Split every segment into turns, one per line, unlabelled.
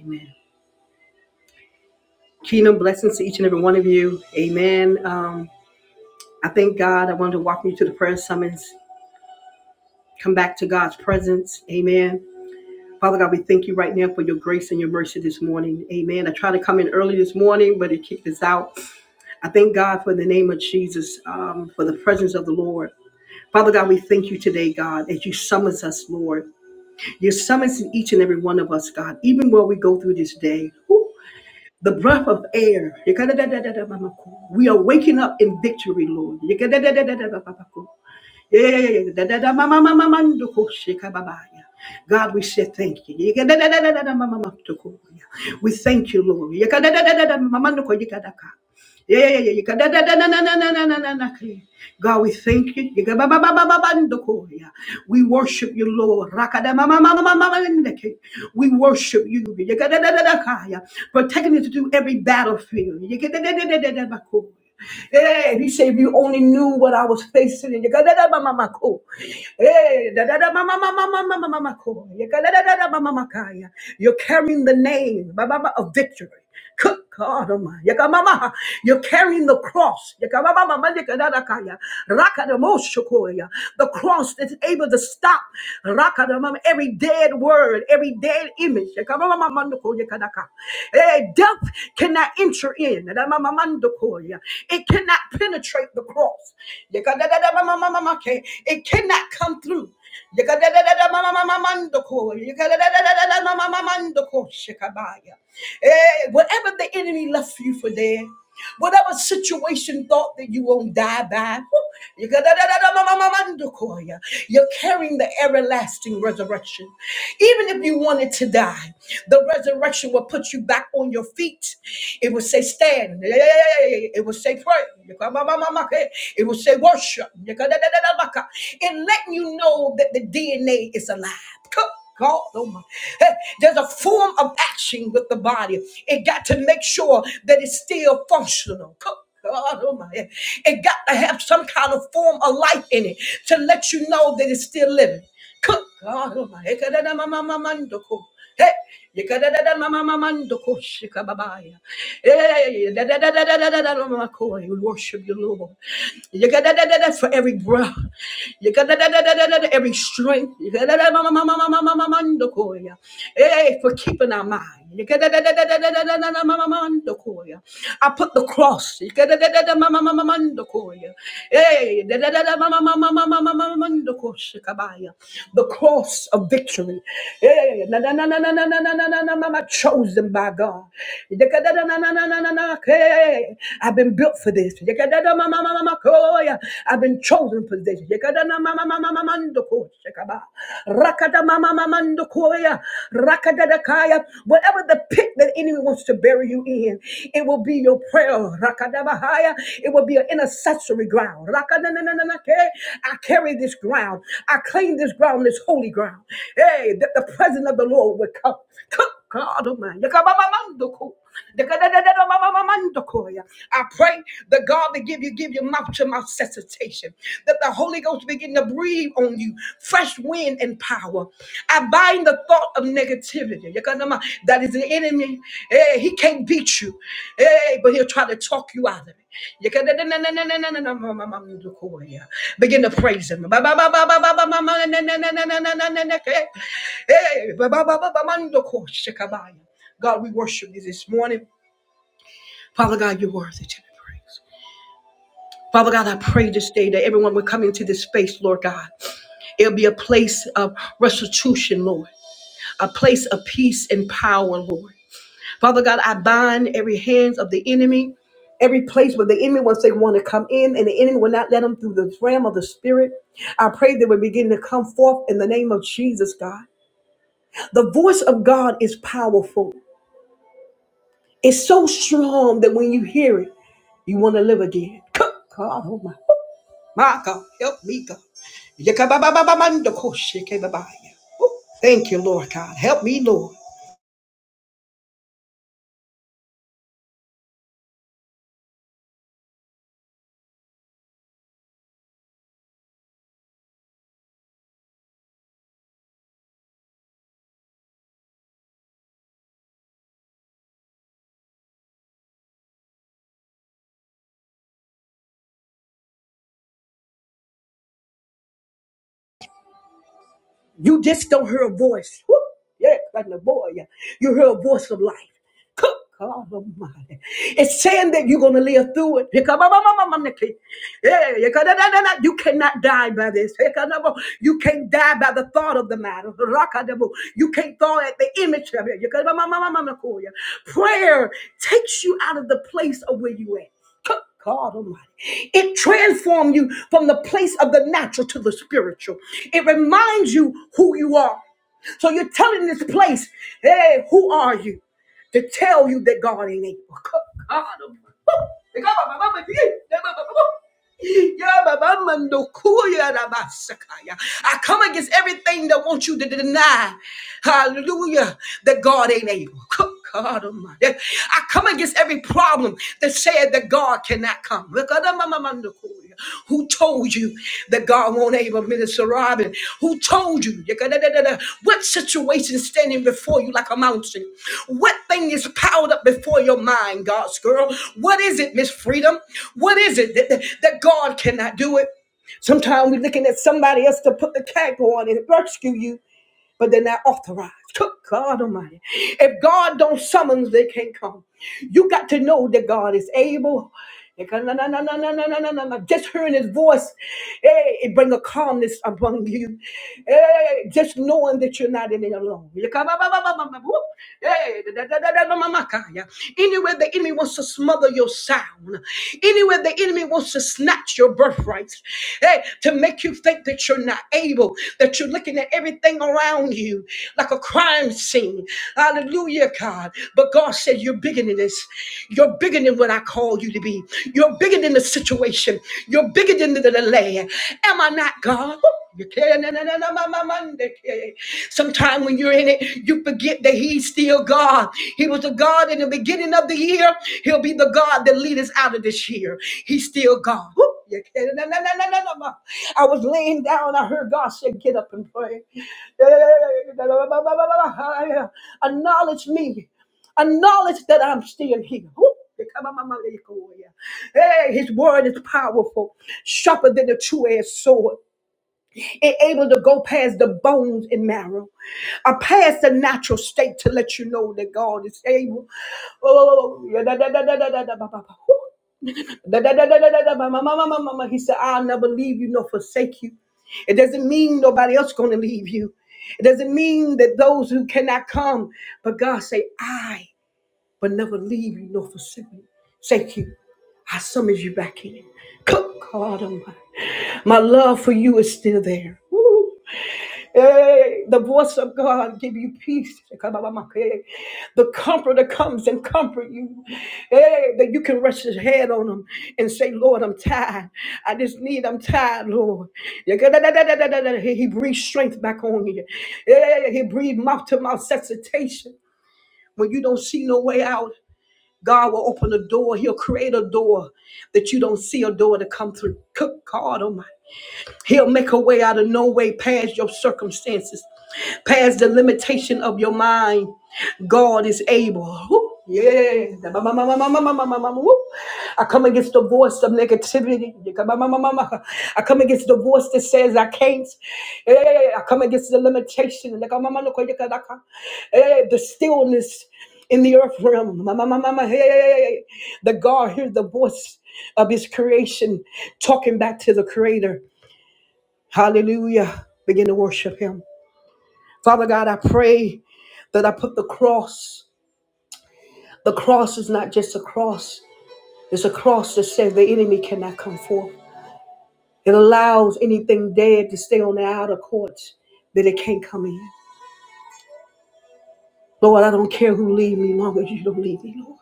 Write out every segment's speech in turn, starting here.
Amen. Kingdom blessings to each and every one of you. Amen. Um, I thank God. I wanted to welcome you to the prayer summons. Come back to God's presence. Amen. Father God, we thank you right now for your grace and your mercy this morning. Amen. I tried to come in early this morning, but it kicked us out. I thank God for the name of Jesus, um, for the presence of the Lord. Father God, we thank you today, God, as you summons us, Lord. you summons each and every one of us, God, even while we go through this day. Woo! the breath of air. We are waking up in victory, Lord. Yeah, da- da- da- ma- ma- ma- ma- ko sheka babaya. God, we say thank you. Yeka da- da- da- da- da- da- ma- to ko ya. We thank you, Lord. Yeka da- da- da- da- da- ma- mando ko yeka da ka. Yeah, yeah, yeah, yeka da- da- da- na- na- na- na- na- na- na- na- ka. God, we thank you. Yeka ba- ba- ba- ba- ba- mando ko ya. We worship you, Lord. Raka da- ma- ma- ma- ma- ma- ma- ma- na- ka. We worship you Yeka da- da- da- da- ka ya. for taking us through every battlefield. Yeka da- da- da- da- da- da- ba- ko. Hey, he said, if you only knew what I was facing in your God, Hey, You are carrying the name of victory. Good God Almighty. You You're carrying the cross. You got- ma- yeah. yeah. The cross that's able to stop raka every dead word, every dead image. You got- ma- ma- Hey, Death cannot enter in destroy. It cannot penetrate the cross. It cannot come through. Eh, Whatever the enemy left you for there, whatever situation thought that you won't die by, you're carrying the everlasting resurrection. Even if you wanted to die, the resurrection will put you back on your feet. It will say, Stand. Hey, hey, hey, hey, hey. It will say pray. It will say worship. And letting you know that the DNA is alive. God, oh my. Hey, There's a form of action with the body. It got to make sure that it's still functional. God, oh my. It got to have some kind of form of life in it to let you know that it's still living. Good God, oh my, ekadada mama mama Hey, ekadada mama mama shikababaya. Hey, da da da da da da da da mama ko. We worship you, Lord. Ekadada da da for every breath. Ekadada da da da da every strength. Ekadada mama mama mama mama ya. Hey, for keeping our mind. I put the cross. Hey, The cross of victory. Hey, Chosen by God. Hey, I've been built for this. I've been chosen for this ko shakaba. Rakata mama mamando koya. Rakata dakaya. Whatever the pit that the enemy wants to bury you in, it will be your prayer. Rakata bahaya. It will be an intercessory ground. Rakata na na na na ke. I carry this ground. I claim this ground, this holy ground. Hey, that the presence of the Lord would come. God Almighty. Yakababamandoko. Dekadadadadabamamandokoya. I pray that God will give you give you mouth to mouth cessation, that the Holy Ghost begin to breathe on you fresh wind and power. I bind the thought of negativity that is the enemy. Hey, he can't beat you. Hey, but he'll try to talk you out of it. You can begin to praise him. God, we worship you this morning. Father God, you're worthy to be praised. Father God, I pray this day that everyone will come into this space, Lord God. It'll be a place of restitution, Lord, a place of peace and power, Lord. Father God, I bind every hands of the enemy, every place where the enemy wants they want to come in, and the enemy will not let them through the realm of the spirit. I pray they will begin to come forth in the name of Jesus, God. The voice of God is powerful. It's so strong that when you hear it, you want to live again. God, oh my, my God, help me, God. Thank you, Lord God. Help me, Lord. You just don't hear a voice. Whoop, yeah, like the boy. yeah. You hear a voice of life. Cook, God Almighty. It's saying that you're going to live through it. Yeah, You cannot die by this. You can't die by the thought of the matter. You can't thaw at the image of it. Prayer takes you out of the place of where you at. God Almighty. It transforms you from the place of the natural to the spiritual. It reminds you who you are. So you're telling this place, hey, who are you? to tell you that God ain't able. God, I come against everything that wants you to deny, hallelujah, that God ain't able. God Almighty. I come against every problem that said that God cannot come. Hallelujah. Who told you that God won't able Minister Robin? Who told you? Yakadadadada. What situation is standing before you like a mountain? What thing is piled up before your mind, God's girl? What is it, Miss Freedom? What is it that, that, that God cannot do it? Sometimes we're looking at somebody else to put the tag on and rescue you but they're not authorized. Good God Almighty. If God don't summons, they can't come. You got to know that God is able. Just hearing his voice, eh, it bring a calmness upon you. Eh, just knowing that you're not in it alone. Anywhere the enemy wants to smother your sound, anywhere the enemy wants to wants to snatch your birthright, hey, to make you think that you're not able, that you're looking at everything around you like a crime scene. Hallelujah, God. But God said, You're bigger than this. You're bigger than what I called you to be. You're bigger than the situation. You're bigger than the delay. Am I not God? Woo! You when you're in it, you forget that He's still your God. He was the God in the beginning of the year. He'll be the God that leads us out of this year. He's still God. Woo! no, no, no, no, no, no, no. I was laying down. I heard God say, Get up and pray. Yeah, yeah, yeah, yeah, yeah, yeah, yeah, yeah, yeah, yeah, yeah, yeah. Acknowledge me. Acknowledge that I'm still here. Woo! Hey, his word is powerful, sharper than a two-edged sword able to go past the bones and marrow, uh, past the natural state to let you know that God is able. Oh, oh, oh, oh, yeah, da, da, da, da, da, da, da, ba, ba, ba. Woo. Da, da, da, da, da, da, da, ba, ma, ma, ma, ma, ma, ma. He said, I'll never leave you nor forsake you. It doesn't mean nobody else going to leave you. It doesn't mean that those who cannot come, but God say, I will never leave you nor forsake you. Thank you. I summons you back in. Come, God Almighty. My my love for you is still there. Woo. Hey, the voice of God give you peace. The comforter comes and comfort you. Hey, that you can rest his head on him and say, Lord, I'm tired. I just need, I'm tired, Lord. He breathes strength back on you. Hey, He breathes mouth to mouth resuscitation When you don't see no way out, God will open a door. He'll create a door that you don't see a door to come through. Cook God Almighty. He'll make a way out of no way past your circumstances, past the limitation of your mind. God is able. Woo. Yeah. woo. I come against the voice of negativity. I come against the voice that says I can't. Eh, I come against the limitation. Eh, The stillness in the earth realm. Hey. The God hears the voice of his creation talking back to the creator. Hallelujah. Begin to worship him. Father God, I pray that I put the cross. The cross is not just a cross, it's a cross that says the enemy cannot come forth. It allows anything dead to stay on the outer courts that it can't come in. Lord, I don't care who leave me long as you don't leave me, Lord.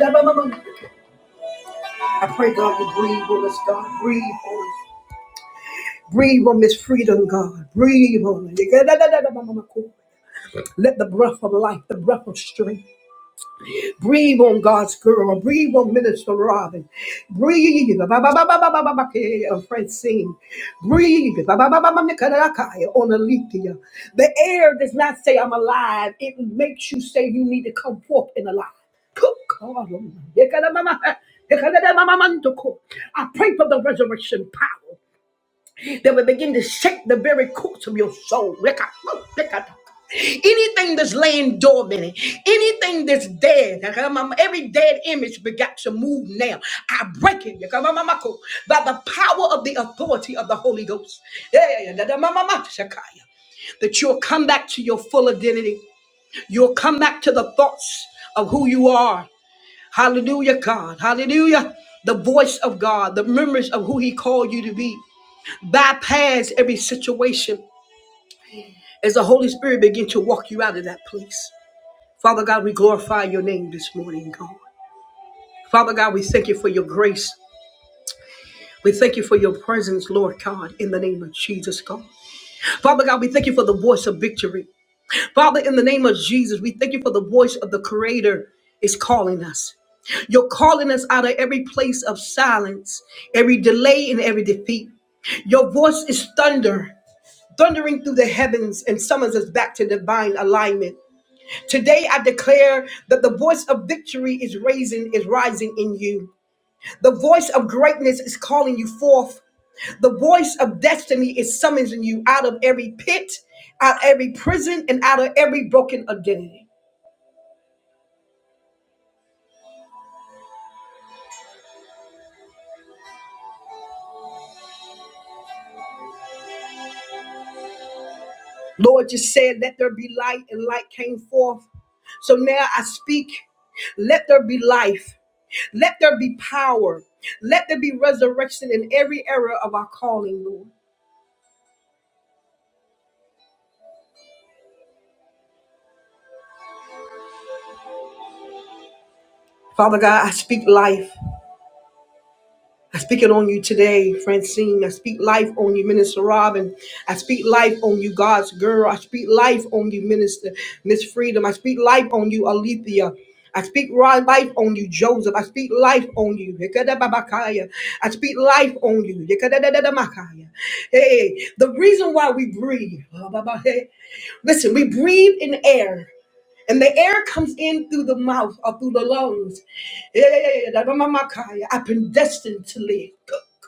i I pray, God, you breathe on us, God. Breathe on us. Breathe on this freedom, God. Breathe on us. Let the breath of life, the breath of strength. Breathe on God's girl. Breathe on Minister Robin. Breathe. ba- ba- ba- ba- ba- ba- ba- ba- eh, On Francine. Breathe. ba- ba- ba- ba- ba- Nicaragua, On Alethea. The air does not say I'm alive. It makes you say you need to come forth in alive. Cook, God, Almighty. I pray for the resurrection power that will begin to shake the very course of your soul. Anything that's laying dormant, anything that's dead, every dead image begat to move now. I break it by the power of the authority of the Holy Ghost. That you'll come back to your full identity. You'll come back to the thoughts of who you are. Hallelujah, God. Hallelujah. The voice of God, the memories of who He called you to be bypass every situation as the Holy Spirit begin to walk you out of that place. Father God, we glorify your name this morning, God. Father God, we thank you for your grace. We thank you for your presence, Lord God, in the name of Jesus, God. Father God, we thank you for the voice of victory. Father, in the name of Jesus, we thank you for the voice of the Creator is calling us. You're calling us out of every place of silence, every delay, and every defeat. Your voice is thunder. thundering through the heavens and summons us back to divine alignment. Today I declare that the voice of victory is raising is rising in you. The voice of greatness is calling you forth. The voice of destiny is summoning you out of every pit, out of every prison, and out of every broken identity. Lord, you said, let there be light, and light came forth. So now I speak let there be life. Let there be power. Let there be resurrection in every era of our calling, Lord. Father God, I speak life. I speak it on you today, Francine. I speak life on you, Minister Robin. I speak life on you, God's girl. I speak life on you, Minister Miss Freedom. I speak life on you, Alethea. I speak ri- life on you, Joseph. I speak life on you. Yekadababakaya. I speak life on you. Yekadadadamakaya. Hey, the reason why we breathe, Bababahe. listen, we breathe in air and the air comes in through the mouth or through the lungs. I've been destined to live.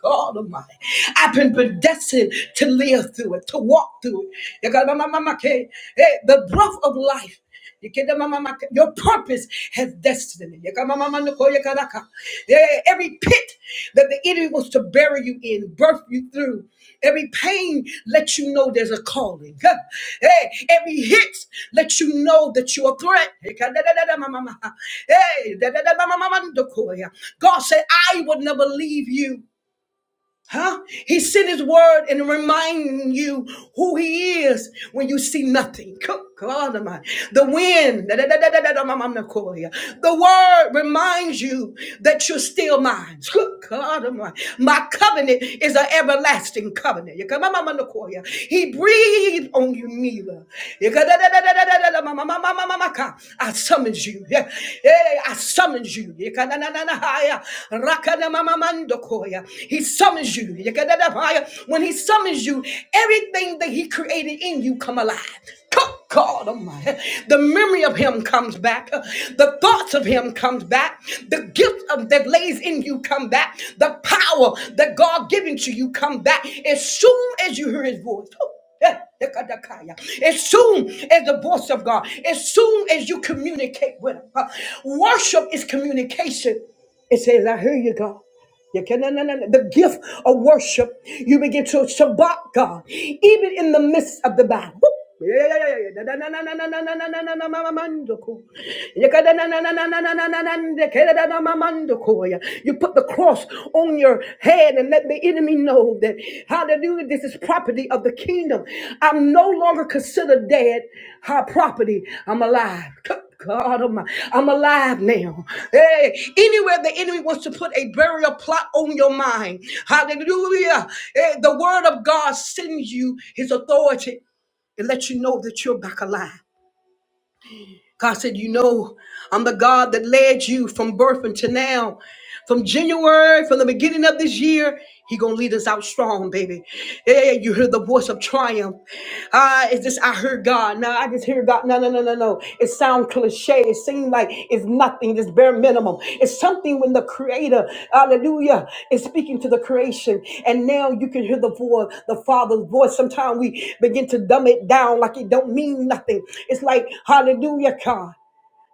God Almighty, I've been predestined to live through it, to walk through it. Hey, the breath of life your purpose has destiny. Every every pit that the enemy wants to bury you in, birth you through. Every pain lets you know there's a calling. Huh. Hey, every hit lets you know that you're a threat. Hey, ka- da- da- da- da- ma- ma- ma. Hey, da- da- da- ma- ma- ma- ma- do- ko- yeah. God said, I will never leave you. Huh? He sent his word and reminding you who he is when you see nothing. Co- God Almighty. The wind, cool the word reminds you that you're still mine. Co- God Almighty. My covenant is an everlasting covenant. You come- ma- ma- cool He breathed on you, Mila. You go- da- da- da- da- da- da- da- da- ma- ma- ma- ma- ma- ma- ma- ka. I summons you. Yeah. Hey, I summons you. You come- na- na- na- na- ha- yeah. Mandokoya. He summons you. Yakadadabaya. When he summons you, everything that he created in you come alive. Come, God Almighty. The memory of him comes back. The thoughts of him comes back. The gift of that lays in you come back. The power that God given to you come back as soon as you hear his voice. As soon as the voice of God, as soon as you communicate with Him, worship is communication. It says, I hear you, God. You can, na- na- na- na- the gift of worship. You begin to Shabbat God, even in the midst of the battle. Woo! Yeah, yeah, yeah, yeah, yeah. Na- na- na- na- na- na- na- na- na- na- na- ma- ma- manduku. You can, na- na- na- na- na- na- na- na- na- na- na- na- na- na- ma- ma- manduku. Yeah. You put the cross on your head and let the enemy know that, hallelujah, this is property of the kingdom. I'm no longer considered dead, high property. I'm alive. God, I'm, I'm alive now. Hey, anywhere the enemy wants to put a burial plot on your mind, hallelujah. Hey, the word of God sends you his authority and lets you know that you're back alive. God said, You know, I'm the God that led you from birth until now. From January, from the beginning of this year, He gonna lead us out strong, baby. Yeah, you hear the voice of triumph. Ah, is this I heard God? No, I just hear God. No, no, no, no, no. It sounds cliche. It seems like it's nothing, it's bare minimum. It's something when the creator, hallelujah, is speaking to the creation. And now you can hear the voice, the Father's voice. Sometimes we begin to dumb it down like it don't mean nothing. It's like, hallelujah, God.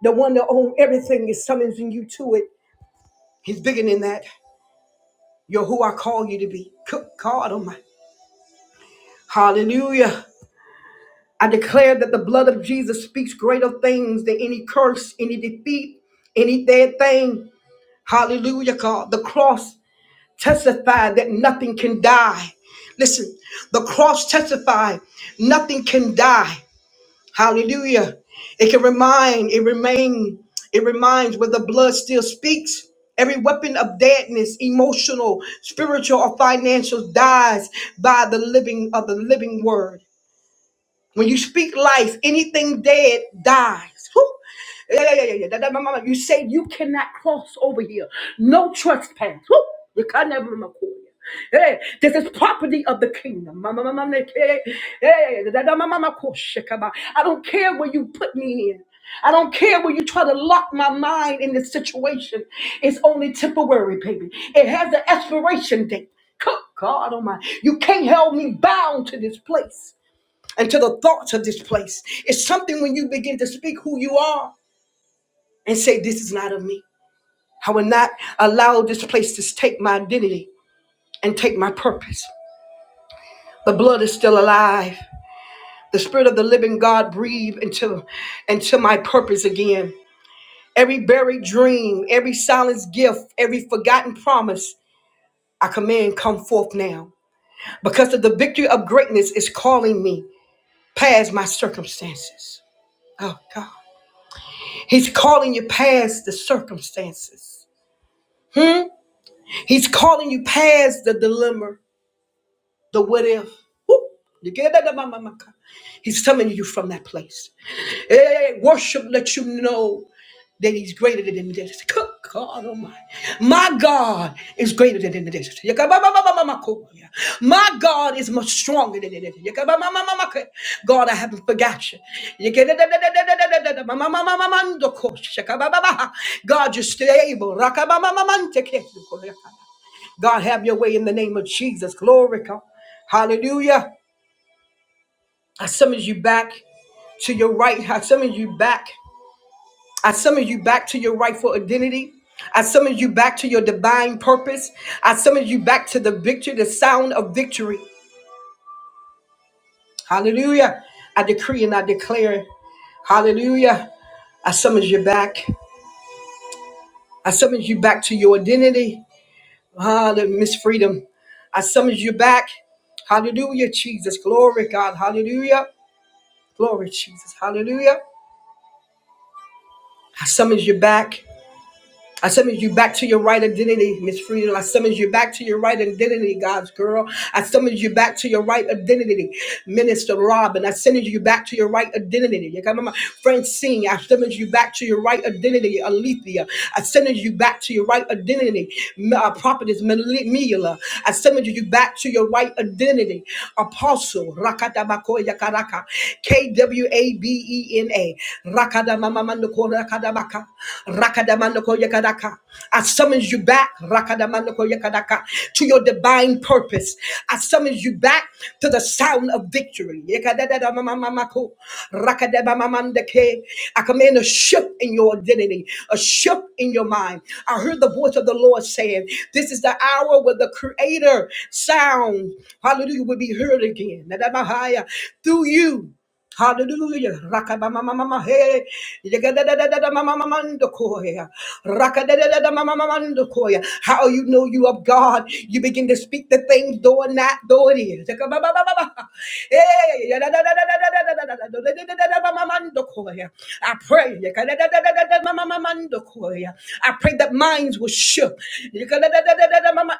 The one that owns everything is summoning you to it. He's bigger than that. You're who I call you to be. Good God Almighty. Hallelujah. I declare that the blood of Jesus speaks greater things than any curse, any defeat, any dead thing. Hallelujah, God. The cross testified that nothing can die. Listen, the cross testified nothing can die. Hallelujah. It can remind, it remain, it reminds where the blood still speaks. Every weapon of deadness, emotional, spiritual, or financial dies by the living of the living word. When you speak life, anything dead dies. Whew. Yeah, yeah, yeah, yeah, yeah. That- that- my mama, You say you cannot cross over here. No trespass. Whew. You can never record. Hey, this is property of the kingdom. Ma- ma- ma- ma- ma- hey, hey, da- da- ma- ma- ma- ko- shikaba. I don't care where you put me in. I don't care where you try to lock my mind in this situation. It's only temporary, baby. It has an expiration date. Good God Almighty. You can't hold me bound to this place and to the thoughts of this place. It's something when you begin to speak who you are and say, This is not of me. I will not allow this place to take my identity and take my purpose. The blood is still alive. The spirit of the living God breathe into, into my purpose again. Every buried dream, every silenced gift, every forgotten promise, I command come forth now. Because of the victory of greatness is calling me past my circumstances. Oh God. He's calling you past the circumstances. Hmm? He's calling you past the dilemma, the what if. You get that? Mama, mama. He's telling you from that place. Hey, worship let you know that he's greater than this. Good God Almighty. My God is greater than this. Yakababababamakoya. My God is much stronger than this. Yakabamamamamaka. God, I haven't forgot you. Yakadadadadadadadadadamamamamamandokosha. Yakabababaha. God, you're still able. Rakabamamamanteke. God, have your way in the name of Jesus. Glory, God. Hallelujah. I summons you back to your right. I summons you back. I summon you back to your rightful identity. I summon you back to your divine purpose. I summon you back to the victory, the sound of victory. Hallelujah. I decree and I declare. Hallelujah. I summon you back. I summon you back to your identity. Hallelujah, Miss Freedom. I summon you back. Hallelujah, Jesus. Glory, God. Hallelujah. Glory, Jesus. Hallelujah. I summon you back. I summons you back to your right identity, Miss Freedom. I summons you back to your right identity, God's girl. I summons you back to your right identity, Minister Robin. I summons you back to your right identity. You got my Francine. I summons you back to your right identity, Alethea. I summons you back to your right identity, M- uh, Prophetess Mel- Mila. I summons you back to your right identity, Apostle Rakatabakoya Karaka, KWA. A B E N A. Rakada mama mando ko rakada baka. Rakada mando ko yakadaka. I summons you back. Rakada mando ko yakadaka. To your divine purpose. I summons you back to the sound of victory. Yakadadada mama mama ko. Rakada mama mando ke. I command a shift in your identity, a shift in your mind. I heard the voice of the Lord saying, This is the hour where the creator sound, hallelujah, will be heard again. Nadabahaya. Through you. Hallelujah. Rakamamamama, hey. Yegadadadadadamamamandokoya. Rakadadadadamamamandokoya. How you know you of God? You begin to speak the things though and not though it is. Yakababababa. Hey, yadadadadadadadadadadadadadadadadamamamandokoya. I pray. yakadadadadadadamamamandokoya. I pray that minds will shift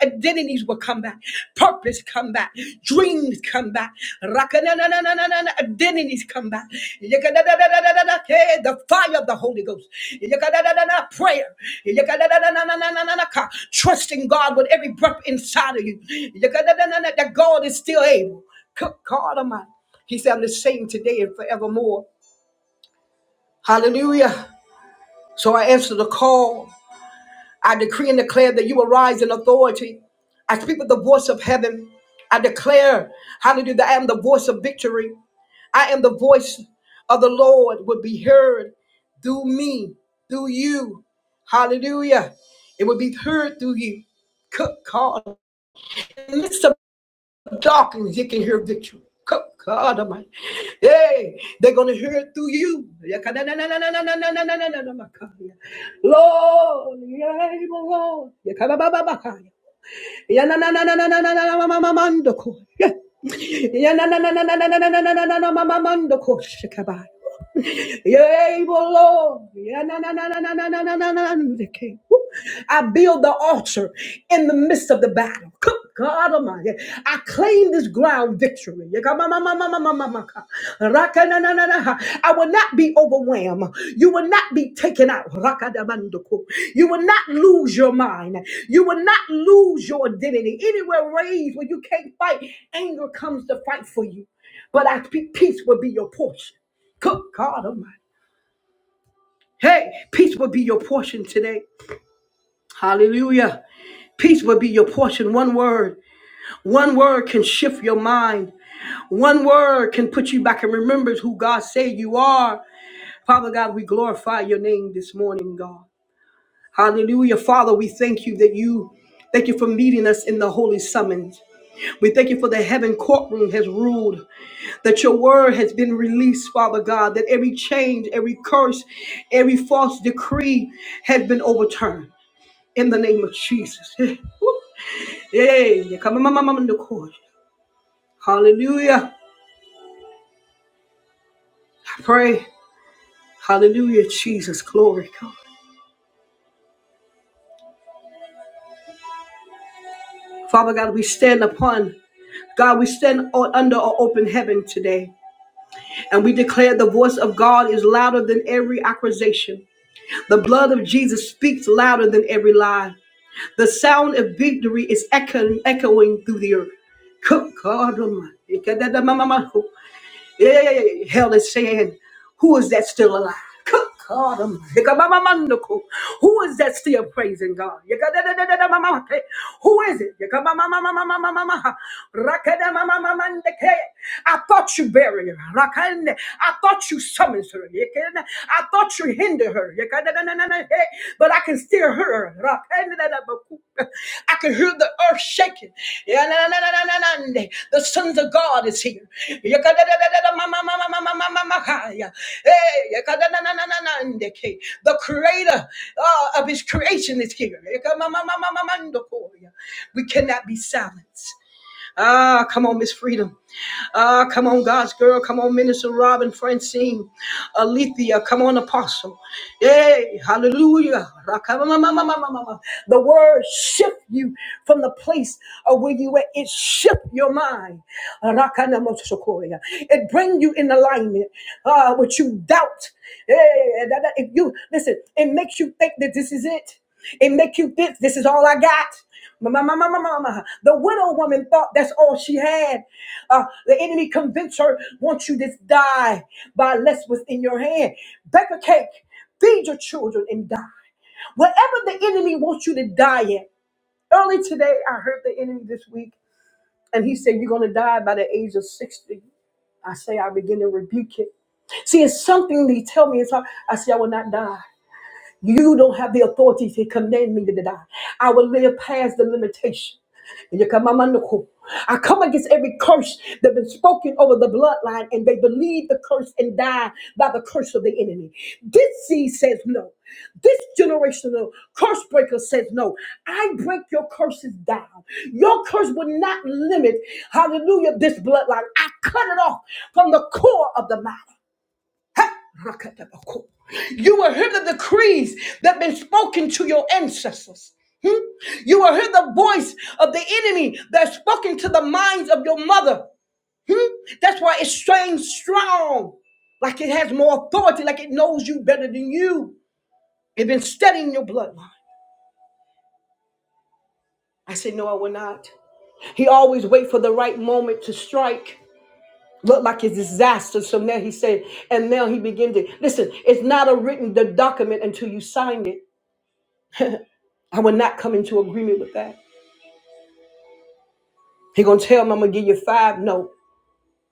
identities will come back. Purpose come back. Dreams come back. Rakanananananana, Identities come back. Yakadadadadadadada, hey, The fire of the Holy Ghost. Yakadadadadada, Prayer. Yakadadadadadadadadada, ka- Trusting God with every breath inside of you. Yakadadadadada, That God is still able. Good God Almighty. He said, I'm the same today and forevermore. Hallelujah. So I answered the call. I decree and declare that you will rise in authority. I speak with the voice of heaven. I declare, hallelujah, that I am the voice of victory. I am the voice of the Lord would be heard through me, through you. Hallelujah. It would be heard through you. Cook call darkness, he can hear victory. God Almighty. Hey, they're going to hear it through you. Lord, Lord. You're able, Lord. Yeah, na, na, na, na, na, na, na, na, na, na, na, okay. Woo. I build the altar in the midst of the battle. Good God Almighty. I claim this ground victory. Yeah, come on, ma, ma, ma, ma, ma, ma, ma, ka. Raka, na, na, na, na. I will not be overwhelmed. You will not be taken out. Raka, da, ban, do, ko. You will not lose your mind. You will not lose your identity. Anywhere raised where you can't fight, anger comes to fight for you. But I speak peace will be your portion. Good God Almighty. Hey, peace will be your portion today. Hallelujah. Peace will be your portion. One word. One word can shift your mind. One word can put you back and remember who God said you are. Father God, we glorify your name this morning, God. Hallelujah. Father, we thank you that you thank you for meeting us in the holy summons. We thank you for the heaven courtroom has ruled, that your word has been released, Father God, that every change, every curse, every false decree has been overturned. in the name of Jesus. Yay, you come on, mama, the court. Hallelujah. I pray. Hallelujah, Jesus. Glory, God. Father God, we stand upon, God, we stand under an open heaven today. And we declare the voice of God is louder than every accusation. The blood of Jesus speaks louder than every lie. The sound of victory is echoing, echoing through the earth. Good God Almighty. Hey, hell is saying, who is that still alive? Good God, I'm- who is that still praising God? Yekadadadadadamamake. Who is it? Yekabamamamamamamamamaha. Rakadamamamamandeke. I thought you buried her. Rakande. I thought you summoned her. Yekena. I thought you hindered her. Yekadadadadadadake. But I can still hear her. Rakandadadabaku. I can hear the earth shaking. The sons of God is here. Hey, The creator uh, of his creation is here. We cannot be silenced. Ah, come on, Miss Freedom. Ah, come on, God's girl. Come on, Minister Robin, Francine, Alethea. Come on, Apostle. Yay, hallelujah. Rakamamamamamamama. The word shift you from the place of where you were. It shift your mind. Rakanamotosokoya. It bring you in alignment uh, with you doubt. Yeah, that- that- if you listen, it makes you think that this is it. It makes you think this is all I got. Ma- ma- ma- ma- ma- ma- ma. The widow woman thought that's all she had. Uh, the enemy convinced her, "Want you to die by less what's in your hand. Bake a cake, feed your children, and die. Whatever the enemy wants you to die in." Early today, I heard the enemy this week, and he said, "You're going to die by the age of 60." I say, I begin to rebuke it. See, it's something they tell me. It's how I say, I will not die. You don't have the authority to command me to die. I will live past the limitation. And no." I come against every curse that's been spoken over the bloodline, and they believe the curse and die by the curse of the enemy. This seed says no. This generational curse breaker says no. I break your curses down. Your curse will not limit, hallelujah, this bloodline. I cut it off from the core of the matter. Rakatabako. You will hear the decrees that have been spoken to your ancestors. Hmm? You will hear the voice of the enemy that's spoken to the minds of your mother. Hmm? That's why it strains strong, like it has more authority, like it knows you better than you. It's been studying your bloodline. I said, No, I will not. He always wait for the right moment to strike. Looked like it's disaster. So now he said, and now he began to listen, it's not a written document until you sign it. I will not come into agreement with that. He gonna tell me I'm gonna give you five. No,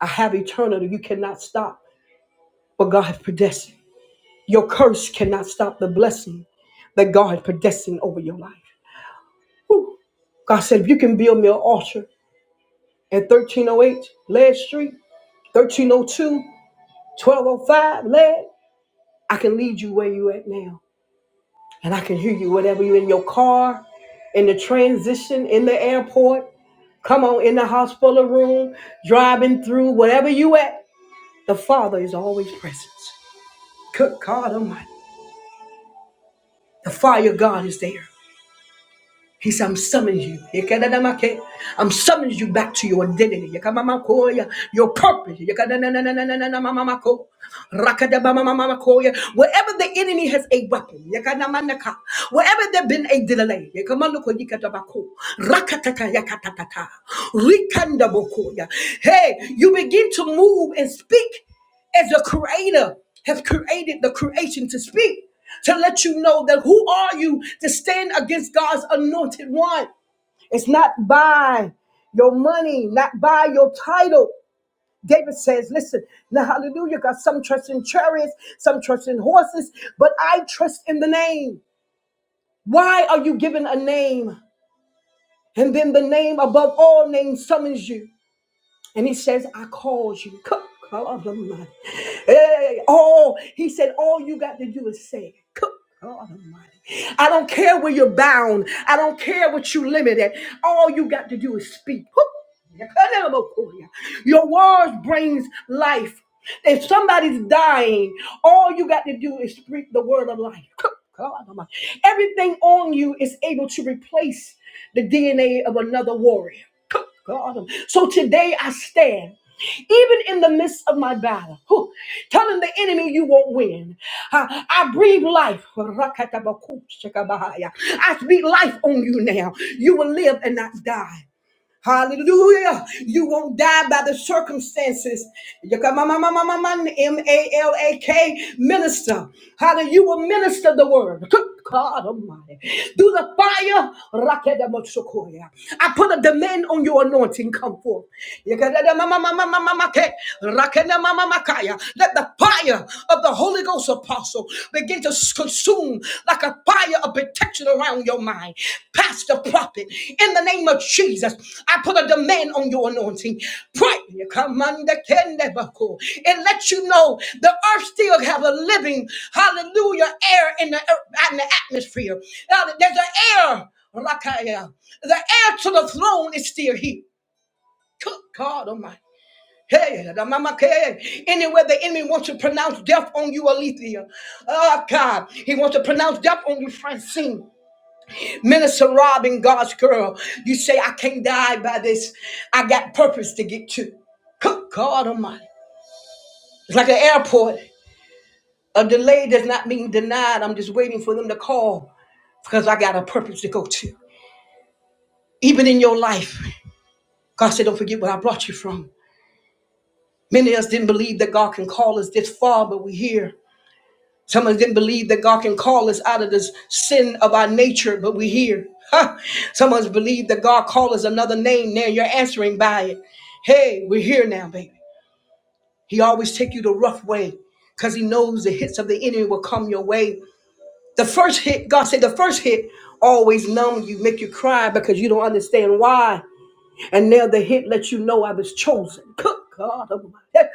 I have eternity. You cannot stop what God has predestined. Your curse cannot stop the blessing that God has predestined over your life. Whew. God said, if you can build me an altar at 1308 Lead Street, 1302, 1205 Lead, I can lead you where you at now. And I can hear you whenever you're in your car, in the transition, in the airport, come on, in the hospital room, driving through, wherever you at, the Father is always present. Good God Almighty. The fire of God is there. He said, I'm summoning you. Yekedadamake. I'm summoning you back to your identity. Yekamamakoya, Your purpose. Yekedanananananananamamamako. Rakadabamamamamakoya. Wherever the enemy has a weapon, yekanamanaka. wherever there's been a delay, yekamanoko yikadabako. Rakatata yakatatata. Rikandabokoya. hey, you begin to move and speak as the creator has created the creation to speak to let you know that who are you to stand against God's anointed one it's not by your money not by your title David says listen now hallelujah God some trust in chariots some trust in horses but I trust in the name why are you given a name and then the name above all names summons you And he says, I called you. Come, come on, the mighty. Hey, all he said, all you got to do is say, it. Come come on, the mighty. I don't care where you're bound. I don't care what you limited. All you got to do is speak. Your words brings life. If somebody's dying, all you got to do is speak the word of life. Come on, Everything on you is able to replace the DNA of another warrior. God. So today I stand. Even in the midst of my battle, whew, telling the enemy you won't win. I, I breathe life. I speak life on you now. You will live and not die. Hallelujah. You won't die by the circumstances. M-A-L-A-K minister. Hallelujah. You will minister the word. God Almighty. Through the fire. I put a demand on your anointing. Come forth. Let the fire of the Holy Ghost apostle begin to consume like a fire of protection around your mind. Pastor, prophet, in the name of Jesus, I put a demand on your anointing. Pray, Commander Kendebako. It lets you know the earth still have a living, hallelujah, air in the, earth, in the atmosphere. Now There's an air, Rakaya. the air to the throne is still here. Good God Almighty. Hey, the mama can. Anywhere the enemy wants to pronounce death on you, Alethea. Oh, God. He wants to pronounce death on you, Francine. Minister Rob and God's girl. You say, I can't die by this. I got purpose to get to. Good God Almighty. It's like an airport. A delay does not mean denied. I'm just waiting for them to call because I got a purpose to go to. Even in your life, God said, Don't forget where I brought you from. Many of us didn't believe that God can call us this far, but we're here. Some of them believe that God can call us out of this sin of our nature, but we here. Ha! Some of us believe that God called us another name. Now you're answering by it. Hey, we're here now, baby. He always take you the rough way because he knows the hits of the enemy will come your way. The first hit, God said, the first hit always numb you, make you cry because you don't understand why. And now the hit lets you know I was chosen. Good God Almighty.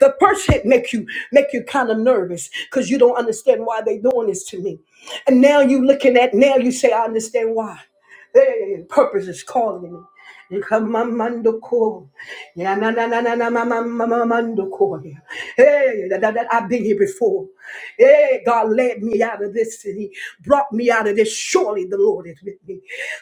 The first hit make you make you kind of nervous because you don't understand why they doing this to me. And now you looking at now you say I understand why. Hey, purpose is calling me. Kamamandoko. Yeah, na na na na na ma- ma- ma- ma- mandoko. Yeah. Hey, that, that, that I've been here before. Hey, God led me out of this city, brought me out of this. Surely the Lord is with me.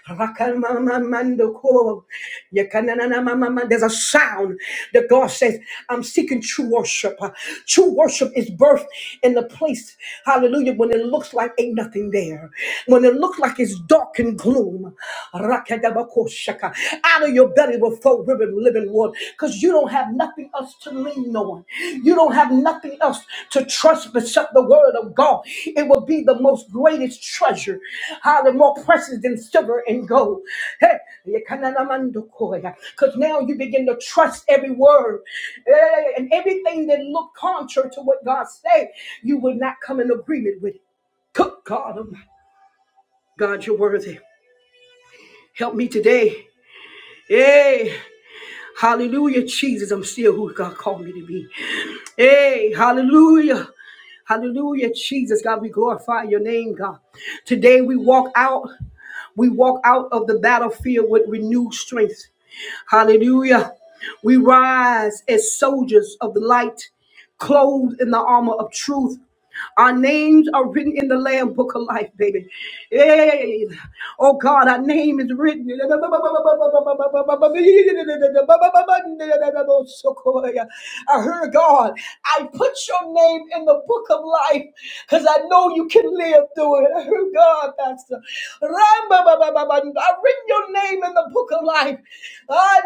Rakamamamandoko. Yeah, ka- na- na- na- ma- ma- ma- There's a sound that God says, I'm seeking true worship. Uh, True worship is birthed in the place, hallelujah, when it looks like ain't nothing there. When it looks like it's dark and gloom. Rakadabakoshaka. Out of your belly will flow ribbon, living water. Because you don't have nothing else to lean on. You don't have nothing else to trust except the word of God. It will be the most greatest treasure. Hallelujah. More precious than silver and gold. Hey, Because now you begin to trust every word. Eh, And everything that looked contrary to what God said, you will not come in agreement with it. Good God, Almighty. God, you're worthy. Help me today. Hey, hallelujah, Jesus. I'm still who God called me to be. Hey, hallelujah. Hallelujah, Jesus. God, we glorify your name, God. Today we walk out, we walk out of the battlefield with renewed strength. Hallelujah. We rise as soldiers of the light, clothed in the armor of truth. Our names are written in the Lamb Book of Life, baby. Hey. Oh God, our name is written. I heard God, I put your name in the book of life because I know you can live through it. I heard God, Pastor. I've written your name in the book of life. Ah,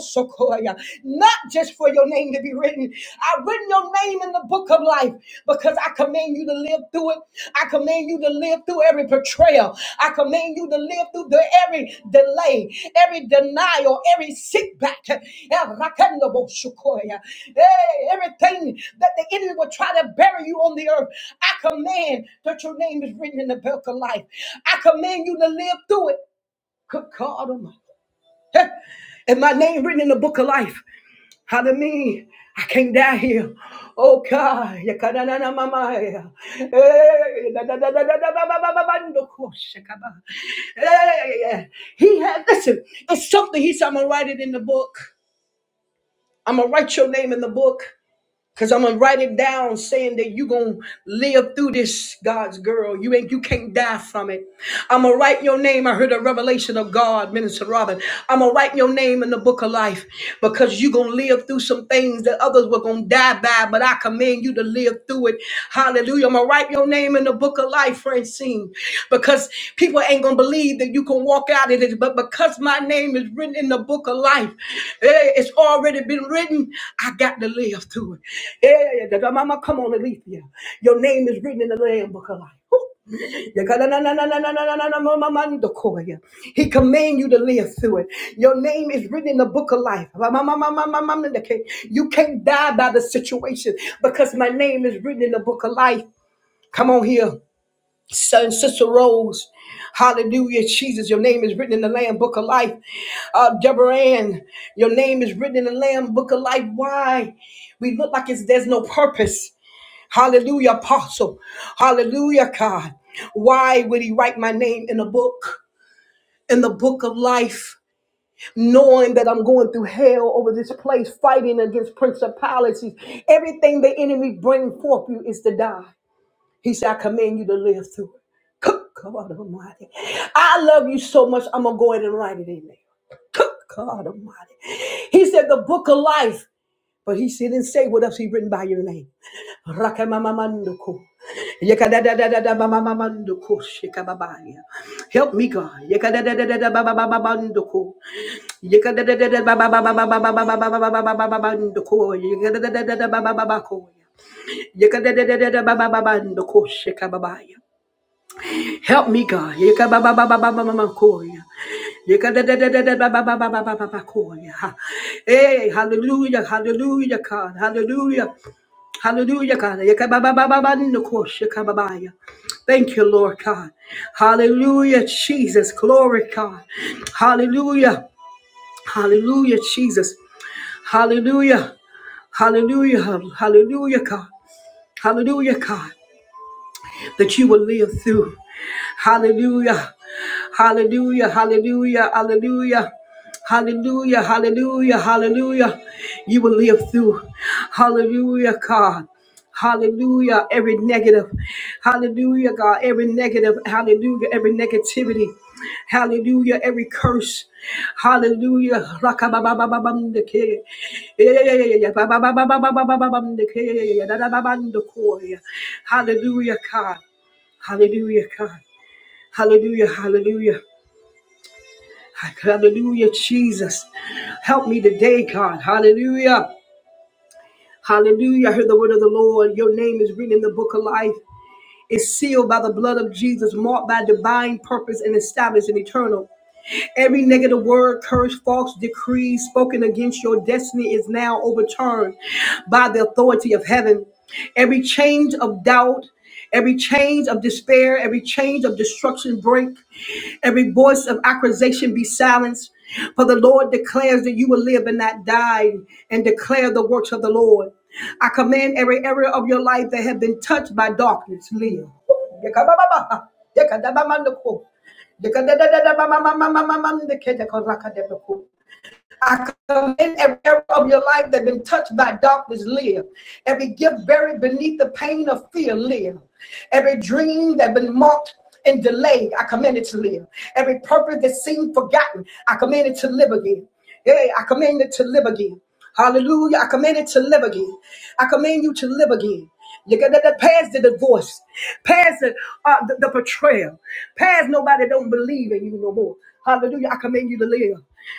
so, yeah not just for your name to be written. I've written your name in the book of life because I command you to live through it. I command you to live through every betrayal. I command you to live through the, every delay, every denial, every setback. Hey, everything that the enemy will try to bury you on the earth. I command that your name is written in the book of life. I command you to live through it. Good God Almighty. And my name written in the book of life. Hallelujah. I can't die here. Oh God. Yakanana mama. ya. Eh, da, da, da, da, da, ba, Eh, He had, listen, it's something he said, I'm going to write it in the book. I'm going to write your name in the book. Cause I'm gonna write it down saying that you gonna live through this, God's girl. You ain't you can't die from it. I'm gonna write your name. I heard a revelation of God, Minister Robin. I'm gonna write your name in the book of life because you gonna live through some things that others were gonna die by, but I command you to live through it. Hallelujah. I'm going to write your name in the book of life, Francine, because people ain't going to believe that you can walk out of it. But because my name is written in the book of life, eh, it's already been written. I got to live through it. Yeah, yeah, yeah. Mama, come on, Alethea. Your name is written in the Lamb book of life. Yakalanananananananananamamamando-koya. He command you to live through it. Your name is written in the book of life. Ramamamamamamamandake. You can't die by the situation because my name is written in the book of life. Come on here, son, sister Rose. Hallelujah, Jesus. Your name is written in the Lamb Book of Life. Uh, Deborah Ann, your name is written in the Lamb Book of Life. Why? We look like it's, there's no purpose. Hallelujah, apostle. Hallelujah, God. Why would he write my name in a book, in the book of life? Knowing that I'm going through hell over this place, fighting against principalities. Everything the enemy bring forth you is to die. He said, I command you to live through it. Come come on, Almighty. I love you so much, I'm going to go ahead and write it in there. Come, God Almighty. He said, the book of life. But he said, didn't say what else he written by your name. Rakamamamanduku. Yekadadadadadabamamanduku. Shikababaya. Help me, God. Yekadadadadadabamamanduku. Yekadadadadadabamamanduku. Yekadadadadadabamamanduku. Help me, God. Hey, hallelujah, hallelujah, God, hallelujah, hallelujah, God. Thank you, Lord God. Hallelujah, Jesus. Glory, God. Hallelujah, hallelujah, Jesus. Hallelujah. Hallelujah. Hallelujah, God. Hallelujah, God. that you will live through Hallelujah. Hallelujah. Hallelujah. Hallelujah. Hallelujah, hallelujah, hallelujah. You will live through. Hallelujah, God. Hallelujah, every negative. Hallelujah, God, every negative. Hallelujah, every negativity. Hallelujah, every curse. Hallelujah. Rakababababamdeke. Eyeyeyeye, bababababababamdeke. Dadadabandokoi. Hallelujah, God. Hallelujah, God. Hallelujah, hallelujah. Hallelujah, Jesus. Help me today, God. Hallelujah. Hallelujah. I heard the word of the Lord. Your name is written in the book of life. It's sealed by the blood of Jesus, marked by divine purpose and established in eternal. Every negative word, curse, false decree spoken against your destiny is now overturned by the authority of heaven. Every change of doubt, every change of despair, every change of destruction break. Every voice of accusation be silenced. For the Lord declares that you will live and not die, and declare the works of the Lord. I command every area of your life that have been touched by darkness, live. I commend every area of your life that has been touched by darkness, live. Every gift buried beneath the pain of fear, live. Every dream that has been marked and delayed, I commend it to live. Every purpose that seemed forgotten, I commend it to live again. Yeah, I commend it to live again. Hallelujah. I command it to live again. I command you to live again. You got to past the divorce, past the, uh, the, the betrayal, past nobody don't believe in you no more. Hallelujah. I command you to live.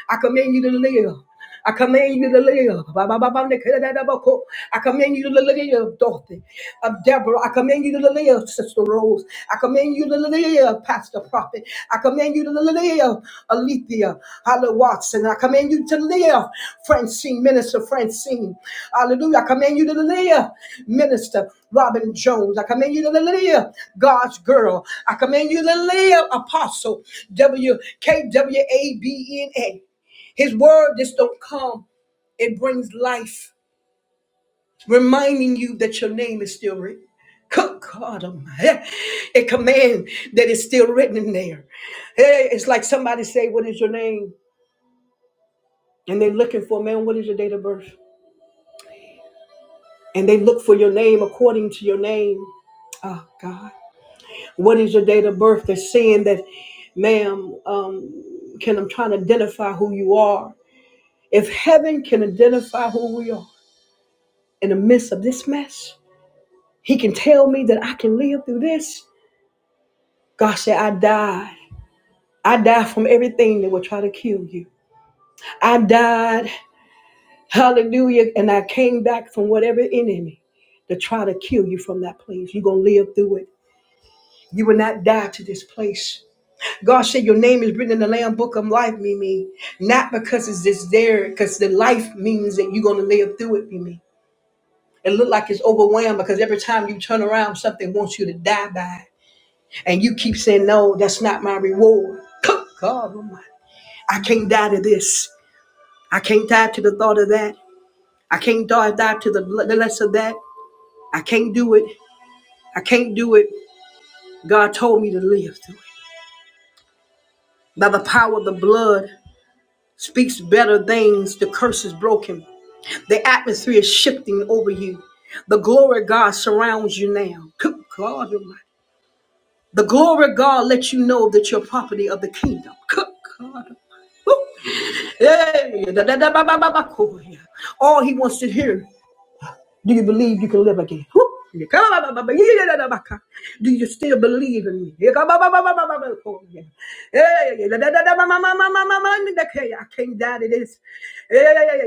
I command you to live. I command you to live. Ba, ba, ba, ba, ne, ke, da, da, da, ba, ko. I command you to live, daughter of Deborah. I command you to live, sister. Sister Rose. I command you to live, Pastor Prophet. I command you to live, Alethea, Hallelujah, Watson. I command you to live, Francine, Minister Francine. Hallelujah. I command you to live, Minister Robin Jones. I command you to live, God's girl. I command you to live, Apostle W K W A B N A. His word just don't come. It brings life reminding you that your name is still written. Good God, Almighty. a command that is still written in there. Eh, It's like somebody say, "What is your name?" and they're looking for man. What is your date of birth? And they look for your name according to your name. Oh God, what is your date of birth? They're saying that, ma'am, um, can I'm trying to identify who you are. If heaven can identify who we are in the midst of this mess, He can tell me that I can live through this. God said, I died. I died from everything that would try to kill you. I died, hallelujah, and I came back from whatever enemy to try to kill you from that place. You're going to live through it. You will not die to this place. God said your name is written in the Lamb Book of Life, Mimi. Not because it's just there, because the life means that you're going to live through it, Mimi. It look like it's overwhelmed because every time you turn around, something wants you to die by. it. And you keep saying, no, that's not my reward. God Almighty. I can't die to this. I can't die to the thought of that. I can't die, die to the le- the less of that. I can't do it. I can't do it. God told me to live through it. By the power of the blood speaks better things. The curse is broken. The atmosphere is shifting over you. The glory of God surrounds you now. Good God Almighty. The glory of God lets you know that you're property of the kingdom. Good God Almighty. Woo. Hey, cool. All he wants to hear Do you believe you can live again? Woo! Do you still believe in me? I can't die to this.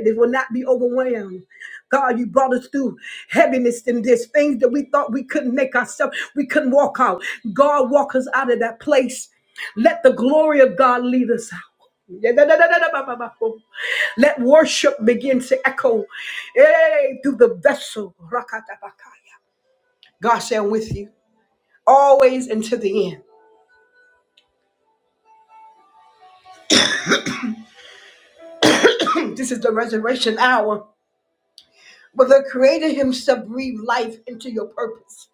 They will not be overwhelmed. God, you brought us through heaviness in this, things that we thought we couldn't make ourselves, we couldn't walk out. God, walk us out of that place. Let the glory of God lead us out. Let worship begin to echo eh, through the vessel. Rakatabakaya. God shall with you always until the end. this is the resurrection hour. But the Creator Himself breathed life into your purpose.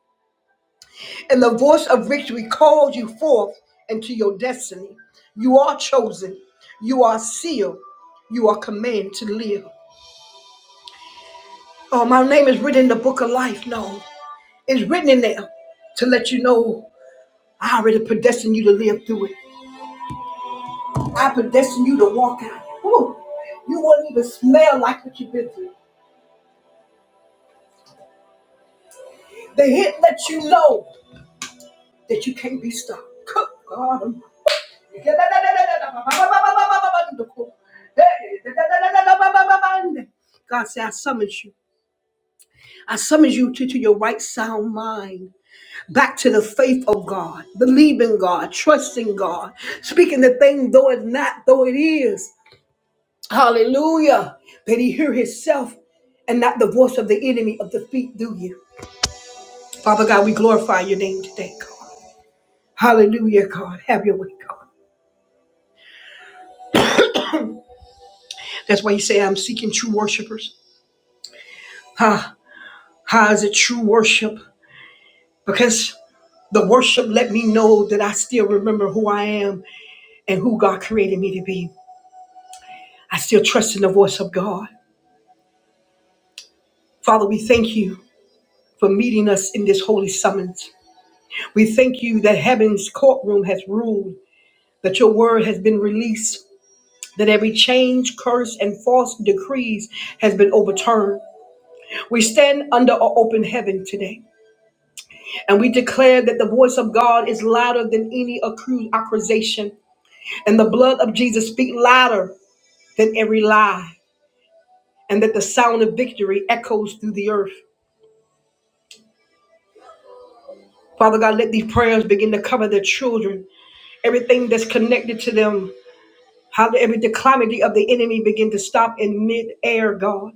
And the voice of victory called you forth into your destiny. You are chosen. You are sealed. You are commanded to live. Oh, my name is written in the book of life. No, it's written in there to let you know. I already predestined you to live through it. I predestined you to walk out. Ooh, you won't even smell like what you've been through. The hit lets you know that you can't be stopped. Cook, God Almighty. God said, I summons you. I summons you to, to your right sound mind, back to the faith of God, believing God, trusting God, speaking the thing though it's not, though it is. Hallelujah. That he hear himself and not the voice of the enemy of defeat, do you? Father God, we glorify your name today, God. Hallelujah, God. Have your way, God. That's why you say, I'm seeking true worshipers. Huh? How is it true worship? Because the worship let me know that I still remember who I am and who God created me to be. I still trust in the voice of God. Father, we thank you for meeting us in this holy summons. We thank you that heaven's courtroom has ruled that your word has been released, that every change, curse, and false decrees has been overturned. We stand under an open heaven today, and we declare that the voice of God is louder than any accused accusation, and the blood of Jesus speaks louder than every lie, and that the sound of victory echoes through the earth. Father God, let these prayers begin to cover their children, everything that's connected to them, how every declamity of the enemy begin to stop in mid-air, God.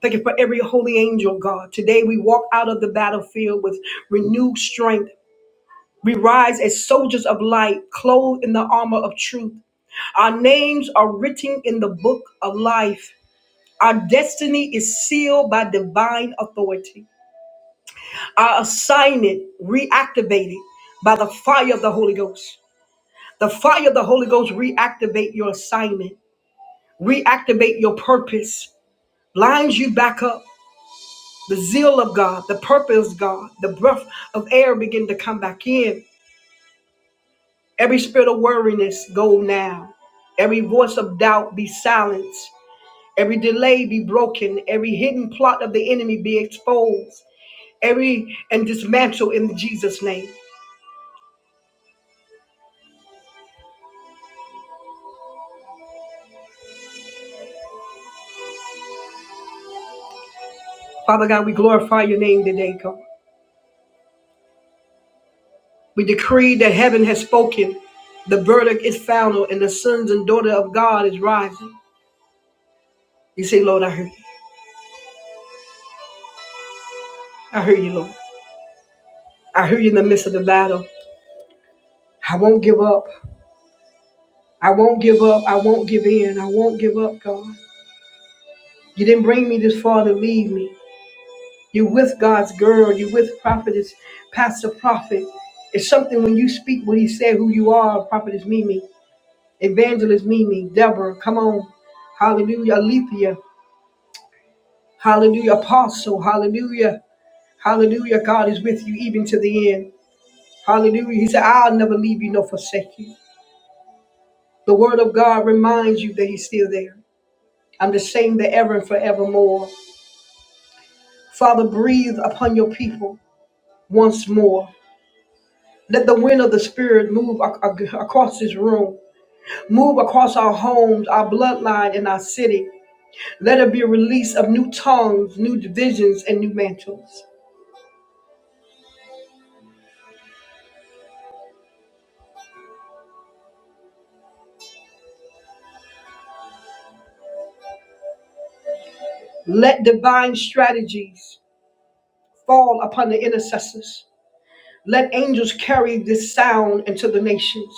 Thank you for every holy angel, God. Today we walk out of the battlefield with renewed strength. We rise as soldiers of light, clothed in the armor of truth. Our names are written in the book of life. Our destiny is sealed by divine authority. Our assignment reactivated by the fire of the Holy Ghost. The fire of the Holy Ghost reactivate your assignment, reactivate your purpose, lines you back up, the zeal of God, the purpose of God, the breath of air begin to come back in. Every spirit of worriness go now. Every voice of doubt be silenced. Every delay be broken. Every hidden plot of the enemy be exposed. Every and dismantled in Jesus' name. Father God, we glorify your name today, God. We decree that heaven has spoken. The verdict is final, and the sons and daughter of God is rising. You say, Lord, I hear you. I hear you, Lord. I hear you in the midst of the battle. I won't give up. I won't give up. I won't give in. I won't give up, God. You didn't bring me this far to leave me. You're with God's girl. You're with prophetess, pastor, prophet. It's something when you speak what he said, who you are, prophetess Mimi, evangelist Mimi, Deborah, come on. Hallelujah, Alethea. Hallelujah, apostle. Hallelujah. Hallelujah, God is with you even to the end. Hallelujah. He said, I'll never leave you nor forsake you. The word of God reminds you that he's still there. I'm the same the ever and forevermore. Father, breathe upon your people once more. Let the wind of the Spirit move ac- ac- across this room, move across our homes, our bloodline, and our city. Let it be a release of new tongues, new divisions, and new mantles. Let divine strategies fall upon the intercessors. Let angels carry this sound into the nations.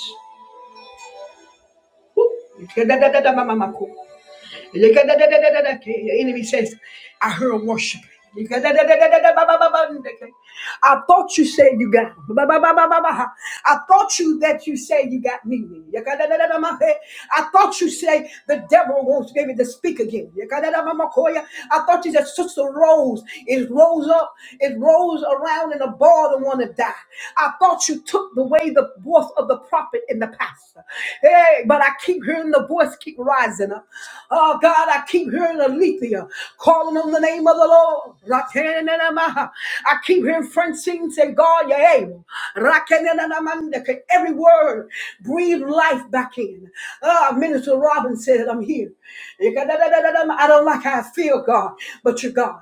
The enemy says, I heard worship. I thought you said you got I thought you that you said you got me. I thought you said the devil wants me to speak again. I thought you said Sister Rose is rose up, it rolls around in a ball and want to die. I thought you took away the voice voice of the prophet and the pastor. Hey, but I keep hearing the voice keep rising up. Oh God, I keep hearing Alethea calling on the name of the Lord. I keep hearing Francine say, God, you're able. Every word, breathe life back in. Ah, Minister Robin said, I'm here. I don't like how I feel, God, but you're God.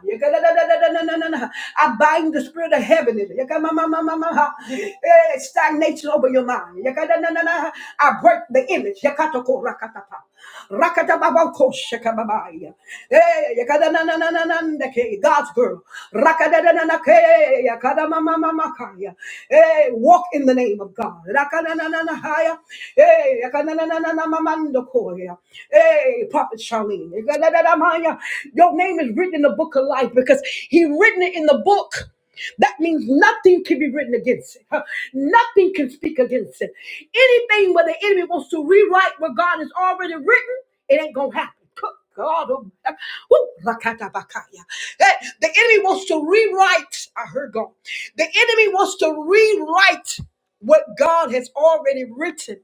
I bind the spirit of heaviness. Yakamamamamamaha. Eh, Stagnation over your mind. Yakadananana. I break the image. Yakatoko rakatapa. Rakatababako shekababaya. Eh, yakadananananandake. God's girl. Rakadadananake. Yakadamamamamakaya. Eh, Walk in the name of God. Rakadanananahaya. Eh, yakadanananamamandoko. Hey, Prophet Charlene. Your name is written in the book of life because he written it in the book. That means nothing can be written against it. huh? Nothing can speak against it. Anything where the enemy wants to rewrite what God has already written, it ain't gonna happen. Good God, oh, woo, rakata Bakaya, Hey, the enemy wants to rewrite. I heard God. The enemy wants to rewrite what God has already written.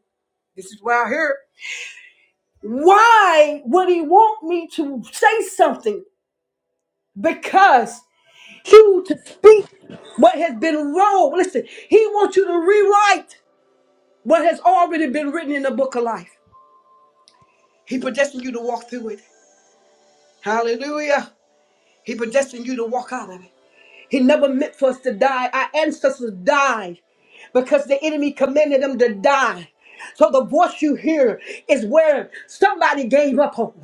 This is where I heard. Why would he want me to say something? Because you to speak what has been wrong. Listen, he wants you to rewrite what has already been written in the book of life. He predestined you to walk through it. Hallelujah. He predestined you to walk out of it. He never meant for us to die. Our ancestors died because the enemy commanded them to die. So the voice you hear is where somebody gave up hope.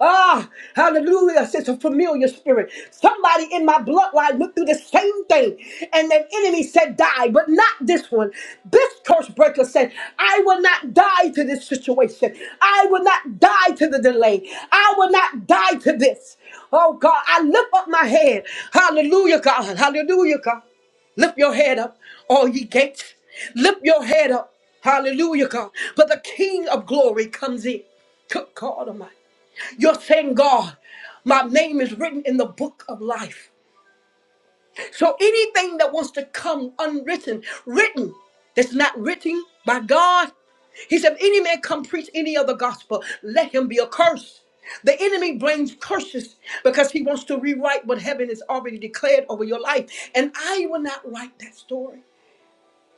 Ah, hallelujah. It's a familiar spirit. Somebody in my bloodline went through the same thing, and the enemy said, Die, but not this one. This curse breaker said, I will not die to this situation. I will not die to the delay. I will not die to this. Oh God, I lift up my head. Hallelujah, God. Hallelujah, God. Lift your head up, all ye gates. Lift your head up. Hallelujah, God. For the King of glory comes in. Good God Almighty. You're saying, God, my name is written in the book of life. So anything that wants to come unwritten, written, that's not written by God, he said, if any man come preach any other gospel, let him be accursed. The enemy brings curses because he wants to rewrite what heaven has already declared over your life. And I will not write that story.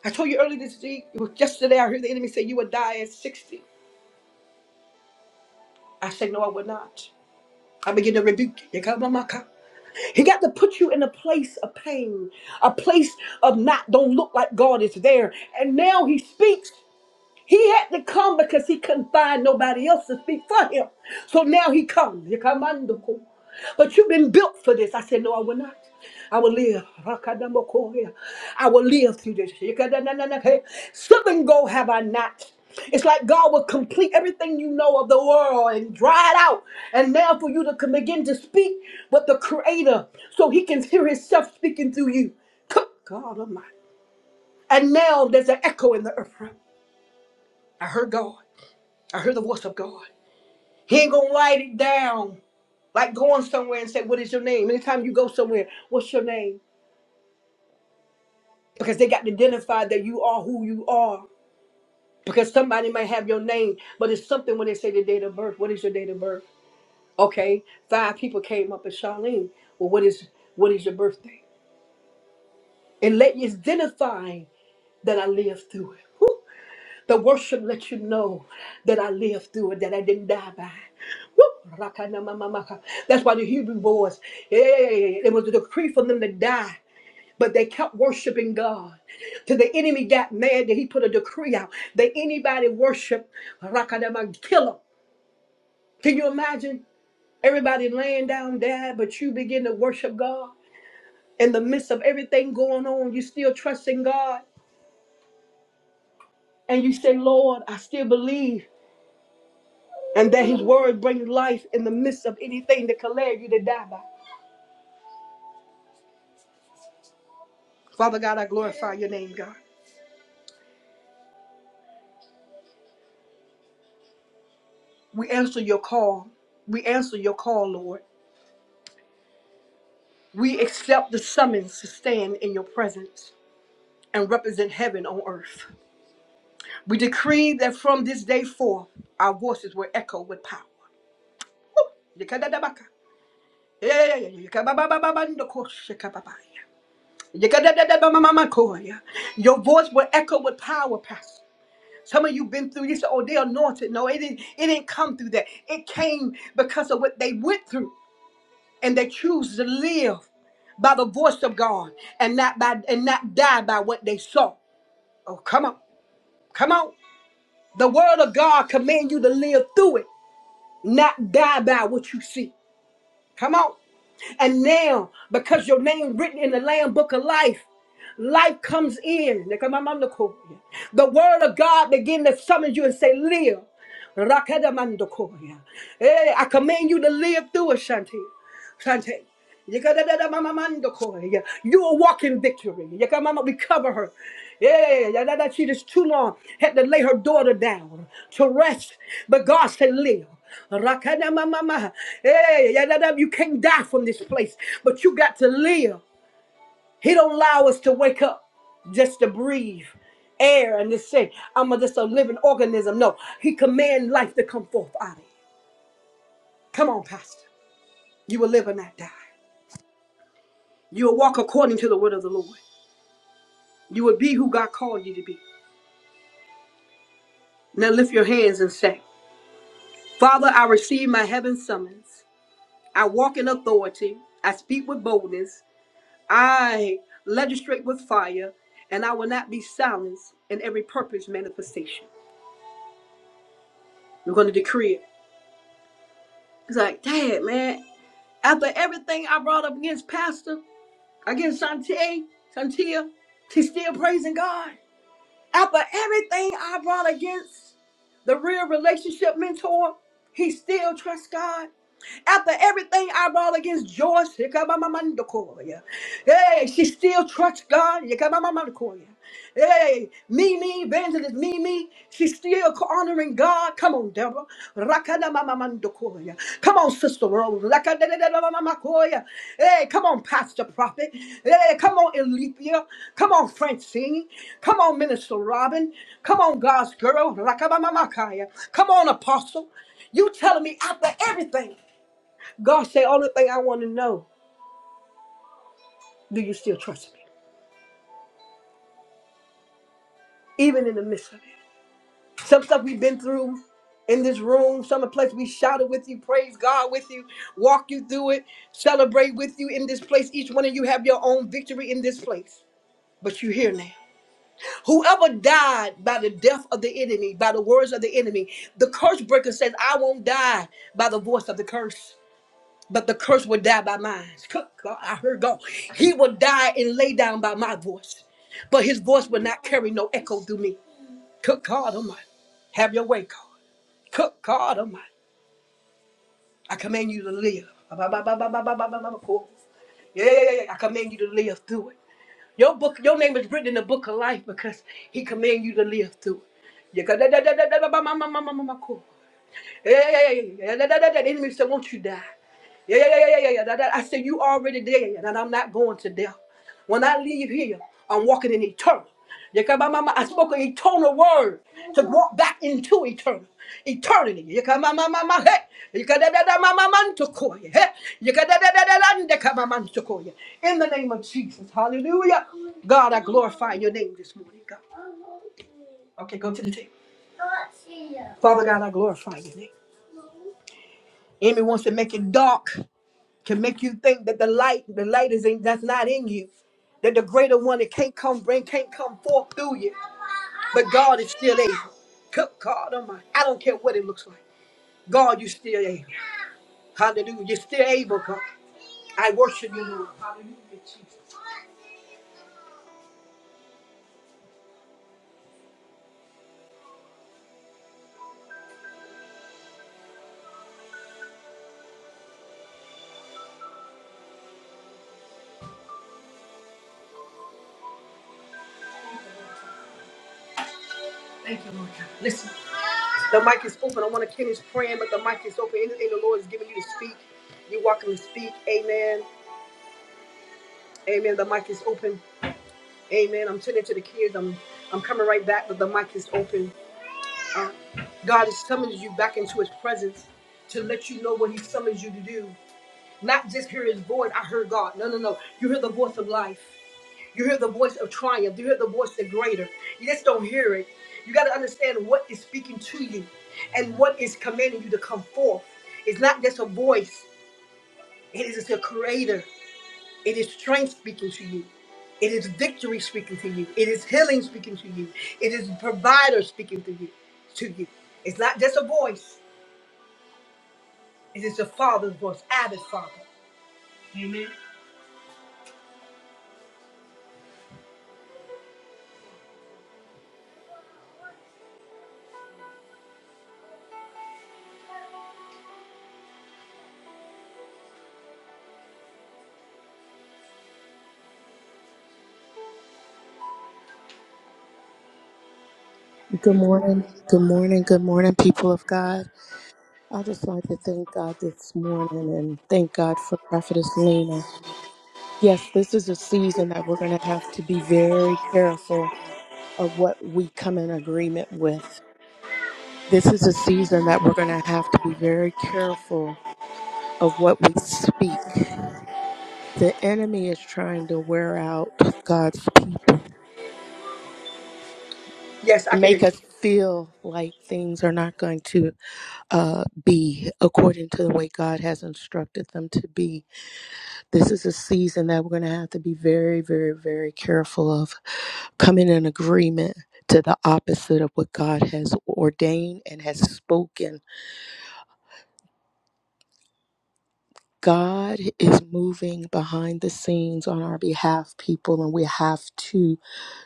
I told you earlier this week, it was yesterday, I heard the enemy say, You would die at 60. I said, No, I would not. I begin to rebuke you. Come my God. He got to put you in a place of pain, a place of not, don't look like God is there. And now he speaks. He had to come because he couldn't find nobody else to speak for him. So now he comes. He come under court. But you've been built for this. I said, No, I will not. I will live. Rakadamokoya. I will live through this. Yikadanananake. Seven go have I not. It's like God will complete everything you know of the world and dry it out. And now for you to come begin to speak with the Creator so He can hear Himself speaking through you. Good God Almighty. And now there's an echo in the earth. I heard God. I heard the voice of God. He ain't gonna write it down like going somewhere and say, What is your name? Anytime you go somewhere, what's your name? Because they got to identify that you are who you are. Because somebody might have your name, but it's something when they say the date of birth. What is your date of birth? Okay, five people came up and Charlene, well, what is what is your birthday? And let you identify that I lived through it. The worship lets you know that I lived through it, that I didn't die by. Woo! Rakanamamamaka. That's why the Hebrew boys, hey, it was a decree for them to die. But they kept worshiping God. Till the enemy got mad that he put a decree out that anybody worship Rakanama, kill them. Can you imagine everybody laying down dead, but you begin to worship God? In the midst of everything going on, you still trusting God. And you say, Lord, I still believe. and that his word brings life in the midst of anything that can lead you to die by. Father God, I glorify your name, God. We answer your call. We answer your call, Lord. We accept the summons to stand in your presence and represent heaven on earth. We decree that from this day forth, our voices will echo with power. Woo! Yekadadabaka. Yekabababababandokoshe kababaya. Yekadadadabamamakoya. Your voice will echo with power, Pastor. Some of you been through, you said, oh, they're anointed. No, it didn't, it didn't come through that. It came because of what they went through and they choose to live by the voice of God and not by and not die by what they saw. Oh, come on. Come on. The word of God command you to live through it, not die by what you see. Come on. And now, because your name written in the Lamb Book of Life, life comes in. The word of God begin to summon you and say, live. Rakadamandokoya. Hey, I command you to live through it, Shanti. Sante. Yekadadada mama mando kore. Yeah. You will walk in victory. Yekamama, we cover her. Yeah, yeah, yeah. that she just too long had to lay her daughter down to rest, but God said, live. Rakada mama ma. Yeah, yeah, yeah, you can't die from this place, but you got to live. He don't allow us to wake up just to breathe air and to say, I'm a- just a living organism. No, he command life to come forth out of you. Come on, Pastor. You will live and not die. You will walk according to the word of the Lord. You will be who God called you to be. Now lift your hands and say, Father, I receive my heaven summons. I walk in authority. I speak with boldness. I legislate with fire, and I will not be silenced in every purpose manifestation. We're going to decree it. It's like, Dad, man, after everything I brought up against Pastor, against Shantae, Shantia, she's still praising God. After everything I brought against the real relationship mentor, he still trusts God. After everything I brought against George, Shikabamamandakoya. hey, she still trusts God. Yikabamamandakoya. Hey, Mimi, evangelist Mimi, she's still honoring God. Come on, Deborah. Rakadamamamandakoya. Come on, Sister Rose. Rakadadadadamamakoya. Hey, come on, Pastor Prophet. Hey, come on, Elethea. Come on, Francine. Come on, Minister Robin. Come on, God's girl. Rakabamamakaya. Come on, Apostle. You telling me after everything? God say, only thing I want to know, do you still trust me? Even in the midst of it. Some stuff we've been through in this room, some of the place we shouted with you, praise God with you, walk you through it, celebrate with you in this place. Each one of you have your own victory in this place. But you're here now. Whoever died by the death of the enemy, by the words of the enemy, the curse breaker says, I won't die by the voice of the curse. but the curse will die by mine. Good God, I heard God. He will die and lay down by my voice, but his voice will not carry no echo through me. Cook God Almighty, have your way, God. Cook God Almighty, I command you to live. Ba, ba, ba, ba, ba, ba, ba, ba, ba, cool. Yeah, yeah, yeah, yeah. I command you to live through it. Your book, your name is written in the book of life because He command you to live through it. Yeah, da, da, da, da, da, da, ba, ma, ma, ma, ma, ma, ma, cool. Hey, yeah, da, da, da, da. The enemy said, Won't you die? Yeah, yeah, yeah, yeah, yeah, yeah. da, I said, You already dead, and I'm not going to death. When I leave here, I'm walking in eternal. Yekamamama, I spoke an eternal word to walk back into eternal. Eternity. Yekamamamama, hey. Yekadadadamamamantukoye, hey. Yekadadadadalandekamamantukoye. In the name of Jesus. Hallelujah. God, I glorify your name this morning, God. Okay, go to the table. Father God, I glorify Your name. Enemy wants to make it dark to make you think that the light, the light is in that's not in you, that the greater one that can't come bring can't come forth through you. But God is still able. Good God Almighty, I don't care what it looks like. God, you still able. Hallelujah, you're still able, God. I worship you, Lord. Hallelujah, Jesus. Thank you, Lord God. Listen, the mic is open. I want to finish praying, but the mic is open. Anything the Lord is giving you to speak, you're welcome to speak. Amen. Amen. The mic is open. Amen. I'm turning to the kids. I'm I'm coming right back, but the mic is open. Uh, God is summoning you back into His presence to let you know what He summons you to do. Not just hear His voice. I heard God. No, no, no. You hear the voice of life. You hear the voice of triumph. You hear the voice of greater. You just don't hear it. You got to understand what is speaking to you, and what is commanding you to come forth. It's not just a voice. It is a creator. It is strength speaking to you. It is victory speaking to you. It is healing speaking to you. It is provider speaking to you. To you. It's not just a voice. It is the Father's voice, Abba's Father.
Good morning. Good morning. Good morning, people of God. I just wanted to thank God this morning and thank God for Prophetess Lena. Yes, this is a season that we're going to have to be very careful of what we come in agreement with. This is a season that we're going to have to be very careful of what we speak. The enemy is trying to wear out God's people
Yes, I
and
can hear
make
you.
us feel like things are not going to uh, be according to the way God has instructed them to be. This is a season that we're going to have to be very, very, very careful of coming in agreement to the opposite of what God has ordained and has spoken. God is moving behind the scenes on our behalf, people, and we have to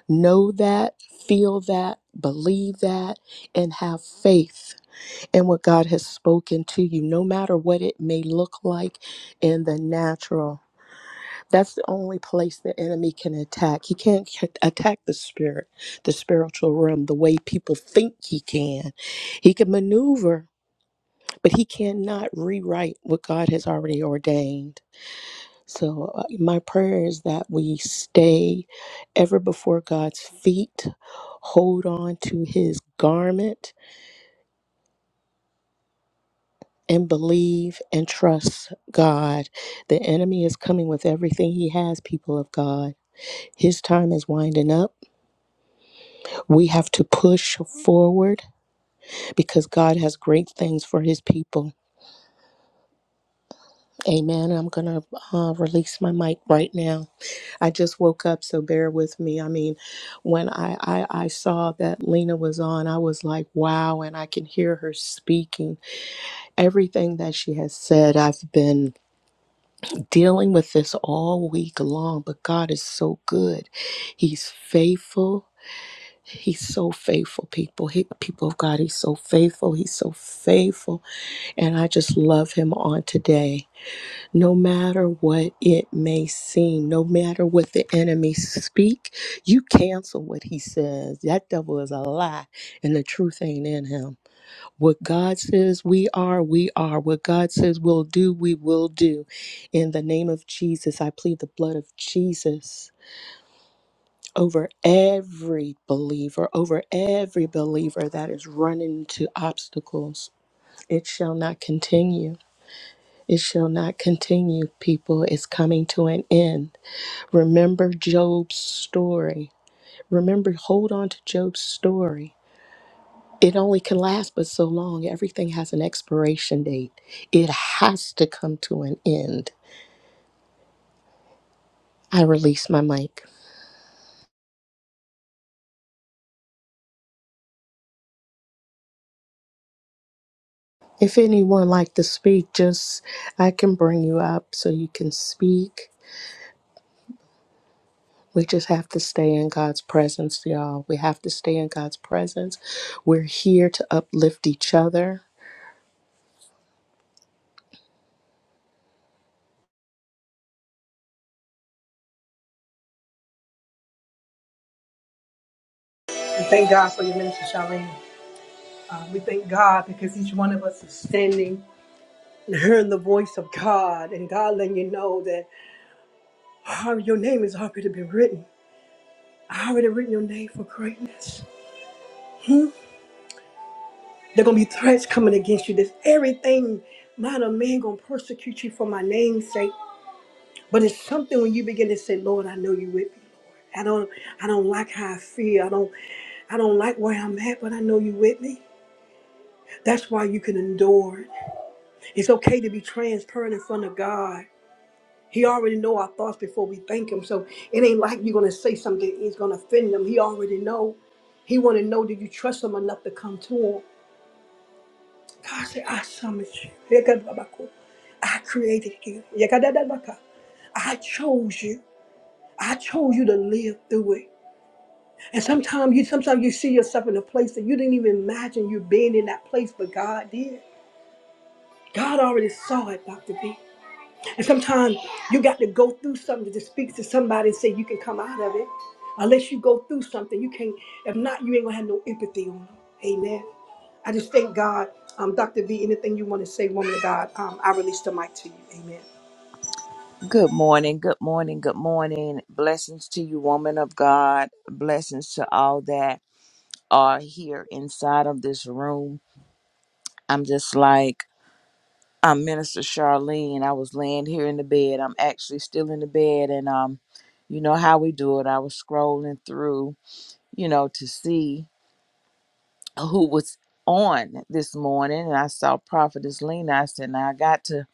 know that, feel that, believe that, and have faith and what God has spoken to you, no matter what it may look like in the natural. That's the only place the enemy can attack. He can't c- attack the spirit, the spiritual realm, the way people think he can. He can maneuver, but he cannot rewrite what God has already ordained. So, uh, my prayer is that we stay ever before God's feet, hold on to his garment, and believe and trust God. The enemy is coming with everything he has, people of God. His time is winding up. We have to push forward because God has great things for his people. Amen. I'm going to uh, release my mic right now. I just woke up, so bear with me. I mean, when I, I, I saw that Lena was on, I was like, wow, and I can hear her speaking. Everything that she has said, I've been dealing with this all week long, but God is so good. He's faithful. He's so faithful, people. He, people of God, He's so faithful. He's so faithful. And I just love Him on today. No matter what it may seem, no matter what the enemy speak, you cancel what He says. That devil is a lie, and the truth ain't in Him. What God says we are, we are. What God says we'll do, we will do. In the name of Jesus, I plead the blood of Jesus over every believer, over every believer that is running into obstacles. It shall not continue. It shall not continue, people. It's coming to an end. Remember Job's story. Remember, hold on to Job's story It only can last but so long. Everything has an expiration date. It has to come to an end. I release my mic. If anyone like to speak, just I can bring you up so you can speak. We just have to stay in God's presence, y'all. We have to stay in God's presence. We're here to uplift each other.
We thank God for your ministry, Charlene. Uh, we thank God because each one of us is standing and hearing the voice of God, and God letting you know that "Ah, your name is already been written. I already written your name for greatness. There gonna be threats coming against you. There's everything. Man or man gonna persecute you for my name's sake. But it's something when you begin to say, Lord, I know you with me, Lord. I don't I don't like how I feel. I don't I don't like where I'm at, but I know you with me. That's why you can endure. It's okay to be transparent in front of God. He already know our thoughts before we think him. So it ain't like you're gonna say something, he's gonna offend them. He already know. He wanna know that you trust him enough to come to him. God said, I summoned you. Yekadabako. I created you. Yekadadabaka. I chose you. I chose you to live through it. And sometimes you sometimes you see yourself in a place that you didn't even imagine you being in that place, but God did. God already saw it, Dr. B. And sometimes you got to go through something to speak to somebody and say you can come out of it. Unless you go through something, you can't. If not, you ain't gonna have no empathy on it. Amen. I just thank God. Um, Dr. V, anything you want to say, woman of God, um, I release the mic to you. Amen.
Good morning, good morning, good morning. Blessings to you, woman of God. Blessings to all that are here inside of this room. I'm just like, I'm Minister Charlene. I was laying here in the bed. I'm actually still in the bed, and um, you know how we do it. I was scrolling through, you know, to see who was on this morning, and I saw Prophetess Lena. I said, now I got to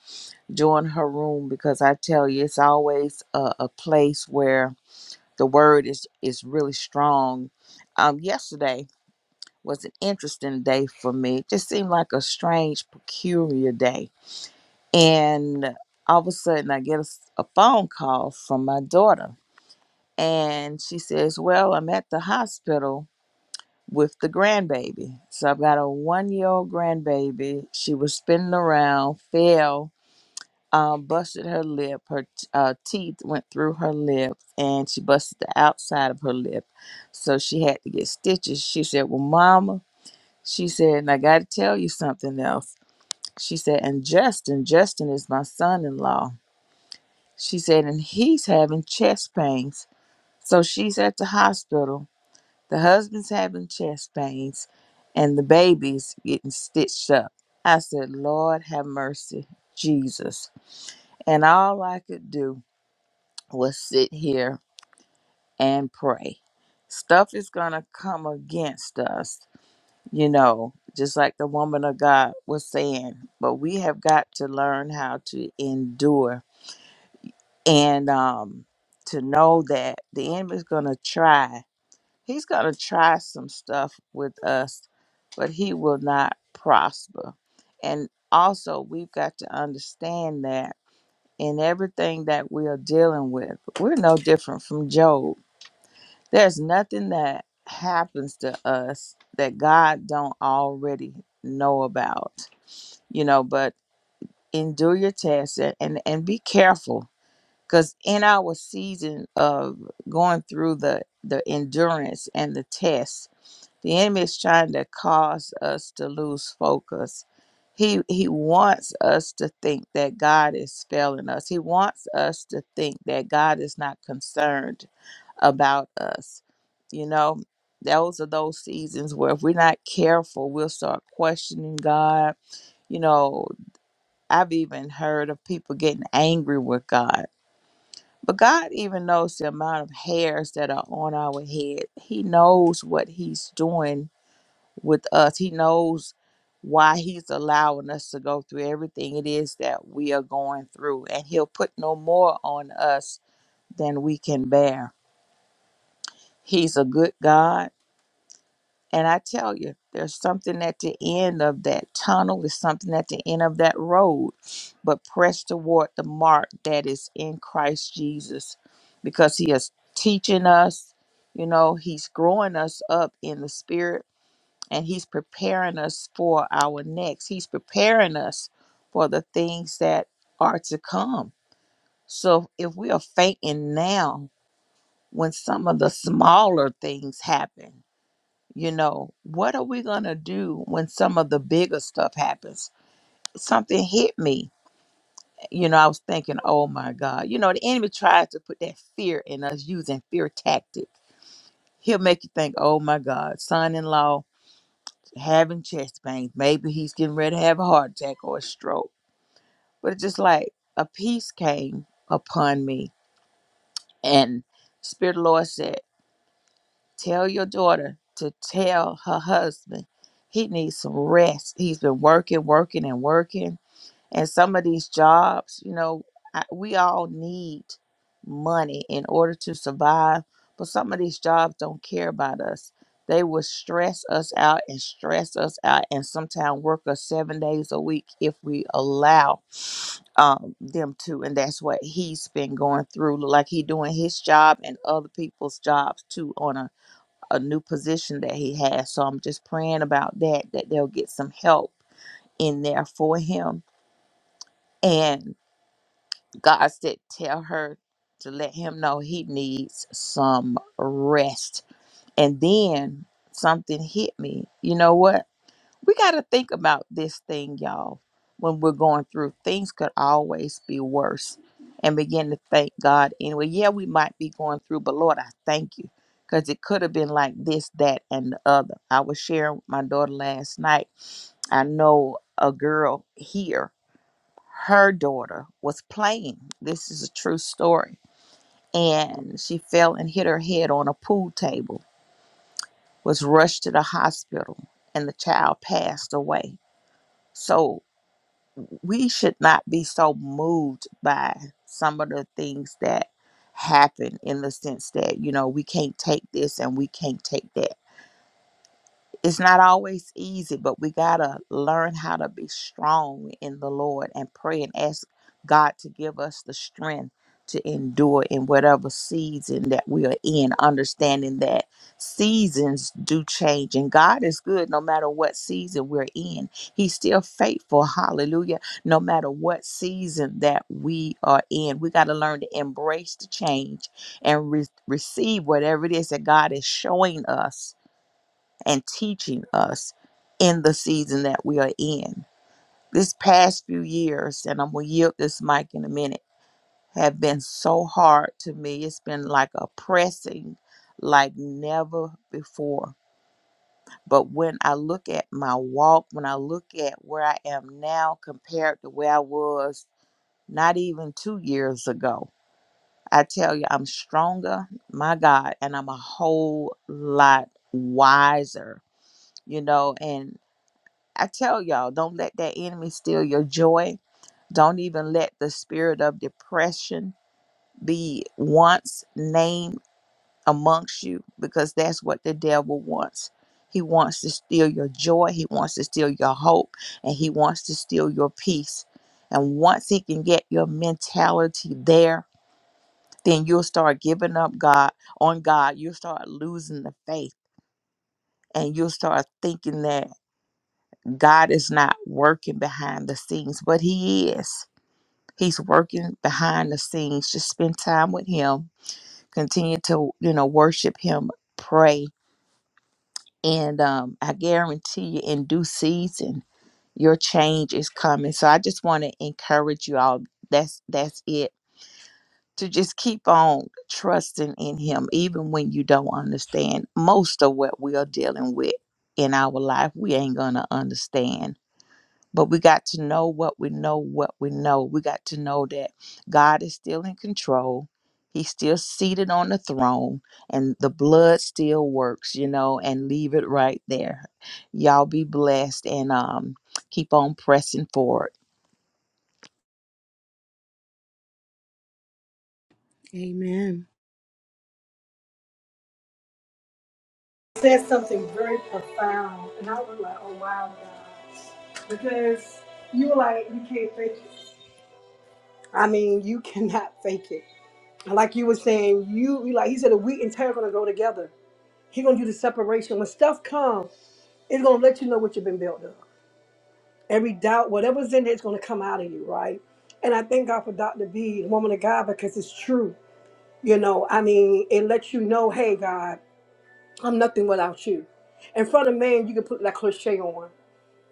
join her room because I tell you, it's always a, a place where the word is is really strong. Um, yesterday was an interesting day for me. It just seemed like a strange, peculiar day, and all of a sudden I get a, s- a phone call from my daughter, and she says, "Well, I'm at the hospital." With the grandbaby. So I've got a one year old grandbaby. She was spinning around, fell, um, busted her lip. Her t- uh, teeth went through her lip, and she busted the outside of her lip. So she had to get stitches. She said, "Well, Mama," she said, "and I got to tell you something else." She said, "And Justin, Justin is my son-in-law." She said, "And he's having chest pains." So she's at the hospital. The husband's having chest pains, and the baby's getting stitched up. I said, "Lord, have mercy, Jesus." And all I could do will sit here and pray. Stuff is going to come against us, you know, just like the woman of God was saying. But we have got to learn how to endure and um, to know that the enemy's going to try. He's going to try some stuff with us, but he will not prosper. And also, we've got to understand that in everything that we are dealing with, we're no different from Job There's nothing that happens to us that God don't already know about. You know, but endure your test and and and be careful cuz in our season of going through the the endurance and the test, the enemy is trying to cause us to lose focus. He he wants us to think that God is failing us. He wants us to think that God is not concerned about us. You know, those are those seasons where if we're not careful, we'll start questioning God. You know, I've even heard of people getting angry with God. But God even knows the amount of hairs that are on our head. He knows what He's doing with us. He knows why He's allowing us to go through everything it is that we are going through. And He'll put no more on us than we can bear. He's a good God And I tell you, there's something at the end of that tunnel, there's something at the end of that road, but press toward the mark that is in Christ Jesus because He is teaching us, you know, He's growing us up in the Spirit and He's preparing us for our next. He's preparing us for the things that are to come. So if we are fainting now, when some of the smaller things happen, you know, what are we going to do when some of the bigger stuff happens? Something hit me. You know, I was thinking, oh my God. You know, the enemy tries to put that fear in us using fear tactic. He'll make you think, oh my God, son in law having chest pains. Maybe he's getting ready to have a heart attack or a stroke. But it's just like a peace came upon me. And Spirit of the Lord said. Tell your daughter to tell her husband he needs some rest. He's been working, working, and working. And some of these jobs, you know, I, we all need money in order to survive. But some of these jobs don't care about us. They will stress us out and stress us out, and sometimes work us seven days a week if we allow um, them to. and that's what he's been going through. Like he doing his job and other people's jobs too on a a new position that he has. So I'm just praying about that, that they'll get some help in there for him. And God said, tell her to let him know he needs some rest. And then something hit me. You know what? we got to think about this thing, y'all. When we're going through, things could always be worse. And begin to thank God anyway. Yeah, we might be going through, but Lord, I thank you because it could have been like this, that, and the other. I was sharing with my daughter last night. I know a girl here, her daughter was playing. This is a true story. And she fell and hit her head on a pool table, was rushed to the hospital, and the child passed away. So we should not be so moved by some of the things that happen in the sense that you know we can't take this and we can't take that it's not always easy, but we got to learn how to be strong in the Lord and pray and ask God to give us the strength to endure in whatever season that we are in, understanding that seasons do change and God is good no matter what season we're in. He's still faithful, hallelujah, no matter what season that we are in. We got to learn to embrace the change and re- receive whatever it is that God is showing us and teaching us in the season that we are in. This past few years, and I'm going to yield this mic in a minute, have been so hard to me. It's been like a pressing like never before. But when I look at my walk, when I look at where I am now compared to where I was not even two years ago, I tell you, I'm stronger, my God, and I'm a whole lot wiser, you know, and. I tell y'all, don't let that enemy steal your joy. Don't even let the spirit of depression be once named amongst you because that's what the devil wants. He wants to steal your joy, he wants to steal your hope, and he wants to steal your peace. And once he can get your mentality there, then you'll start giving up God on God. You'll start losing the faith and you'll start thinking that. God is not working behind the scenes, but He is. He's working behind the scenes. Just spend time with Him. Continue to, you know, worship Him, pray. And um, I guarantee you, in due season, your change is coming. So I just want to encourage you all. That's that's it. To just keep on trusting in Him, even when you don't understand most of what we are dealing with in our life. We ain't gonna understand But we got to know what we know, what we know. We got to know that God is still in control. He's still seated on the throne, and the blood still works, you know, and leave it right there. Y'all be blessed and um, keep on pressing forward.
Amen.
said something very profound, and I was like, oh wow, God. because you were like, you can't fake it. I mean, you cannot fake it. And Like you were saying, you you like he said, a wheat and tear are gonna go together. He gonna do the separation when stuff comes. It's going to let you know what you've been built of. Every doubt, whatever's in there, it's going to come out of you, right? And I thank God for Dr. B, the woman of God, because it's true. You know, I mean, it lets you know, hey, God, I'm nothing without you. In front of man, you can put that cliche on,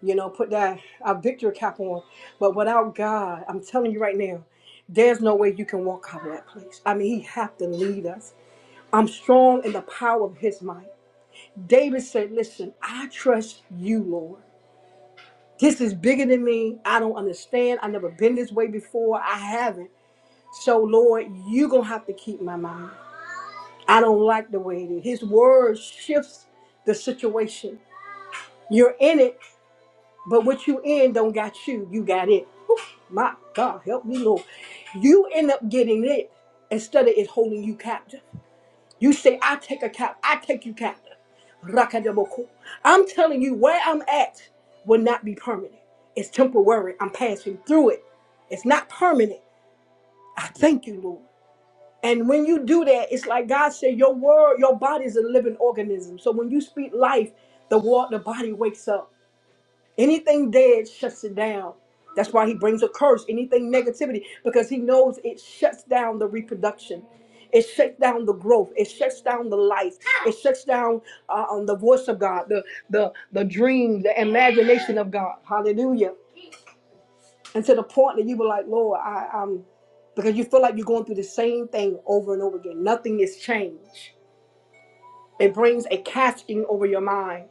you know, put that a victory cap on. But without God, I'm telling you right now, there's no way you can walk out of that place. I mean, He have to lead us. I'm strong in the power of His might. David said, listen, I trust you, Lord. This is bigger than me. I don't understand. I've never been this way before. I haven't. So, Lord, you're going to have to keep my mind. I don't like the way it is. His word shifts the situation. You're in it, but what you in don't got you. You got it. Whew, my God, help me, Lord. You end up getting it instead of it holding you captive. You say, I take a cap, I take you captive. Rakadaboko. I'm telling you, where I'm at will not be permanent. It's temporary. I'm passing through it. It's not permanent. I thank you, Lord. And when you do that, it's like God said, your word, your body is a living organism. So when you speak life, the word, the body wakes up. Anything dead shuts it down. That's why he brings a curse. Anything negativity, because he knows it shuts down the reproduction. It shuts down the growth. It shuts down the life. It shuts down uh, um, the voice of God, the the the dream, the imagination of God. Hallelujah. And to the point that you were like, Lord, I, I'm, because you feel like you're going through the same thing over and over again. Nothing is changed. It brings a casting over your mind.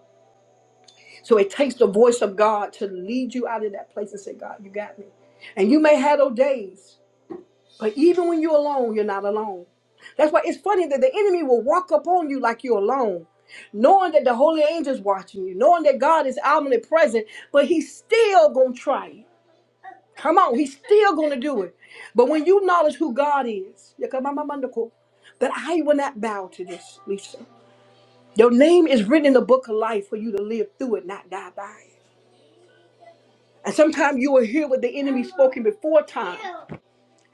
So it takes the voice of God to lead you out of that place and say, God, you got me. And you may have those days, but even when you're alone, you're not alone. That's why it's funny that the enemy will walk up on you like you're alone, knowing that the holy angel's watching you, knowing that God is omnipresent, but he's still gonna try you. Come on, he's still gonna do it. But when you acknowledge who God is, that I will not bow to this, Lisa. Your name is written in the book of life for you to live through it, not die by it. And sometimes you will hear what the enemy spoken before time.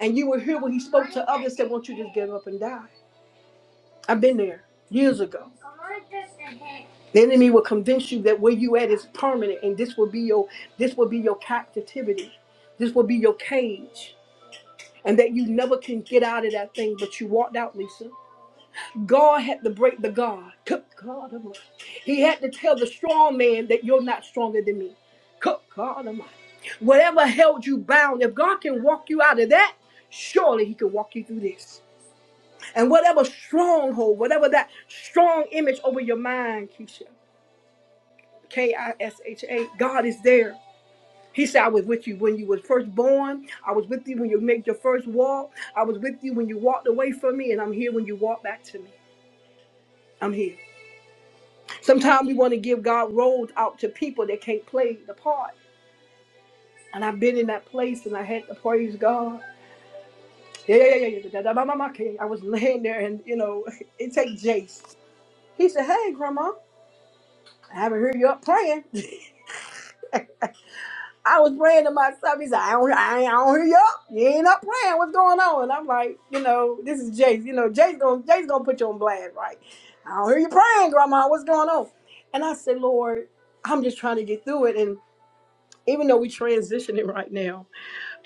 And you will hear what he spoke to others that want you to just give up and die. I've been there years ago. The enemy will convince you that where you at is permanent and this will be your this will be your captivity. This will be your cage. And that you never can get out of that thing. But you walked out, Lisa. God had to break the God. Good God Almighty. He had to tell the strong man that you're not stronger than me. Good God Almighty. Whatever held you bound, if God can walk you out of that, surely He can walk you through this. And whatever stronghold, whatever that strong image over your mind, Keisha, K I S H A, God is there. He said, I was with you when you were first born. I was with you when you made your first walk. I was with you when you walked away from me, and I'm here when you walk back to me. I'm here. Sometimes we want to give God roles out to people that can't play the part. And I've been in that place and I had to praise God. Yeah, yeah, yeah, yeah. yeah, da, da, da, ma, ma, okay. I was laying there and, you know, it takes Jace. He said, Hey, Grandma, I haven't heard you up praying. I was praying to myself. He said, I don't, I, ain't- I don't hear you up. You ain't up praying. What's going on? And I'm like, you know, this is Jace. You know, Jace going to Jace gonna put you on blast, right? I don't hear you praying, Grandma. What's going on? And I said, Lord, I'm just trying to get through it. And even though we're transitioning right now,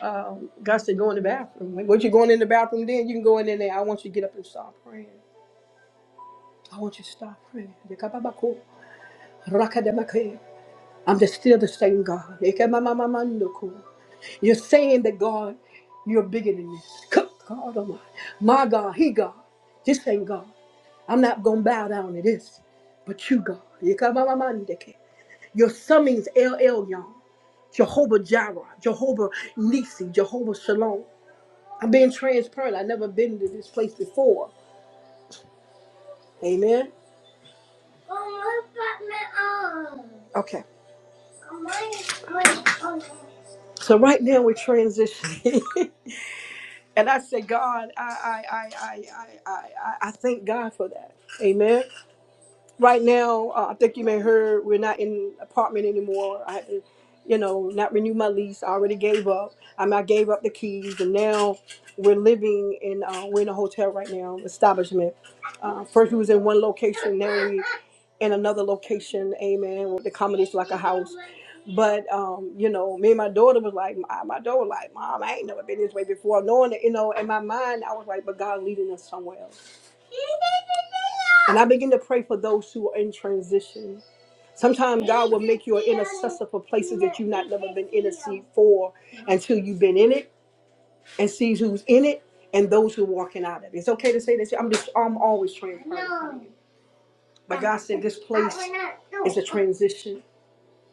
um, God said, go in the bathroom. Like, what you going in the bathroom then? You can go in there. I want you to get up and start praying. I want you to start praying. Yakababako, rakadabake. I'm just still the same God. Yakamamamamandoko. You're saying that God, you're bigger than this. Good God Almighty. My God, He God. This ain't God. I'm not going to bow down to this, but you, God. Yakamamamandeke. Your summings, LL, y'all. Jehovah Jireh, Jehovah Nisi, Jehovah Shalom. I'm being transparent. I've never been to this place before. Amen. Okay. So right now we're transitioning. and I say, God, I I I I I I I I thank God for that. Amen. right now, uh, I think you may heard we're not in apartment anymore. I had to, you know, not renew my lease. I already gave up. I mean, I gave up the keys, and now we're living in uh, we're in a hotel right now, establishment. Uh, first, we was in one location. Now we in another location. Amen. With the comedies like a house. But um, you know, me and my daughter was like, my, my daughter was like, mom, I ain't never been this way before. Knowing that, you know, in my mind, I was like, but God leading us somewhere else. And I begin to pray for those who are in transition. Sometimes God will make you an intercessor for places that you've not never been intercede for until you've been in it and sees who's in it and those who are walking out of it. It's okay to say this. I'm just I'm always transparent. But God said this place is a transition.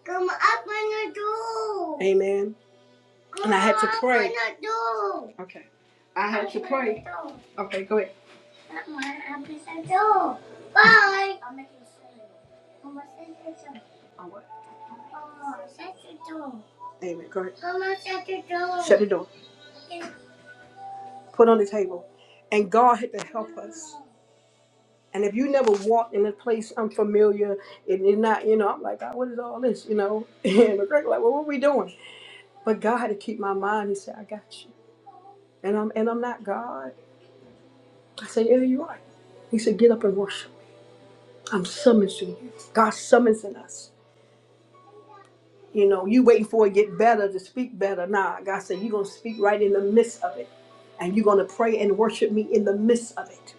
Come open the door. Amen. And I had to pray. Okay. I had to pray. Okay, go ahead. Not my episode. Bye. I'm making a sale. Mama says it's a- On what? Mama says it's a- Amen. Go ahead. Mama says it's a- Shut the door. Okay. Put on the table. And God had to help us. And if you never walked in a place unfamiliar and you're not, you know, I'm like, God, what is all this? You know? And the girl like, well, what are we doing? But God had to keep my mind. He said, I got you. And I'm and I'm not God. I said, Yeah, you are. He said, Get up and worship. I'm summoning you. God summoning us. You know, you waiting for it to get better to speak better. Nah, God said you're gonna speak right in the midst of it. And you're gonna pray and worship me in the midst of it.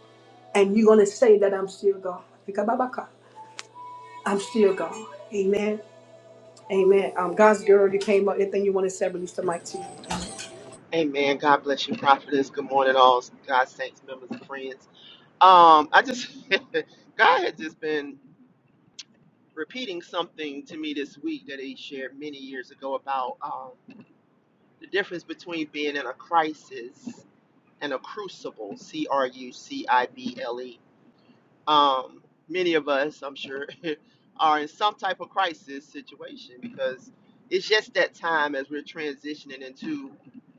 And you're gonna say that I'm still God. Ikababaka. I'm still God. Amen. Amen. Um, God's girl, you came up. Anything you want to say, release the mic to you. I,
Amen. God bless you, prophetess. Good morning, all God saints, members, and friends. Um, I just God had just been repeating something to me this week that he shared many years ago about um, the difference between being in a crisis and a crucible. C R U C I B L E um, many of us, I'm sure, are in some type of crisis situation because it's just that time as we're transitioning into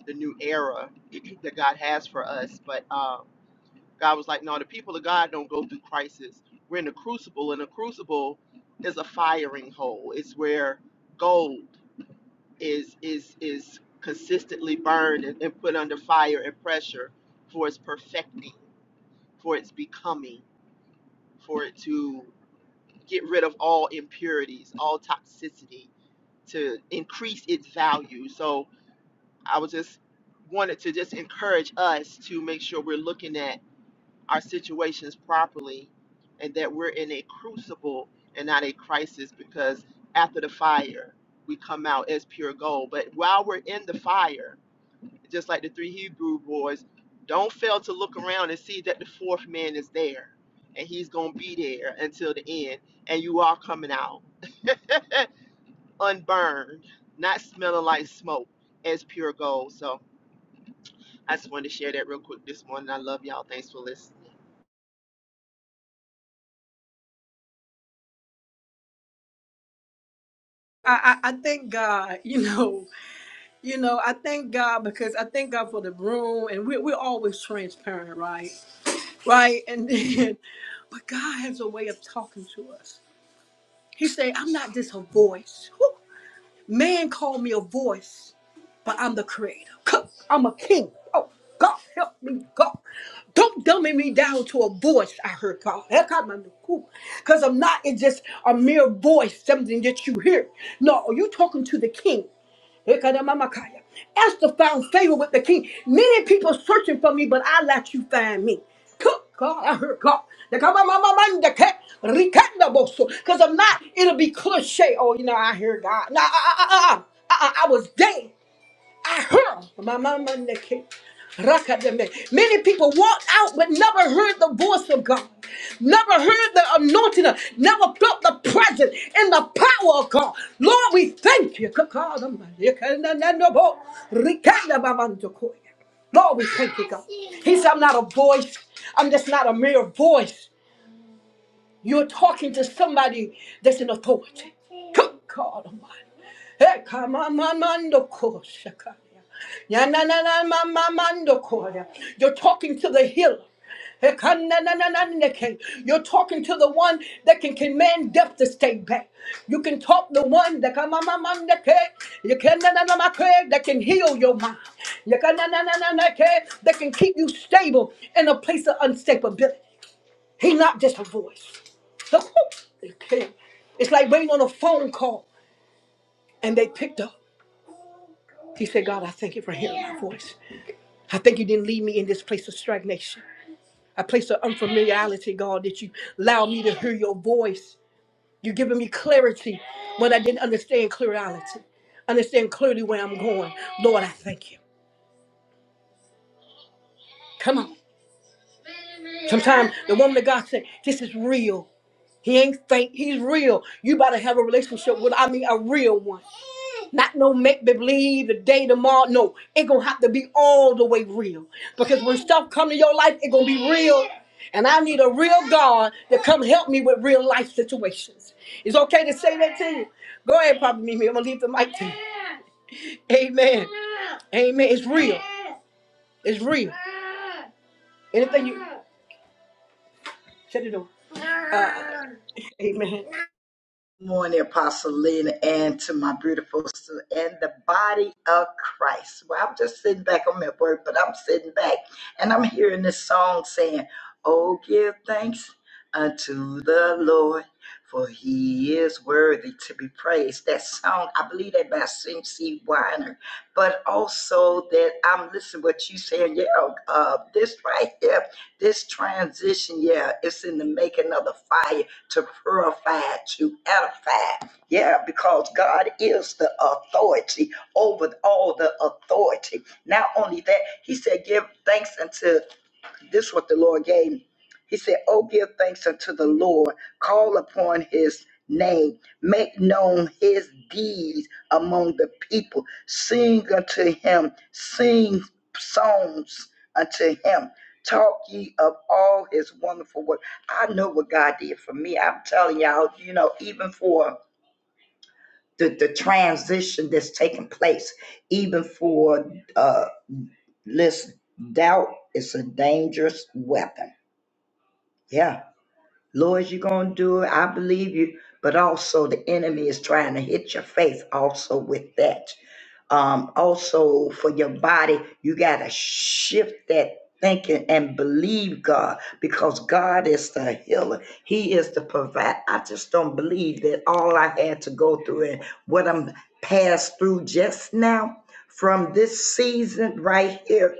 the new era that God has for us. But um, God was like, no, the people of God don't go through crisis. We're in a crucible, and a crucible is a firing hole. It's where gold is is is consistently burned and, and put under fire and pressure for its perfecting, for its becoming, for it to get rid of all impurities, all toxicity to increase its value. So I was just wanted to just encourage us to make sure we're looking at our situations properly and that we're in a crucible and not a crisis because after the fire we come out as pure gold. But while we're in the fire, just like the three Hebrew boys, don't fail to look around and see that the fourth man is there and he's going to be there until the end and you are coming out unburned, not smelling like smoke, as pure gold. So I just wanted to share that real quick this morning. I love y'all. Thanks for listening.
I, I thank God, you know, you know, I thank God because I thank God for the room and we, we're always transparent, right? right? And then, but God has a way of talking to us. He said, I'm not just a voice. Whew. Man called me a voice, but I'm the creator. Cuh, I'm a king. Oh, God, help me, God. Don't dummy me down to a voice, I heard God. Because I'm not it's just a mere voice, something that you hear. No, you're talking to the king. Ekadamamakaya. Esther found favor with the king. Many people searching for me, but I let you find me. Cook, God, I heard God. Because I'm not, it'll be cliche. Oh, you know, I hear God. No, I, I, I, I I was dead. I heard My mama and the king. Rakademe. Many people walked out but never heard the voice of God, never heard the anointing, never felt the presence and the power of God. Lord, we thank you. Kakadama. Yekananabo. Rikadabamandokoya. Lord, we thank you, God. He said, I'm not a voice, I'm just not a mere voice. You're talking to somebody that's in authority. Good God Almighty. Eh, kama mamando ko shakaya. Ya na na na ma- mamando ko ya. You're talking to the healer. Eh, kan na na na na na ke. You're talking to the one that can command death to stay back. You can talk the one that kama mamanda ke. You can na na na ma ke, that can heal your mind. You can na na na na na ke, that can keep you stable in a place of unstability. He's not just a voice. The whoop, okay. It's like waiting on a phone call and they picked up. He said, God, I thank you for hearing my voice. I thank you didn't leave me in this place of stagnation. A place of unfamiliarity, God, that you allow me to hear your voice. You're giving me clarity when I didn't understand clarity. Understand clearly where I'm going. Lord, I thank you. Come on. Sometimes the woman of God said, This is real. He ain't fake. He's real. You better have a relationship with, I mean, a real one. Not no make believe the day tomorrow. No, it gonna have to be all the way real. Because when stuff come to your life, it gonna be real. And I need a real God to come help me with real life situations. It's okay to say that to you. Go ahead, Papa Mimi. I'm gonna leave the mic to you. Amen. Amen. It's real. It's real. Anything you shut it door. Uh, amen.
Good morning, Apostle Lena, and to my beautiful sister and the body of Christ. Well, I'm just sitting back. I'm at work, but I'm sitting back and I'm hearing this song saying, Oh, give thanks unto the Lord, for he is worthy to be praised. That song, I believe that by C. Weiner, but also that I'm listening to what you saying. Yeah, uh, this right here, this transition, yeah, it's in the making of the fire to purify, to edify. Yeah, because God is the authority over all the authority. Not only that, he said, give thanks unto this is what the Lord gave me. He said, Oh, give thanks unto the Lord, call upon his name, make known his deeds among the people, sing unto him, sing songs unto him. Talk ye of all his wonderful work. I know what God did for me. I'm telling y'all, you know, even for the, the transition that's taking place, even for uh listen, doubt is a dangerous weapon yeah. Lord, you're going to do it. I believe you. But also, the enemy is trying to hit your faith also with that. Um, also, for your body, you got to shift that thinking and believe God because God is the healer. He is the provider. I just don't believe that all I had to go through and what I'm passed through just now from this season right here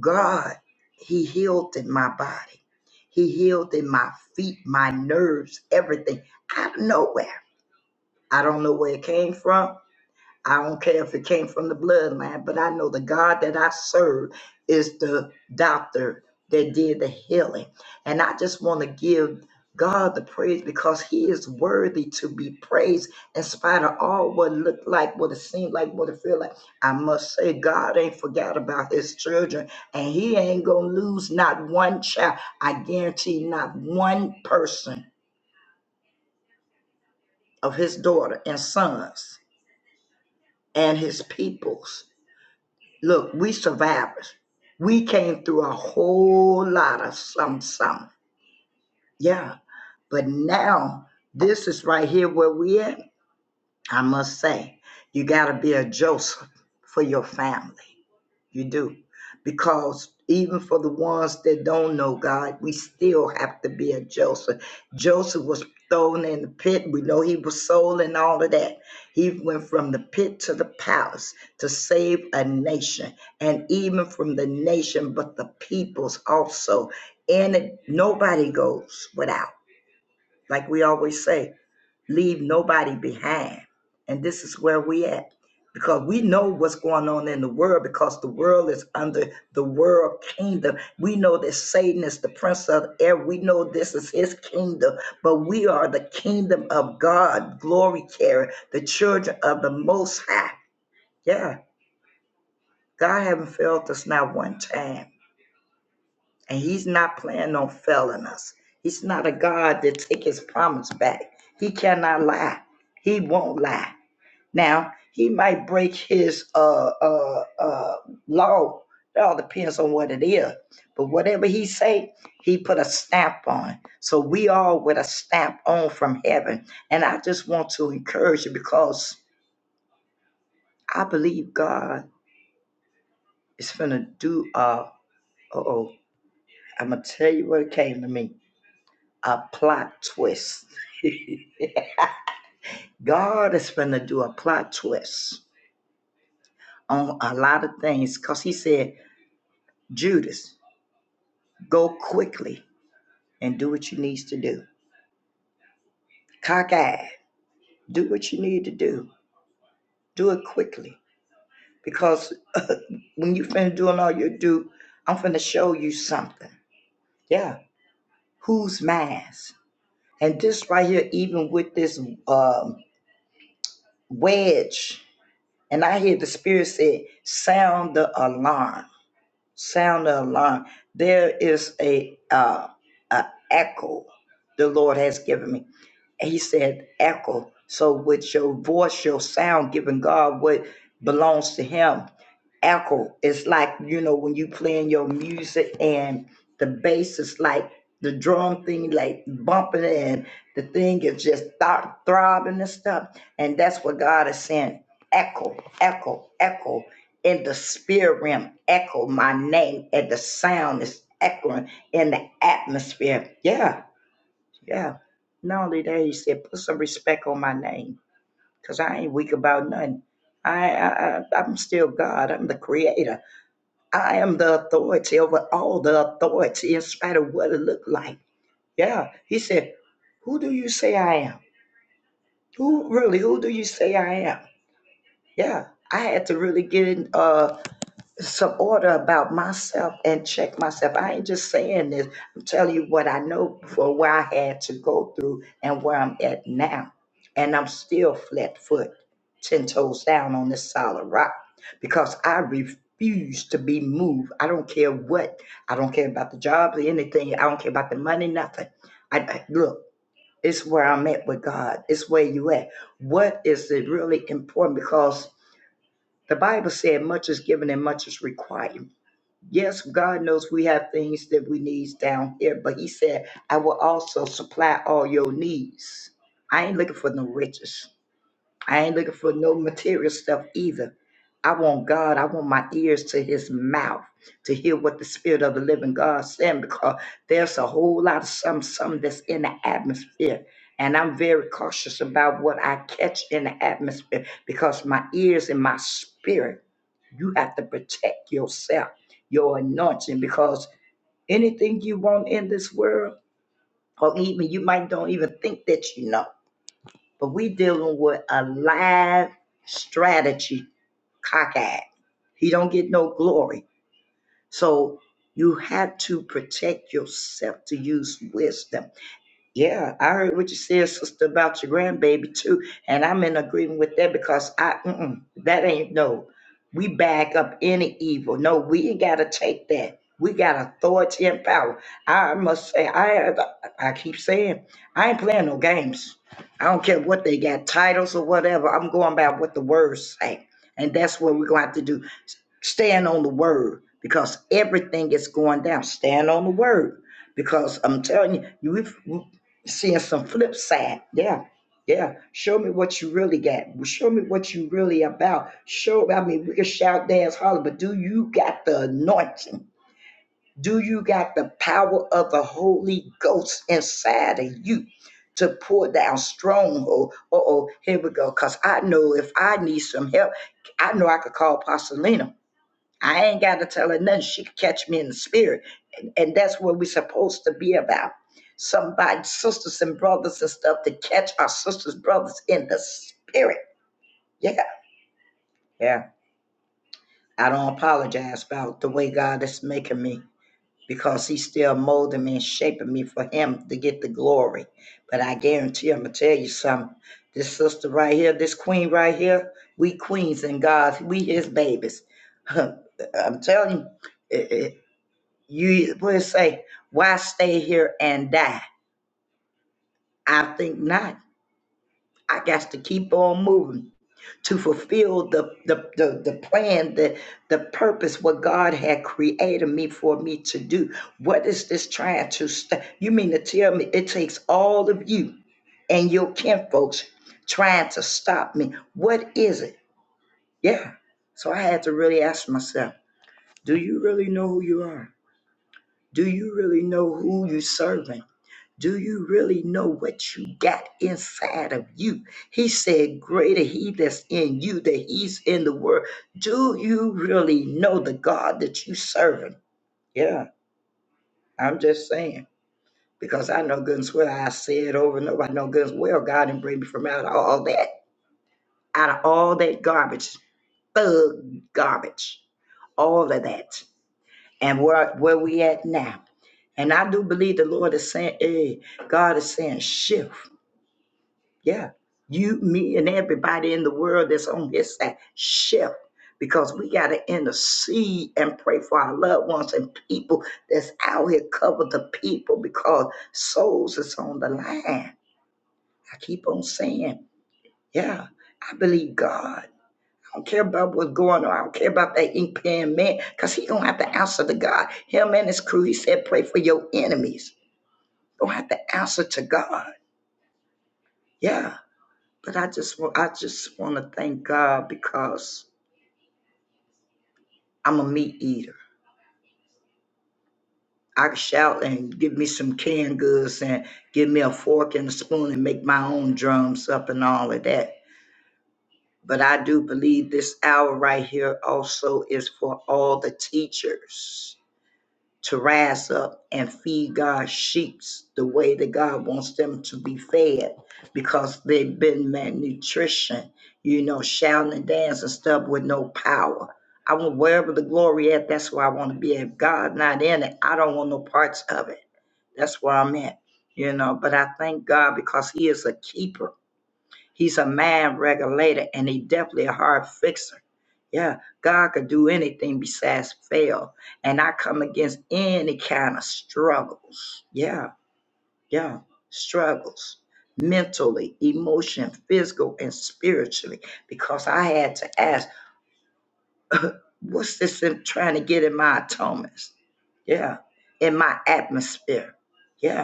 God, He healed in my body. He healed in my feet, my nerves, everything out of nowhere. I don't know where it came from. I don't care if it came from the bloodline, but I know the God that I serve is the doctor that did the healing. And I just want to give God the praise because he is worthy to be praised in spite of all what it looked like, what it seemed like, what it feel like. I must say God ain't forgot about his children and he ain't going to lose not one child. I guarantee not one person of his daughter and sons and his peoples Look, we survivors. We came through a whole lot of some some. Yeah. But now this is right here where we at. I must say, you gotta be a Joseph for your family. You do. Because even for the ones that don't know God, we still have to be a Joseph. Joseph was thrown in the pit. We know he was sold and all of that. He went from the pit to the palace to save a nation. And even from the nation, but the peoples also. And it, nobody goes without. Like we always say, leave nobody behind. And this is where we at. Because we know what's going on in the world because the world is under the world kingdom. We know that Satan is the prince of air. We know this is his kingdom, but we are the kingdom of God, glory carrier, the children of the most high. Yeah. God haven't failed us not one time. And he's not planning on failing us. He's not a God that take his promise back. He cannot lie. He won't lie. Now he might break his uh uh uh law. It all depends on what it is. But whatever he say, he put a stamp on. So we all with a stamp on from heaven. And I just want to encourage you because I believe God is gonna do uh oh. I'm gonna tell you what came to me. A plot twist. God is gonna do a plot twist on a lot of things because he said, Judas, go quickly and do what you needs to do. Cockeyed, do what you need to do. Do it quickly because uh, when you finna doing all you do, I'm finna show you something. Yeah, who's mass? And this right here, even with this um, wedge, and I hear the spirit say, "Sound the alarm! Sound the alarm!" There is a uh, a echo the Lord has given me. And he said, echo. So with your voice, your sound, giving God what belongs to him. Echo. It's like, you know, when you playing your music and the bass is like the drum thing, like bumping it and the thing is just th- throbbing and stuff. And that's what God is saying. Echo, echo, echo in the spirit realm. Echo my name and the sound is echoing in the atmosphere. Yeah yeah. Not only that, he said, put some respect on my name, cause I ain't weak about nothing. I, I, I- I'm still God. I'm the creator. I am the authority over all the authority in spite of what it looked like. Yeah. He said, who do you say I am? Who really, who do you say I am? Yeah. I had to really get in. uh, some order about myself and check myself. I ain't just saying this. I'm telling you what I know for where I had to go through and where I'm at now. And I'm still flat foot, 10 toes down on this solid rock because I refuse to be moved. I don't care what. I don't care about the job or anything. I don't care about the money, nothing. I, I- look, it's where I'm at with God. It's where you at. What is it really important? Because the Bible said much is given and much is required Yes, God knows we have things that we need down here, but He said, I will also supply all your needs. I ain't looking for no riches. I ain't looking for no material stuff either. I want God. I want my ears to His mouth to hear what the Spirit of the Living God saying because there's a whole lot of some some that's in the atmosphere, and I'm very cautious about what I catch in the atmosphere because my ears and my spirit. You have to protect yourself, your anointing, because anything you want in this world, or even you might don't even think that you know. But we dealing with a live strategy, cockeyed. He don't get no glory. So you have to protect yourself to use wisdom yeah, I heard what you said, sister, about your grandbaby too, and I'm in agreement with that because I mm-mm, that ain't no. We back up any evil. No, we ain't gotta take that. We got authority and power. I must say, I I keep saying, I ain't playing no games. I don't care what they got titles or whatever. I'm going by what the words say, and that's what we're going to have to do. Stand on the word because everything is going down. Stand on the word because I'm telling you, you are seeing some flip side. Yeah, yeah. Show me what you really got. Show me what you really about. Show. I mean, we can shout, dance, holler, but do you got the anointing? Do you got the power of the Holy Ghost inside of you? To pour down stronghold. Uh oh, here we go. Cause I know if I need some help, I know I could call Pasolina. I ain't got to tell her nothing. She can catch me in the spirit. And that's what we're supposed to be about. Somebody, sisters and brothers and stuff, to catch our sisters, brothers in the spirit. Yeah. Yeah. I don't apologize about the way God is making me because he's still molding me and shaping me for him to get the glory. But I guarantee I'm going to tell you something. This sister right here, this queen right here, we queens and God, we his babies. I'm telling you, You will say, Why stay here and die? I think not. I got to keep on moving to fulfill the, the, the, the plan, the, the purpose, what God had created me for me to do. What is this trying to st- You mean to tell me it takes all of you and your kin folks trying to stop me? What is it? Yeah. So I had to really ask myself, do you really know who you are? Do you really know who you are serving? Do you really know what you got inside of you? He said, Greater he that's in you than he's in the world. Do you really know the God that you serving? Yeah, I'm just saying. Because I know good and swear I say it over and over. I know good and well God didn't bring me from out of all that, out of all that garbage, thug garbage, all of that. And where where we at now. And I do believe the Lord is saying, hey, God is saying shift. Yeah. You, me, and everybody in the world that's on this side, shift because we got to intercede and pray for our loved ones and people that's out here cover the people because souls is on the line. I keep on saying, yeah, I believe God. I don't care about what's going on. I don't care about that ink pen man because he going to have to answer to God. Him and his crew, he said, pray for your enemies. Going to have to answer to God. Yeah But I just want I just want to thank God because I'm a meat eater. I can shout and give me some canned goods and give me a fork and a spoon and make my own drums up and all of that. But I do believe this hour right here also is for all the teachers to rise up and feed God's sheep the way that God wants them to be fed because they've been malnutrition, you know, shouting and dancing stuff with no power. I want wherever the glory at, that's where I want to be. If God not in it, I don't want no parts of it. That's where I'm at, you know. But I thank God because He is a keeper. He's a mind regulator and he definitely a hard fixer. Yeah, God could do anything besides fail. And I come against any kind of struggles. Yeah, yeah, struggles mentally, emotion, physical, and spiritually. Because I had to ask, what's this in trying to get in my atonements? Yeah, in my atmosphere. Yeah.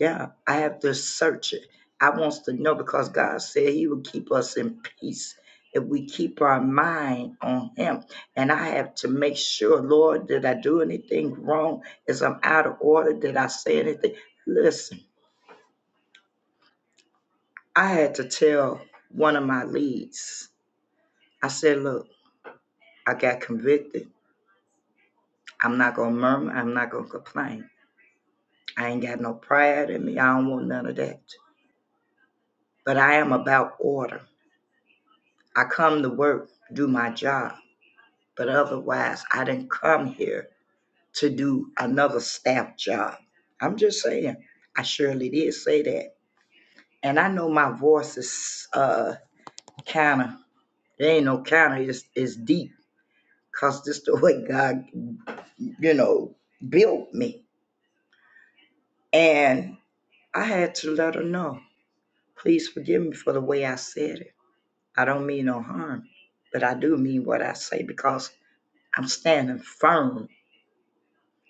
Yeah, I have to search it. I wants to know because God said He will keep us in peace if we keep our mind on Him. And I have to make sure, Lord, did I do anything wrong? Is I'm out of order? Did I say anything? Listen, I had to tell one of my leads. I said, look, I got convicted. I'm not gonna murmur. I'm not gonna complain. I ain't got no pride in me. I don't want none of that. But I am about order. I come to work, do my job. But otherwise, I didn't come here to do another staff job. I'm just saying, I surely did say that. And I know my voice is uh kind of, there ain't no kind of, it's, it's deep because this the way God, you know, built me. And I had to let her know, please forgive me for the way I said it. I don't mean no harm, but I do mean what I say because I'm standing firm.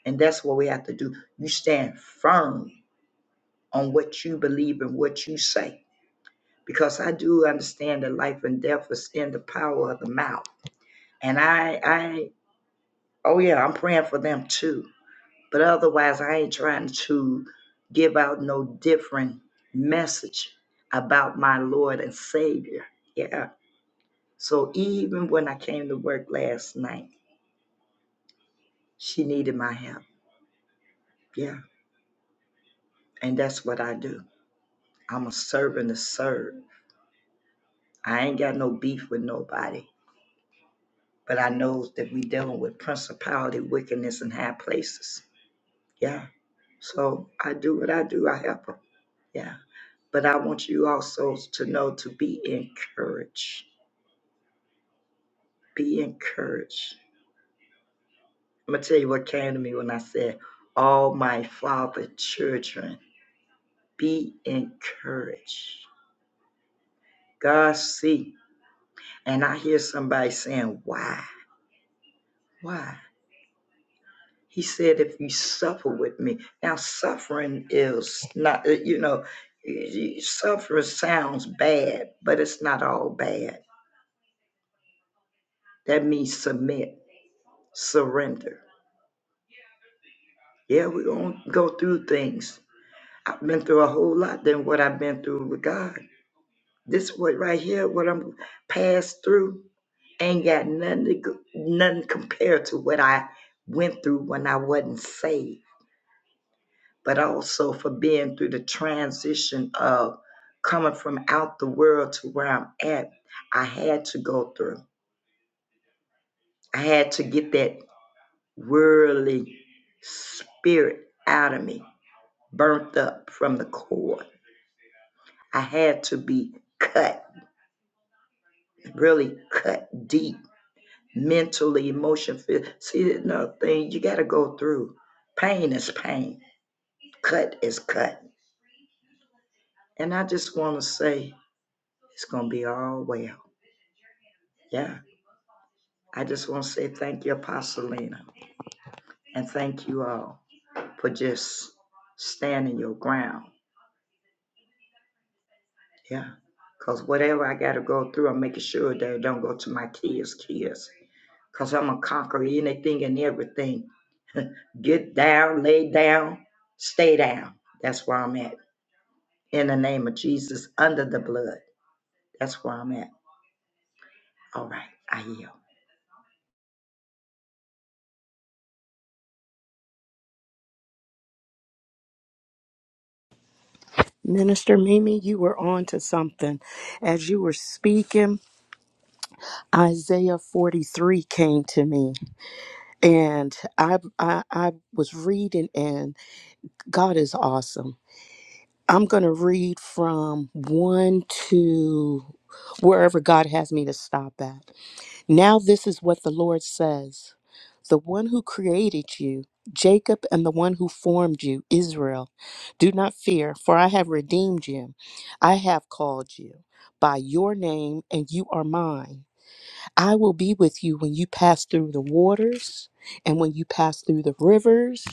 And that's what we have to do. You stand firm on what you believe and what you say. Because I do understand that life and death is in the power of the mouth. And I, I, oh yeah, I'm praying for them too. But otherwise, I ain't trying to give out no different message about my Lord and Savior. Yeah. So even when I came to work last night, she needed my help. Yeah. And that's what I do. I'm a servant to serve. I ain't got no beef with nobody. but I know that we dealing with principality, wickedness in high places. Yeah. So I do what I do. I help them. Yeah. But I want you also to know to be encouraged. Be encouraged. I'm gonna tell you what came to me when I said, "All my father children, be encouraged." God see, and I hear somebody saying, "Why? Why?" He said, if you suffer with me. Now, suffering is not, uh, you know, suffering sounds bad, but it's not all bad. That means submit, surrender. Yeah, we're going to go through things. I've been through a whole lot than what I've been through with God. This what right here, what I'm passed through, ain't got nothing, to, go- nothing compared to what I went through when I wasn't saved. but also for being through the transition of coming from out the world to where I'm at. I had to go through. I had to get that worldly spirit out of me, burnt up from the core. I had to be cut, really cut deep, mentally, emotionally. phy- See, another thing you got to go through. Pain is pain. Cut is cut. And I just want to say it's going to be all well. Yeah I just want to say thank you, Apostle Lena, and thank you all for just standing your ground. Yeah. Because whatever I got to go through, I'm making sure that it don't go to my kids' kids. Because I'm going to conquer anything and everything. Get down, lay down, stay down. That's where I'm at. In the name of Jesus, under the blood. That's where I'm at. All right, I yield.
Minister Mimi, you were on to something. As you were speaking, Isaiah 43 came to me. and I, I I was reading, and God is awesome. I'm gonna read from one to wherever God has me to stop at. Now this is what the Lord says: The one who created you, Jacob, and the one who formed you, Israel, do not fear, for I have redeemed you. I have called you by your name, and you are mine. I will be with you when you pass through the waters and when you pass through the rivers.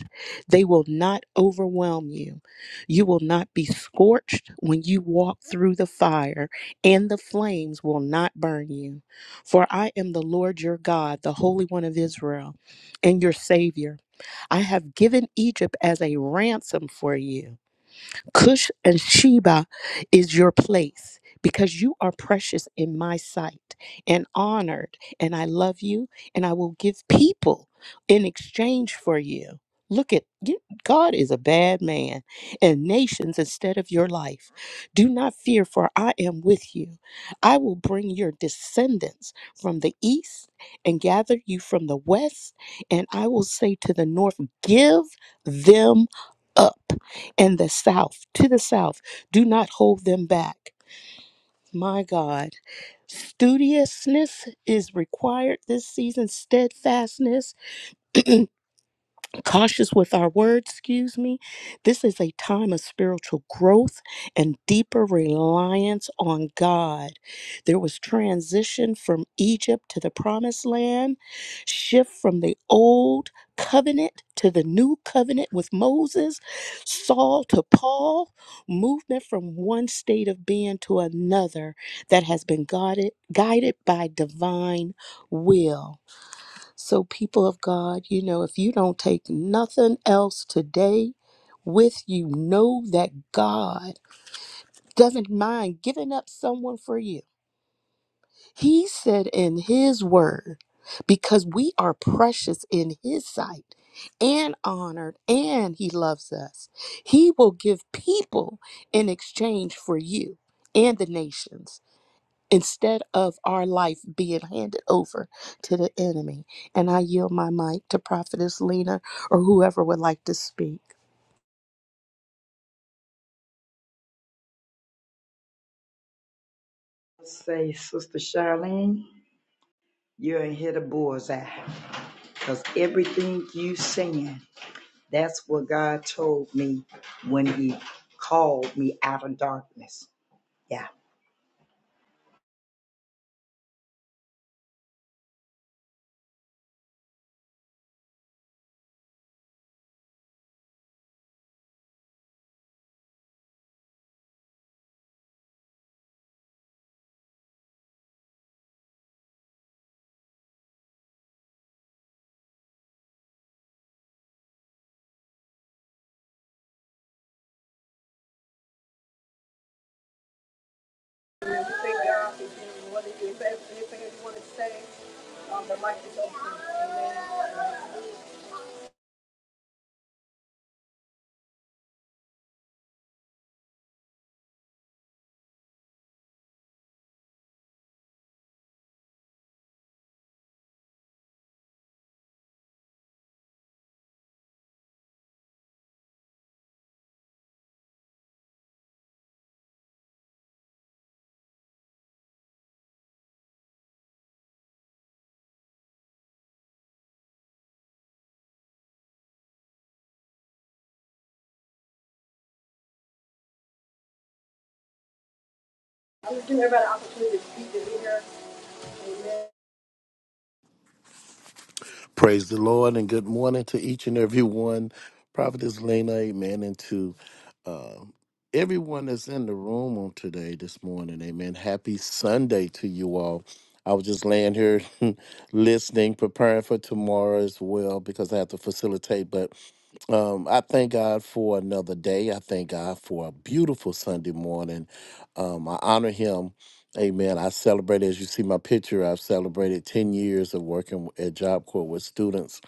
They will not overwhelm you. You will not be scorched when you walk through the fire, and the flames will not burn you. For I am the Lord your God, the Holy One of Israel, and your Savior. I have given Egypt as a ransom for you. Cush and Sheba is your place because you are precious in my sight and honored, and I love you, and I will give people in exchange for you. Look at you- God is a bad man and nations instead of your life. Do not fear, for I am with you. I will bring your descendants from the east and gather you from the west, and I will say to the north, Give them up and the south, to the south. Do not hold them back. My God, studiousness is required this season, steadfastness, cautious with our words, excuse me. This is a time of spiritual growth and deeper reliance on God. There was transition from Egypt to the promised land, shift from the old covenant to the new covenant with Moses, Saul to Paul, movement from one state of being to another that has been guided guided by divine will. So, people of God, you know, if you don't take nothing else today with you, know that God doesn't mind giving up someone for you. He said in His word, because we are precious in His sight and honored, and He loves us, He will give people in exchange for you and the nations instead of our life being handed over to the enemy. And I yield my mic to Prophetess Lena or whoever would like to speak.
Say, Sister Charlene, you're in here the bullseye. Because everything you saying That's what God told me when He called me out of darkness. Yeah.
Thank God for you, what it is. Everything you want to say, um, the mic is open. Amen.
Praise the Lord and good morning to each and every one. Prophetess Lena, amen. And to uh, everyone that's in the room on today, this morning, amen. Happy Sunday to you all. I was just laying here listening, preparing for tomorrow as well because I have to facilitate. But um, I thank God for another day. I thank God for a beautiful Sunday morning. Um, I honor Him Amen. I celebrated, as you see my picture, I've celebrated 10 years of working at Job Corps with students.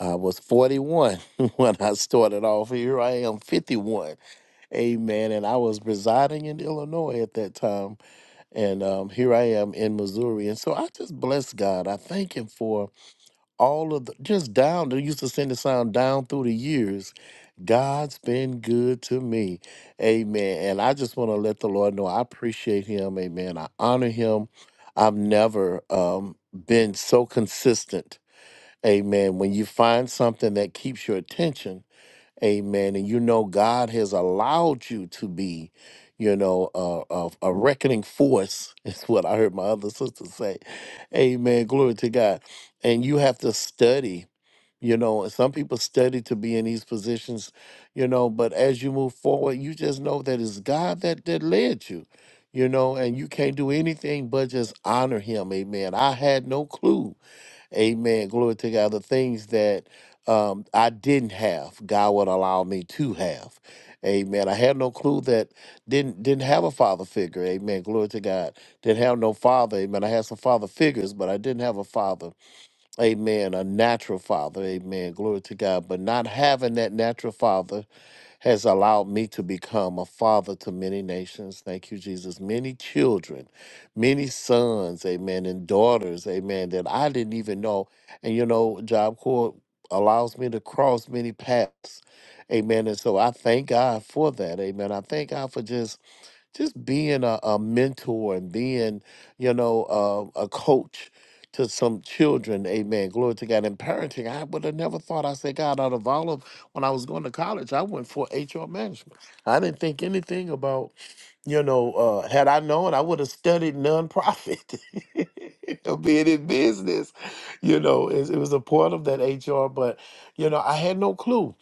I was 41 when I started off. Here I am, 51. Amen. And I was residing in Illinois at that time. And um, here I am in Missouri. And so I just bless God. I thank Him for all of the just down they used to send the sound down through the years god's been good to me amen and i just want to let the lord know i appreciate him amen i honor him i've never um, been so consistent amen when you find something that keeps your attention Amen. And you know, God has allowed you to be, you know, a, a, a reckoning force, is what I heard my other sister say. Amen. Glory to God. And you have to study. You know, and some people study to be in these positions, you know, but as you move forward, you just know that it's God that, that led you, you know, and you can't do anything but just honor him. Amen. I had no clue Amen. Glory to God. The things that um, I didn't have, God would allow me to have. Amen. I had no clue that didn't didn't have a father figure. Amen. Glory to God. Didn't have no father. Amen. I had some father figures, but I didn't have a father. Amen. A natural father. Amen. Glory to God. But not having that natural father has allowed me to become a father to many nations. Thank you, Jesus. Many children, many sons, amen, and daughters, amen, that I didn't even know. And you know, Job Corps allows me to cross many paths. Amen. And so I thank God for that. Amen. I thank God for just just being a, a mentor and being, you know, uh, a coach to some children. Amen. Glory to God. And parenting, I would have never thought. I said, God, out of all of when I was going to college, I went for HR management. I didn't think anything about, you know, uh, had I known, I would have studied nonprofit. or being in business, you know, it, it was a part of that HR, but you know, I had no clue.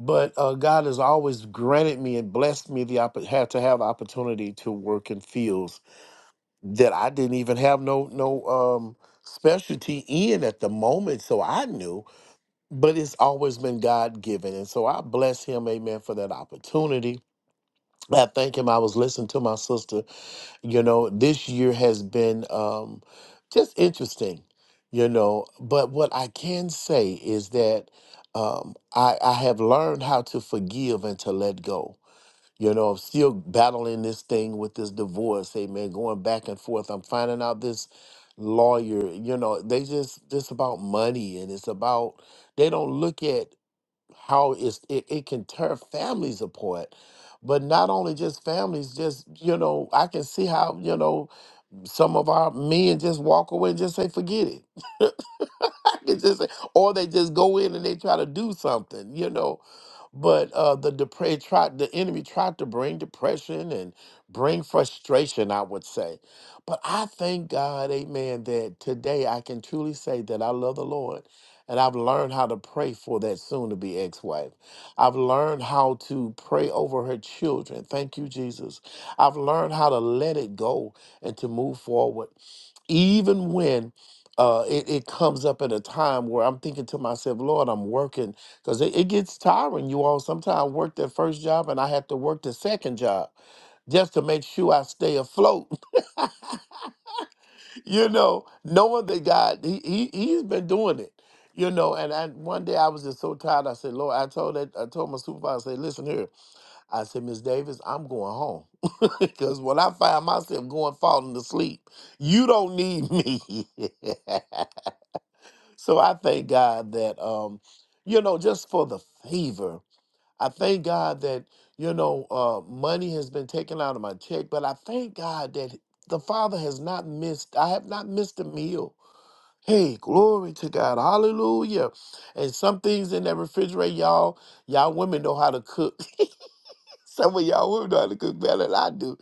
But uh, God has always granted me and blessed me the opportunity to have the opportunity to work in fields that I didn't even have no no um specialty in at the moment, so I knew, but it's always been God given. And so I bless him, amen, for that opportunity. I thank him. I was listening to my sister. You know, this year has been um just interesting, you know. But what I can say is that um I, I have learned how to forgive and to let go you know, I'm still battling this thing with this divorce. Amen. Going back and forth. I'm finding out this lawyer. You know, they just just about money, and it's about they don't look at how it's it, it can tear families apart. But not only just families, just you know, I can see how you know some of our men just walk away and just say forget it It's just- or they just go in and they try to do something, you know. But uh, the depraved tried, the enemy tried to bring depression and bring frustration, I would say. But I thank God, amen, that today I can truly say that I love the Lord and I've learned how to pray for that soon to be ex wife. I've learned how to pray over her children. Thank you, Jesus. I've learned how to let it go and to move forward even when uh, it, it comes up at a time where I'm thinking to myself, Lord, I'm working because it, it gets tiring. You all sometimes work that first job and I have to work the second job just to make sure I stay afloat, you know, knowing that God, he, he, he's been doing it, you know, and I, one day I was just so tired. I said, Lord, I told that, I told my supervisor, I said, listen here, I said, Miss Davis, I'm going home because when I find myself going, falling asleep, you don't need me. So I thank God that um, you know, just for the favor. I thank God that, you know, uh money has been taken out of my check, but I thank God that the Father has not missed, I have not missed a meal. Hey, glory to God. Hallelujah. And some things in that refrigerator, y'all, y'all women know how to cook. some of y'all women know how to cook better than I do.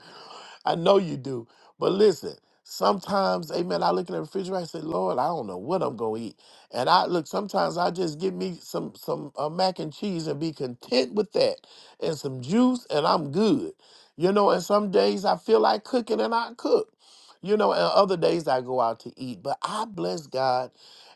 I know you do. But listen, sometimes, amen, I look in the refrigerator, I say, Lord, I don't know what I'm gonna eat. And I look, sometimes I just get me some some uh, mac and cheese and be content with that and some juice and I'm good. You know, and some days I feel like cooking and I cook. You know, and other days I go out to eat. But I bless God.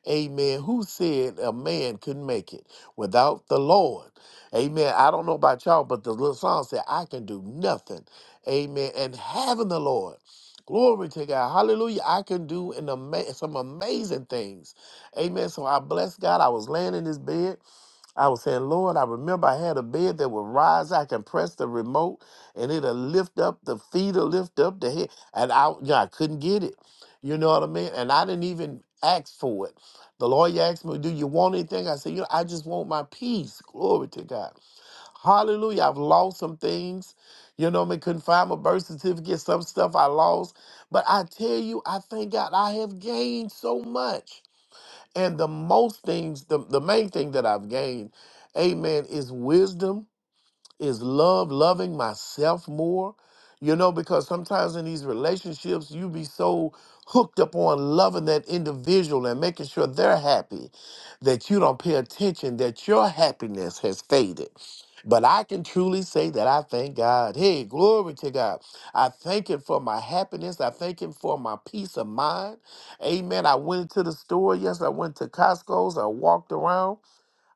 Amen. Who said a man couldn't make it without the Lord? Amen. I don't know about y'all, but the little song said, I can do nothing. Amen. And having the Lord. Glory to God. Hallelujah. I can do an ama- some amazing things. Amen. So I bless God. I was laying in this bed I was saying, Lord, I remember I had a bed that would rise. I can press the remote and it'll lift up the feet will lift up the head. And I, yeah, I couldn't get it. You know what I mean? And I didn't even ask for it. The lawyer asked me, Do you want anything? I said, You know, I just want my peace. Glory to God. Hallelujah. I've lost some things. You know what I mean? Couldn't find my birth certificate, some stuff I lost. But I tell you, I thank God I have gained so much. And the most things, the, the main thing that I've gained, amen, is wisdom is love loving myself more you know because sometimes in these relationships you be so hooked up on loving that individual and making sure they're happy that you don't pay attention that your happiness has faded but I can truly say that I thank God. Hey, glory to God. I thank Him for my happiness. I thank Him for my peace of mind. Amen. I went into the store. Yes, I went to Costco's. I walked around.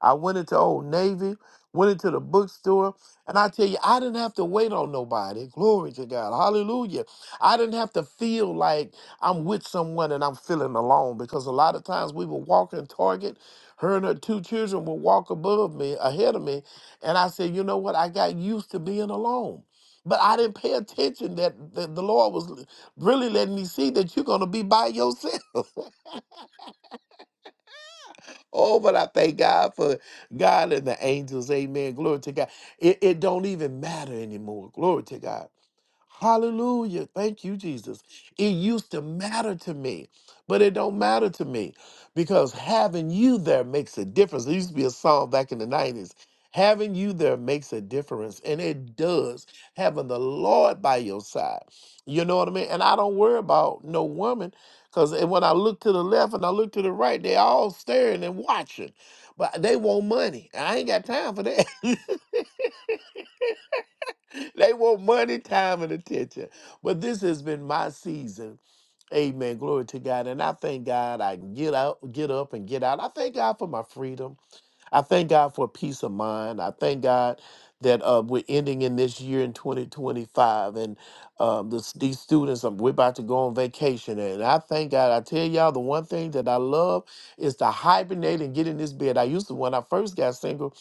I went into Old Navy, went into the bookstore, and I tell you, I didn't have to wait on nobody. Glory to God. Hallelujah. I didn't have to feel like I'm with someone and I'm feeling alone because a lot of times we would walk in Target. Her and her two children would walk above me, ahead of me. And I said, you know what? I got used to being alone. But I didn't pay attention that, that the Lord was really letting me see that you're going to be by yourself. Oh, but I thank God for God and the angels. Amen. Glory to God. It, it don't even matter anymore. Glory to God. Hallelujah. Thank you, Jesus. It used to matter to me, but it don't matter to me because having you there makes a difference. There used to be a song back in the 90s. Having you there makes a difference, and it does. Having the Lord by your side. You know what I mean? And I don't worry about no woman because when I look to the left and I look to the right, they all staring and watching, but they want money. I ain't got time for that. They want money, time, and attention. But this has been my season. Amen. Glory to God. And I thank God I can get out, get up and get out. I thank God for my freedom. I thank God for peace of mind. I thank God that uh, we're ending in this year in 2025, and um, this, these students, um, we're about to go on vacation. And I thank God. I tell y'all, the one thing that I love is to hibernate and get in this bed. I used to, when I first got single,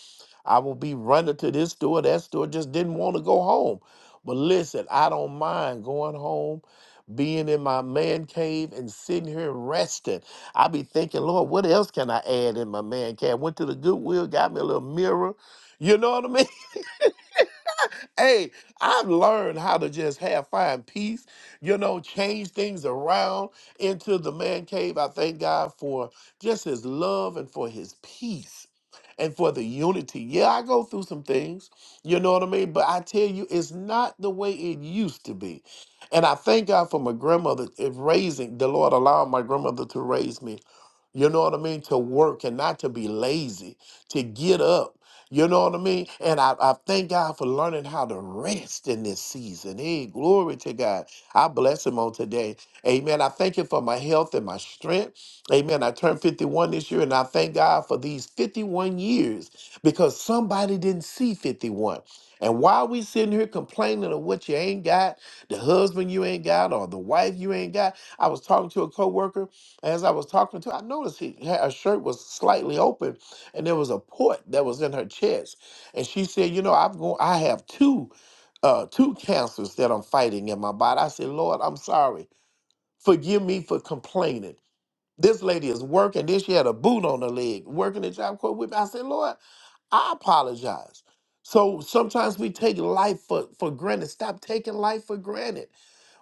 I would be running to this store, that store, just didn't want to go home. But listen, I don't mind going home, being in my man cave and sitting here resting. I be thinking, Lord, what else can I add in my man cave? Went to the Goodwill, got me a little mirror. You know what I mean? hey, I've learned how to just have find peace, you know, change things around into the man cave. I thank God for just his love and for his peace and for the unity. Yeah, I go through some things, you know what I mean? But I tell you, it's not the way it used to be. And I thank God for my grandmother eh, raising, the Lord allowed my grandmother to raise me you know what I mean? To work and not to be lazy, to get up. You know what I mean? And I, I thank God for learning how to rest in this season. Hey, glory to God. I bless him on today. Amen. I thank him for my health and my strength. Amen. I turned 51 this year, and I thank God for these 51 years because somebody didn't see 51. And while we sitting here complaining of what you ain't got, the husband you ain't got, or the wife you ain't got, I was talking to a coworker. As I was talking to her, I noticed he had, her shirt was slightly open and there was a port that was in her chest. And she said, You know, I've go- I have two uh, two cancers that I'm fighting in my body. I said, Lord, I'm sorry. Forgive me for complaining. This lady is working. Then she had a boot on her leg, working the job court with me. I said, Lord, I apologize. So sometimes we take life for, for granted. Stop taking life for granted.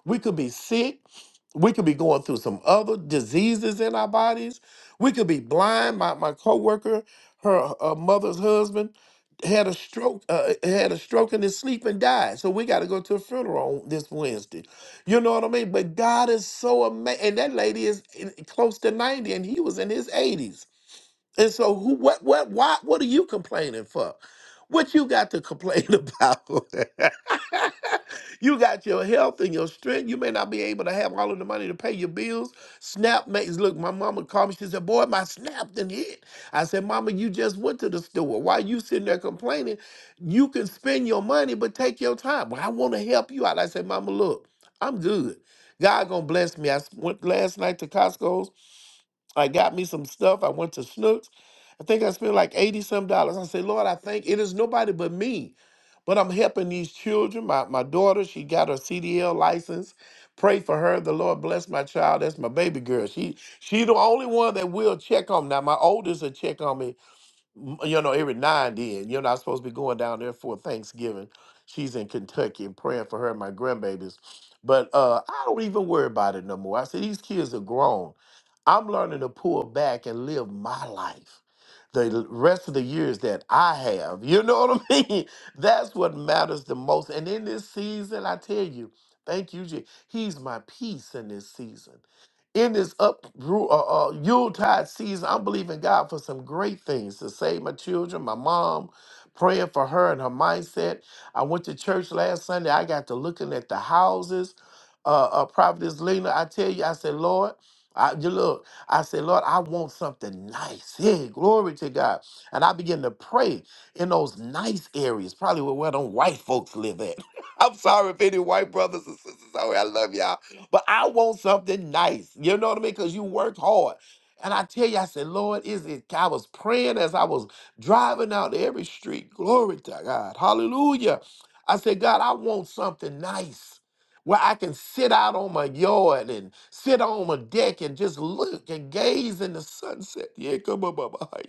We could be sick. We could be going through some other diseases in our bodies. We could be blind. My my coworker, her uh, mother's husband, had a stroke. Uh, uh, had a stroke in his sleep and died. So we got to go to a funeral on this Wednesday. You know what I mean? But God is so amazing. And that lady is in- close to ninety, and he was in his eighties. And so who what what why what are you complaining for? What you got to complain about? you got your health and your strength. You may not be able to have all of the money to pay your bills. Snap makes look, my mama called me. She said, Boy, my snap done hit. I said, Mama, you just went to the store. Why you sitting there complaining? You can spend your money, but take your time. Well, I want to help you out. I said, Mama, look, I'm good. God gonna bless me. I s- went last night to Costco's I got me some stuff. I went to Snooks. I think I spent like 80 some dollars. I said, Lord, I thank it is nobody but me. But I'm helping these children. My my daughter, she got her CDL license. Pray for her. The Lord bless my child. That's my baby girl. She she the only one that will check on me. Now my oldest will check on me m- you know, every nine then. You're not supposed to be going down there for Thanksgiving. She's in Kentucky and praying for her and my grandbabies. But uh, I don't even worry about it no more. I said, these kids are grown. I'm learning to pull back and live my life. The l- rest of the years that I have, you know what I mean? That's what matters the most. And in this season, I tell you, thank you, Je- He's my peace in this season in this up ru- uh, uh, Yuletide season, I'm believing God for some great things to save my children, my mom, praying for her and her mindset. I went to church last Sunday. I got to looking at the houses. Uh, uh, Providence Lena, I tell you, I said, Lord, I, you look, I said, Lord, I want something nice. Hey, glory to God. And I began to pray in those nice areas, probably where, where them white folks live at. I'm sorry if any white brothers and sisters out here, I love y'all but I want something nice. You know what I mean? Because you worked hard. And I tell you, I said, Lord, is it? I was praying as I was driving out every street. Glory to God. Hallelujah. I said, God, I want something nice where I can sit out on my yard and sit on my deck and just look and gaze in the sunset. Yeah, come on, Baba.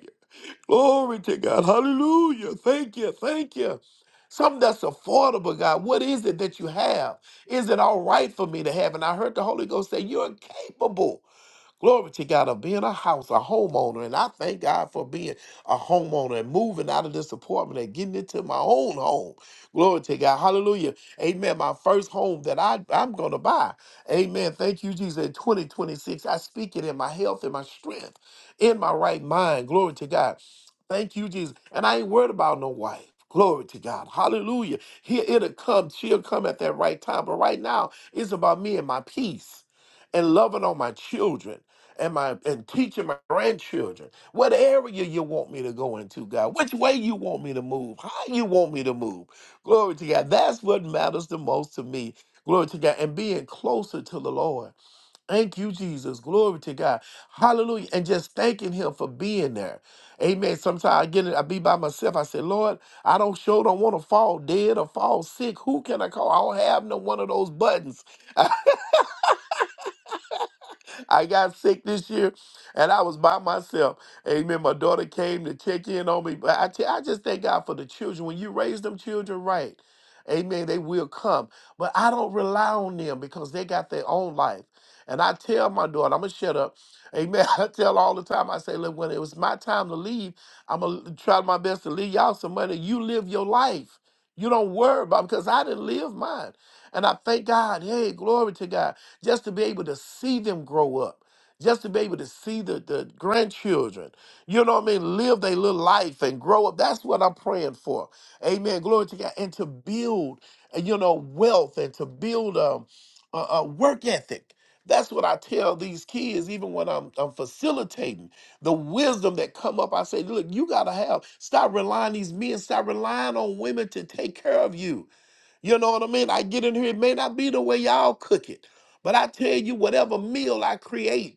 Glory to God. Hallelujah. Thank you. Thank you. Something that's affordable, God. What is it that you have? Is it all right for me to have? And I heard the Holy Ghost say, You're capable. Glory to God of being a house, a homeowner. And I thank God for being a homeowner and moving out of this apartment and getting into my own home. Glory to God. Hallelujah. Amen. My first home that I, I'm going to buy. Amen. Thank you, Jesus. In 2026, I speak it in my health in my strength, in my right mind. Glory to God. Thank you, Jesus. And I ain't worried about no wife. Glory to God. Hallelujah. Here it'll come. She'll come at that right time. But right now, it's about me and my peace and loving on my children and my and teaching my grandchildren what area you want me to go into god which way you want me to move how you want me to move glory to god that's what matters the most to me glory to god and being closer to the lord thank you jesus glory to god hallelujah and just thanking him for being there amen sometimes i get it i be by myself i say lord i don't sure don't want to fall dead or fall sick who can i call i don't have no one of those buttons I got sick this year and I was by myself. Amen. My daughter came to check in on me. But I tell- I just thank God for the children. When you raise them children right, amen, they will come. But I don't rely on them because they got their own life. And I tell my daughter, I'm going to shut up. Amen. I tell her all the time, I say, look, when it was my time to leave, I'm going to try my best to leave y'all some money. You live your life. You don't worry about because I didn't live mine. And I thank God. Hey, glory to God just to be able to see them grow up, just to be able to see the, the grandchildren, you know what I mean, live their little life and grow up. That's what I'm praying for. Amen. Glory to God. And to build, uh, you know, wealth and to build um, a, a work ethic. That's what I tell these kids, even when I'm, I'm facilitating the wisdom that come up. I say, look, you gotta have. Stop relying on these men. Stop relying on women to take care of you. You know what I mean? I get in here, it may not be the way y'all cook it, but I tell you, whatever meal I create,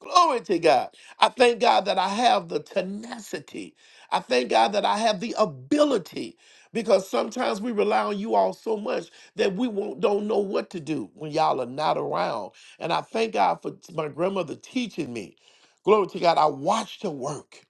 Glory to God. I thank God that I have the tenacity. I thank God that I have the ability because sometimes we rely on you all so much that we won't, don't know what to do when y'all are not around. And I thank God for t- my grandmother teaching me. Glory to God. I watched her work.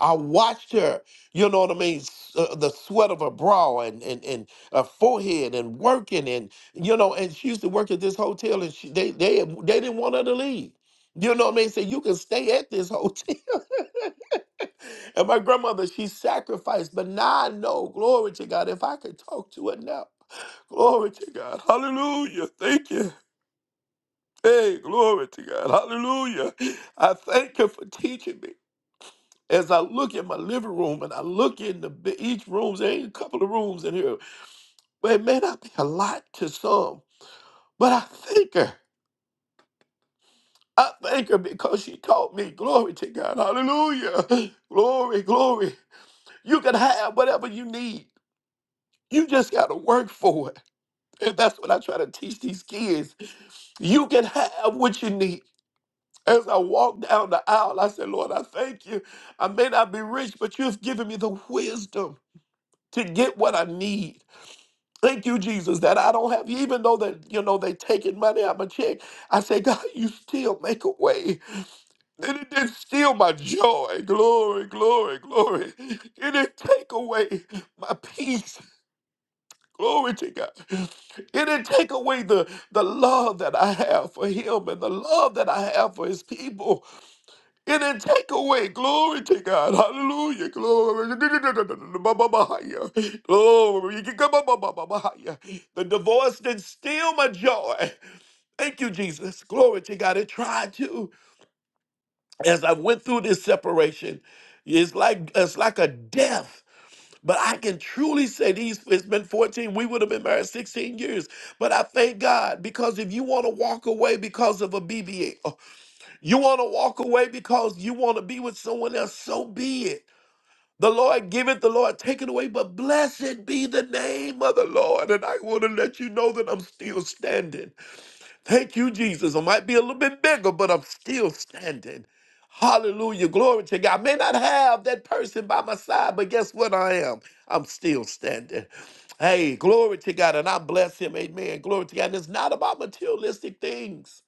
I watched her, you know what I mean, s- uh, the sweat of her brow and and and her forehead and working and you know, and she used to work at this hotel and she, they they they didn't want her to leave you know what I mean? So you can stay at this hotel. and my grandmother, she sacrificed. But now I know, glory to God, if I could talk to her now, glory to God. Hallelujah. Thank you. Hey, glory to God. Hallelujah. I thank you for teaching me. As I look at my living room and I look in the bi- each room, there ain't a couple of rooms in here, but it may not be a lot to some. But I thank her. I thank her because she taught me. Glory to God. Hallelujah. Glory, glory. You can have whatever you need. You just got to work for it. And that's what I try to teach these kids. You can have what you need. As I walked down the aisle, I said, Lord, I thank you. I may not be rich, but you've given me the wisdom to get what I need. Thank you, Jesus, that I don't have, even though that, you know, they taking money out my check. I say, God, you still make a way. And it didn't steal my joy. Glory, glory, glory. It didn't take away my peace. Glory to God. It didn't take away the, the love that I have for him and the love that I have for his people. It didn't take away. Glory to God. Hallelujah. Glory. Glory. The divorce didn't steal my joy. Thank you, Jesus. Glory to God. It tried to. As I went through this separation, it's like it's like a death. But I can truly say these, it's been 14, we would have been married 16 years. But I thank God because if you want to walk away because of a BBA, oh, you want to walk away because you want to be with someone else, so be it. The Lord give it, the Lord take it away, but blessed be the name of the Lord. And I want to let you know that I'm still standing. Thank you, Jesus. I might be a little bit bigger, but I'm still standing. Hallelujah. Glory to God. I may not have that person by my side, but guess what I am? I'm still standing. Hey, glory to God. And I bless him. Amen. Glory to God. And it's not about materialistic things,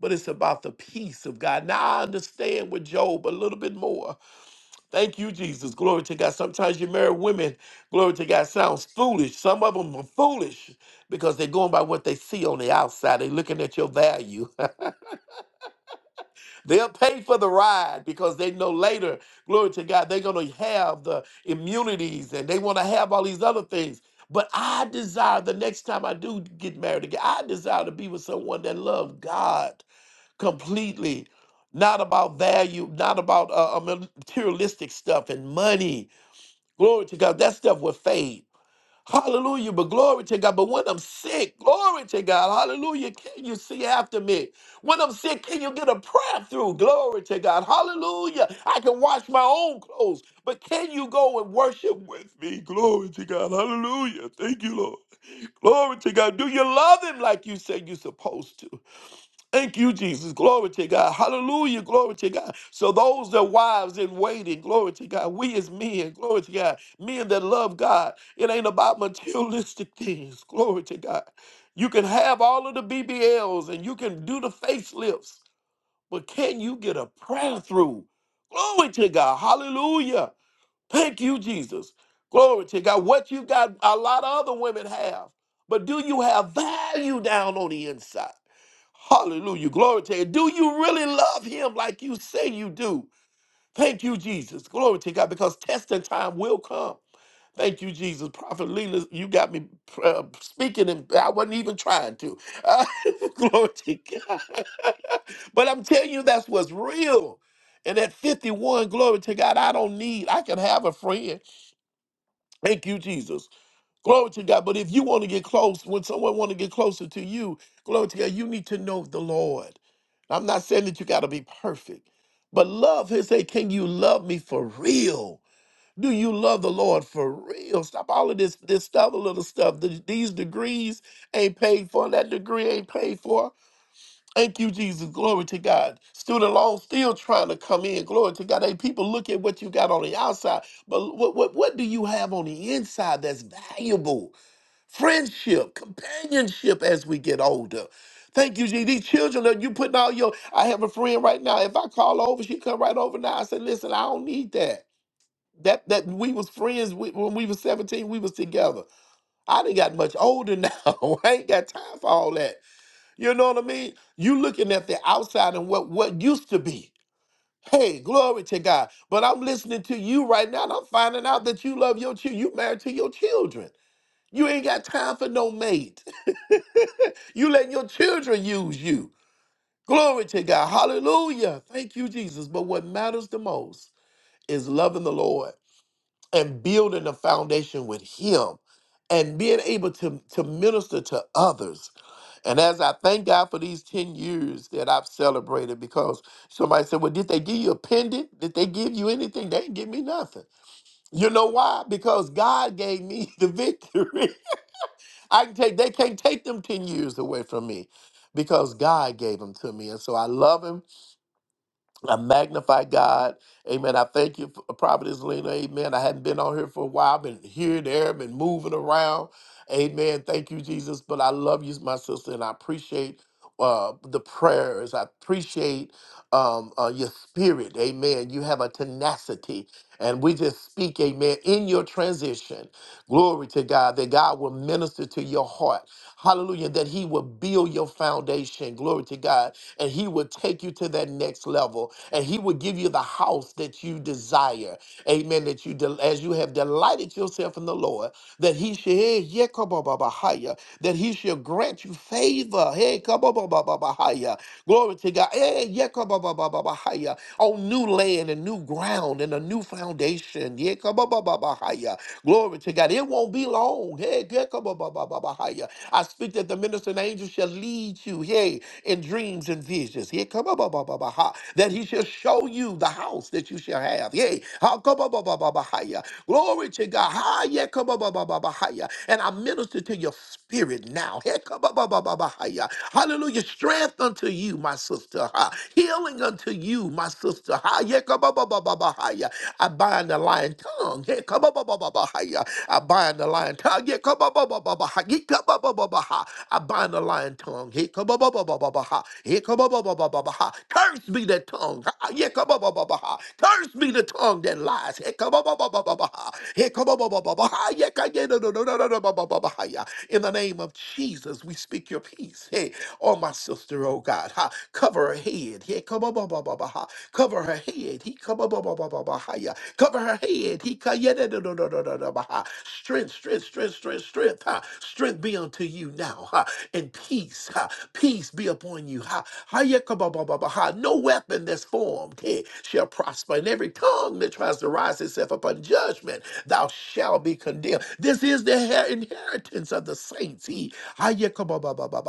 but it's about the peace of God. Now I understand with Job a little bit more Thank you, Jesus. Glory to God. Sometimes you marry women, glory to God, sounds foolish. Some of them are foolish because they're going by what they see on the outside. They're looking at your value. They'll pay for the ride because they know later, glory to God, they're going to have the immunities and they want to have all these other things. But I desire the next time I do get married again, I desire to be with someone that loves God completely, not about value, not about uh, uh, materialistic stuff and money Glory to God. That stuff will fade. Hallelujah. But glory to God. But when I'm sick, glory to God. Hallelujah. Can you see after me? When I'm sick, can you get a prayer through? Glory to God. Hallelujah. I can wash my own clothes. But can you go and worship with me? Glory to God. Hallelujah. Thank you, Lord. Glory to God. Do you love him like you said you're supposed to? Thank you, Jesus. Glory to God. Hallelujah. Glory to God. So those that wives in waiting, glory to God. We as men, glory to God. Men that love God. It ain't about materialistic things. Glory to God. You can have all of the BBLs and you can do the facelifts, but can you get a prayer through? Glory to God. Hallelujah. Thank you, Jesus. Glory to God. What you got, a lot of other women have. But do you have value down on the inside? Hallelujah. Glory to you. Do you really love him like you say you do? Thank you, Jesus. Glory to God, because testing time will come. Thank you, Jesus. Prophet Leland, you got me uh, speaking, and I wasn't even trying to. Uh, glory to God. But I'm telling you, that's what's real. And at 51, glory to God, I don't need, I can have a friend. Thank you, Jesus Glory to God. But if you want to get close, when someone want to get closer to you, glory to God, you need to know the Lord. I'm not saying that you got to be perfect, but love He say, can you love me for real? Do you love the Lord for real? Stop all of this this stuff, a little stuff. Th- These degrees ain't paid for. That degree ain't paid for. Thank you, Jesus. Glory to God. Student loan still trying to come in. Glory to God. Hey, people look at what you got on the outside, but what what, what do you have on the inside that's valuable? friendship, companionship as we get older. Thank you, G. These children that you putting all your. I have a friend right now. If I call over, she come right over now. I said, listen, I don't need that. That that we was friends with, when we was 17, we was together. I didn't got much older now. I ain't got time for all that. You know what I mean? You looking at the outside and what what used to be. Hey, glory to God. But I'm listening to you right now, and I'm finding out that you love your children. You married to your children. You ain't got time for no mate. You let your children use you. Glory to God. Hallelujah. Thank you, Jesus. But what matters the most is loving the Lord and building a foundation with Him and being able to, to minister to others. And as I thank God for these 10 years that I've celebrated, because somebody said, Well, did they give you a pendant? Did they give you anything? They didn't give me nothing. You know why? Because God gave me the victory. I can take they can't take them 10 years away from me because God gave them to me. And so I love him. I magnify God. Amen. I thank you for Providence Lena. Amen. I hadn't been on here for a while. I've been here, there, been moving around. Amen. Thank you, Jesus. But I love you, my sister, and I appreciate uh, the prayers. I appreciate um, uh, your spirit. Amen. You have a tenacity. And we just speak, amen, in your transition. Glory to God that God will minister to your heart Hallelujah. That he will build your foundation. Glory to God. And he will take you to that next level. And he will give you the house that you desire. Amen. That you, del- as you have delighted yourself in the Lord, that he shall, hey, yeah, kabababahaya, that he shall grant you favor. Hey, kababababahaya, Glory to God. Eh, yeka ba ba ba ba ba haya. On new land and new ground and a new foundation. Yeka ba ba ba ba haya. Glory to God. It won't be long. Hey, yeka ba ba ba ba ba haya. I speak that the ministering angel shall lead you, hey, in dreams and visions. Hey, come ba ba ba ba ba ha. That he shall show you the house that you shall have. Yay. Ha, come ba ba ba ba ba ha, yeah. Glory to God. Ha, yeah, Bahaya. And I minister to your spirit now. Hekababababahaya. Hallelujah. Strength unto you, my sister. Ha. Healing unto you, my sister. Ha. Yekababababahaya. I bind the lying tongue. Hekababababahaya. I bind the lying tongue. Yekabababababaha. Yekababababaha. I bind the lying tongue. Hekabababababaha. Hekabababababaha. Curse be that tongue. Ha. Yekababababaha. Hekabababaha. Curse be the tongue that lies. Hekababababaha. Hekababababaha. Yekayenodododododobababahaya. In the name of Jesus, we speak your peace. Hey, oh my sister, oh God. Ha. Cover her head. Hekababababaha. Cover her head. Hekababababahaya. Cover her head. Hekayenodododododobabahaya. Strength, strength, strength, strength, strength. ha. Strength be unto you now now, ha, and peace, ha, peace be upon you. Ha, ha, yeah, ha. No weapon that's formed eh, shall prosper, and every tongue that tries to rise itself upon judgment, thou shalt be condemned. This is the her- inheritance of the saints. He, ha, yeah,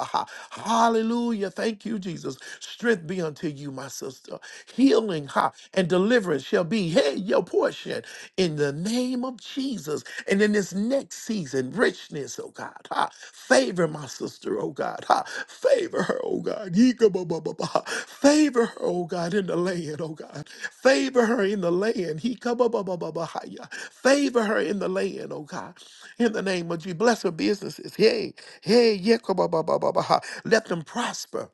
ha. Hallelujah. Thank you, Jesus. Strength be unto you, my sister. Healing ha, and deliverance shall be hey, your portion in the name of Jesus. And in this next season, richness, oh God, ha, favor my sister, oh God, ha, favor her, oh God, Yee-ka-ba-ba-ba-ba. favor her, oh God, in the land, oh God, favor her in the land, Yee-ka-ba-ba-ba-ba-ba-ya. favor her in the land, oh God, in the name of Jesus, bless her businesses, hey, hey, Yee-ka-ba-ba-ba-ba-ba. let them prosper,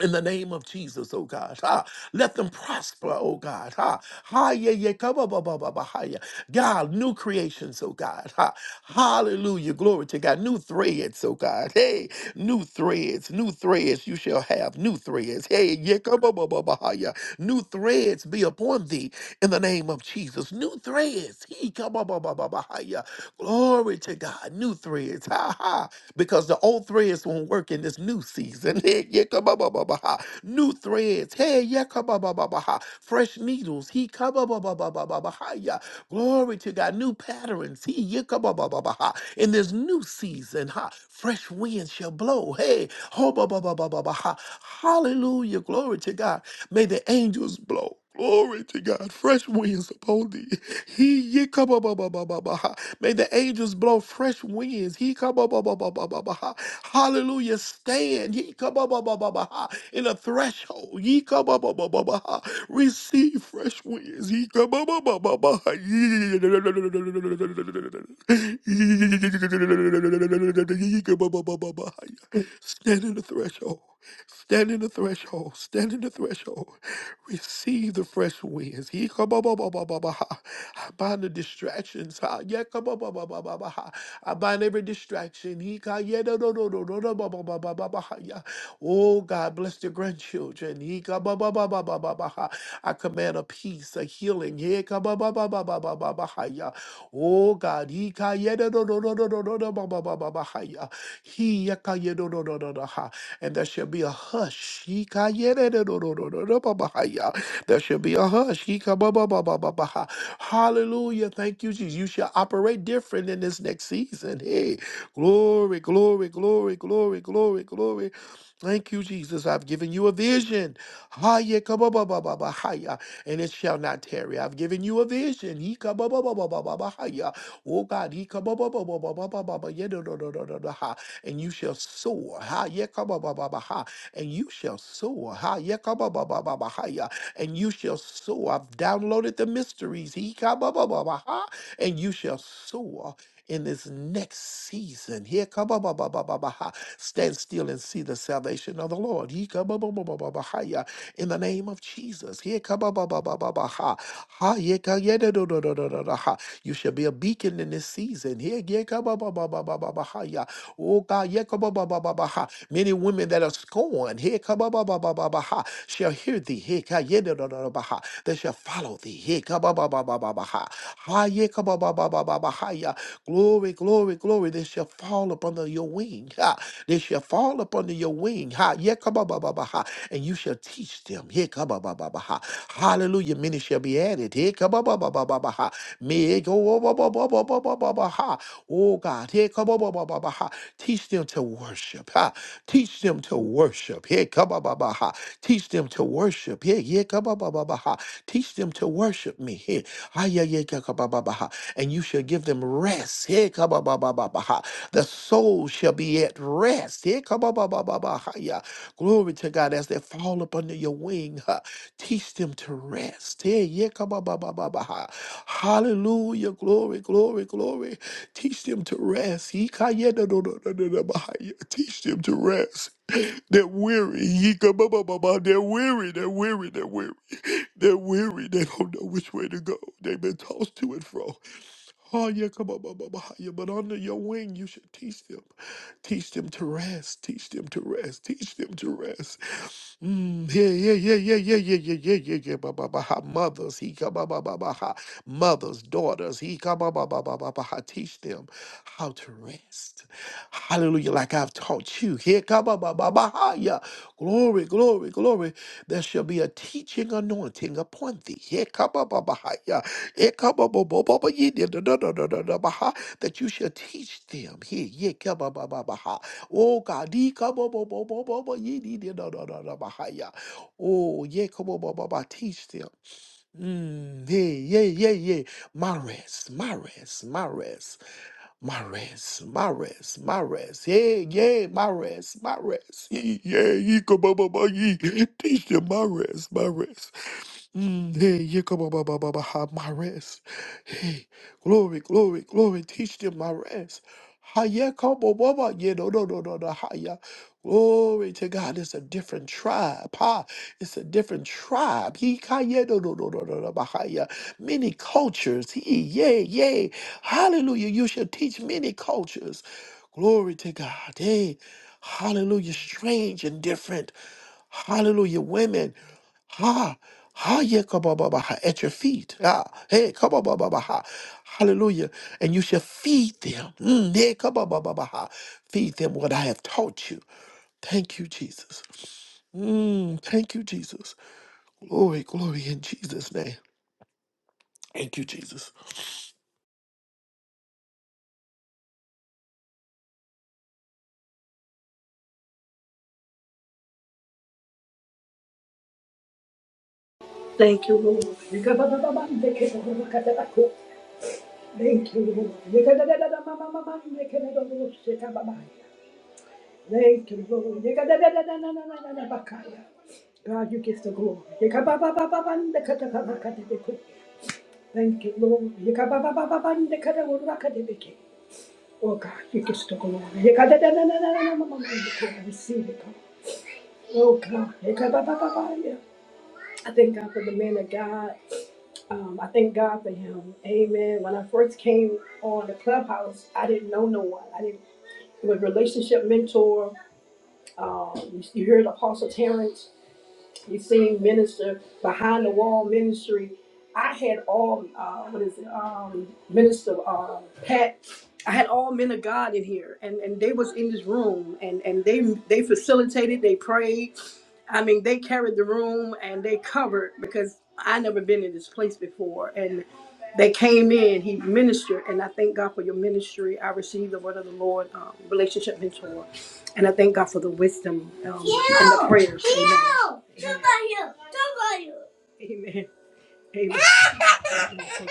in the name of Jesus, oh God. Ah, let them prosper, oh God. Ah, ha, yeah, yeah, come on, ba, ba, ba, ba, ha, yeah. God, new creations, oh God. Ah, hallelujah. Glory to God. New threads, oh God. Hey, new threads, new threads. You shall have new threads. Hey, yeah, come on, ba, ba, ba, ha, yeah. New threads be upon thee in the name of Jesus. New threads. He come on, ba, ba, ba, ba, ha, yeah. Glory to God. New threads. Ha ha because the old threads won't work in this new season. Hey, yeah, yekabababaha. New threads. Hey, yeah, yekabababaha. fresh needles. He kabababababaha, yeah. Glory to God. New patterns. He yeah, yekabababaha. in this new season. Ha. Fresh winds shall blow. Hey, ho hobabababaha. hallelujah. Glory to God. May the angels blow. Glory to God. Fresh winds upon thee. He ye come up, up, up, up, up, up, up. May the angels blow fresh winds. He come up, up, up, up, up, up, up, up. Hallelujah. Stand. He come up, up, up, up, up, up. in a threshold. He come up, up, up, up, up, up. Receive fresh winds. He come up, up, up, up, up, up. He come up, up, up, up, up, up. Stand in the threshold. Stand in the threshold. Stand in the threshold. Receive the fresh winds. He come up, up, up, up, up, up, I bind the distractions. ha. Yeah, come up, up, up, up, up, up, ha. I bind every distraction. He ca- yeah, no, no, no, no, no, no, up, up, up, up, up, up, ha. Yeah. Oh God, bless the grandchildren. He come up, up, up, up, up, up, up, ha. I command a peace, a healing. He come up, up, up, up, up, up, up, up, ha. Yeah. Oh God, he ca- yeah, no, no, no, no, no, no, no, no, up, up, up, up, bahaya. He yakayedododododaha. And there shall be a hush. He kayedododododobabahaya. There shall be a hush. He kabababababaha. Hallelujah. Thank you, Jesus. You shall operate different in this next season. Hey, glory, glory, glory, glory, glory, glory. Thank you, Jesus. I've given you a vision. Haya kabababababa, haya, And it shall not tarry. I've given you a vision. He kabababababa, haya. Oh God, he kabababababa, yeah, no, no, no, no, no, no, ha. and you shall soar. Haya kababababa, ha. And you shall soar. Haya kabababababa, haya. And you shall soar. I've downloaded the mysteries. He kababababa, ha. And you shall soar in this next season. Here, kabababababaha, stand still and see the salvation of the Lord. Ye kabababababahaya, In the name of Jesus. Here, kababababababaha, ha, ye kayedododododododaha. You shall be a beacon in this season. Here, ye kababababababahaya. Oh God, ye kabababababaha. many women that are scorned, here, kababababababaha, shall hear thee. Here, kayedododododaha. They shall follow thee. Here, kabababababaha. Ha, ye kabababababaha. Rabahaya. Glory, glory, glory. They shall fall up under your wing. Ha. They shall fall up under your wing. Ha. Yekabababaha. And you shall teach them. Yekabababaha. Hallelujah. Many shall be added. Yekabababaha. May go bababababaha. Oh God. Yekabababaha. Teach them to worship. Ha. Teach them to worship. Yekabababaha. Teach them to worship. Yeah, yeah, kababababaha. Teach them to worship me. Here. And you you shall give them rest. Hey, kabababababa. The soul shall be at rest. Hey, kabababababa. Glory to God as they fall up under your wing. huh, Teach them to rest. Hey, yeah, kabababababa. Hallelujah. Glory, glory, glory. Teach them to rest. Ikayedadododododobahaya. Teach them to rest. They're weary. Yikababababa. They're weary. They're weary. They're weary. They're weary. They don't know which way to go. They've been tossed to and fro. Oh, yeah, come on, mama, mama, yeah, but under your wing, you should teach them. Teach them to rest. Teach them to rest. Teach them to rest. Mm, yeah, yeah, yeah, yeah, yeah, yeah, yeah, yeah, yeah, yeah, ba, ba, ba, ha. Mothers, he come, ba, ba, ba, ha. Mothers, daughters, he come, ba, ba, ba, ba, ba, ba, ha. Teach them how to rest. Hallelujah. Like. I've taught you. Here, kaba ba ba ba ha ya. Glory, glory, glory. There shall be a teaching anointing upon thee. Here, kaba ba ba ha Here, kaba bo bo bo bo ye de da da da da da da ba ha. That you shall teach them. Here, ye kaba ba ba ba ha. Oh God, ye kaba bo bo bo bo bo ye de de da da da da ba ha ya. Oh, ye kaba ba ba ba. Teach them. Mm, yeah, yeah, yeah, yeah. My rest, my rest, my rest. My my rest, my rest, my rest. yeah, yeah, my rest, my rest. yeah, yeah, yeah. yeah, Come on, Yikababa, ye, teach them my rest, Mares, Mares, mm, hey, Yikababa, ha, my rest. hey, glory, glory, glory, teach them Mares, ha, Yakababa, yeah, no, no, no, no, no, ha, yeah. Glory to God. It's a different tribe. Ha. It's a different tribe. He kaya do do do do do do bahaya. Many cultures. He yay, yay. Hallelujah. You shall teach many cultures. Glory to God. Hey. Hallelujah. Strange and different. Hallelujah. Women. Ha. Ha yeah, come on, Baba, ha, at your feet. Ah, hey, come on, Baba, ha. Hallelujah. And you shall feed them. Mm, yeah, come on, Baba, ha. Feed them what I have taught you. Thank you, Jesus. Mm, thank you, Jesus. Glory, glory in Jesus' name. Thank you, Jesus.
Thank you, Lord. Thank you, Lord. Thank you, Lord. God, you get the glory. Thank you, Lord. Oh God, you get the glory. Receive it, Oh God. I thank God for the man of God. Um, I thank God for him. Amen. When I first came on the clubhouse, I didn't know no one. I didn't it was relationship mentor. Um, you, you heard Apostle Terrence. You seen minister behind the wall ministry. I had all uh, what is it? Um, minister um, Pat. I had all men of God in here, and, and they was in this room, and, and they they facilitated, they prayed, I mean, they carried the room and they covered because I never been in this place before. And they came in, he ministered, and I thank God for your ministry. I received the word of the Lord, um, relationship mentor, and I thank God for the wisdom um, and the prayers. Amen. Amen. Amen.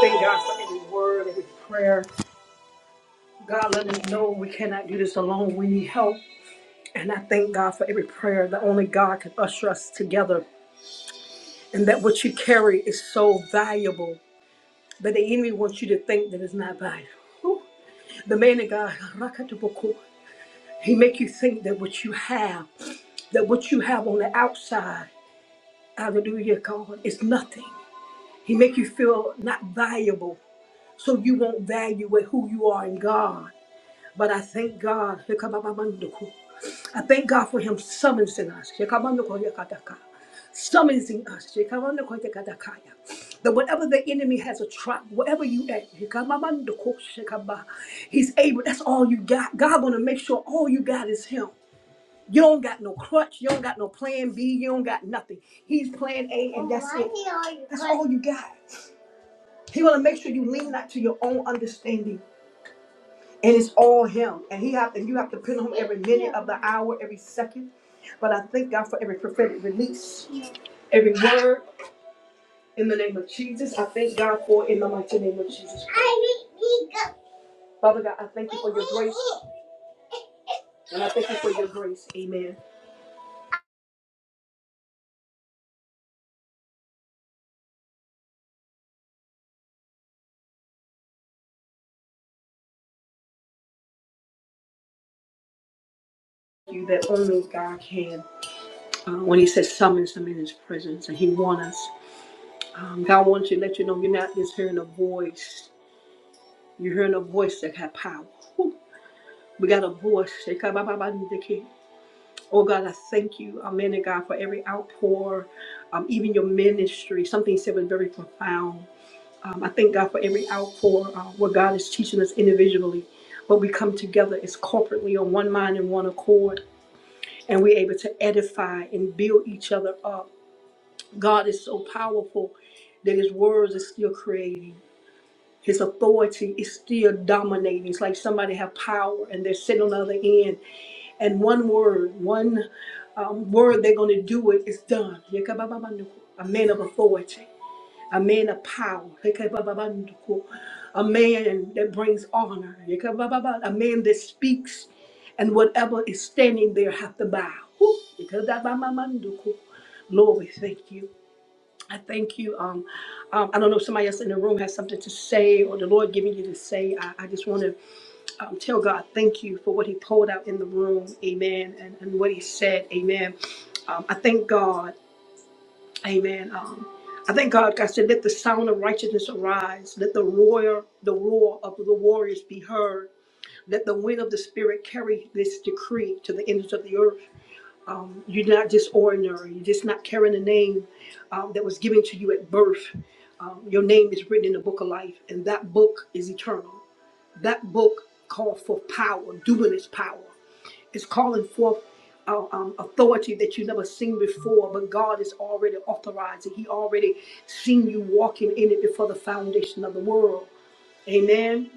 Thank God for every word, every prayer. God let us know we cannot do this alone. We need help. And I thank God for every prayer that only God can usher us together and that what you carry is so valuable. But the enemy wants you to think that it's not valuable. Whew. The man of God, Rakatabuku, he make you think that what you have, that what you have on the outside, hallelujah, God, is nothing. He make you feel not valuable, so you won't value who you are in God. But I thank God. I thank God for him summonsing us. summoning us. Shekabandakoitekadakaya. That whatever the enemy has a trap, whatever you at, Shekabamandakoshekamah, he's able. That's all you got. God want to make sure all you got is Him. You don't got no crutch. You don't got no plan B. You don't got nothing. He's plan A, and that's it. That's all you got. He want to make sure you lean not to your own understanding, and it's all Him. And He have, and you have to pin on Him every minute of the hour, every second. But I thank God for every prophetic release, every word. In the name of Jesus, I thank God for it in the mighty name of Jesus. Christ. Father God, I thank you for your grace. And I thank you for your grace. Amen. You that only God can. Uh, when he says summons them in his presence and he wants us. Um, God wants to let you know you're not just hearing a voice. You're hearing a voice that got power. Whew. We got a voice. Oh God, I thank you, Amen, and God, for every outpour, um, even your ministry. Something you said was very profound. Um, I thank God for every outpour uh, where God is teaching us individually, but we come together as corporately on one mind and one accord, and we're able to edify and build each other up. God is so powerful that His words are still creating. His authority is still dominating. It's like somebody have power and they're sitting on the other end, and one word, one um, word they're going to do it is done. A man of authority a man of power, Yekabababanduku. a man that brings honor, Yekabababa. a man that speaks, and whatever is standing there have to bow. Whew, Yekabababanduku. Lord, we thank you. I thank you. Um, um, I don't know if somebody else in the room has something to say or the Lord giving you to say. I, I just want to um, tell God thank you for what He poured out in the room. Amen. And, and what He said. Amen. Um, I thank God. Amen. Um, I thank God. God said, "Let the sound of righteousness arise. Let the roar, the roar of the warriors be heard. Let the wind of the Spirit carry this decree to the ends of the earth." Um, you're not just ordinary. You're just not carrying a name um, that was given to you at birth. Um, your name is written in the book of life, and that book is eternal. That book called for power, dunamis power is calling forth uh, um, authority that you have never seen before, but God is already authorizing. He already seen you walking in it before the foundation of the world. Amen.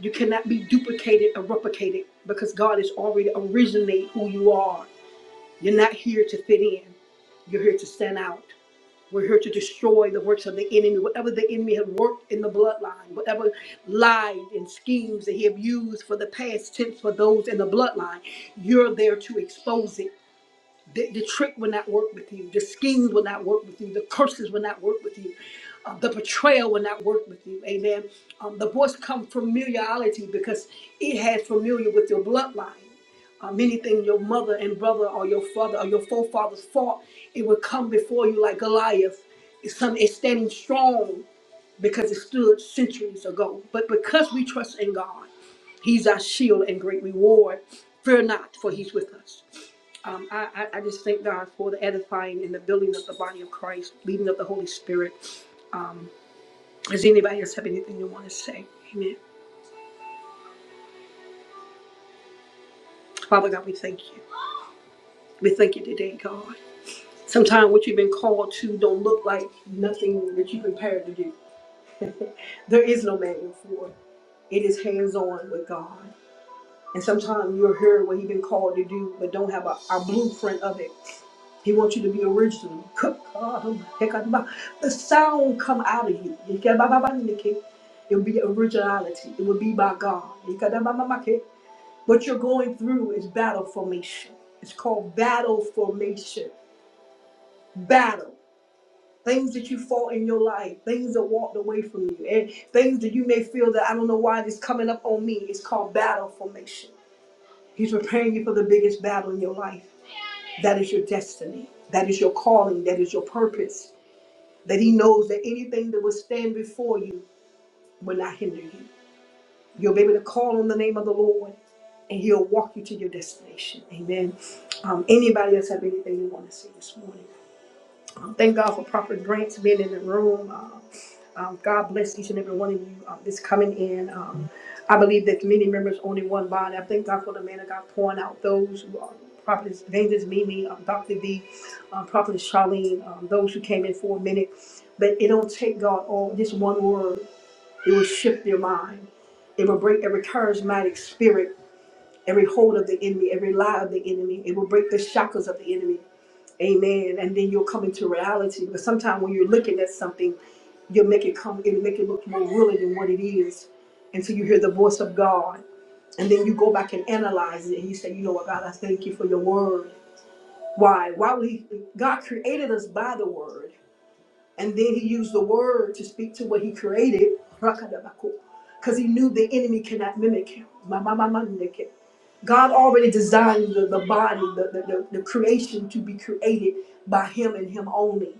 You cannot be duplicated or replicated because God is already originate who you are. You're not here to fit in. You're here to stand out. We're here to destroy the works of the enemy, whatever the enemy had worked in the bloodline, whatever lies and schemes that he have used for the past tense for those in the bloodline. You're there to expose it. The, the trick will not work with you. The schemes will not work with you. The curses will not work with you. Uh, the betrayal will not work with you. Amen. Um, the voice come familiarity because it has familiar with your bloodline. Um, anything your mother and brother or your father or your forefathers fought, it will come before you like Goliath. It's, some, it's standing strong because it stood centuries ago. But because we trust in God, He's our shield and great reward. Fear not, for He's with us. Um, I, I just thank God for the edifying and the building of the body of Christ, leading of the Holy Spirit. Um, does anybody else have anything you want to say? Amen. Father God, we thank you. We thank you today, God. Sometimes what you've been called to don't look like nothing that you've been prepared to do. there is no manual for it. It is hands on with God. And sometimes you'll hear what he's been called to do, but don't have a, a blueprint of it. He wants you to be original. The sound come out of you. It'll be originality. It will be by God. What you're going through is battle formation. It's called battle formation. Battle. Things that you fought in your life, things that walked away from you, and things that you may feel that I don't know why this coming up on me. It's called battle formation. He's preparing you for the biggest battle in your life. That is your destiny. That is your calling. That is your purpose. That He knows that anything that will stand before you will not hinder you. You'll be able to call on the name of the Lord and He'll walk you to your destination. Amen. Um, anybody else have anything they want to say this morning? Um, Thank God for Prophet Grant being in the room. Uh, um, God bless each and every one of you uh, that's coming in. Um, I believe that many members only one body. I thank God for the man of God pouring out those who are Prophetess Vengeance Mimi, um, Dr. V, um, Prophetess Charlene, um, those who came in for a minute. But it don't take God all, just one word. It will shift your mind. It will break every charismatic spirit, every hold of the enemy, every lie of the enemy. It will break the shackles of the enemy. Amen. And then you'll come into reality. But sometimes when you're looking at something, you'll make it come, it'll make it look more really than what it is. And so you hear the voice of God. And then you go back and analyze it. And you say, you know what, God, I thank you for your word. Why? Why would he God created us by the word. And then he used the word to speak to what he created. Because he knew the enemy cannot mimic him. God already designed the, the body, the, the, the, the creation to be created by Him and Him only.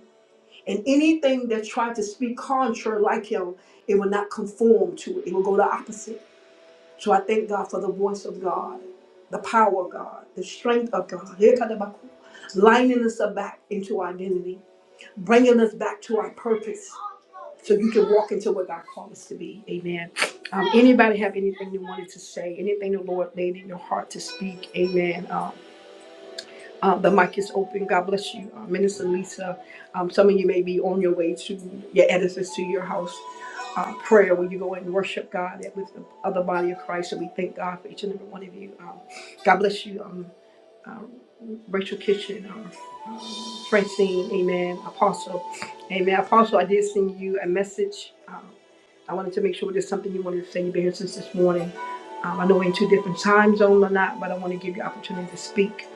And anything that tried to speak contrary like Him, it will not conform to it. It will go the opposite. So I thank God for the voice of God, the power of God, the strength of God, lining us back into our identity bringing us back to our purpose so you can walk into what God called us to be. Amen. Um, anybody have anything you wanted to say? Anything the Lord laid in your heart to speak? Amen. Um, uh, the mic is open. God bless you, uh, Minister Lisa. Um, some of you may be on your way to your edifice, to your house. Uh, prayer where you go and worship God with the other body of Christ. So we thank God for each and every one of you. Um, God bless you. um, uh, Rachel Kitchen, uh, uh, Francine, amen, Apostle, amen. Apostle, I did send you a message. Uh, I wanted to make sure there's something you wanted to say. You've been here since this morning. Um, I know we're in two different time zones or not, but I want to give you opportunity to speak.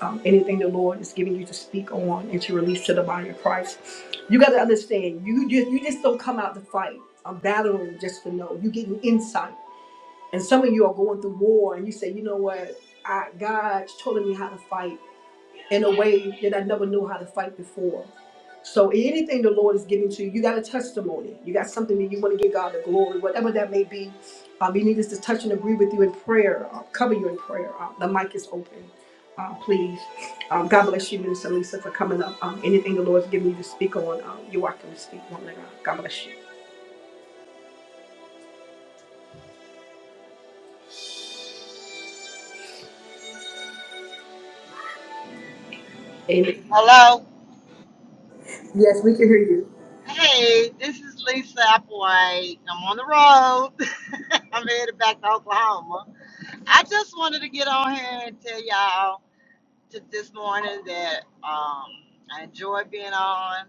Um, anything the Lord is giving you to speak on and to release to the body of Christ. You got to understand, you just, you just don't come out to fight. I'm battling just to know. You're getting insight. And some of you are going through war and you say, you know what? I, God's telling me how to fight in a way that I never knew how to fight before. So anything the Lord is giving to you, you got a testimony. You got something that you want to give God the glory, whatever that may be. Um, you need us to touch and agree with you in prayer, uh, cover you in prayer. Uh, the mic is open. Uh, please. Um, God bless you, Minister Lisa, for coming up. Um, anything the Lord's giving you to speak on, um, you're welcome to speak, woman of God. God bless you. Amen.
Hello.
Yes, we can hear you.
Hey, this is Lisa Applewhite. I'm on the road. I'm headed back to Oklahoma. I just wanted to get on here and tell y'all to this morning that um, I enjoy being on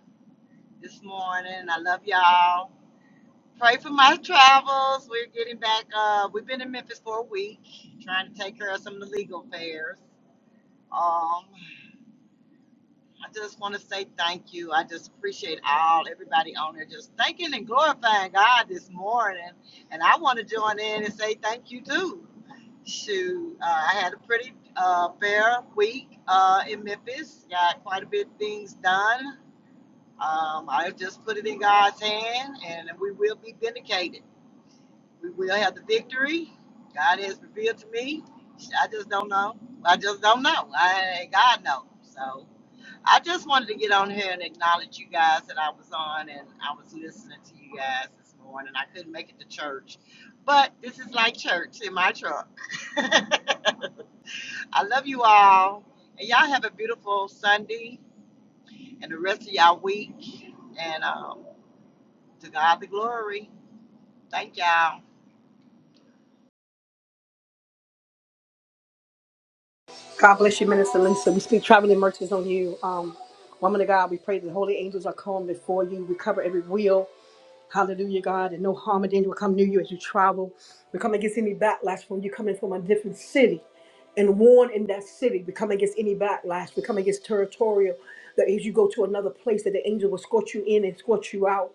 this morning. I love y'all. Pray for my travels. We're getting back. Uh, we've been in Memphis for a week, trying to take care of some of the legal affairs. Um, I just want to say thank you. I just appreciate all everybody on there just thanking and glorifying God this morning. And I want to join in and say thank you too. Shoot, uh, I had a pretty uh, fair week uh, in Memphis. Got quite a bit of things done. Um, I just put it in God's hand, and we will be vindicated. We will have the victory. God has revealed to me. I just don't know. I just don't know. I God knows. So. I just wanted to get on here and acknowledge you guys that I was on and I was listening to you guys this morning. I couldn't make it to church, but this is like church in my truck. I love you all, and y'all have a beautiful Sunday and the rest of y'all week. And um, to God the glory. Thank y'all.
God bless you, Minister Lisa. We speak traveling mercies on you. Um, woman of God, we pray that holy angels are calm before you. We cover every wheel. Hallelujah, God. And no harm or danger will come near you as you travel. We come against any backlash when you're coming from a different city and warn in that city. We come against any backlash. We come against territorial. That if you go to another place, that the angel will escort you in and escort you out.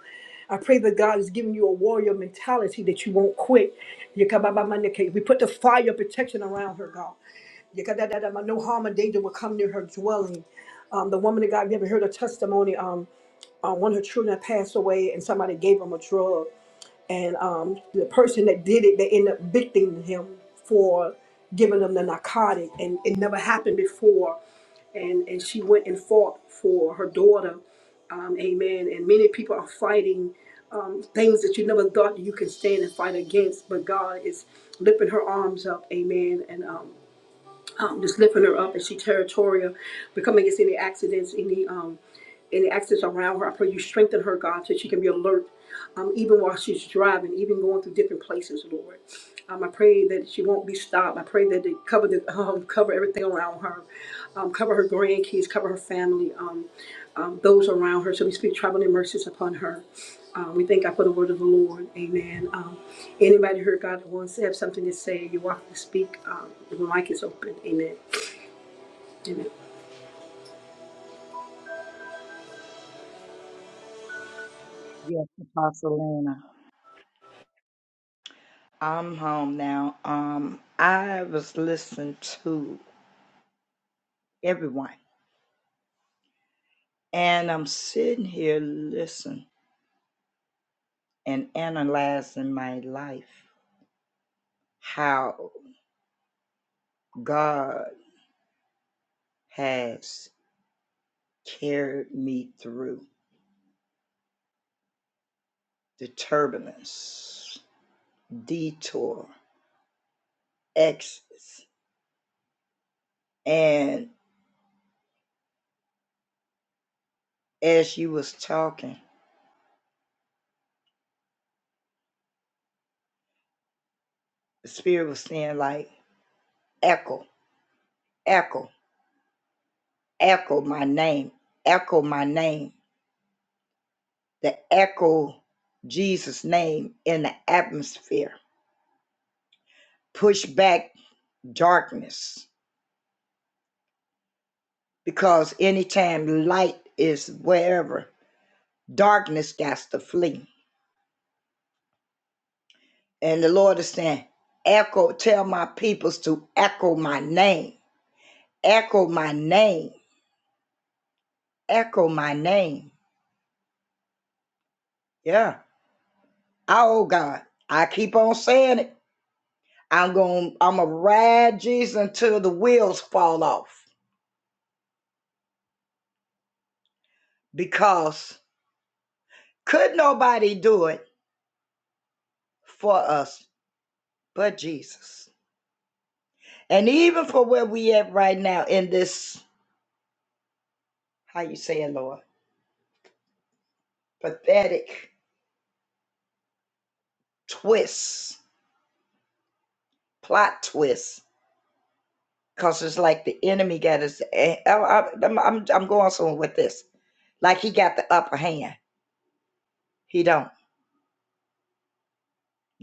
I pray that God is giving you a warrior mentality that you won't quit. Yekababamandeke. We put the fire of protection around her, God. Yekadadadama. No harm or danger will come near her dwelling. Um, the woman of God, we haven't heard her testimony. Um, uh, one of her children passed away and somebody gave him a drug and um, the person that did it they ended up victiming him for giving them the narcotic and it never happened before and, and she went and fought for her daughter um, amen and many people are fighting um, things that you never thought you can stand and fight against but god is lifting her arms up amen and um, um, just lifting her up and she territorial, becoming against any accidents, any um, any accidents around her. I pray you strengthen her, God, so she can be alert, um, even while she's driving, even going through different places, Lord. Um, I pray that she won't be stopped. I pray that they cover the um, cover everything around her, um, cover her grandkids, cover her family, um, um, those around her. So we speak traveling mercies upon her. Um, we thank God for the word of the Lord. Amen. Um, anybody heard God that wants to have something to say, you're welcome to speak. Um, the mic is open. Amen. Amen.
Yes, Apostle Lena. I'm home now. Um, I was listening to everyone, and I'm sitting here listening and analyzing my life, how God has carried me through the turbulence, detour, exits, and as you was talking. The spirit was saying like, echo, echo, echo my name, echo my name. The echo Jesus' name in the atmosphere. Push back darkness. Because anytime light is wherever, darkness got to flee. And the Lord is saying, echo, tell my peoples to echo my name. Echo my name. Echo my name. Yeah. Oh God. I keep on saying it I'm going to I'm gonna ride Jesus until the wheels fall off because could nobody do it for us but Jesus. And even for where we at right now in this, how you saying, Lord, pathetic twist, plot twist, because it's like the enemy got his, eh, I, am I'm, I'm going somewhere with this. Like he got the upper hand. He don't.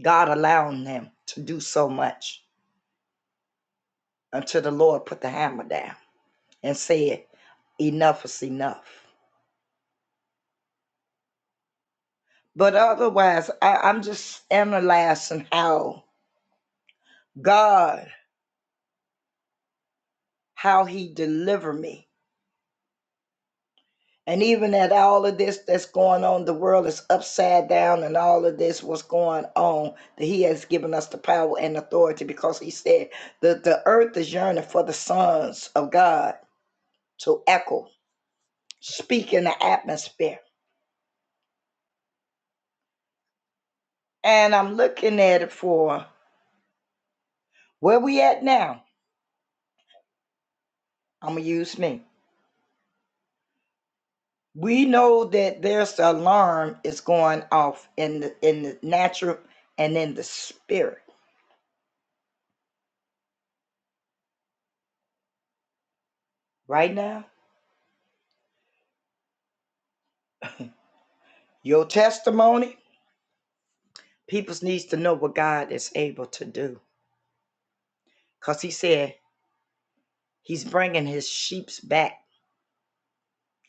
God allowing them to do so much until the Lord put the hammer down. and said, enough is enough. But otherwise, I, I'm just analyzing how God, how He delivered me. And even at all of this that's going on, the world is upside down, and all of this what's going on, that He has given us the power and authority because He said that the earth is yearning for the sons of God to echo, speak in the atmosphere. And I'm looking at it for where we at now. I'm gonna use me. we know that there's an alarm is going off in the in the natural and in the spirit right now your testimony people needs to know what god is able to do because he said he's bringing his sheeps back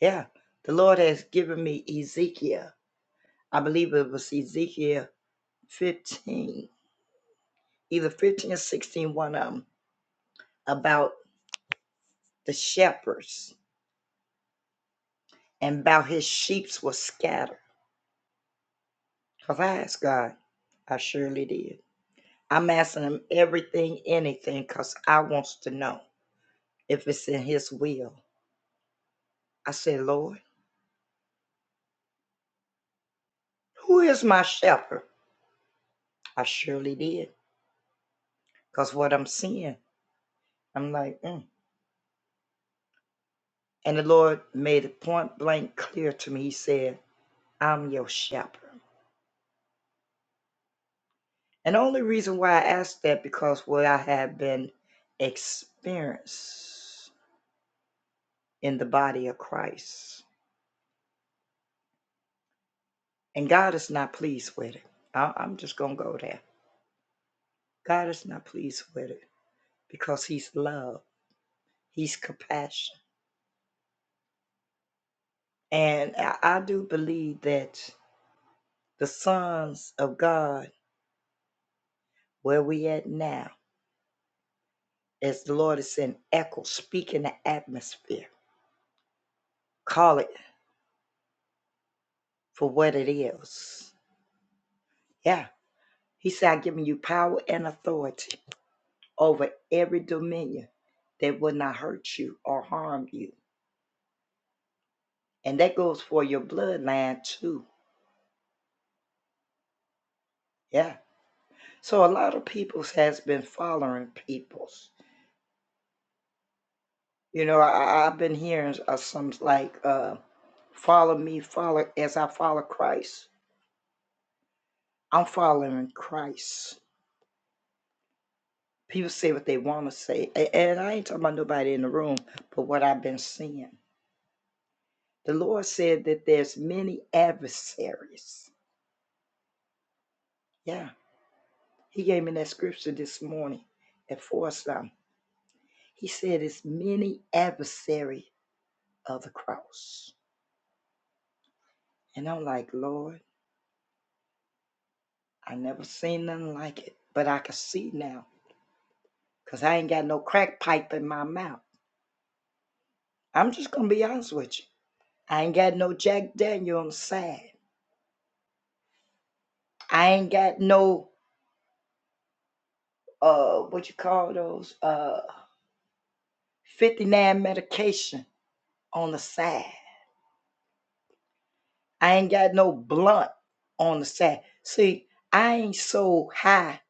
yeah the lord has given me ezekiel i believe it was ezekiel 15 either 15 or sixteen, one one of them about the shepherds and about his sheeps were scattered because i asked god i surely did I'm asking him everything, anything, because I wants to know if it's in his will. I said, Lord, who is my shepherd? I surely did, because what I'm seeing, I'm like, mm. And the Lord made it point blank clear to me. He said, I'm your shepherd. And the only reason why I asked that because what I have been experienced in the body of Christ. And God is not pleased with it. I- I'm just going to go there. God is not pleased with it. because he's love, he's compassion. And I, I do believe that the sons of God, where we at now, as the Lord is in echo, speak in the atmosphere, call it for what it is. Yeah. He said, I've given you power and authority over every dominion that will not hurt you or harm you. And that goes for your bloodline too. Yeah. So a lot of peoples has been following peoples You know, I, I- have been hearing s- uh, some like, uh, follow me, follow as I follow Christ. I'm following Christ. People say what they want to say. a- And I ain't talking about nobody in the room, but what I've been seeing. The Lord said that there's many adversaries. Yeah. He gave me that scripture this morning at four something. He said it's many adversary of the cross. And I'm like, Lord, I never seen nothing like it. But I can see now because I ain't got no crack pipe in my mouth. I'm just going to be honest with you. I ain't got no Jack Daniel on the side. I ain't got no, uh, what you call those, uh, 59 medication on the side. I ain't got no blunt on the side. See, I ain't so high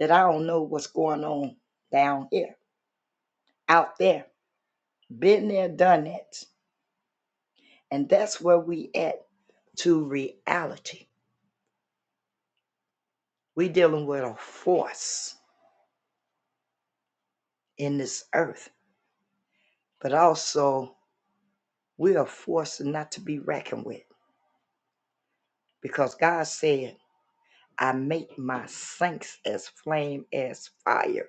that I don't know what's going on down here, out there. Been there, done that. And that's where we at to reality. We dealing with a force in this earth, but also we are forced not to be reckoned with because God said, I make my saints as flame as fire.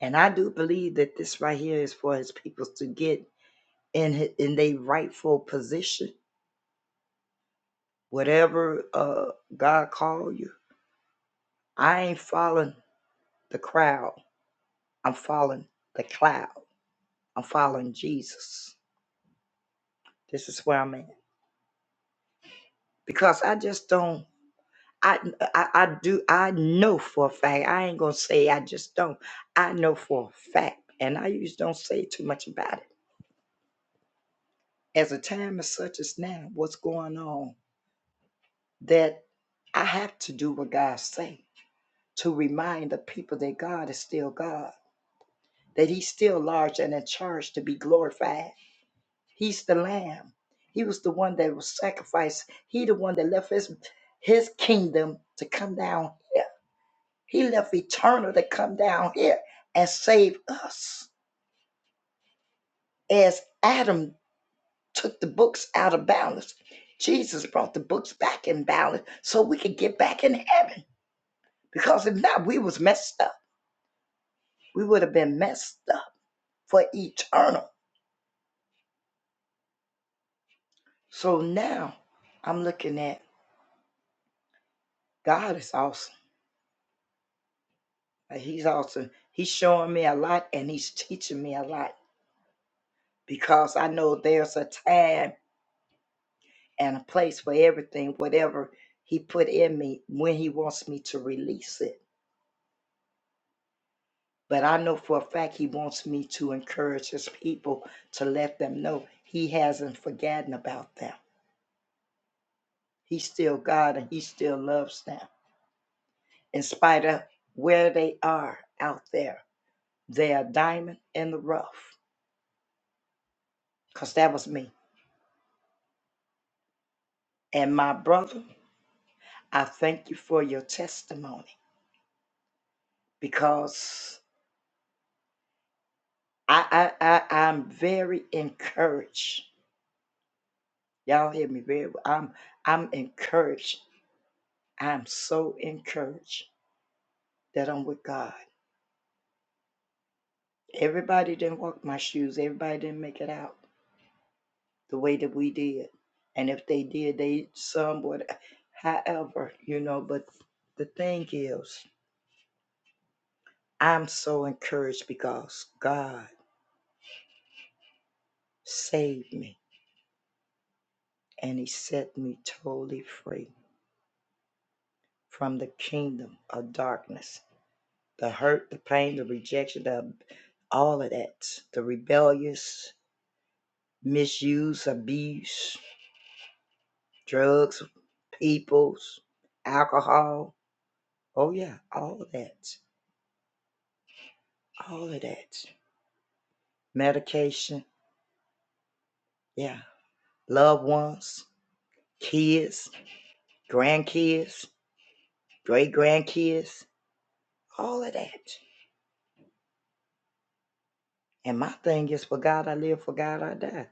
And I do believe that this right here is for his people to get in hi- in their rightful position, whatever uh, God call you. I ain't following the crowd. I'm following the cloud. I'm following Jesus. This is where I'm at because I just don't. I, I I do I know for a fact. I ain't gonna say I just don't. I know for a fact, and I usually don't say too much about it. As a time as such as now, what's going on? That I have to do what God say to remind the people that God is still God, that He's still large and in charge to be glorified. He's the Lamb. He was the one that was sacrificed. He the one that left His His kingdom to come down. here. He left eternal to come down here and save us. As Adam took the books out of balance, Jesus brought the books back in balance so we could get back in heaven. Because if not, we was messed up. We would have been messed up for eternal. So now I'm looking at God is awesome. Like, He's awesome. He's showing me a lot and he's teaching me a lot because I know there's a time and a place for everything, whatever He put in me when He wants me to release it. But I know for a fact He wants me to encourage His people to let them know He hasn't forgotten about them. He's still God and He still loves them. In spite of where they are out there, they are diamond in the rough. Because that was me. And my brother, I thank you for your testimony because I, I, I I'm very encouraged Y'all hear me very well. I'm I'm encouraged. I'm so encouraged that I'm with God. Everybody didn't walk my shoes. Everybody didn't make it out the way that we did. And if they did, they somewhat however, you know, but the thing is, I'm so encouraged because God saved me and he set me totally free from the kingdom of darkness the hurt, the pain, the rejection, the all of that, the rebellious, misuse, abuse, drugs, peoples, alcohol. Oh yeah, all of that, all of that. Medication, yeah. Loved ones, kids, grandkids, great grandkids, all of that. And my thing is, for God I live, for God I die. It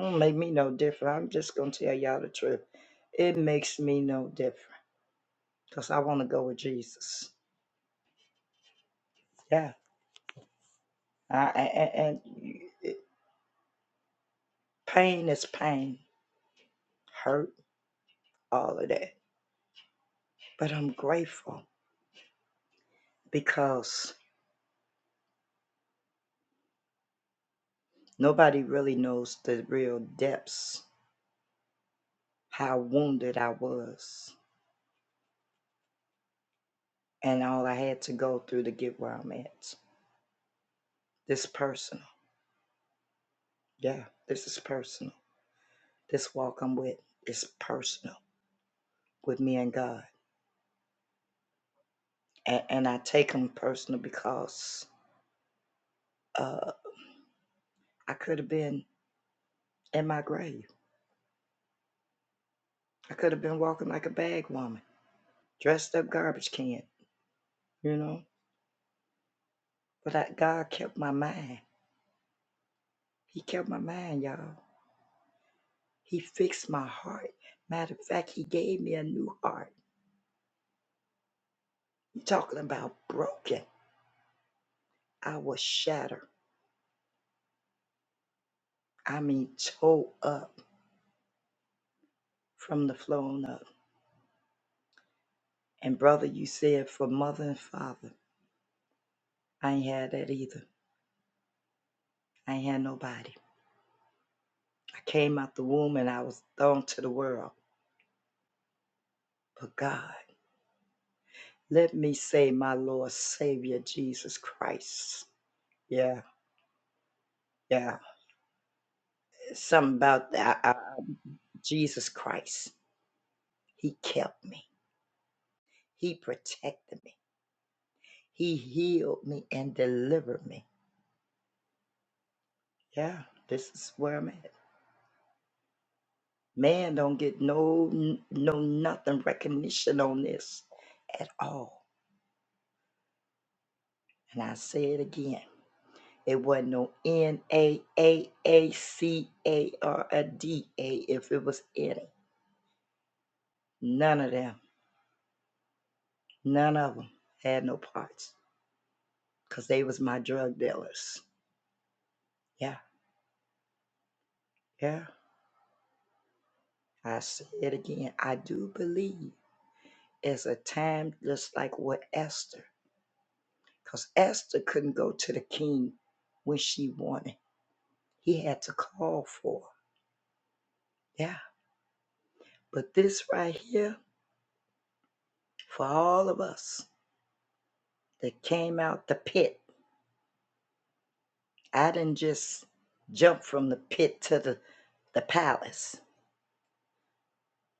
Don't make me no different. I'm just gonna tell y'all the truth. It makes me no different. because I want to go with Jesus. Yeah. I, and, and pain is pain, hurt, all of that. But I'm grateful because nobody really knows the real depths, how wounded I was, and all I had to go through to get where I'm at. This personal. Yeah, this is personal. This walk I'm with is personal with me and God. And, and I take them personal because uh, I could have been in my grave I could have been walking like a bag woman, dressed up garbage can, you know. But I, God kept my mind. He kept my mind, y'all. He fixed my heart. Matter of fact, He gave me a new heart. You talking about broken? I was shattered. I mean, tore up from the floor on up. And brother, you said for mother and father, I ain't had that either. I ain't had nobody. I came out the womb and I was thrown to the world. But God. Let me say, my Lord Savior Jesus Christ. Yeah, yeah. Something about that. Uh, uh, Jesus Christ. He kept me. He protected me. He healed me and delivered me. Yeah, this is where I'm at. Man don't get no n- no nothing recognition on this at all. And I say it again. It wasn't no N A A A C A or a D A if it was any. None of them. None of them had no parts, 'cause they was my drug dealers. Yeah, yeah. I say it again. I do believe it's a time just like with Esther, 'cause Esther couldn't go to the king when she wanted. He had to call for her. Yeah. But this right here, for all of us that came out the pit, I didn't just jump from the pit to the, the palace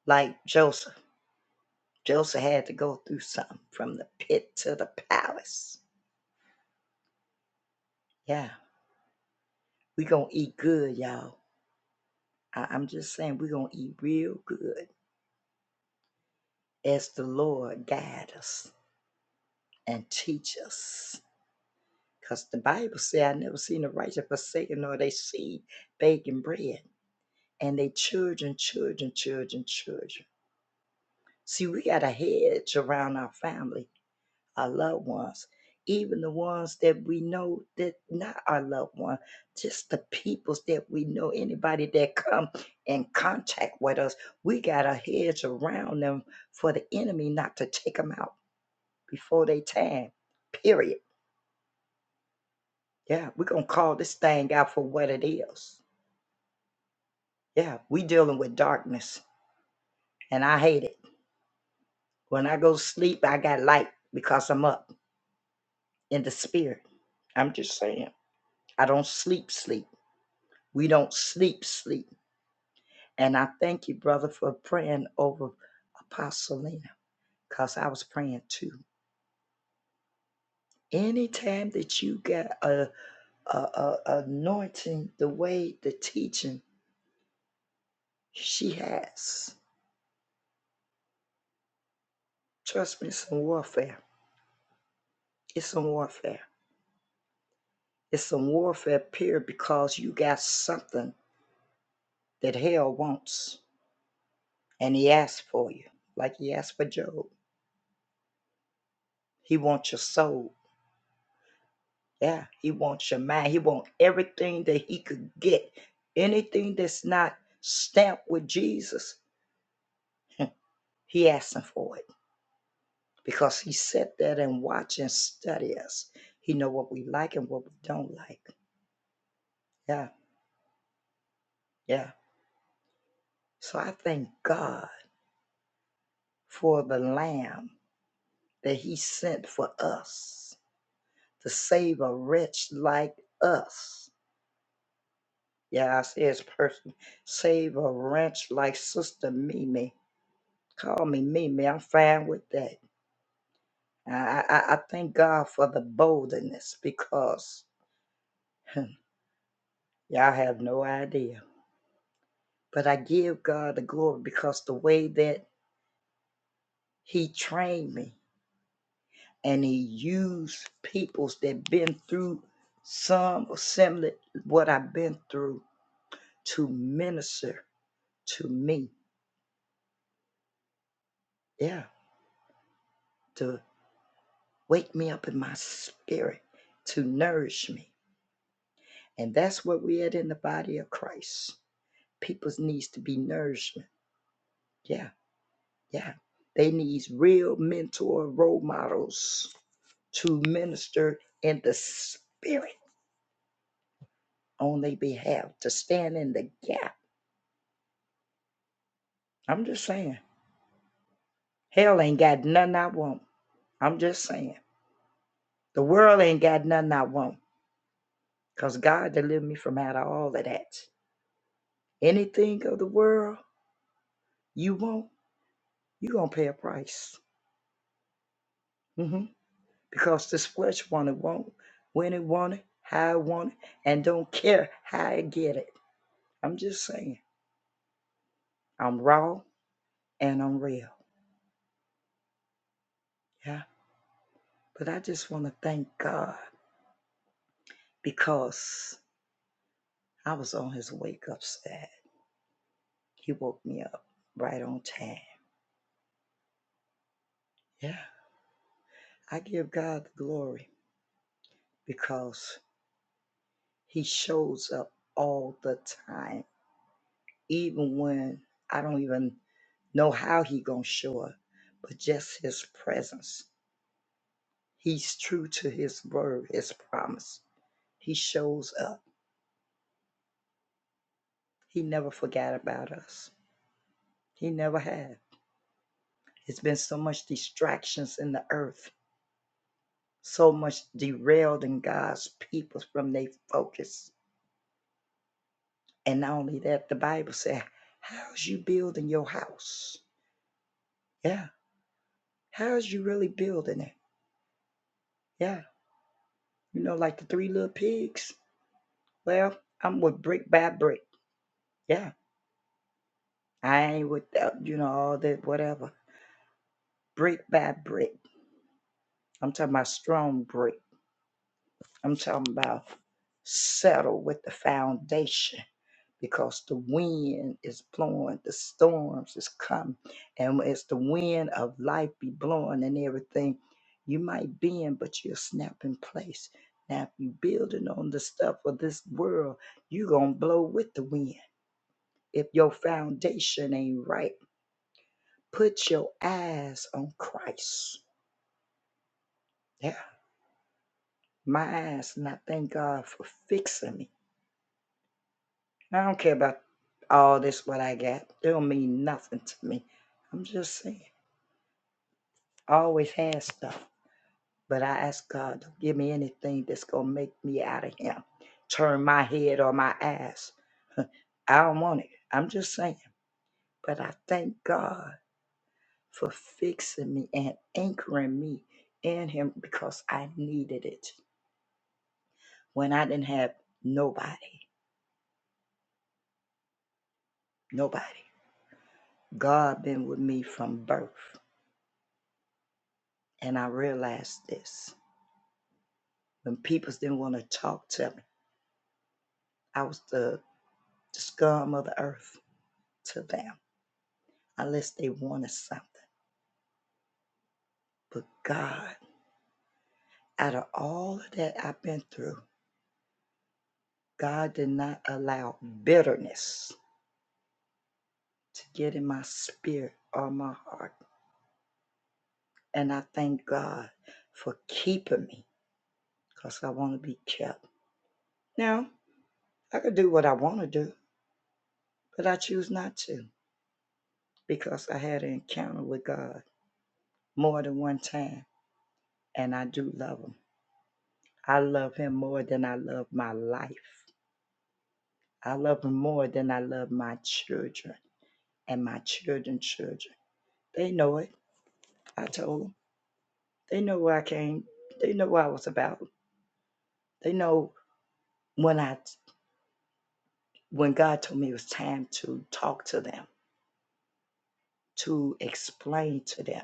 like Joseph. Joseph had to go through something from the pit to the palace. Yeah, we gonna eat good, y'all. I- I'm just saying we gonna eat real good as the Lord guide us and teach us. Cause the Bible say I never seen the righteous forsaken nor they seed baking bread. And they children, children, children, children. See, we got a hedge around our family our loved ones, even the ones that we know that not our loved one, just the peoples that we know, anybody that come in contact with us, we got our heads around them for the enemy not to take them out before they time. Period. Yeah, we're gonna call this thing out for what it is. Yeah, we dealing with darkness, and I hate it. When I go to sleep, I got light because I'm up in the spirit. I'm just saying. I don't sleep, sleep. We don't sleep, sleep. And I thank you, brother, for praying over Apostle Lena, because I was praying too. Anytime that you get a, a, a anointing the way the teaching she has, trust me, it's some warfare. It's some warfare. It's some warfare, period, because you got something that hell wants, and he asked for you, like he asked for Job. He wants your soul. Yeah, he wants your mind. He wants everything that he could get. Anything that's not stamped with Jesus, he asking for it because he sat there and watch and study us. He know what we like and what we don't like. Yeah, yeah. So I thank God for the Lamb that He sent for us to save a wretch like us. Yeah, I say it's person save a wretch like Sister Mimi Call me Mimi. I'm fine with that. I, I, I thank God for the boldness because y'all have no idea. But I give God the glory because the way that He trained me and He used peoples that been through some or similar what I've been through to minister to me. Yeah, to wake me up in my spirit, to nourish me. And that's what we had in the body of Christ. people's needs to be nourishment. Yeah, yeah. They need real mentor role models to minister in the spirit on their behalf, to stand in the gap. I'm just saying. Hell ain't got nothing I want. I'm just saying. The world ain't got nothing I want. Because God delivered me from out of all of that. Anything of the world you want, you going to pay a price. Mhm. because this flesh want it, not when it want it, how it want it, and don't care how I get it. I'm just saying, I'm raw and I'm real. Yeah, but I just want to thank God because I was on His wake up side. He woke me up right on time. Yeah, I give God the glory because He shows up all the time, even when I don't even know how He gonna show up, but just His presence He's true to his word, his promise. He shows up. He never forgot about us. He never had. It's been so much distractions in the earth, so much derailing God's people from their focus. And not only that, the Bible said, How's you building your house? Yeah. How's you really building it? Yeah. You know, like the three little pigs? Well, I'm with brick by brick. Yeah. I ain't with, uh, you know, all that, whatever. Brick by brick I'm talking about strong brick. I'm talking about settle with the foundation because the wind is blowing, the storms is coming, and as the wind of life be blowing and everything, you might bend, but you'll snap in place. Now, if you building on the stuff of this world, you are gonna blow with the wind. If your foundation ain't right, put your eyes on Christ. Yeah. My eyes, and I thank God for fixing me. I don't care about all this what I got. It don't mean nothing to me. I'm just saying. I always had stuff. But I ask God, don't give me anything that's gonna make me out of him. Turn my head or my eyes. I don't want it. I'm just saying. But I thank God for fixing me and anchoring me in him because I needed it. When I didn't have nobody, nobody. God been with me from birth. And I realized this. when people didn't want to talk to me. I was the, the scum of the earth to them unless they wanted something. But God, out of all of that I've been through, God did not allow bitterness to get in my spirit or my heart. And I thank God for keeping me because I want to be kept. Now, I could do what I want to do, but I choose not to because I had an encounter with God more than one time and I do love Him. I love him more than I love my life. I love him more than I love my children and my children's children. They know it. I told them. They know where I came. They know what I was about. They know when I when God told me it was time to talk to them, to explain to them,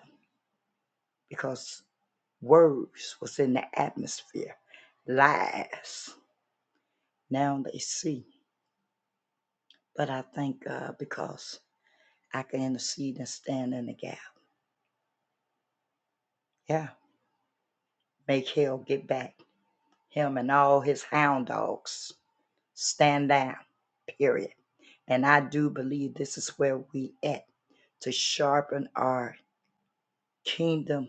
because words was in the atmosphere. Lies. Now they see. But I thank God because I can intercede and stand in the gap. Yeah. Make hell get back. Him and all his hound dogs. Stand down, period. And I do believe this is where we at to sharpen our kingdom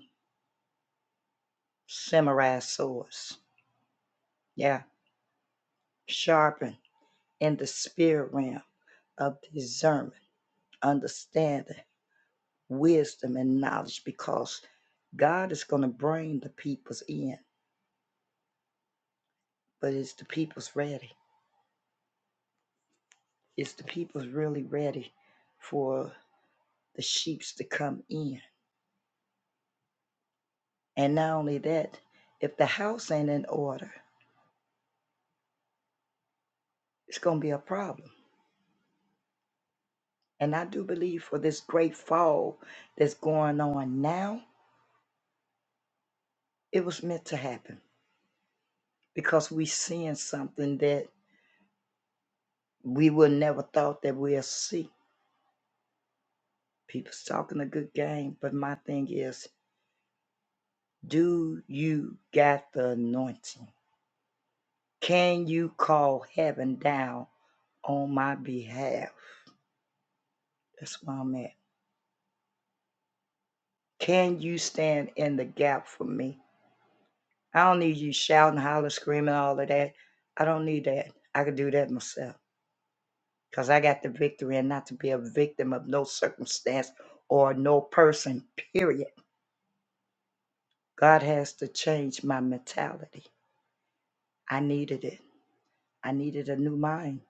samurai swords. Yeah, sharpen in the spirit realm of discernment, understanding, wisdom, and knowledge because God is going to bring the peoples in, but it's the people's ready. It's the people's really ready for the sheeps to come in And not only that, if the house ain't in order, it's going to be a problem. And I do believe for this great fall that's going on now, it was meant to happen because we seeing something that we would never thought that we'll see. People's talking a good game, but my thing is, do you got the anointing? Can you call heaven down on my behalf? That's where I'm at. Can you stand in the gap for me? I don't need you shouting, hollering, screaming, all of that. I don't need that. I could do that myself because I got the victory and not to be a victim of no circumstance or no person, period. God has to change my mentality. I needed it. I needed a new mind.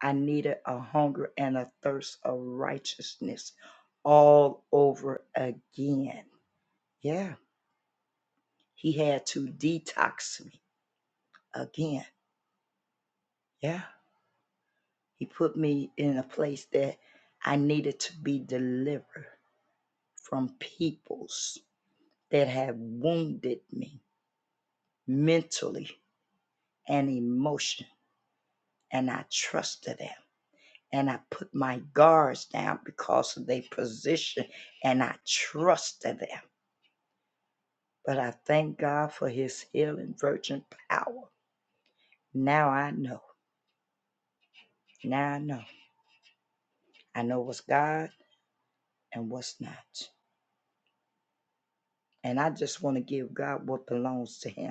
I needed a hunger and a thirst of righteousness all over again. Yeah. He had to detox me again. Yeah. He put me in a place that I needed to be delivered from peoples that had wounded me mentally and emotionally. And I trusted them. And I put my guards down because of their position. And I trusted them. But I thank God for his healing virgin power. Now I know. Now I know. I know what's God and what's not. And I just want to give God what belongs to him.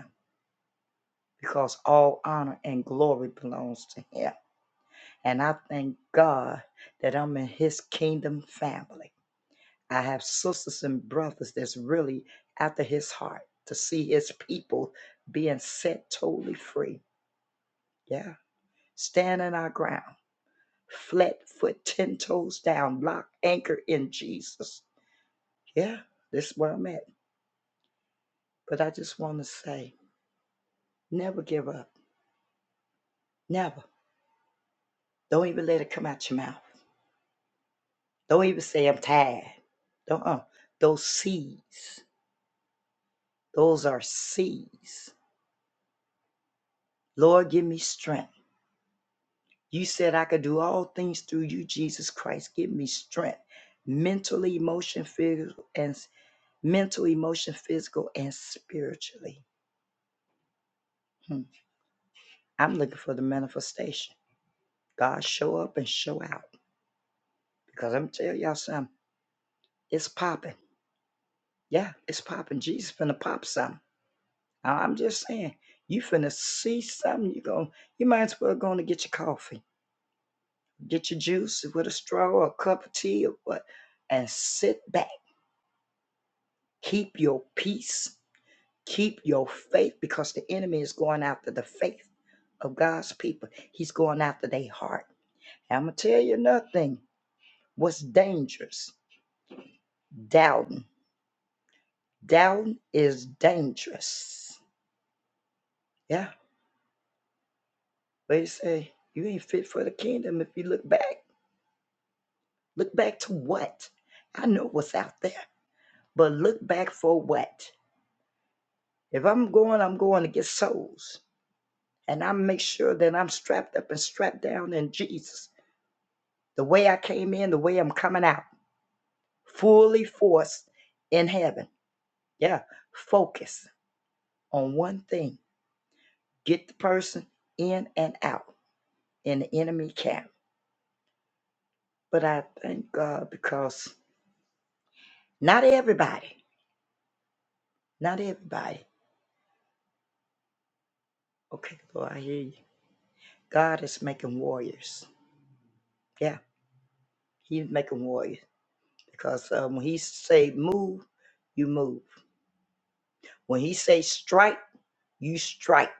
because all honor and glory belongs to him. And I thank God that I'm in his kingdom family. I have sisters and brothers that's really after his heart to see his people being set totally free. Yeah. stand in our ground, flat foot, 10 toes down, lock, anchor in Jesus. Yeah. This is where I'm at. But I just want to say never give up. Never. Don't even let it come out your mouth. Don't even say I'm tired. Don't uh, those C's. Those are C's. Lord, give me strength. You said I could do all things through you, Jesus Christ. Give me strength. Mentally, emotion, physical, and s- mental, emotion, physical, and spiritually. Hmm. I'm looking for the manifestation. God show up and show out. Because I'm telling y'all something, it's popping. Yeah, it's popping. Jesus finna pop something. I- I'm just saying, you finna see something. You going you might as well go on and get your coffee, get your juice with a straw or a cup of tea or what, and sit back. Keep your peace. Keep your faith because the enemy is going after the faith of God's people. He's going after their heart. I'm gonna tell you nothing. What's dangerous? Doubting. Doubting is dangerous. Yeah. They say you ain't fit for the kingdom if you look back. Look back to what? I know what's out there, but look back for what? If I'm going, I'm going to get souls. And I make sure that I'm strapped up and strapped down in Jesus. The way I came in, the way I'm coming out, fully forced in heaven. Yeah. Focus on one thing get the person in and out in the enemy camp. But I thank God because not everybody, not everybody. Okay, Lord, I hear you. God is making warriors. Yeah. He make them warrior because um, when he say move, you move. When he say strike, you strike.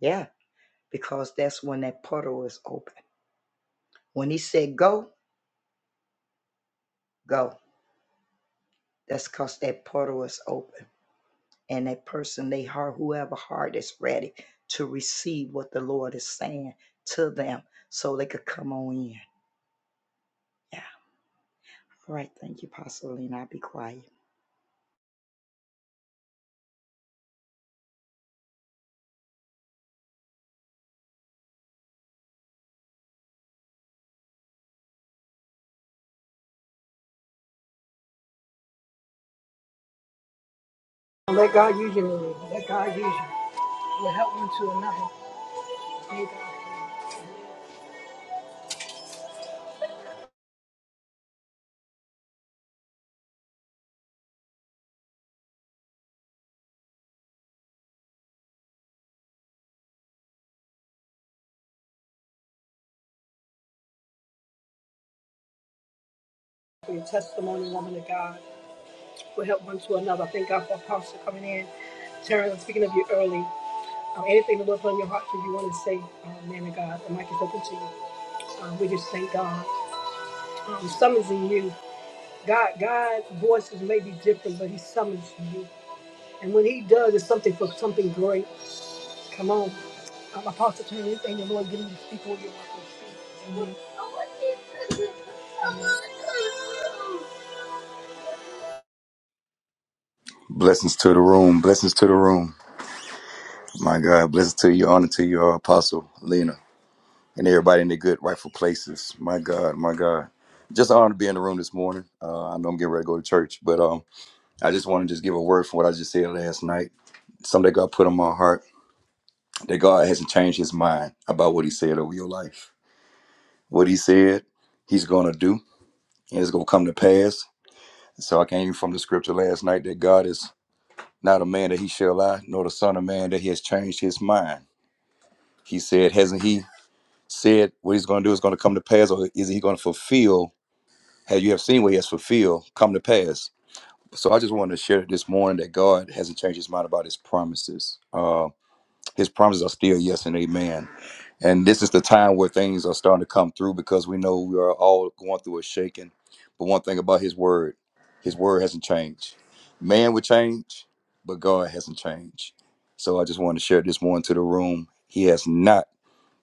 Yeah, because that's when that portal is open. When he said go, go. That's because that portal is open, and that person, they heart, whoever heart is ready to receive what the Lord is saying to them, so they could come on in. Yeah. All right. Thank you, Pastor Lena. I'll be quiet.
Let God use you, Lily. Let God for your testimony, woman of God. We'll help one to another. I Thank God for Apostle coming in. Terrence, speaking of you early. Um, anything the Lord put on your heart that you want to say, um, man of God, the mic is open to you. Um, we just thank God. Um, summons in you. God, God's voices may be different, but He summons you. And when He does, it's something for something great. Come on. Um, Apostle, turn anything the Lord gives you to speak over your life. Amen.
Blessings to the room. Blessings to the room. My God, blessings to you. Honor to you, uh, Apostle Lena, and everybody in their good rightful places. My God, my God. Just an honor to be in the room this morning. Uh, I know I'm getting ready to go to church, but um, I just want to just give a word for what I just said last night. Something that God put on my heart that God hasn't changed His mind about what He said over your life. What He said, He's gonna do, and it's gonna come to pass. So I came from the scripture last night that God is not a man that He shall lie, nor the Son of Man that He has changed His mind. He said, hasn't he said what he's going to do is going to come to pass, or is he going to fulfill? Have you have seen what he has fulfilled come to pass? So I just wanted to share this morning that God hasn't changed his mind about his promises. Uh, his promises are still yes and amen. And this is the time where things are starting to come through because we know we are all going through a shaking. But one thing about his word, his word hasn't changed. Man will change, but God hasn't changed. So I just wanted to share this morning to the room. He has not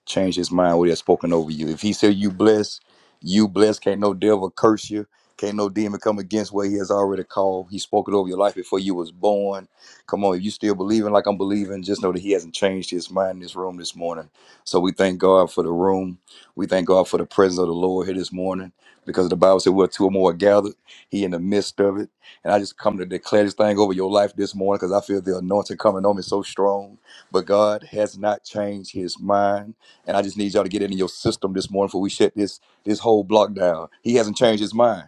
change his mind what he has spoken over you. If he said you blessed, you blessed. Can't no devil curse you. Can't no demon come against what he has already called. He spoke it over your life before you was born. Come on, if you still believing like I'm believing, just know that he hasn't changed his mind in this room this morning. So we thank God for the room. We thank God for the presence of the Lord here this morning because the Bible said we're two or more are gathered. He in the midst of it. And I just come to declare this thing over your life this morning because I feel the anointing coming on me so strong. But God has not changed his mind. And I just need y'all to get it in your system this morning before we shut this this whole block down. He hasn't changed his mind.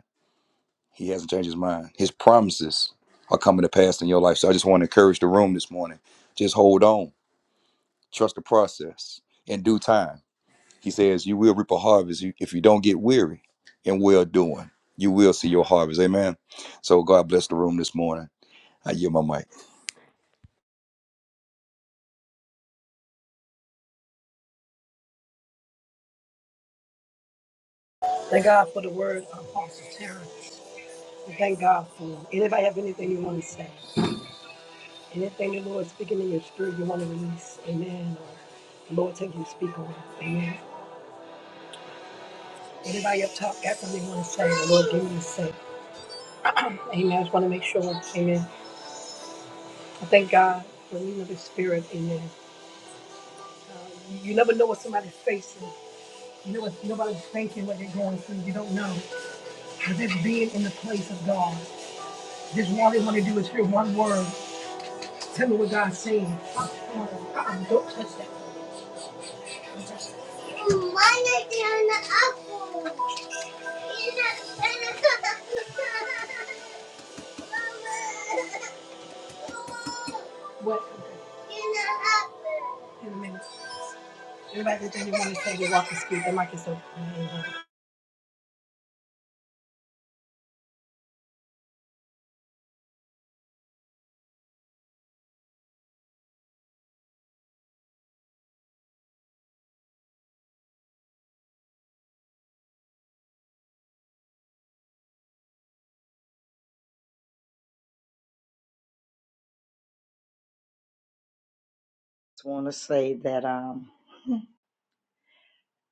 He hasn't changed his mind. His promises are coming to pass in your life. So I just want to encourage the room this morning. Just hold on. Trust the process. In due time, he says, you will reap a harvest you- if you don't get weary in well doing. You will see your harvest. Amen. So God bless the room this morning. I yield my mic.
Thank God for the word, Apostle Terror. Thank God for it. anybody have anything you want to say. Anything the Lord speaking in your spirit you want to release, amen. Or the Lord tell you to speak on it, amen. Anybody up top got something you want to say, the Lord give you to say. Amen. I just want to make sure, amen. I thank God for the leading of the spirit, amen. Uh, you you never know what somebody's facing. You know what nobody's facing, what they're going through. You don't know. But just being in the place of God, just all they want to do is hear one word. Tell me what God's saying. Uh-uh, don't touch that. What? In a minute. Everybody that doesn't want to say you walk the street, the mic is open.
Just want to say that um,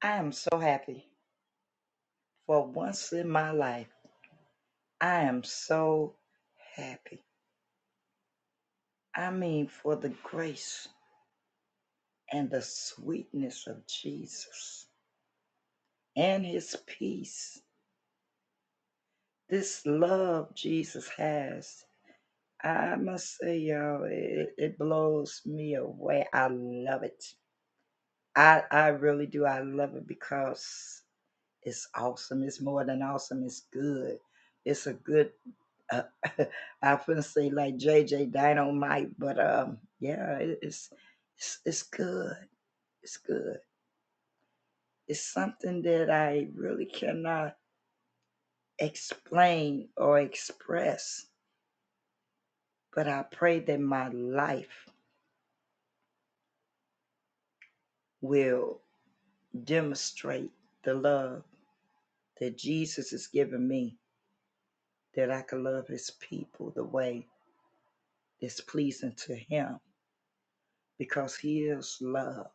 I am so happy for once in my life. I am so happy. I mean, for the grace and the sweetness of Jesus and his peace, this love Jesus has. I must say, y'all, it, it blows me away. I love it. I, I really do. I love it because it's awesome. It's more than awesome. It's good. It's a good uh, I often say like JJ Dynamite, but um, yeah, it, it's it's it's good. It's good. It's something that I really cannot explain or express, but I pray that my life will demonstrate the love that Jesus has given me, that I can love His people the way that's pleasing to Him, because He is love.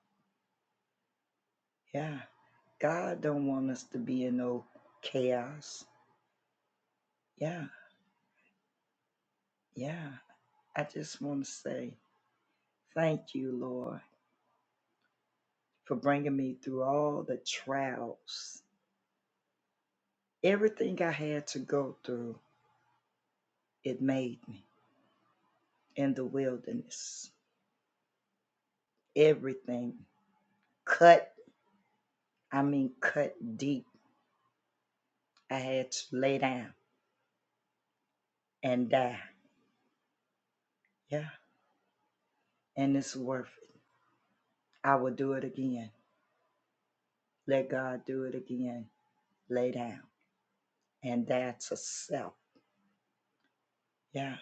Yeah, God don't want us to be in no chaos. Yeah, yeah. I just want to say thank you, Lord, for bringing me through all the trials. Everything I had to go through, it made me in the wilderness. Everything cut, I mean, cut deep. I had to lay down and die. Yeah, and it's worth it. I will do it again. Let God do it again. Lay down and die to self. Yeah,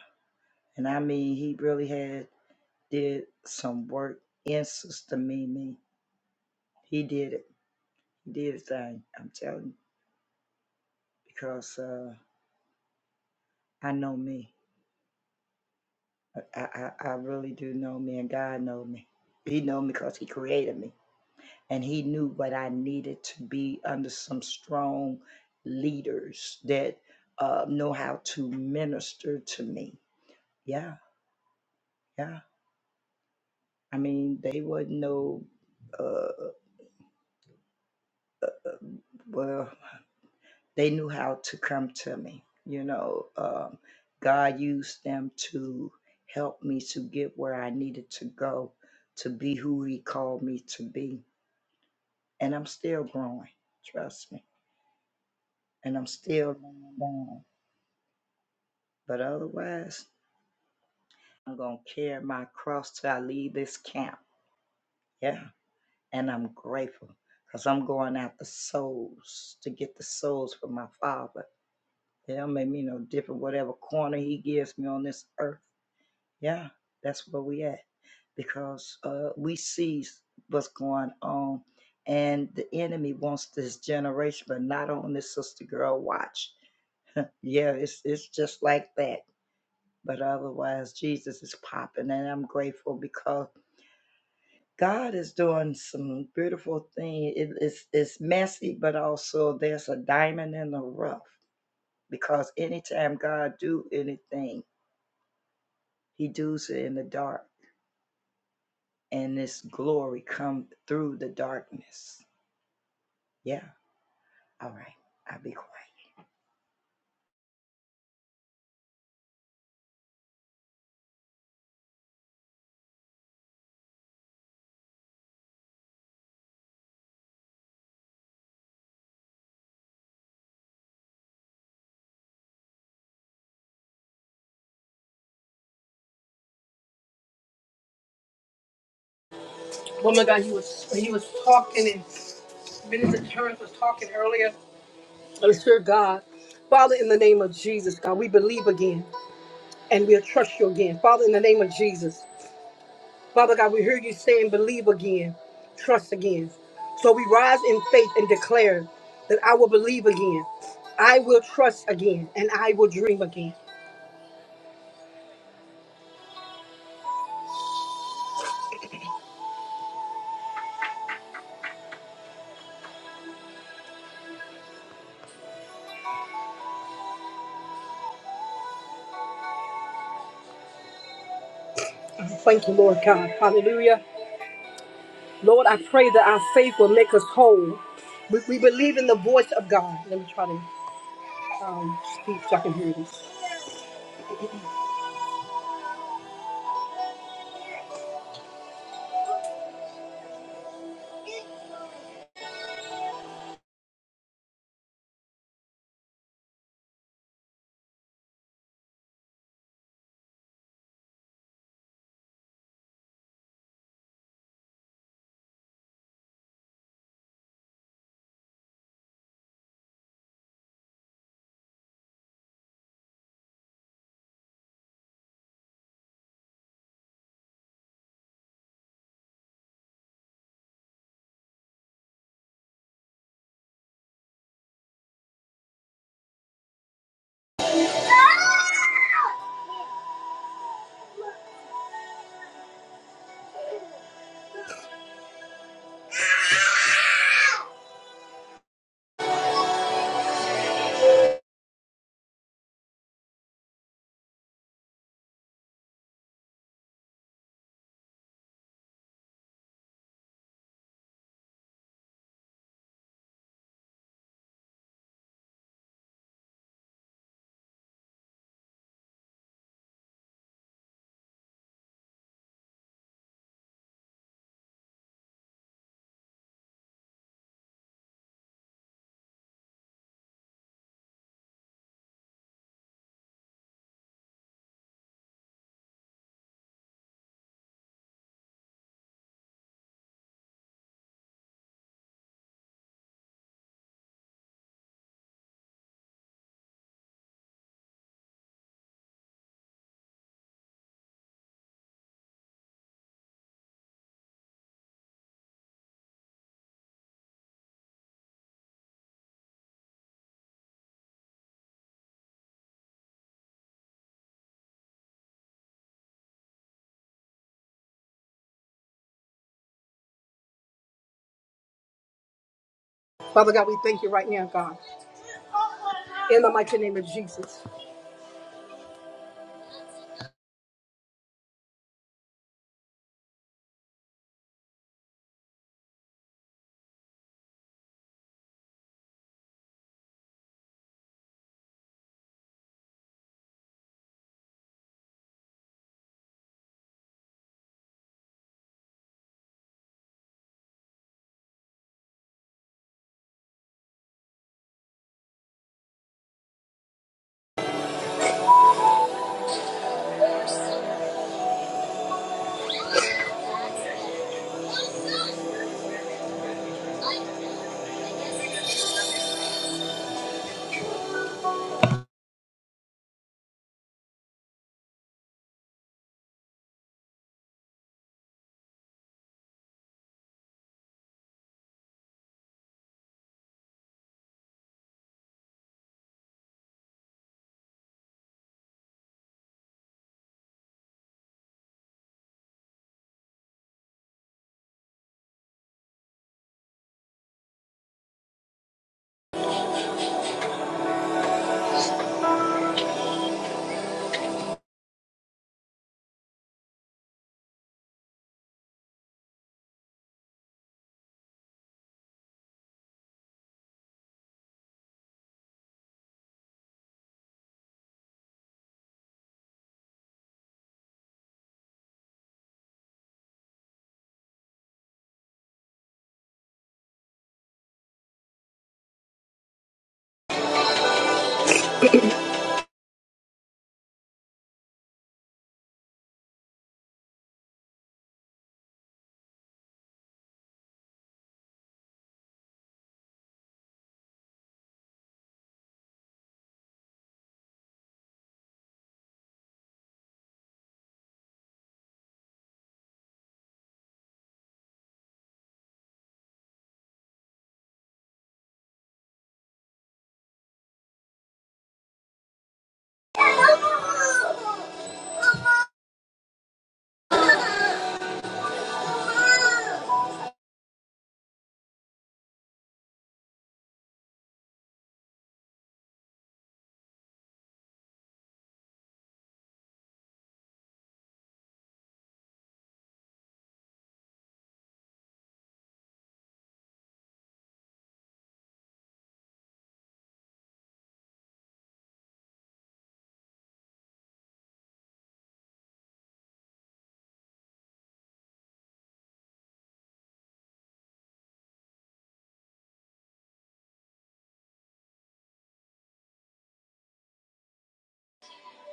and I mean, He really had did some work in Sister Mimi. He did it. He did his thing. I'm telling you because uh, I know me. I, I I really do know me, and God know me. He know me because He created me, and He knew what I needed to be under some strong leaders that uh, know how to minister to me. Yeah, yeah. I mean, they wouldn't know. Uh, well. they knew how to come to me. You know, um, God used them to help me to get where I needed to go, to be who He called me to be. And I'm still growing, trust me. And I'm still going down. But otherwise, I'm going to carry my cross till I leave this camp. Yeah. And I'm grateful because I'm going after souls to get the souls for my father. It don't make me no different, whatever corner he gives me on this earth. Yeah, that's where we at because uh, we see what's going on, and the enemy wants this generation, but not on this sister girl watch. Yeah, it's it's just like that. But otherwise, Jesus is popping, and I'm grateful because God is doing some beautiful thing. It- it's it's messy, but also there's a diamond in the rough because anytime God do anything, He does it in the dark and this glory come through the darkness. Yeah. All right. I'll be quiet.
Oh my God, he was he was talking and Minister Terrence was talking earlier. I'm sure God. Father, in the name of Jesus, God, we believe again and we'll trust you again. Father, in the name of Jesus. Father God, we hear you saying, believe again, trust again. So we rise in faith and declare that I will believe again, I will trust again, and I will dream again. I Thank you, Lord God. Hallelujah. Lord, I pray that our faith will make us whole. We, we believe in the voice of God. Let me try to um, speak so I can hear this. Father God, we thank you right now, God. In the mighty name of Jesus.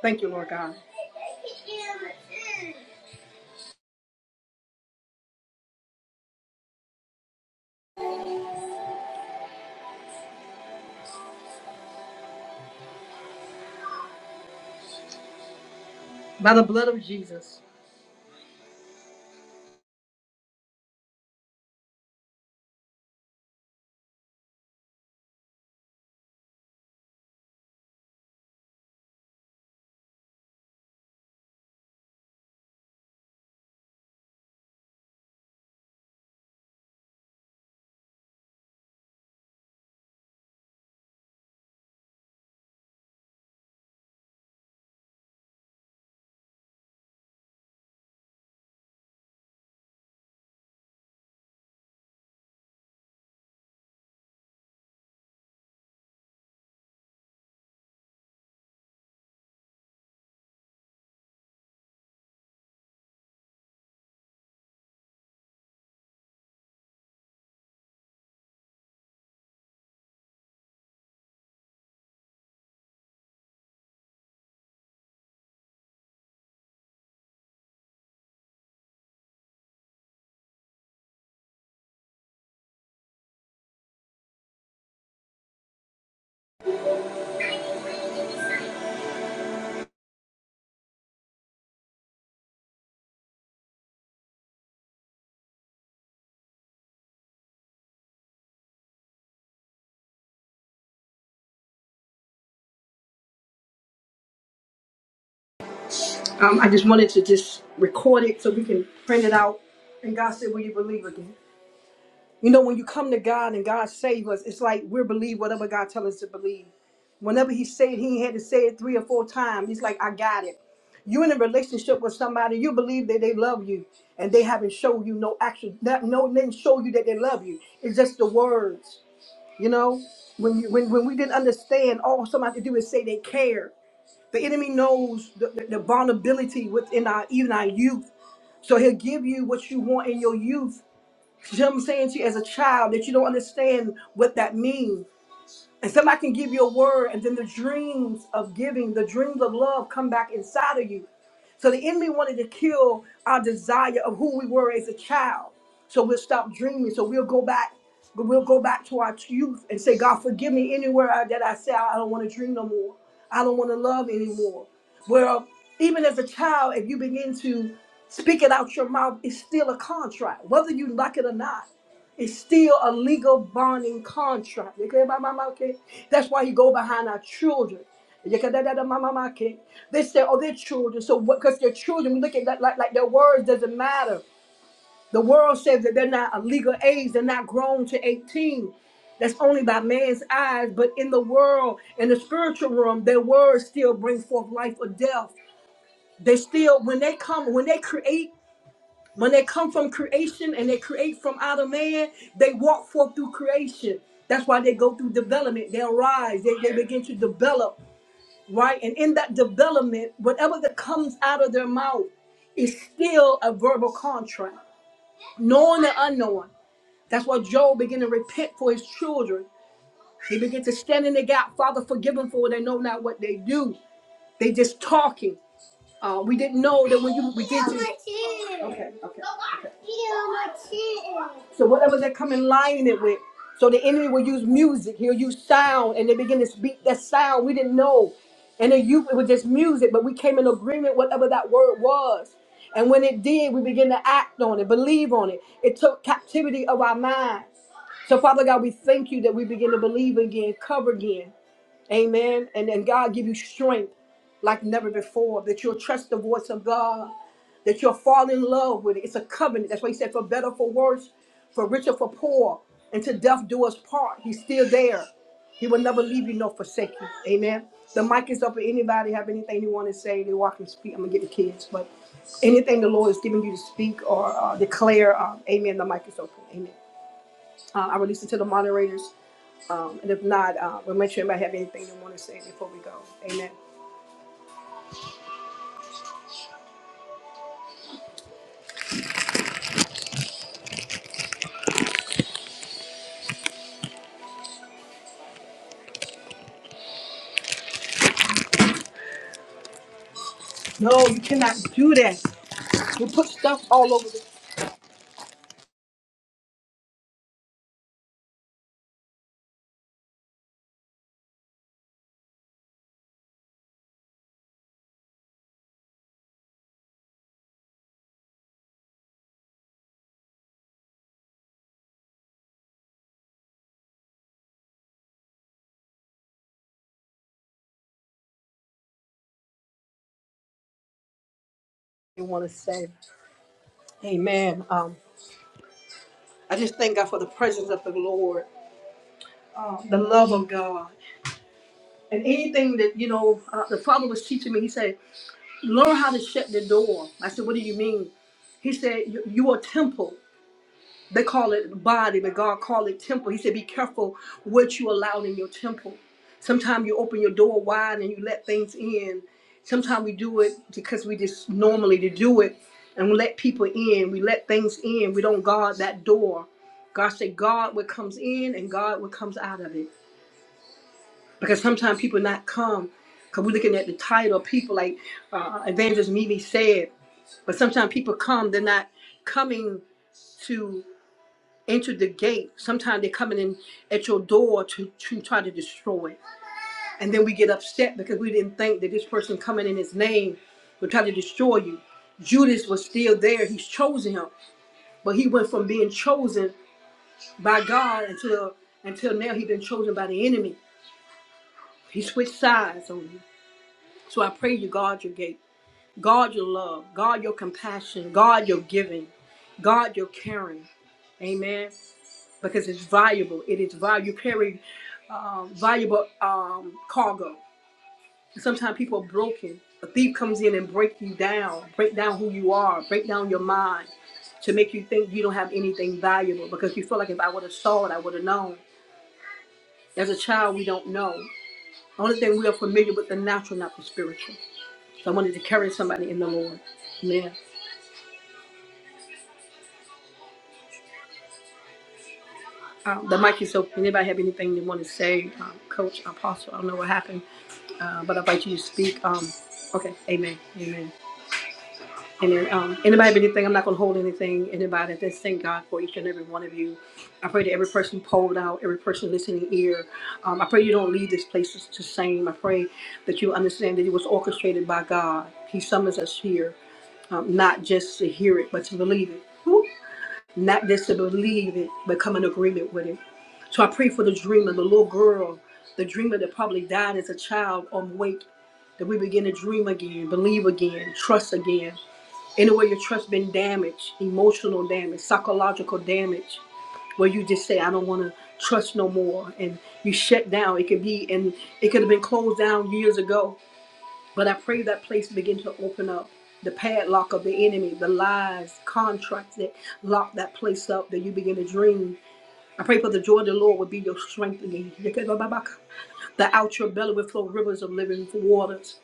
Thank you, Lord God. By the blood of Jesus. Um, I just wanted to just record it so we can print it out. And God said, "Will you believe again?" You know, when you come to God and God save us, it's like we believe whatever God tell us to believe. Whenever He said it, He ain't had to say it three or four times, He's like, "I got it." You in a relationship with somebody, you believe that they love you, and they haven't shown you no action, not, no, they didn't show you that they love you. It's just the words, you know. When you when when we didn't understand, all somebody had to do is say they care the enemy knows the, the, the vulnerability within our even our youth. So he'll give you what you want in your youth. You know what I'm saying to you as a child that you don't understand what that means. And somebody can give you a word, and then the dreams of giving, the dreams of love come back inside of you. So the enemy wanted to kill our desire of who we were as a child. So we'll stop dreaming. So we'll go back. We'll go back to our youth and say, God, forgive me anywhere I, that I say I don't want to dream no more. I don't want to love anymore. Well, even as a child, if you begin to speak it out your mouth, it's still a contract, whether you like it or not. It's still a legal bonding contract. Okay, my mama, okay? That's why you go behind our children. They say, oh, they're children. So because they're children, we look at that like, like their words doesn't matter. The world says that they're not a legal age, they're not grown to 18. That's only by man's eyes. But in the world, in the spiritual realm, their words still bring forth life or death. They still, when they come, when they create, when they come from creation and they create from out of man, they walk forth through creation. That's why they go through development. They arise. They, they begin to develop right? And in that development, whatever that comes out of their mouth is still a verbal contract, knowing and unknowing. That's why Job began to repent for his children. He began to stand in the gap. Father, forgive them for they know not what they do. They just talking. Uh, we didn't know that when you we did Okay, okay. okay. So whatever they come in lining it with, so the enemy will use music. He'll use sound, and they begin to speak that sound. We didn't know, and then you it was just music, but we came in agreement whatever that word was. And when it did, we began to act on it, believe on it. It took captivity of our minds. So Father God, we thank you that we begin to believe again, cover again. Amen. And then God give you strength like never before, that you'll trust the voice of God, that you'll fall in love with it. It's a covenant. That's why he said, for better, for worse, for richer, for poor, and to death do us part. He's still there. He will never leave you nor forsake you. Amen. The mic is up. If anybody have anything you want to say, they walk and speak. I'm going to get the kids. But anything the Lord is giving you to speak or uh, declare, uh, amen, the mic is open. Amen. Uh, I release it to the moderators. Um, and if not, uh, we'll make sure anybody have anything they want to say before we go. Amen. No, you cannot do that. You put stuff all over the you want to say. Amen. Um, I just thank God for the presence of the Lord, um, the love of God, and anything that you know. Uh, the father was teaching me. He said, "Learn how to shut the door." I said, "What do you mean?" He said, "You you are a temple." They call it body, but God called it temple. He said, Be careful what you allow in your temple. Sometimes you open your door wide and you let things in. Sometimes we do it because we just normally to do it and we let people in. We let things in. We don't guard that door. God said, God what comes in and God what comes out of it. Because sometimes people not come. Because we're looking at the title, people like uh, Evangelist Mimi said, but sometimes people come, they're not coming to entered the gate. Sometimes they're coming in at your door to, to try to destroy. it. And then we get upset because we didn't think that this person coming in his name would try to destroy you. Judas was still there. He's chosen him. But he went from being chosen by God until until now he's been chosen by the enemy. He switched sides on you. So I pray you guard your gate. Guard your love. Guard your compassion. Guard your giving. Guard your caring. Amen because it's valuable. It is valuable. You carry um, valuable um, cargo. Sometimes people are broken. A thief comes in and break you down, break down who you are, break down your mind to make you think you don't have anything valuable because you feel like if I would have saw it, I would have known. As a child, we don't know. The only thing we are familiar with the natural, not the spiritual. So I wanted to carry somebody in the Lord. Yeah. Um, the mic is open. Anybody have anything they want to say? Um, Coach, Apostle, I don't know what happened, uh, but I invite you to speak. Um, okay. Amen. Amen. And then, um, anybody have anything, I'm not going to hold anything. Anybody, just thank God for each and every one of you. I pray that every person polled out, every person listening ear. Um, I pray you don't leave this place the the same. I pray that you understand that it was orchestrated by God. He summons us here, um, not just to hear it, but to believe it. Woo! Not just to believe it, but come in agreement with it. So I pray for the dreamer, the little girl, the dreamer that probably died as a child on wake, that we begin to dream again, believe again, trust again. Anywhere your trust been damaged, emotional damage, psychological damage, where you just say, I don't want to trust no more, and you shut down. It could be, and it could have been closed down years ago. But I pray that place begin to open up. The padlock of the enemy, the lies, contracts that lock that place up, that you begin to dream. I pray for the joy of the Lord would be your strength again. That out your belly would flow rivers of living waters.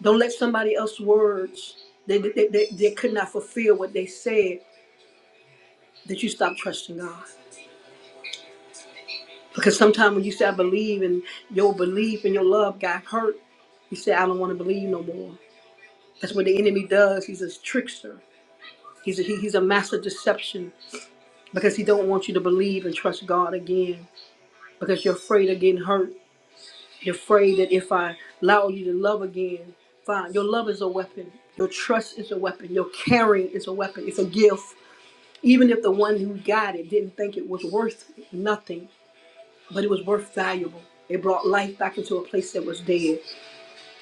Don't let somebody else's words they, they, they, they could not fulfill what they said. Did you stop trusting God? Because sometimes when you say, I believe, and your belief and your love got hurt, you say, I don't want to believe no more. That's what the enemy does. He's a trickster. He's a, he- he's a master deception because he don't want you to believe and trust God again because you're afraid of getting hurt. You're afraid that if I allow you to love again, fine. Your love is a weapon. Your trust is a weapon. Your caring is a weapon. It's a gift. Even if the one who got it didn't think it was worth nothing, but it was worth valuable. It brought life back into a place that was dead.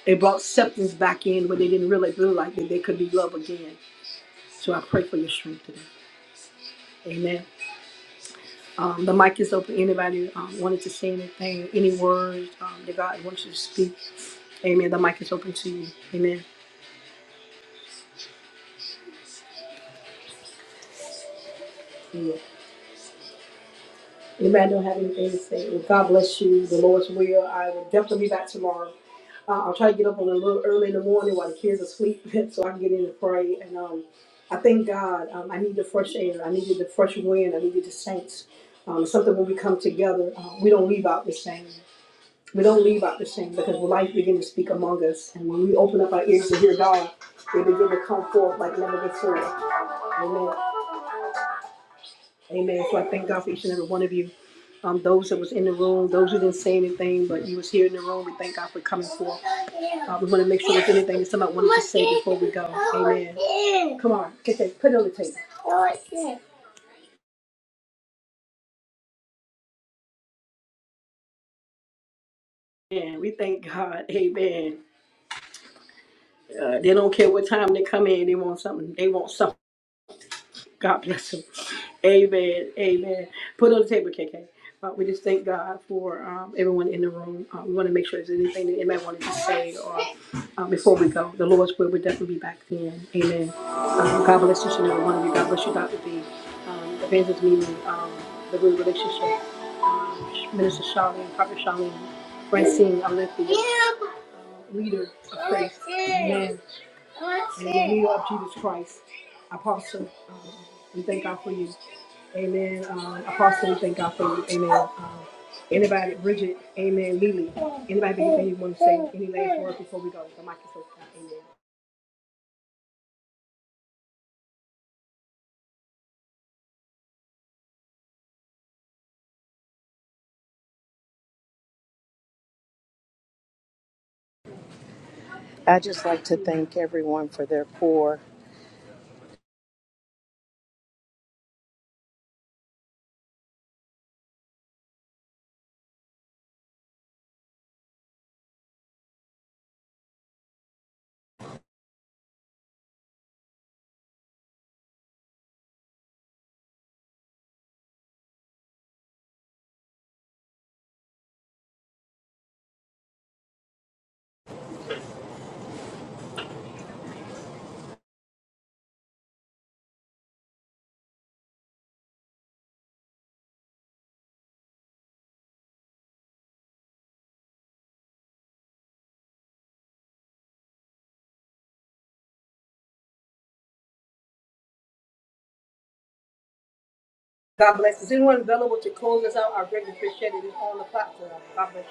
It brought acceptance back in where they didn't really feel like that they could be loved again. So I pray for your strength today. Amen. Um, the mic is open. Anybody um, wanted to say anything, any words um, that God wants you to speak? Amen. The mic is open to you. Amen. Yeah. Anybody don't have anything to say? Well, God bless you. The Lord's will. I will definitely be back tomorrow. Uh, I'll try to get up a little early in the morning while the kids are asleep so I can get in and pray. And um, I thank God. Um, I need the fresh air. I needed the fresh wind. I needed the saints. Um, something when we come together, uh, we don't leave out the same. We don't leave out the same because life begins to speak among us. And when we open up our ears to hear God, they begin to come forth like never before. Amen. Amen. So I thank God for each and every one of you um, those that was in the room, those who didn't say anything, but you was here in the room. We thank God for coming forth. Uh, we want to make sure there's anything that somebody wanted to say before we go. Amen. Come on, get that, put it on the table. Amen. We thank God. Amen. Uh, they don't care what time they come in. They want something. They want something. God bless him. Amen. Amen. Put on the table, KK. Uh, we just thank God for um, everyone in the room. Uh, we want to make sure there's anything that anybody wanted to say or uh, before we go. The Lord's will will definitely be back then. Amen. Um, God bless each and every one of you. God bless you, Dr. B. Um, Evangelist Mimi, um, the good relationship. Um, Minister Charlene, Prophet Charlene, Francine, Olympia, leader of faith. Amen. In the name of Jesus Christ, Apostle, um, we thank God for you. Amen. Um, Apostle, we thank God for you. Amen. Um, anybody, Bridget, amen. Lily, anybody, if want to say any last words before we go, the mic is open. Amen.
I just like to thank everyone for their pour.
God bless. Is anyone available to close us out? I greatly appreciate it. It's on the platform. God bless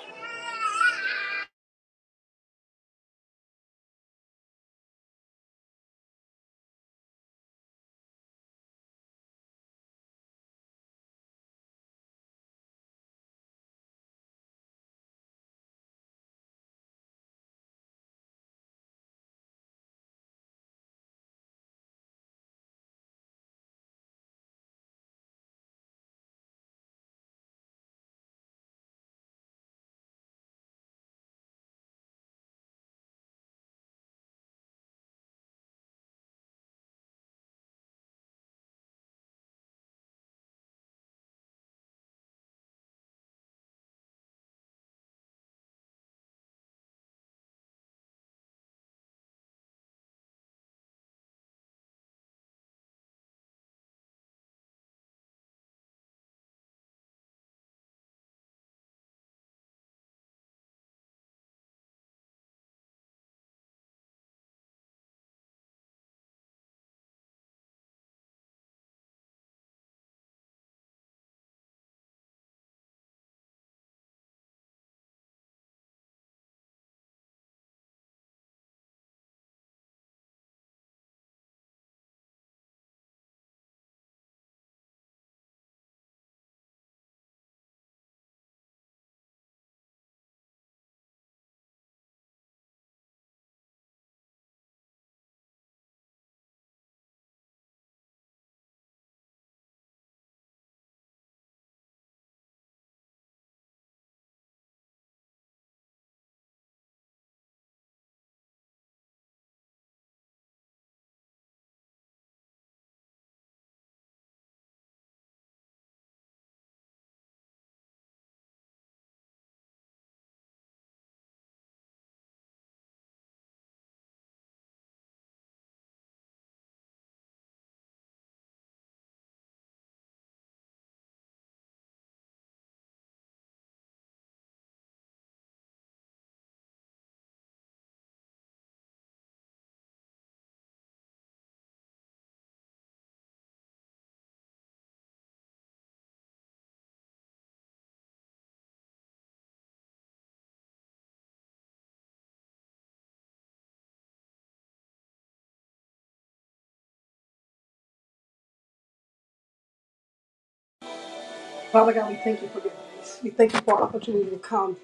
you. Father God, we thank you for your grace. We thank you for our opportunity to come.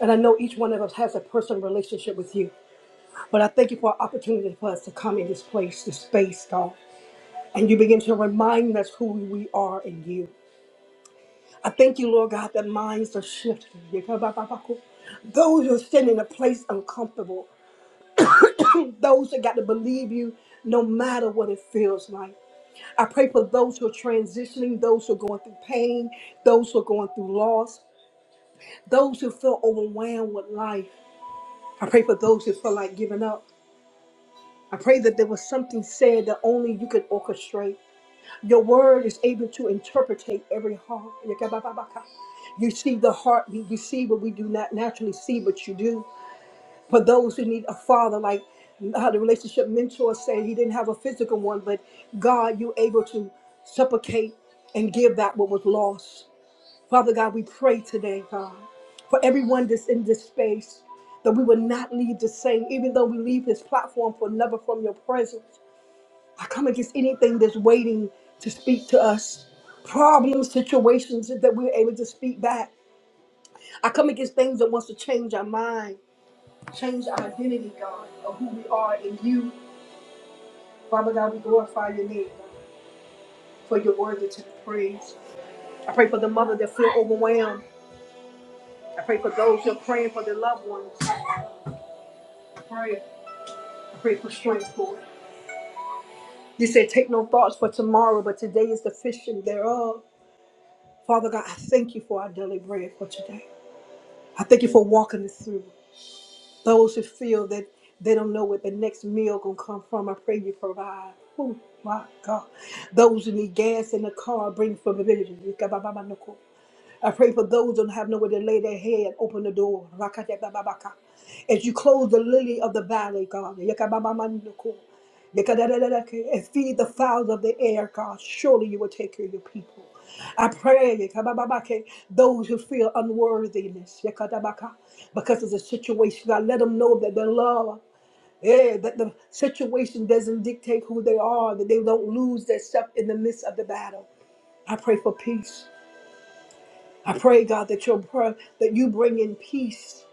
And I know each one of us has a personal relationship with you. But I thank you for our opportunity for us to come in this place, this space, God. and you begin to remind us who we are in you. I thank you, Lord God, that minds are shifted. Those who are sitting in a place uncomfortable, those that got to believe you no matter what it feels like. I pray for those who are transitioning, those who are going through pain, those who are going through loss, those who feel overwhelmed with life. I pray for those who feel like giving up. I pray that there was something said that only you could orchestrate. Your word is able to interpretate every heart. You see the heart, you, you see what we do not naturally see, but you do. For those who need a father, like how the relationship mentor said, he didn't have a physical one, but God, you able to supplicate and give that what was lost. Father God, we pray today, God, for everyone that's in this space, that we will not leave the same, even though we leave this platform for never from your presence. I come against anything that's waiting to speak to us, problems, situations that we're able to speak back. I come against things that wants to change our mind, change our identity, God, of who we are in you. Father God, we glorify your name for your word to be praised. I pray for the mother that feel overwhelmed. I pray for those who are praying for their loved ones. I pray, I pray for strength, Lord. You said, take no thoughts for tomorrow, but today is the fishing thereof. Father God, I thank you for our daily bread for today. I thank you for walking us through. Those who feel that they don't know where the next meal gonna come from, I pray you provide. Oh my God. Those who need gas in the car, bring familiarity. I pray for those who don't have nowhere to lay their head, open the door. As you close the lily of the valley, God and feed the fowls of the air, God. Surely you will take care of your people. I pray those who feel unworthiness because of the situation, God, let them know that their love, yeah, that the situation doesn't dictate who they are, that they don't lose their stuff in the midst of the battle. I pray for peace. I pray, God, that your prayer, that you bring in peace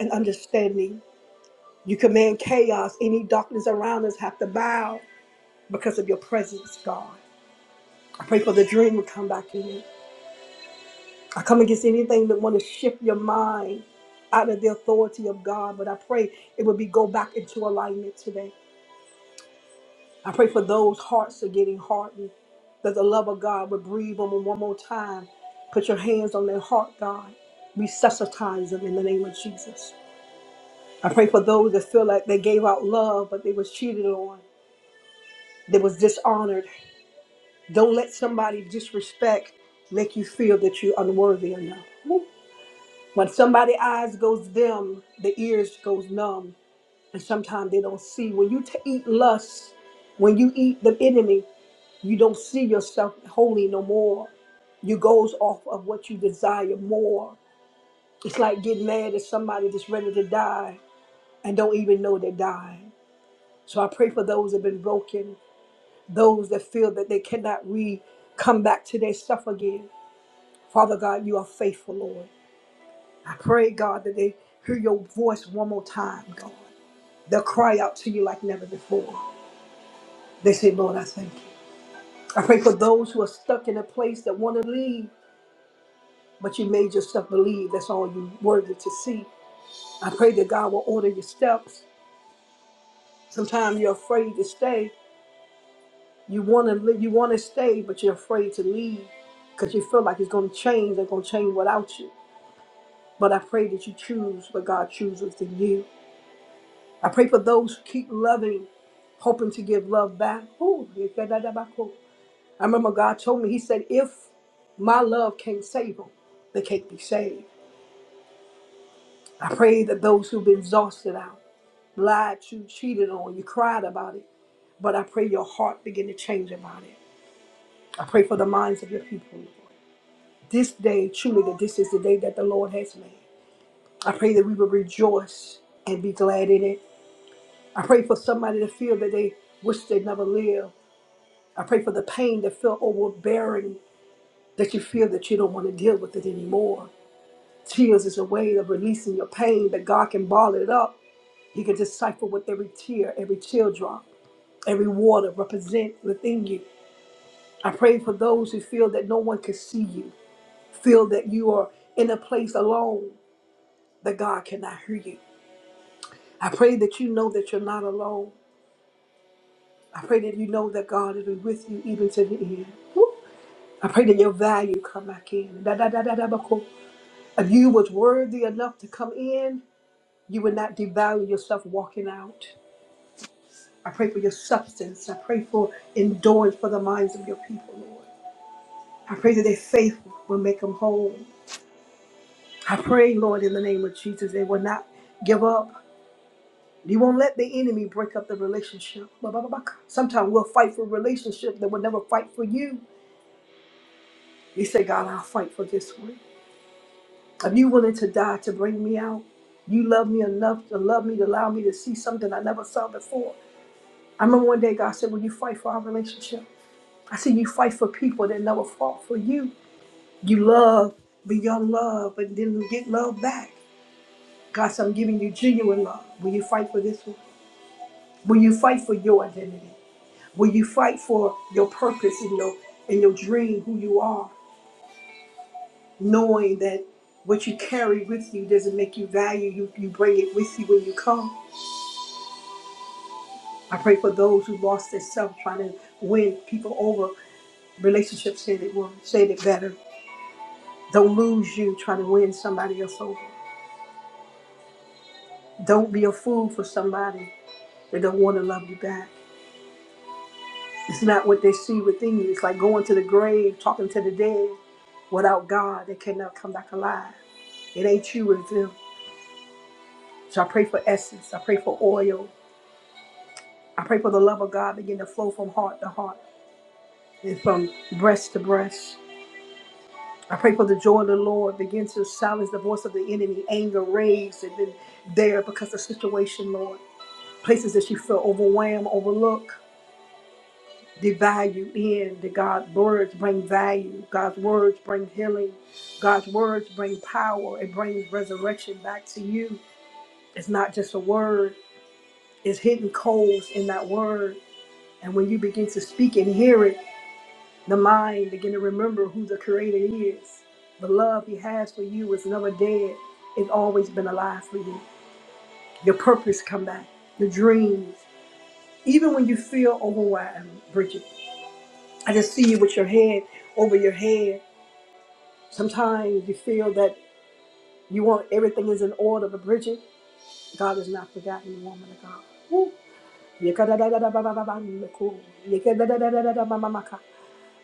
and understanding. You command chaos. Any darkness around us have to bow because of your presence, God. Pray for the dream to come back in you. I come against anything that want to shift your mind out of the authority of God, but I pray it would be go back into alignment today. I pray for those hearts are getting hardened, that the love of God would breathe on them one more time. Put your hands on their heart, God. Resuscitize them in the name of Jesus. I pray for those that feel like they gave out love, but they was cheated on, they was dishonored. Don't let somebody disrespect make you feel that you're unworthy enough. When somebody's eyes goes dim, the ears goes numb, and sometimes they don't see. When you t- eat lust, when you eat the enemy, you don't see yourself holy no more. You goes off of what you desire more. It's like getting mad at somebody that's ready to die and don't even know they're dying. So I pray for those that have been broken, those that feel that they cannot re come back to their stuff again. Father God, you are faithful, Lord. I pray, God, that they hear your voice one more time, God. They'll cry out to you like never before. They say, Lord, I thank you. I pray for those who are stuck in a place that want to leave, but you made yourself believe that's all you worthy to see. I pray that God will order your steps. Sometimes you're afraid to stay. You want to live, you want to stay, but you're afraid to leave because you feel like it's going to change. They're going to change without you. But I pray that you choose what God chooses in you. I pray for those who keep loving, hoping to give love back. Ooh, I remember God told me, He said, if my love can't save them, they can't be saved. I pray that those who've been exhausted out, lied to, cheated on, you cried about it, but I pray your heart begin to change about it. I pray for the minds of your people. This day, truly, that this is the day that the Lord has made. I pray that we will rejoice and be glad in it. I pray for somebody to feel that they wish they never lived. I pray for the pain that felt overbearing, that you feel that you don't want to deal with it anymore. Tears is a way of releasing your pain that God can ball it up. He can decipher with every tear, every teardrop, every water represent within you. I pray for those who feel that no one can see you, feel that you are in a place alone that God cannot hear you. I pray that you know that you're not alone. I pray that you know that God is with you even to the end. Woo. I pray that your value come back in. Da, da, da, da, da, ba, cool. If you was worthy enough to come in, you would not devalue yourself walking out. I pray for your substance. I pray for endurance for the minds of your people, Lord. I pray that their faith will make them whole. I pray, Lord, in the name of Jesus, they will not give up. You won't let the enemy break up the relationship. Sometimes we'll fight for relationships that will never fight for you. You say, God, I'll fight for this one. If you willing to die to bring me out, you love me enough to love me to allow me to see something I never saw before. I remember one day God said, Will you fight for our relationship? I said, You fight for people that never fought for you. You love, but your love, but then you get love back. God said, I'm giving you genuine love. Will you fight for this one? Will you fight for your identity? Will you fight for your purpose and your and your dream, who you are, knowing that what you carry with you doesn't make you value. You you bring it with you when you come. I pray for those who lost their self trying to win people over. Relationships said it well, said it better. Don't lose you trying to win somebody else over. Don't be a fool for somebody that don't want to love you back. It's not what they see within you. It's like going to the grave, talking to the dead. Without God, they cannot come back alive. It ain't you, it's them. So I pray for essence. I pray for oil. I pray for the love of God begin to flow from heart to heart and from breast to breast. I pray for the joy of the Lord begin to silence the voice of the enemy, anger, rage, and then there because of the situation, Lord. Places that you feel overwhelmed, overlooked. the value in that God's words bring value. God's words bring healing. God's words bring power. It brings resurrection back to you. It's not just a word, it's hidden codes in that word. And when you begin to speak and hear it, the mind begin to remember who the creator is. The love he has for you is never dead. It's always been alive for you. Your purpose come back. Your dreams. Even when you feel overwhelmed, Bridget. I just see you with your head over your head Sometimes you feel that you want everything is in order, but Bridget, God has not forgotten you, woman of God. Woo.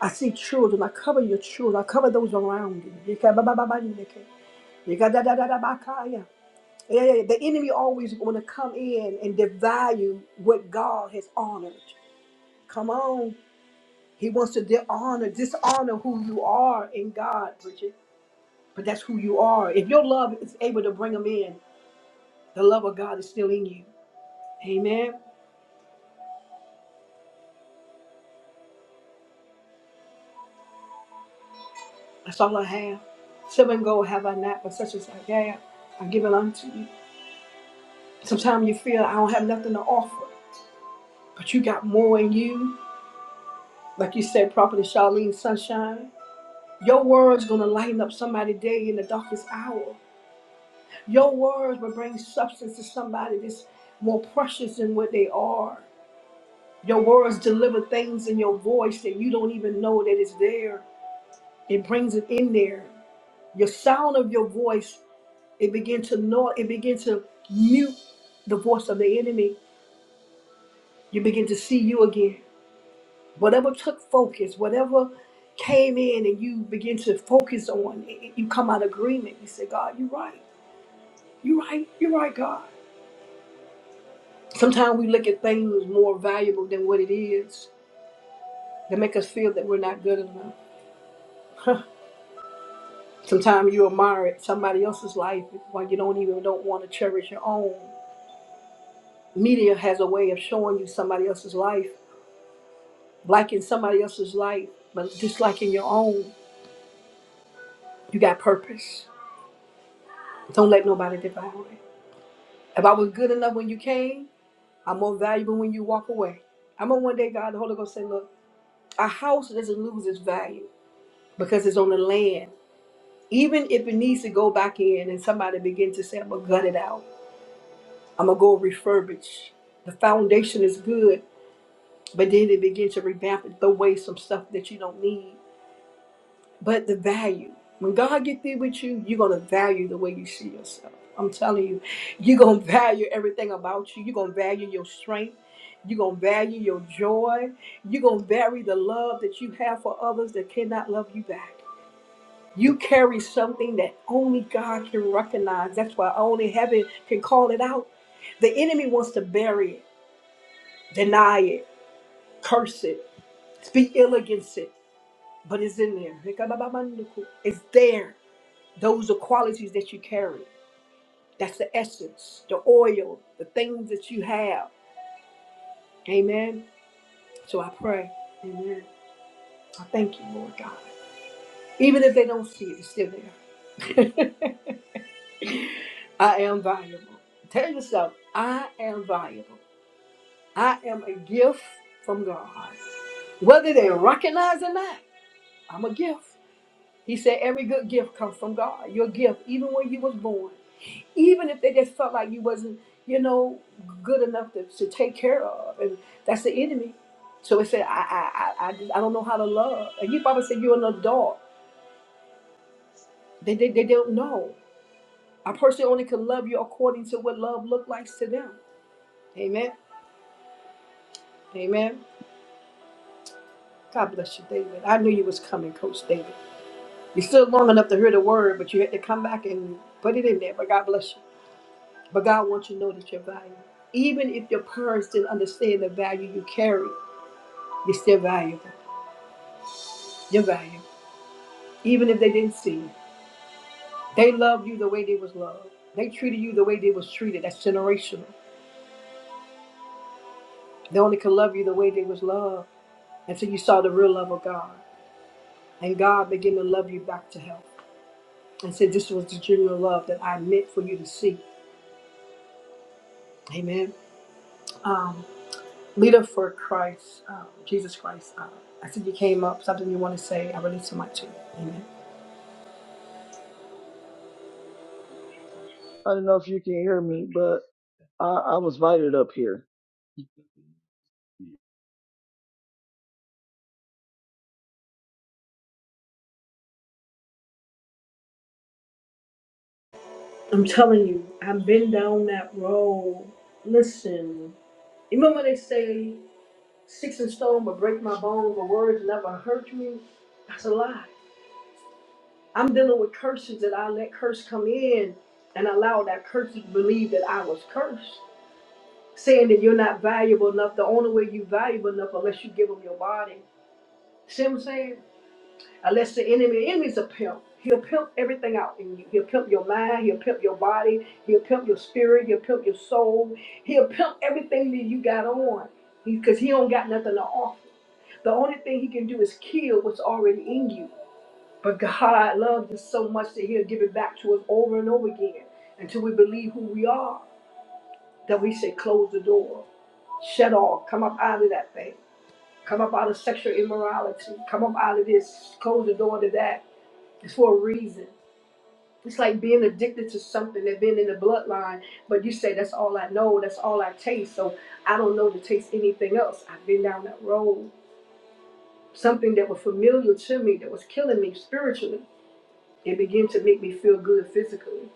I see children. I cover your children. I cover those around you. Yeah, yeah, yeah. The enemy always want to come in and devalue what God has honored. Come on. He wants to dishonor, dishonor who you are in God, Bridget. But that's who you are. If your love is able to bring them in, The love of God is still in you. Amen. That's all I have. Seven gold have I not, but such as I have, I give it unto you. Sometimes you feel I don't have nothing to offer, but you got more in you. Like you said, properly, Charlene Sunshine. Your words gonna lighten up somebody's day in the darkest hour. Your words will bring substance to somebody that's more precious than what they are. Your words deliver things in your voice that you don't even know that it's there. It brings it in there. Your sound of your voice It began to gnaw, it began to mute the voice of the enemy. You begin to see you again. Whatever took focus, whatever came in and you begin to focus on, it, it- you come out of agreement. You say, God, you're right. You're right. You're right, God. Sometimes we look at things more valuable than what it is to make us feel that we're not good enough. Sometimes you admire somebody else's life while you don't even don't want to cherish your own. Media has a way of showing you somebody else's life like in somebody else's life, but just like in your own, you got purpose. Don't let nobody devour it. If I was good enough when you came, I'm more valuable when you walk away. I'm gonna one day, God, the Holy Ghost say, look, a house doesn't lose its value because it's on the land. Even if it needs to go back in and somebody begin to say, I'm gonna gut it out, I'm gonna go refurbish. The foundation is good, but then they begin to revamp it, throw away some stuff that you don't need. But the value, when God get through with you, you're gonna value the way you see yourself. I'm telling you, you're gonna value everything about you. You're gonna value your strength. You're gonna value your joy. You're gonna value the love that you have for others that cannot love you back. You carry something that only God can recognize. That's why only heaven can call it out. The enemy wants to bury it, deny it, curse it, speak ill against it, but it's in there. It's there Those are qualities that you carry. That's the essence, the oil, the things that you have. Amen. So I pray. Amen. I thank you, Lord God. Even if they don't see it, it's still there. I am valuable. Tell yourself, I am valuable. I am a gift from God. Whether they recognize or not, I'm a gift. He said, every good gift comes from God. Your gift, even when you was born. even if they just felt like you wasn't, you know, good enough to, to take care of. And that's the enemy. So it said, I, I, I, I, just, I don't know how to love. And you probably said you're an adult. They, they, they don't know. A person only can love you according to what love look like to them. Amen. Amen. God bless you, David. I knew you was coming, Coach David. You stood long enough to hear the word, but you had to come back and put it in there. But God bless you. But God wants you to know that you're valuable. Even if your parents didn't understand the value you carry, you're still valuable. your value, even if they didn't see it. They loved you the way they was loved. They treated you the way they was treated. That's generational. They only could love you the way they was loved until you saw the real love of God. And God began to love you back to health and said, this was the genuine love that I meant for you to see. Amen. Um, leader for Christ, um, Jesus Christ. Uh, I said you came up, something you want to say. I release the mic to you. Amen.
I don't know if you can hear me, but I, I was invited up here.
I'm telling you, I've been down that road. Listen, you remember when they say? Sticks and stone will break my bones, but words never hurt me. That's a lie. I'm dealing with curses that I let curse come in and allow that curse to believe that I was cursed. Saying that you're not valuable enough, the only way you're valuable enough unless you give them your body. See what I'm saying? Unless the enemy, the enemy's a pimp. He'll pimp everything out in you. He'll pimp your mind. He'll pimp your body. He'll pimp your spirit. He'll pimp your soul. He'll pimp everything that you got on. Because he don't got nothing to offer. The only thing he can do is kill what's already in you. But God loves us so much that he'll give it back to us over and over again until we believe who we are. That we say, close the door, shut off, come up out of that thing, come up out of sexual immorality, come up out of this, close the door to that. It's for a reason. It's like being addicted to something that been in the bloodline, but you say that's all I know, that's all I taste, so I don't know to taste anything else. I've been down that road. Something that was familiar to me, that was killing me spiritually, it began to make me feel good physically.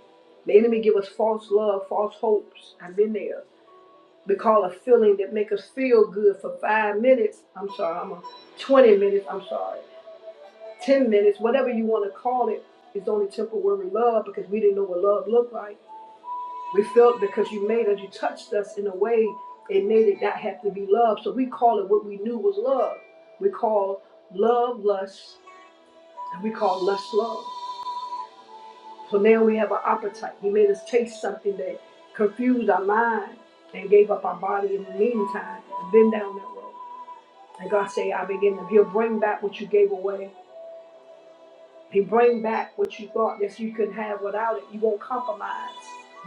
The enemy give us false love, false hopes. I've been there. We call a feeling that make us feel good for five minutes. I'm sorry, I'm a 20 minutes. I'm sorry. 10 minutes, whatever you want to call it, is only temporary love because we didn't know what love looked like. We felt because you made us, you touched us in a way, it made it not have to be love. So we call it what we knew was love. We call love lust, and we call lust love. So now we have an appetite. He made us taste something that confused our mind and gave up our body in the meantime. Been down that road. And God say, I begin to, he'll bring back what you gave away If you bring back what you thought that you could have without it, you won't compromise.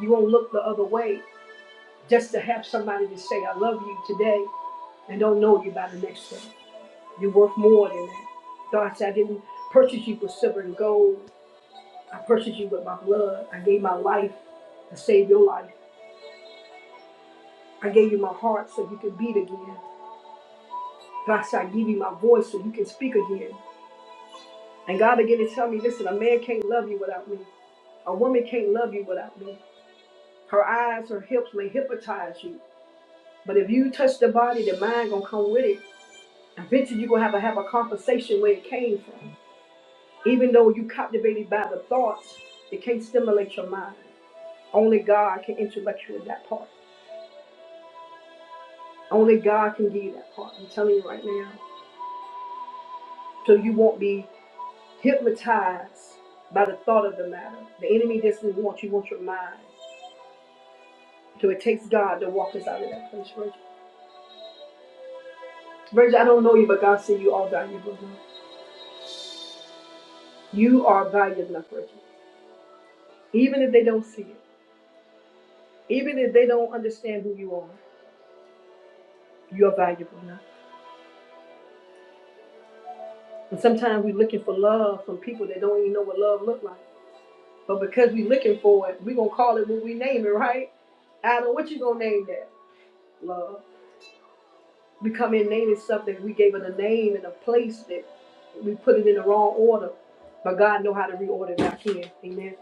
You won't look the other way just to have somebody to say, I love you today and don't know you by the next day. You're worth more than that. God said, I didn't purchase you with silver and gold. I purchased you with my blood. I gave my life to save your life. I gave you my heart so you could beat again. God said, I give you my voice so you can speak again. And God began to tell me, listen, a man can't love you without me. A woman can't love you without me. Her eyes, her hips may hypnotize you. But if you touch the body, the mind gonna come with it. Eventually you're gonna have to have a conversation where it came from. Even though you captivated by the thoughts, it can't stimulate your mind. Only God can intellect you with that part. Only God can give you that part. I'm telling you right now. So you won't be hypnotized by the thought of the matter. The enemy doesn't want you, want your mind. So it takes God to walk us out of that place, Virgil. Virgil, I don't know you, but God see you all valuable. You are valuable, enough, Even if they don't see it, even if they don't understand who you are, you are valuable enough. And sometimes we're looking for love from people that don't even know what love look like. But because we're looking for it, we're gonna call it what we name it, right? Adam, what you gonna name that? Love. We come in naming stuff that we gave it a name and a place that we put it in the wrong order. But God know how to reorder it back in. Amen.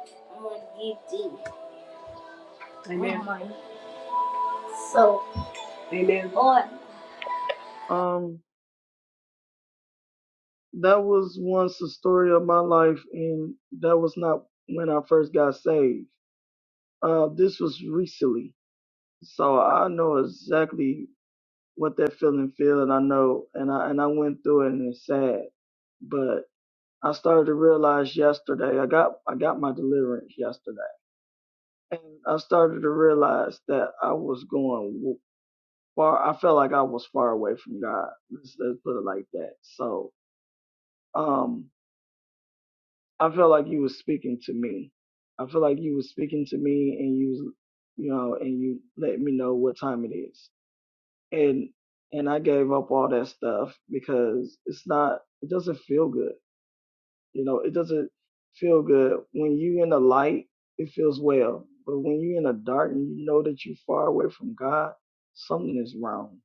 Amen. So, Amen. Lord.
Um, that was once the story of my life, and that was not when I first got saved. Uh, this was recently, so I know exactly what that feeling feel, and I know, and I and I went through it, and it's sad. But I started to realize yesterday, I got I got my deliverance yesterday, and I started to realize that I was going. far I felt like I was far away from God. Let's, let's put it like that. So um I felt like you was speaking to me. I feel like you was speaking to me and you was you know and you let me know what time it is. And and I gave up all that stuff because it's not it doesn't feel good. You know, it doesn't feel good. When you in the light, it feels well. But when you are in the dark and you know that you're far away from God, something is wrong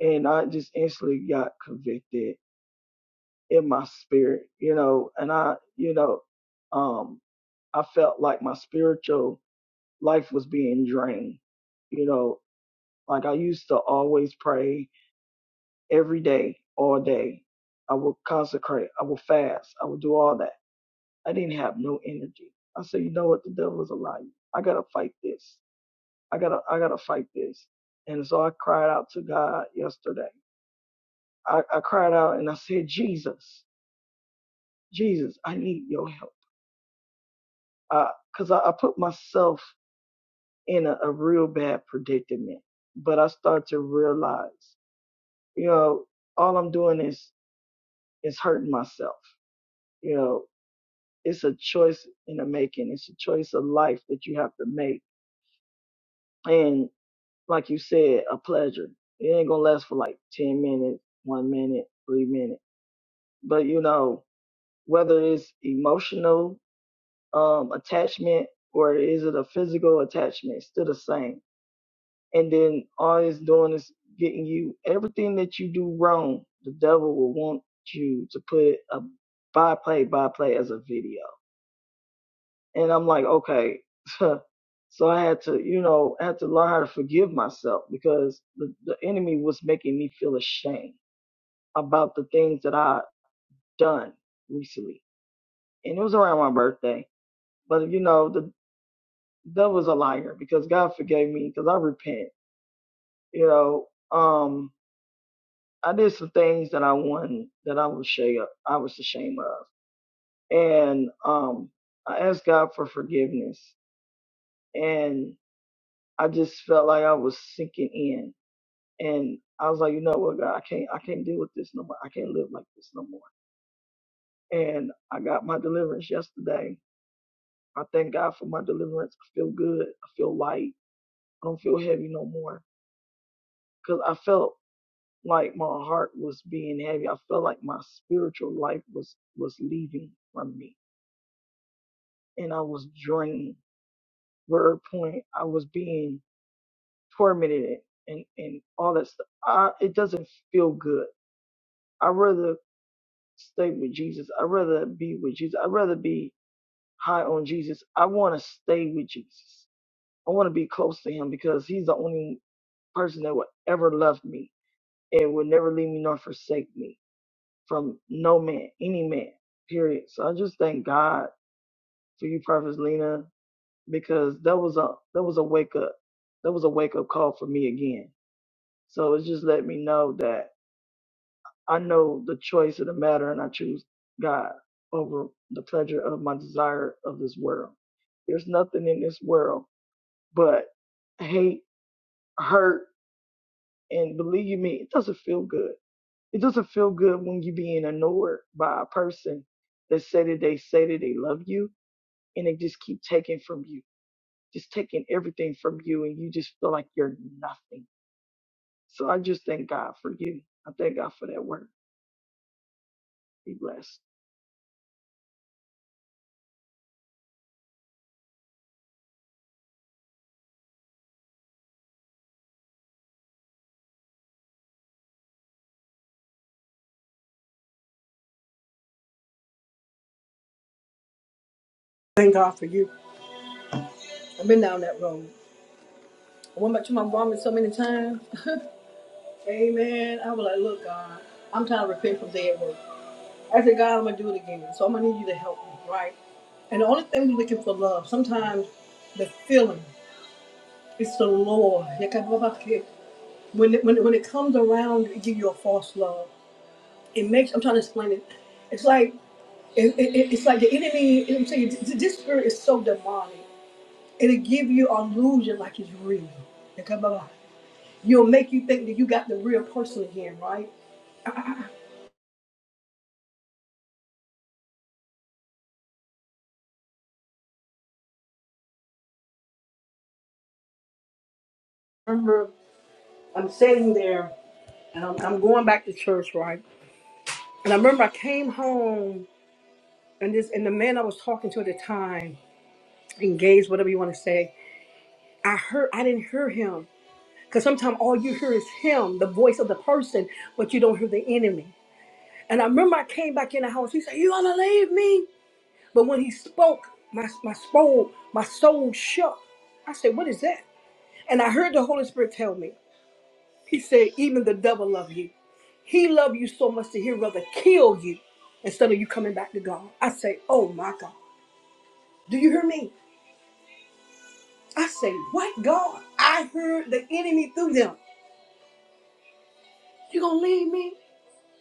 and I just instantly got convicted in my spirit, you know, and I, you know, um, I felt like my spiritual life was being drained, you know, like I used to always pray every day, all day. I would consecrate, I would fast, I would do all that. I didn't have no energy. I said, you know what, the devil is a liar. I gotta fight this. I gotta, I gotta fight this. And so I cried out to God yesterday. I, I cried out and I said, Jesus. Jesus, I need your help. Because uh, I, I put myself in a, a real bad predicament. But I start to realize, you know, all I'm doing is is hurting myself. You know, it's a choice in the making. It's a choice of life that you have to make. And like you said, a pleasure. It ain't gonna last for like ten minutes, one minute, three minutes. But you know, whether it's emotional um attachment or is it a physical attachment, it's still the same and then all it's doing is getting you everything that you do wrong. The devil will want you to put a by play by play as a video, and I'm like, okay. so I had to, you know, I had to learn how to forgive myself because the, the enemy was making me feel ashamed about the things that I done recently, and it was around my birthday. But you know, the devil devil's a liar because God forgave me because I repent. You know, um, I did some things that I won that I was shame I was ashamed of, and um, I asked God for forgiveness, and I just felt like I was sinking in, and I was like, you know what, God, I can't I can't deal with this no more. I can't live like this no more. And I got my deliverance yesterday. I thank God for my deliverance. I feel good. I feel light. I don't feel heavy no more because I felt like my heart was being heavy. I felt like my spiritual life was was leaving from me and I was drained. Word point, I was being tormented and and all that stuff. I, it doesn't feel good. I'd rather stay with Jesus. I'd rather be with Jesus. I'd rather be high on Jesus. I want to stay with Jesus. I want to be close to Him because He's the only person that will ever love me and will never leave me nor forsake me from no man, any man. Period. So I just thank God for you, Prophet Lena, because that was a that was a wake up that was a wake up call for me again. So it just let me know that I know the choice of the matter and I choose God over the pleasure of my desire of this world. There's nothing in this world but hate, hurt, and believe me, it doesn't feel good. It doesn't feel good when you're being annoyed by a person that say that they say that they love you and they just keep taking from you just taking everything from you and you just feel like you're nothing. So I just thank God for you. I thank God for that work. Be blessed.
Thank God for you. I've been down that road. I went back to my vomit so many times. Amen. I was like, look, God, I'm trying to repent from dead work. I said, God, I'm gonna do it again. So I'm gonna need you to help me, right? And the only thing we're looking for love, sometimes the feeling is the Lord. When it, when it, when it comes around, it give you a false love. It makes I'm trying to explain it. It's like it, it- it's like the enemy. I'm telling you, th- this spirit is so demonic. It'll give you an illusion like it's real. You'll make you think that you got the real person again, right? I'm sitting there and I'm, I'm going back to church, right? And I remember I came home and this and the man I was talking to at the time, engaged, whatever you want to say, I heard I didn't hear him. Because sometimes all you hear is him, the voice of the person, but you don't hear the enemy. And I remember I came back in the house. He said, You gonna leave me? But when he spoke, my my soul, my soul shook. I said, What is that? And I heard the Holy Spirit tell me. He said, Even the devil love you. He loved you so much that he'd rather kill you instead of you coming back to God. I say, oh my God. Do you hear me? I say, what God? I heard the enemy through them. You gonna leave me?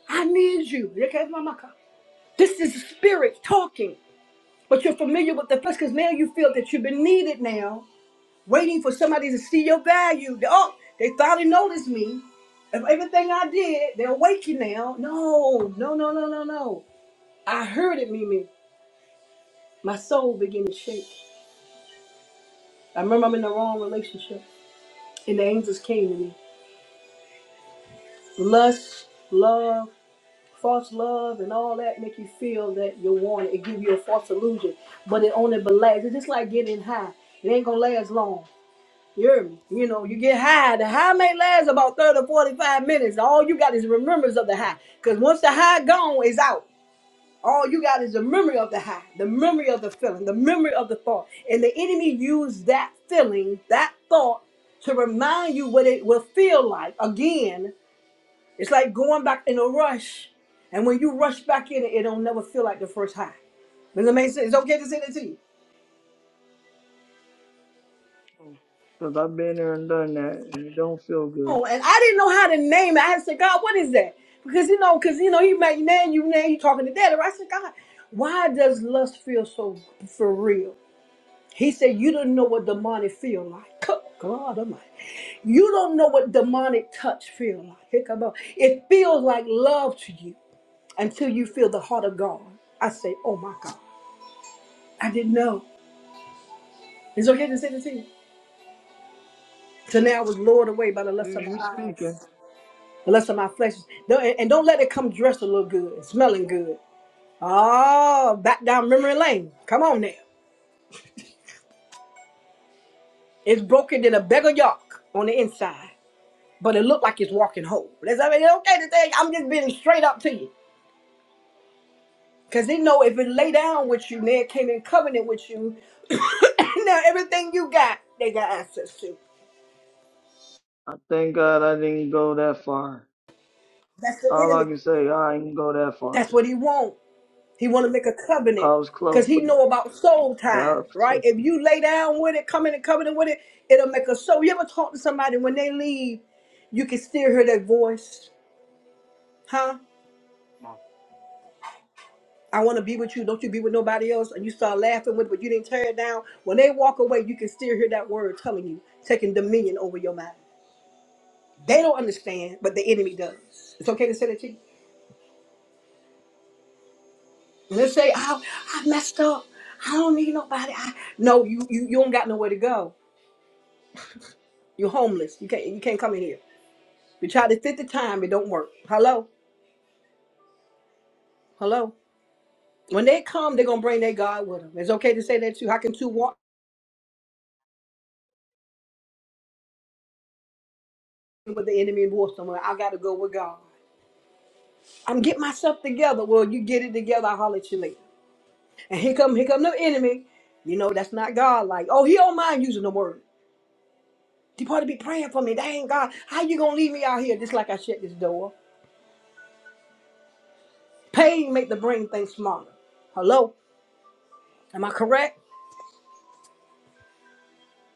I need you. Okay, Mama. This is the spirit talking. But you're familiar with the flesh because now you feel that you've been needed now, waiting for somebody to see your value. Oh, they finally noticed me. If everything I did, they're waking now. No, no, no, no, no, no. I heard it, Mimi. My soul began to shake. I remember I'm in the wrong relationship, and the angels came to me. Lust, love, false love, and all that make you feel that you're wanted. It give you a false illusion, but it only lasts. It's just like getting high. It ain't gonna last long. You hear me? You know, you get high. The high may last about 30 or 45 minutes. All you got is remembrance of the high. Because once the high gone, it's out. All you got is the memory of the high, the memory of the feeling, the memory of the thought. And the enemy used that feeling, that thought, to remind you what it will feel like. Again, it's like going back in a rush. And when you rush back in, it don't never feel like the first high. Does that make sense? It's okay to say that to you.
Mhm. Because I've been there and done that and it don't feel
Oh,
good.
and I didn't know how to name it. I had to say, God, what is that? Because you know, because you know, he made name you name you talking to daddy. Right? I said, God, why does lust feel so for real? He said, You don't know what demonic feel like. Good God Almighty. You don't know what demonic touch feel like. Here come on. It feels like love to you until you feel the heart of God. I say, Oh my God. I didn't know. It's okay to say this to you. So now I was lured away by the
You
lust of my
you're
eye,
speaking.
the lust of my flesh. do And and don't let it come dressed a little good, smelling good. Oh, back down memory lane. Come on now. It's broken in a beggar yoke on the inside, but it looked like it's walking whole. That's, I mean, it's okay to say, I'm just being straight up to you. Because they know if it lay down with you, man, came in covenant with you, now everything you got, they got access to.
I thank God I didn't go that far.
That's the
All I
enemy.
can say, I didn't go that far.
That's what he want. He want to make a covenant
I was
because
close,
he
but
know about soul ties,
God
right?
protect
If
me.
you lay down with it, come in and covenant with it, it'll make a soul. You ever talk to somebody when they leave, you can still hear that voice, huh?
Mom.
I want to be with you. Don't you be with nobody else. And you start laughing with, but you didn't tear it down. When they walk away, you can still hear that word telling you, taking dominion over your mind. They don't understand, but the enemy does. It's okay to say that to you. And they say, "Oh, I messed up. I don't need nobody." I... No, you you you don't got nowhere to go. You're homeless. You can't you can't come in here. You try to fit the time, it don't work. Hello, hello. When they come, they're gonna bring their God with them. It's okay to say that too. you. How can two walk with the enemy and war somewhere? I gotta go with God. I'm get myself together. Well, you get it together. I'll holler at you later. And here come here come the enemy. You know that's not God. Like, oh, he don't mind using the word. People ought to be praying for me. Dang God, how you gonna leave me out here just like I shut this door? Pain make the brain think smaller. Hello, am I correct?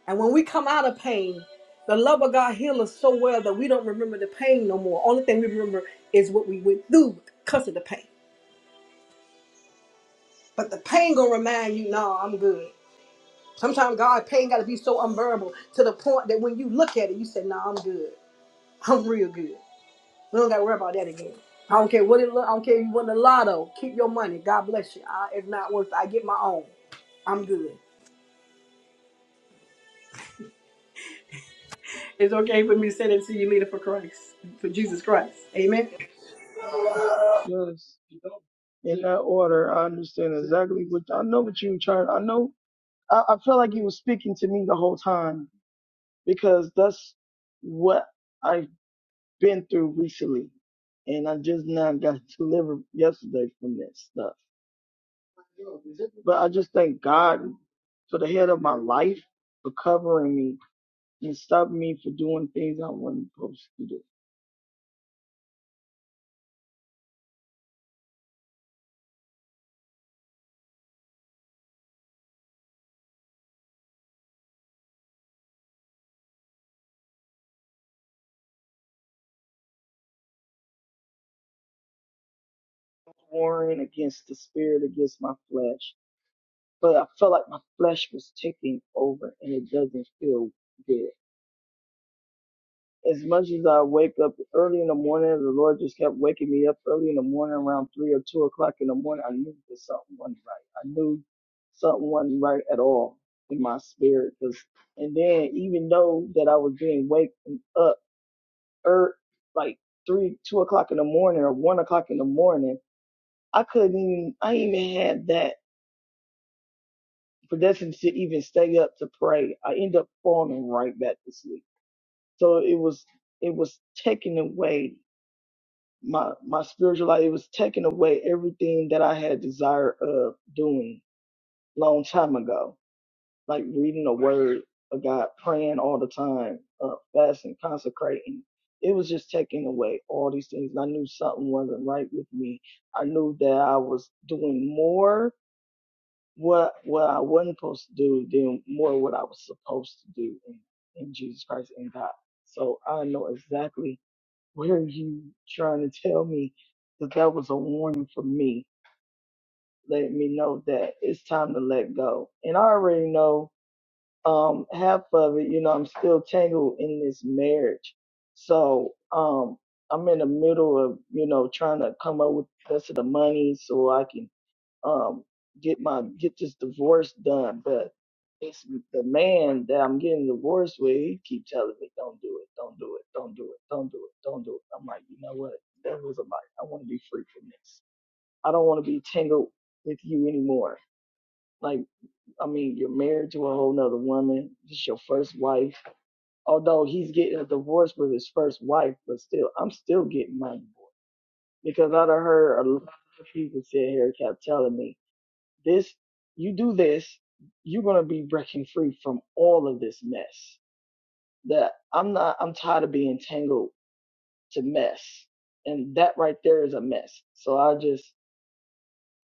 And when we come out of pain, the love of God heals us so well that we don't remember the pain no more. Only thing we remember is what we went through because of the pain. But the pain gonna remind you, no, I'm good. Sometimes God pain gotta be so unbearable to the point that when you look at it, you say, no, I'm good. I'm real good. We don't got to worry about that again. I don't care what it look. I don't care if you win the lotto. Keep your money. God bless you. I, it's not worth. it. I get my own. I'm good. It's okay for me to say that to you later for Christ, for Jesus Christ. Amen.
I was- Yes. you know, In that order, I understand exactly what I know what you were trying. I know I, I felt like you were speaking to me the whole time because that's what I've been through recently. And I just now got delivered yesterday from that stuff. But I just thank God for the head of my life for covering me and stopping me for doing things I wasn't supposed to do. Warring against the spirit, against my flesh. But I felt like my flesh was taking over and it doesn't feel good. as much as I wake up early in the morning, the Lord just kept waking me up early in the morning around three or two o'clock in the morning. I knew that something wasn't right. I knew something wasn't right at all in my spirit. 'cause- and then even though that I was being waking up er, like three, two o'clock in the morning or one o'clock in the morning, I couldn't even, I even had that predestined to even stay up to pray. I end up falling right back to sleep. So it was, it was taken away my my spiritual life it was taking away everything that I had desire of doing long time ago, like reading the word of God, praying all the time, uh, fasting, consecrating. It was just taking away all these things. and I knew something wasn't right with me. I knew that I was doing more what what I wasn't supposed to do than more what I was supposed to do in, in Jesus Christ and God. So I know exactly what are you trying to tell me? That that was a warning for me, letting me know that it's time to let go. And I already know um half of it, you know, I'm still tangled in this marriage. So um I'm in the middle of, you know, trying to come up with the rest of the money so I can um, get my get this divorce done, but it's the man that I'm getting divorced with. He keep telling me, "Don't do it, don't do it, don't do it, don't do it, don't do it." I'm like, you know what? That was a lie. I want to be free from this. I don't want to be tangled with you anymore. Like, I mean, you're married to a whole nother woman. This your first wife. Although he's getting a divorce with his first wife, but still, I'm still getting my divorce because I done heard a lot of people sit here kept telling me this, you do this, you're gonna be breaking free from all of this mess. That I'm not. I'm tired of being tangled to mess, and that right there is a mess. So I just,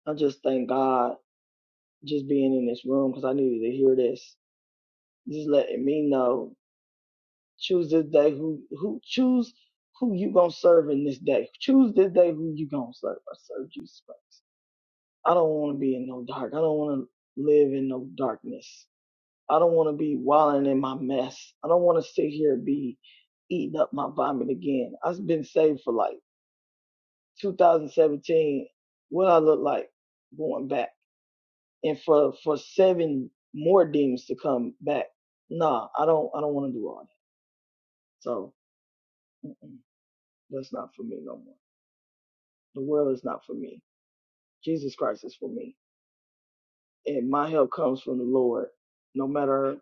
I just thank God just being in this room because I needed to hear this. Just letting me know. Choose this day who who choose who you gonna serve in this day. Choose this day who you gonna serve. I serve Jesus Christ. I don't want to be in no dark. I don't want to live in no darkness. I don't want to be wilding in my mess. I don't want to sit here and be eating up my vomit again. I've been saved for like 2017. What I look like going back and for, for seven more demons to come back. Nah, I don't, I don't want to do all that. So mm-mm, that's not for me no more. The world is not for me. Jesus Christ is for me. And my help comes from the Lord. No matter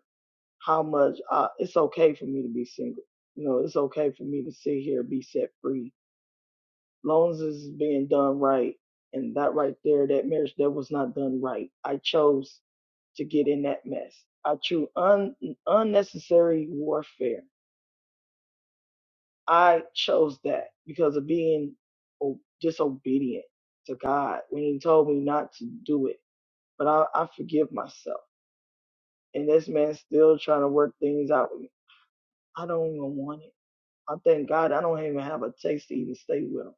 how much uh, it's okay for me to be single. You know, it's okay for me to sit here and be set free, long as it's being done right. And that right there, that marriage that was not done right, I chose to get in that mess. I chose un- unnecessary warfare. I chose that because of being o- disobedient to God when He told me not to do it. But I, I forgive myself. And this man's still trying to work things out with me. I don't even want it. I thank God I don't even have a taste to even stay with 'em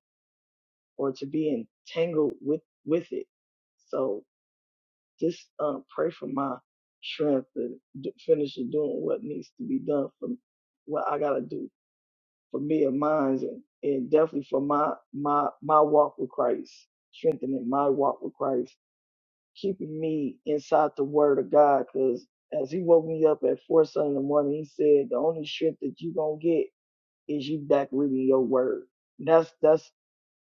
or to be entangled with with it. So just um, pray for my strength to d- finish doing what needs to be done for what I gotta do for me and mine, and, and definitely for my my my walk with Christ, strengthening my walk with Christ, keeping me inside the Word of God, because as He woke me up at four Sunday in the morning, He said the only strength that you gonna get is you back reading your word. That's that's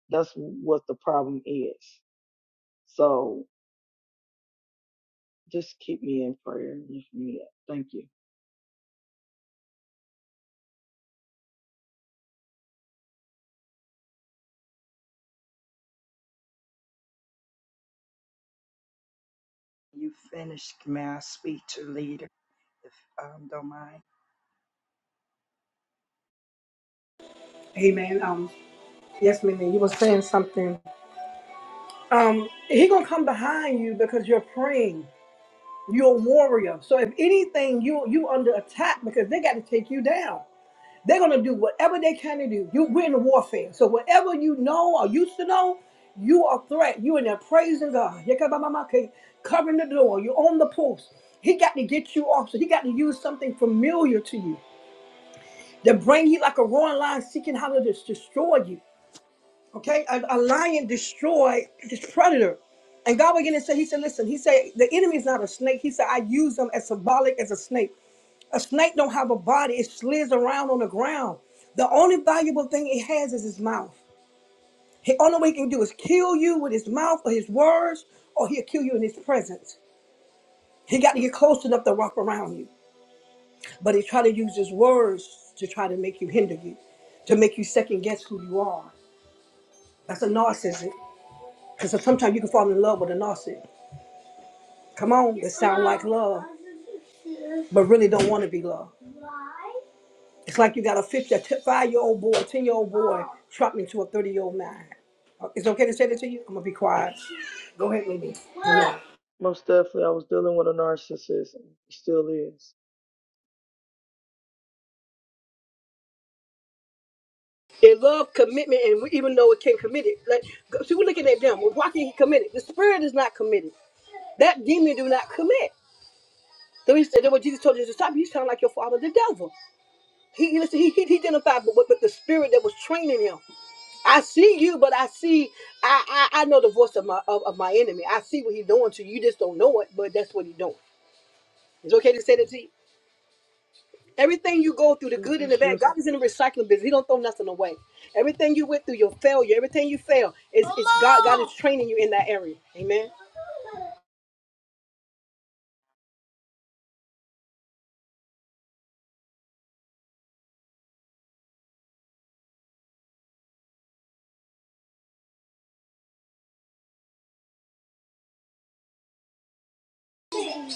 that's what the problem is. So just keep me in prayer. and lift me up. Thank you.
You finished. May I speak to leader, if um, don't mind?
Amen. Um. Yes, Minnie, you were saying something. Um. He gonna come behind you because you're praying. You're a warrior. So if anything, you you under attack because they got to take you down. They're gonna do whatever they can to do. You we're in a warfare. So whatever you know or used to know, you are threat. You in there praising God. Yakabamamake, Covering the door. You're on the post. He got to get you off. So he got to use something familiar to you to bring you like a roaring lion seeking how to just destroy you. Okay? A, a lion destroy this predator. And God began to say, He said, listen, he said, the enemy is not a snake. He said, I use them as symbolic as a snake. A snake don't have a body. It slithers around on the ground. The only valuable thing it has is his mouth. The only way he can do is kill you with his mouth or his words, or he'll kill you in his presence. He got to get close enough to wrap around you. But he try to use his words to try to make you hinder you, to make you second guess who you are. That's a narcissist. Because sometimes you can fall in love with a narcissist. Come on, that sound like love, but really don't want to be loved. It's like you got a 50, a five year old boy, a 10 year old boy trapped into a 30 year old man. Uh, It's okay to say that to you? I'm going to be quiet. Go ahead, Mindy.
Uh,
Yeah.
most definitely, I was dealing with a narcissist. and it Still is.
They love commitment, and we- even though it can commit it, like see, we're looking at them. Well, why can't he commit it? The spirit is not committed. That demon do not commit. So he said, that what Jesus told his disciples, you sound like your father, the devil. He he- listen, he, he, he identified with, with the spirit that was training him. I see you, but I see, I I, I know the voice of my of, of my enemy. I see what he's doing to you. You just don't know it, but that's what he's doing. It's okay to say that to you. Everything you go through, the good
Yes,
and the bad,
yes,
God is in the recycling business. He don't throw nothing away. Everything you went through, your failure, everything you fail, it's, it's God. God is training you in that area. Amen.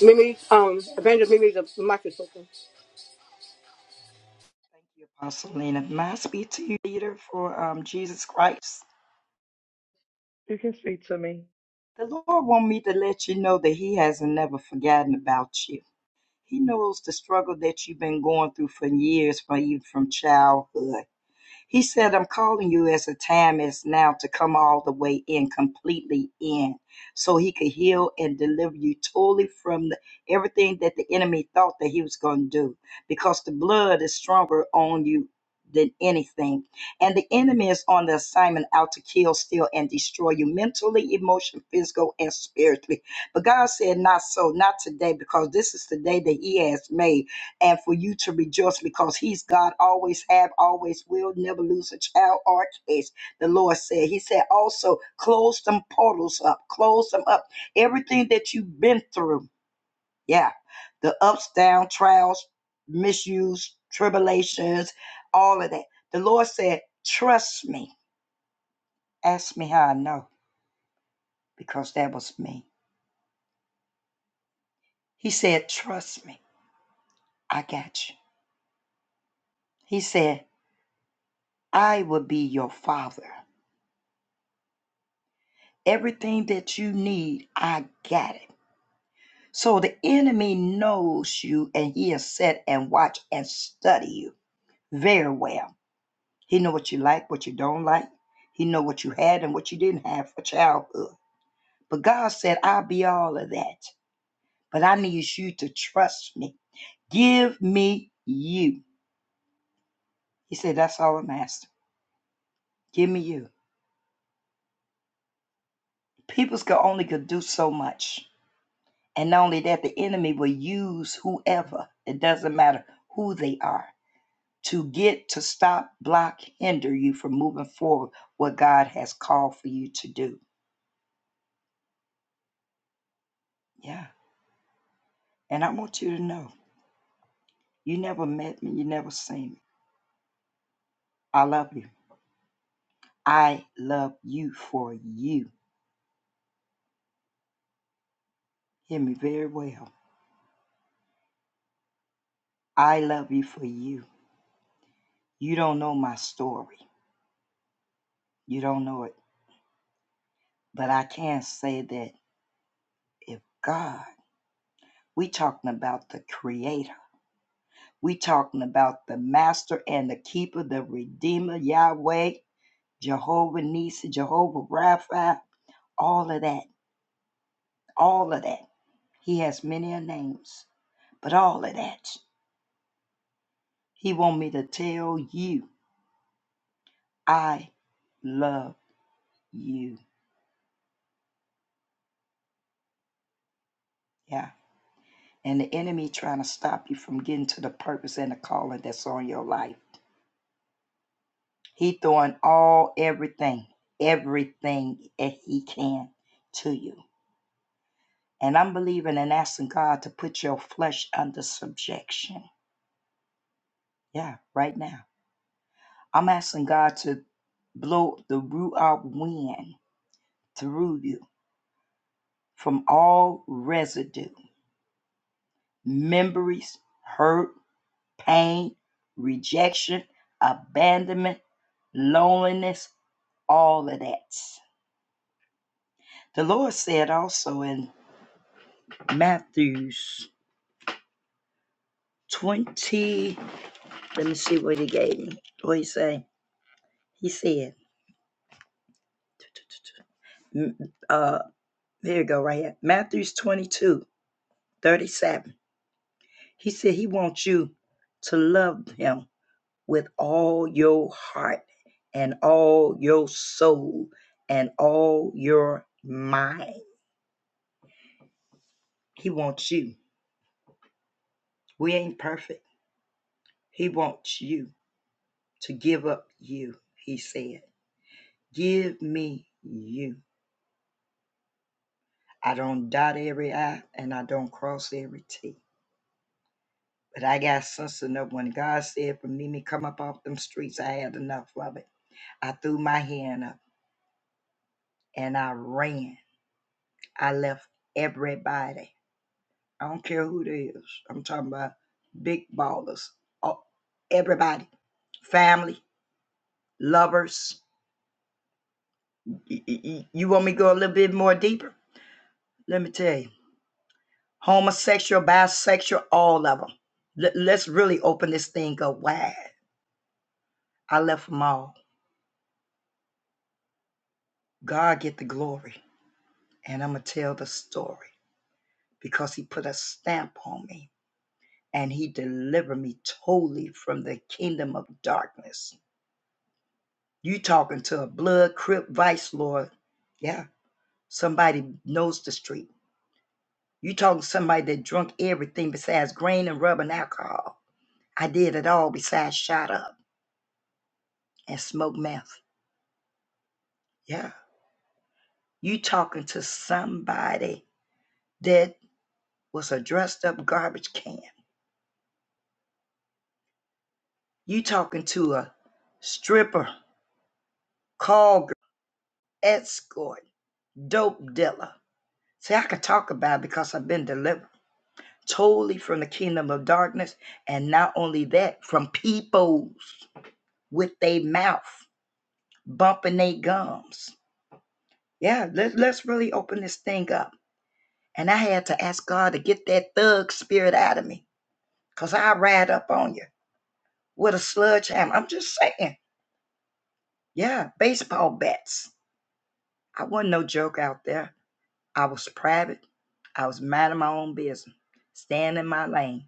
Mimi, um, Evangelist Mimi, the other
Thank you, Apostle Lena. May I speak to you, leader, for um, Jesus Christ?
you can speak to me.
The Lord want me to let you know that He hasn't never forgotten about you. He knows the struggle that you've been going through for years, for even from childhood. He said, I'm calling you as a time is now to come all the way in, completely in, so he could heal and deliver you totally from the, everything that the enemy thought that he was going to do, because the blood is stronger on you than anything. And the enemy is on the assignment out to kill, steal, and destroy you mentally, emotionally, physical, and spiritually. But God said, Not so, not today, because this is the day that he has made and for you to rejoice because he's God, always have, always will, never lose a child or a case. The Lord said, He said also, close them portals up, close them up. Everything that you've been through, yeah, the ups, down, trials, misuse, tribulations, all of that. The Lord said, Trust me. Ask me how I know, because that was me. He said, Trust me. I got you. He said, I will be your father. Everything that you need, I got it. So the enemy knows you and he has set and watch and study you very well. He know what you like, what you don't like. He know what you had and what you didn't have for childhood. But God said, I'll be all of that. But I need you to trust me. Give me you. He said, That's all I'm asking. Give me you. People's can only could do so much. And not only that, the enemy will use whoever. It doesn't matter who they are to get to stop, block, hinder you from moving forward what God has called for you to do. Yeah. And I want you to know you never met me, you never seen me. I love you. I love you for you. Hear me very well. I love you for you. You don't know my story. You don't know it. But I can say that if God, we talking about the creator. We talking about the master and the keeper, the redeemer, Yahweh, Jehovah Nisi, Jehovah Rapha, all of that, all of that. He has many a names, but all of that. He want me to tell you, I love you. Yeah. And the enemy trying to stop you from getting to the purpose and the calling that's on your life. He throwing all everything, everything that he can to you. And I'm believing and asking God to put your flesh under subjection. Yeah, right now I'm asking God to blow the Ruach wind through you from all residue, memories, hurt, pain, rejection, abandonment, loneliness, all of that. The Lord said also in Matthew's 20, let me see what he gave me. What he say? He said, uh, here you go, right here. Matthew's 22 37. He said he wants you to love him with all your heart and all your soul and all your mind. He wants you. We ain't perfect. He wants you to give up you. He said, Give me you. I don't dot every I and I don't cross every T. But I got sense enough when God said for me to come up off them streets, I had enough of it. I threw my hand up and I ran I left everybody. I don't care who it is. I'm talking about big ballers. Oh, everybody, family, lovers. Y- y- You want me to go a little bit more deeper? Let me tell you. Homosexual, bisexual, all of them. L- let's really open this thing up wide. I left them all. God get the glory. And I'm going to tell the story because he put a stamp on me and he delivered me totally from the kingdom of darkness You talking to a blood crip vice lord. Yeah. Somebody knows the street. You talking to somebody that drunk everything besides grain and rub and alcohol. I did it all besides shot up and smoke meth. Yeah. You talking to somebody that was a dressed up garbage can. You talking to a stripper, call girl, escort, dope dealer. See, I could talk about it because I've been delivered. totally from the kingdom of darkness. And not only that, from peoples with their mouth bumping their gums. Yeah, let, let's really open this thing up. And I had to ask God to get that thug spirit out of me because I ride up on you with a sledgehammer. I'm just saying. Yeah, baseball bats. I wasn't no joke out there. I was private. I was minding my own business, staying in my lane,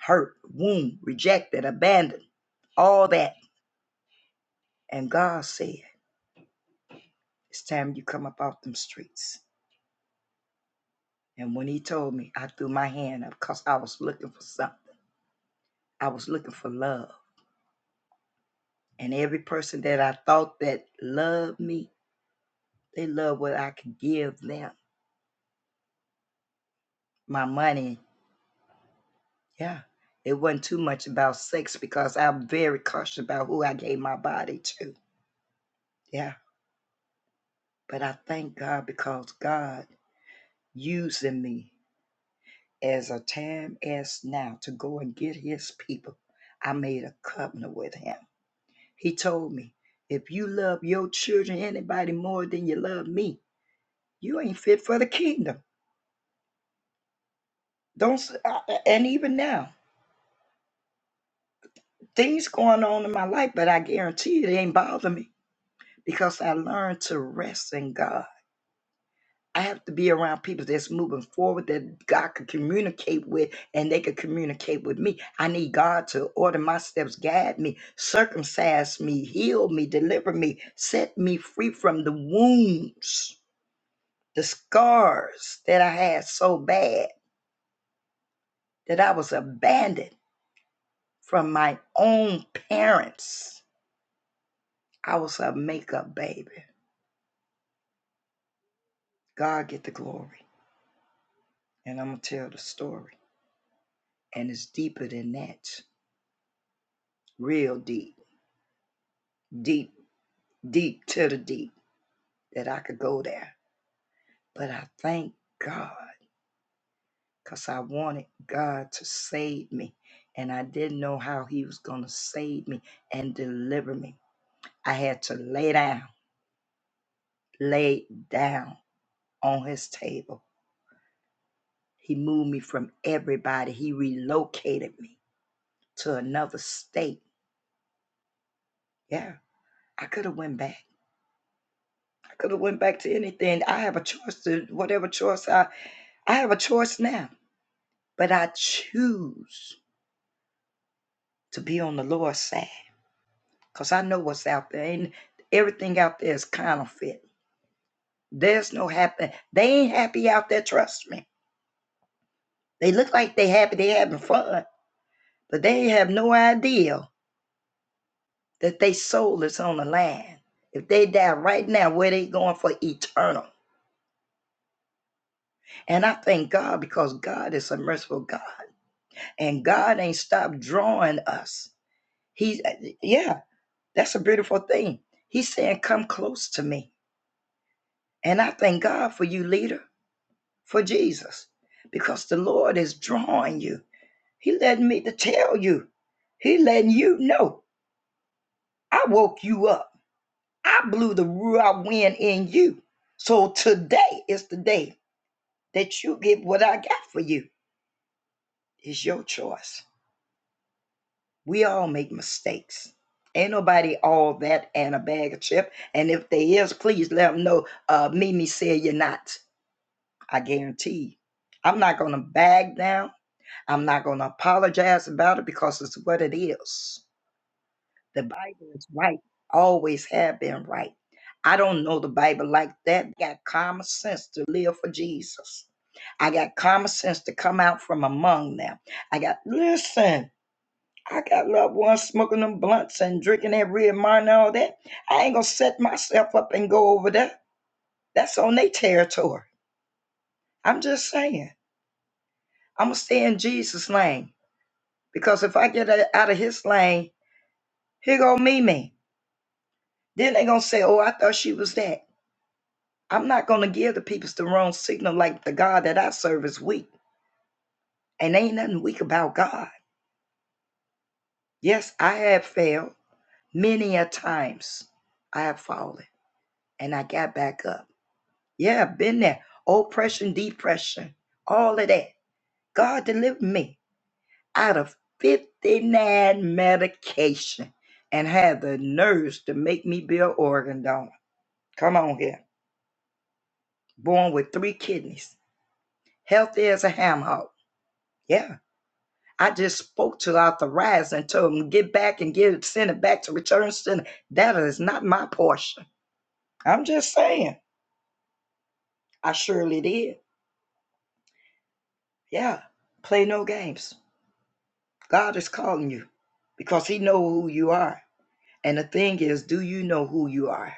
hurt, wound, rejected, abandoned, all that. And God said. It's time you come up off them streets. And when he told me, I threw my hand up because I was looking for something. I was looking for love. And every person that I thought that loved me, they loved what I could give them. My money, yeah. It wasn't too much about sex because I'm very cautious about who I gave my body to. Yeah. But I thank God because God using me as a time as now to go and get his people. I made a covenant with him. He told me, if you love your children, anybody more than you love me, you ain't fit for the kingdom. Don't, s- I- I- and even now, things going on in my life, but I guarantee you, it ain't bother me because I learned to rest in God. I have to be around people that's moving forward that God could communicate with and they could communicate with me. I need God to order my steps, guide me, circumcise me, heal me, deliver me, set me free from the wounds the scars that I had so bad that I was abandoned from my own parents. I was a makeup baby. God get the glory. And I'm going to tell the story. And it's deeper than that. Real deep. Deep, deep to the deep that I could go there. But I thank God because I wanted God to save me. And I didn't know how He was going to save me and deliver me. I had to lay down, lay down on his table. He moved me from everybody. He relocated me to another state. Yeah, I could have went back. I could have went back to anything. I have a choice to whatever choice I I have a choice now, but I choose to be on the Lord's side because I know what's out there. And everything out there is counterfeit. There's no happy. They ain't happy out there. Trust me. They look like they happy. They having fun, but they have no idea that they soul is on the line. If they die right now, where they going for eternal? And I thank God because God is a merciful God, and God ain't stopped drawing us. He, yeah, that's a beautiful thing. He's saying, "Come close to me," and I thank God for you, leader, for Jesus, because the Lord is drawing you. He letting me to tell you. He letting you know. I woke you up. I blew the raw wind in you. So today is the day that you get what I got for you. It's your choice. We all make mistakes. Ain't nobody all that and a bag of chip. And if there is, please let them know. Uh, Mimi said you're not. I guarantee you. I'm not gonna bag down. I'm not gonna apologize about it because it's what it is. The Bible is right, always have been right. I don't know the Bible like that. I Got common sense to live for Jesus. I got common sense to come out from among them. I got, listen, I got loved ones smoking them blunts and drinking that red wine and all that. I ain't gonna set myself up and go over there. That's on their territory. I'm just saying. I'm gonna stay in Jesus' lane because if I get out of his lane, here go Mimi. Then they gonna say, oh, I thought she was that. I'm not going to give the people the wrong signal like the God that I serve is weak. And ain't nothing weak about God. Yes, I have failed many a times. I have fallen and I got back up. Yeah, been there. Oppression, depression, all of that. God delivered me out of 59 medication and had the nerves to make me be an organ donor. Come on here. Born with three kidneys. Healthy as a ham hock. Yeah. I just spoke to authorize and told them get back and get it, send it back to return center. That is not my portion. I'm just saying. I surely did. Yeah. Play no games. God is calling you because he know who you are. And the thing is, do you know who you are?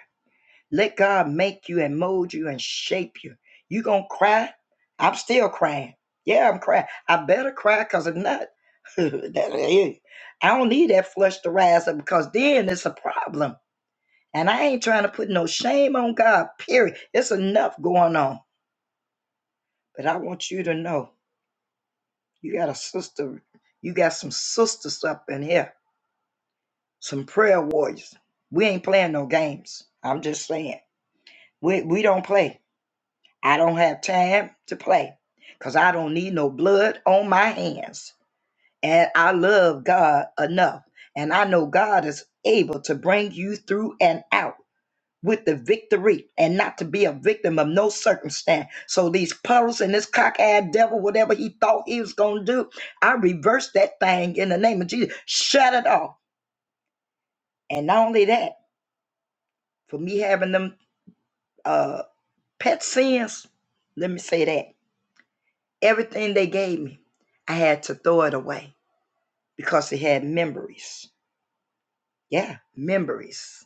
Let God make you and mold you and shape you. You gonna cry? I'm still crying. Yeah, I'm crying. I better cry because if not, that, I don't need that flush to rise up because then it's a problem. And I ain't trying to put no shame on God, period. It's enough going on. But I want you to know you got a sister, you got some sisters up in here, some prayer warriors. We ain't playing no games. I'm just saying. We, we don't play. I don't have time to play because I don't need no blood on my hands. And I love God enough. And I know God is able to bring you through and out. with the victory and not to be a victim of no circumstance. So these puddles and this cockeyed devil, whatever he thought he was going to do, I reversed that thing in the name of Jesus. Shut it off. And not only that, for me having them uh, pet sins, let me say that everything they gave me, I had to throw it away because it had memories. Yeah, memories,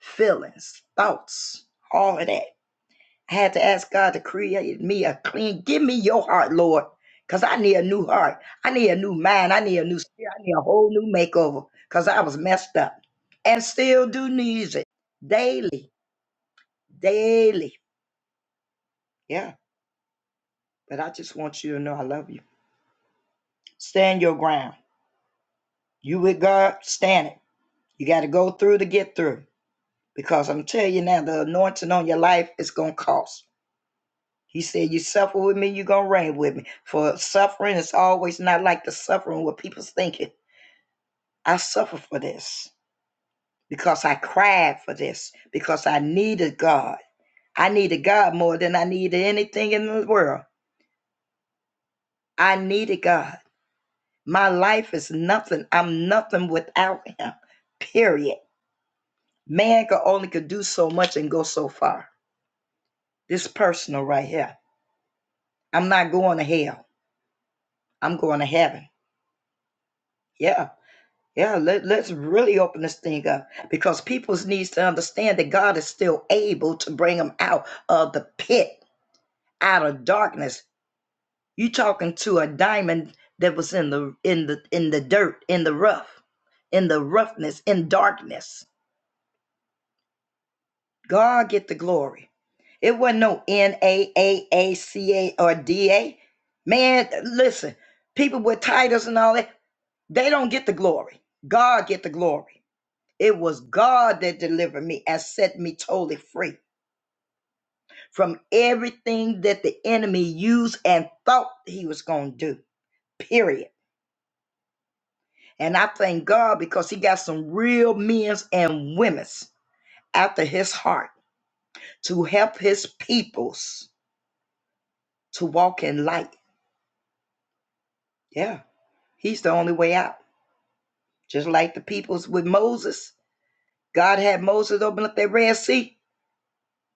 feelings, thoughts, all of that. I had to ask God to create me a clean. Give me your heart, Lord, because I need a new heart. I need a new mind. I need a new spirit. I need a whole new makeover because I was messed up and still do need it daily, daily. Yeah, but I just want you to know I love you. Stand your ground. You with God, stand it. You got to go through to get through because I'm telling you now, the anointing on your life is going to cost. He said, You suffer with me, you're going to reign with me. For suffering is always not like the suffering what people's thinking. I suffer for this because I cried for this, because I needed God. I needed God more than I needed anything in the world. I needed God. My life is nothing. I'm nothing without Him, period. Man could only could do so much and go so far. This personal right here. I'm not going to hell. I'm going to heaven. Yeah. Yeah, let, let's really open this thing up because people needs to understand that God is still able to bring them out of the pit, out of darkness. You talking to a diamond that was in the in the in the dirt, in the rough, in the roughness, in darkness. God get the glory. It wasn't no N A A A C A or D A. Man, listen, people with titles and all that, they don't get the glory. God get the glory. It was God that delivered me and set me totally free from everything that the enemy used and thought he was going to do, period. And I thank God because he got some real men's and women's after his heart to help his peoples to walk in light. Yeah, he's the only way out. Just like the peoples with Moses, God had Moses open up that Red Sea.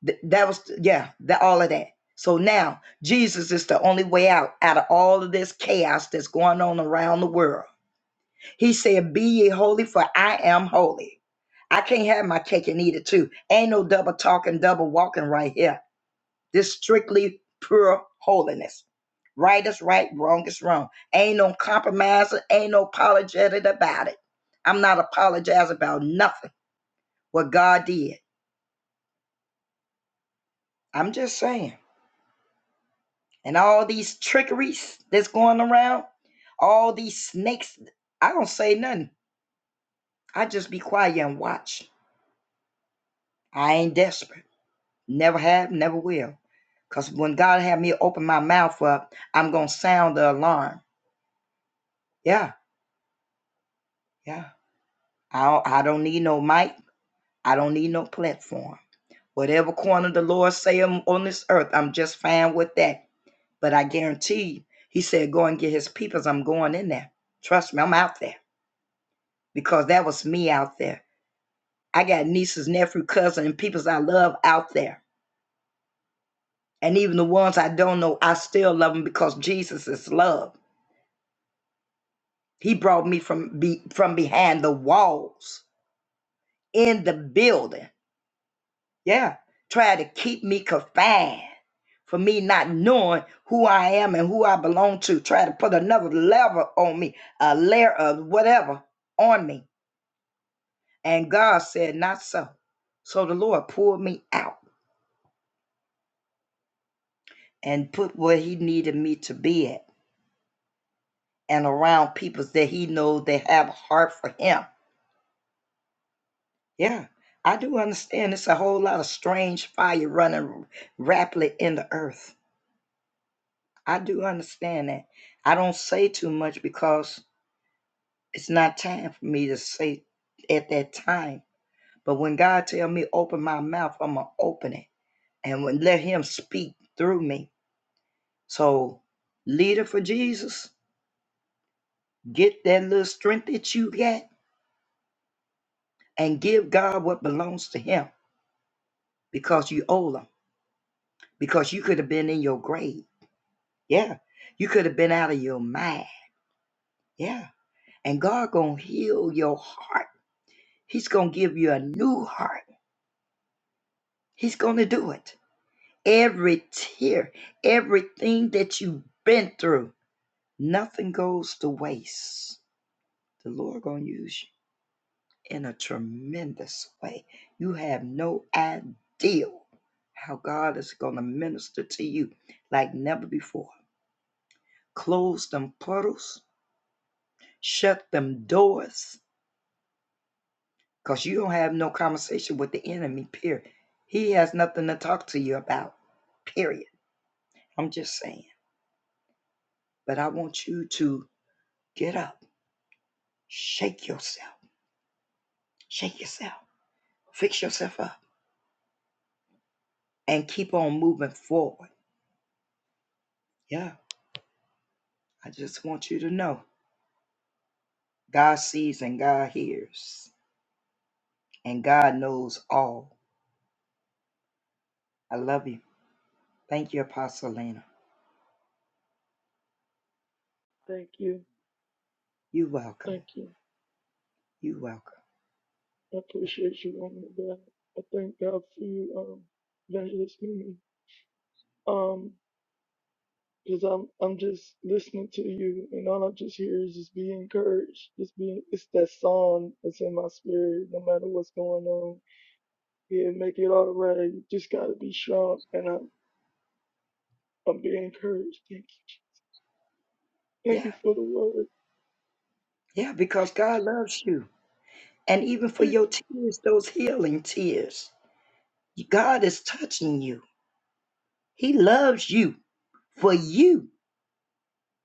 Th- that was yeah that all of that so now jesus is the only way out out of all of this chaos that's going on around the world he said be ye holy for i am holy i can't have my cake and eat it too ain't no double talking double walking right here this strictly pure holiness right is right wrong is wrong ain't no compromising ain't no apologetic about it i'm not apologizing about nothing what god did i'm just saying and all these trickeries that's going around, all these snakes. I don't say nothing. I just be quiet and watch. I ain't desperate. Never have, never will. Cause when God have me open my mouth up, I'm gonna sound the alarm. Yeah, yeah. I don't, I don't need no mic. I don't need no platform. Whatever corner the Lord say i on this earth, I'm just fine with that. But I guarantee you, He said, "Go and get His peoples." I'm going in there. Trust me, I'm out there because that was me out there I got nieces, nephew, cousin, and peoples I love out there. And even the ones I don't know, I still love them because Jesus is love. He brought me from be, from behind the walls in the building. Yeah. Try to keep me confined for me not knowing who I am and who I belong to. Try to put another level on me, a layer of whatever on me. And God said, not so. So the Lord pulled me out and put where he needed me to be at and around people that he knows that have a heart for him. Yeah, I do understand it's a whole lot of strange fire running rapidly in the earth. I do understand that. I don't say too much because it's not time for me to say at that time. But when God tell me open my mouth, I'm gonna open it and when, let Him speak through me. So, leader for Jesus, get that little strength that you got and give God what belongs to Him because you owe Him. because you could have been in your grave. Yeah. You could have been out of your mind. Yeah. And God going to heal your heart. He's going to give you a new heart. He's going to do it. Every tear, everything that you've been through, nothing goes to waste. The Lord going to use you in a tremendous way. You have no idea how God is going to minister to you like never before. Close them puddles. Shut them doors because you don't have no conversation with the enemy, period. He has nothing to talk to you about, period. I'm just saying. But I want you to get up, shake yourself, shake yourself, fix yourself up, and keep on moving forward. Yeah, I just want you to know God sees and God hears, and God knows all. I love you. Thank you, Apostle Lena.
Thank you.
You welcome.
Thank you.
You welcome.
I appreciate you, woman of God. I thank God for you, um, Evangelist Mimi. Um, because I'm I'm just listening to you, and all I just hear is just be encouraged, just be. It's that song that's in my spirit, no matter what's going on. Yeah, make it all right. You just gotta be strong, and I'm I'm being encouraged. Thank you, thank
Yeah,
you for the word.
yeah, because God loves you. and even for
Thank you.
your tears, those healing tears. God is touching you. He loves you for you.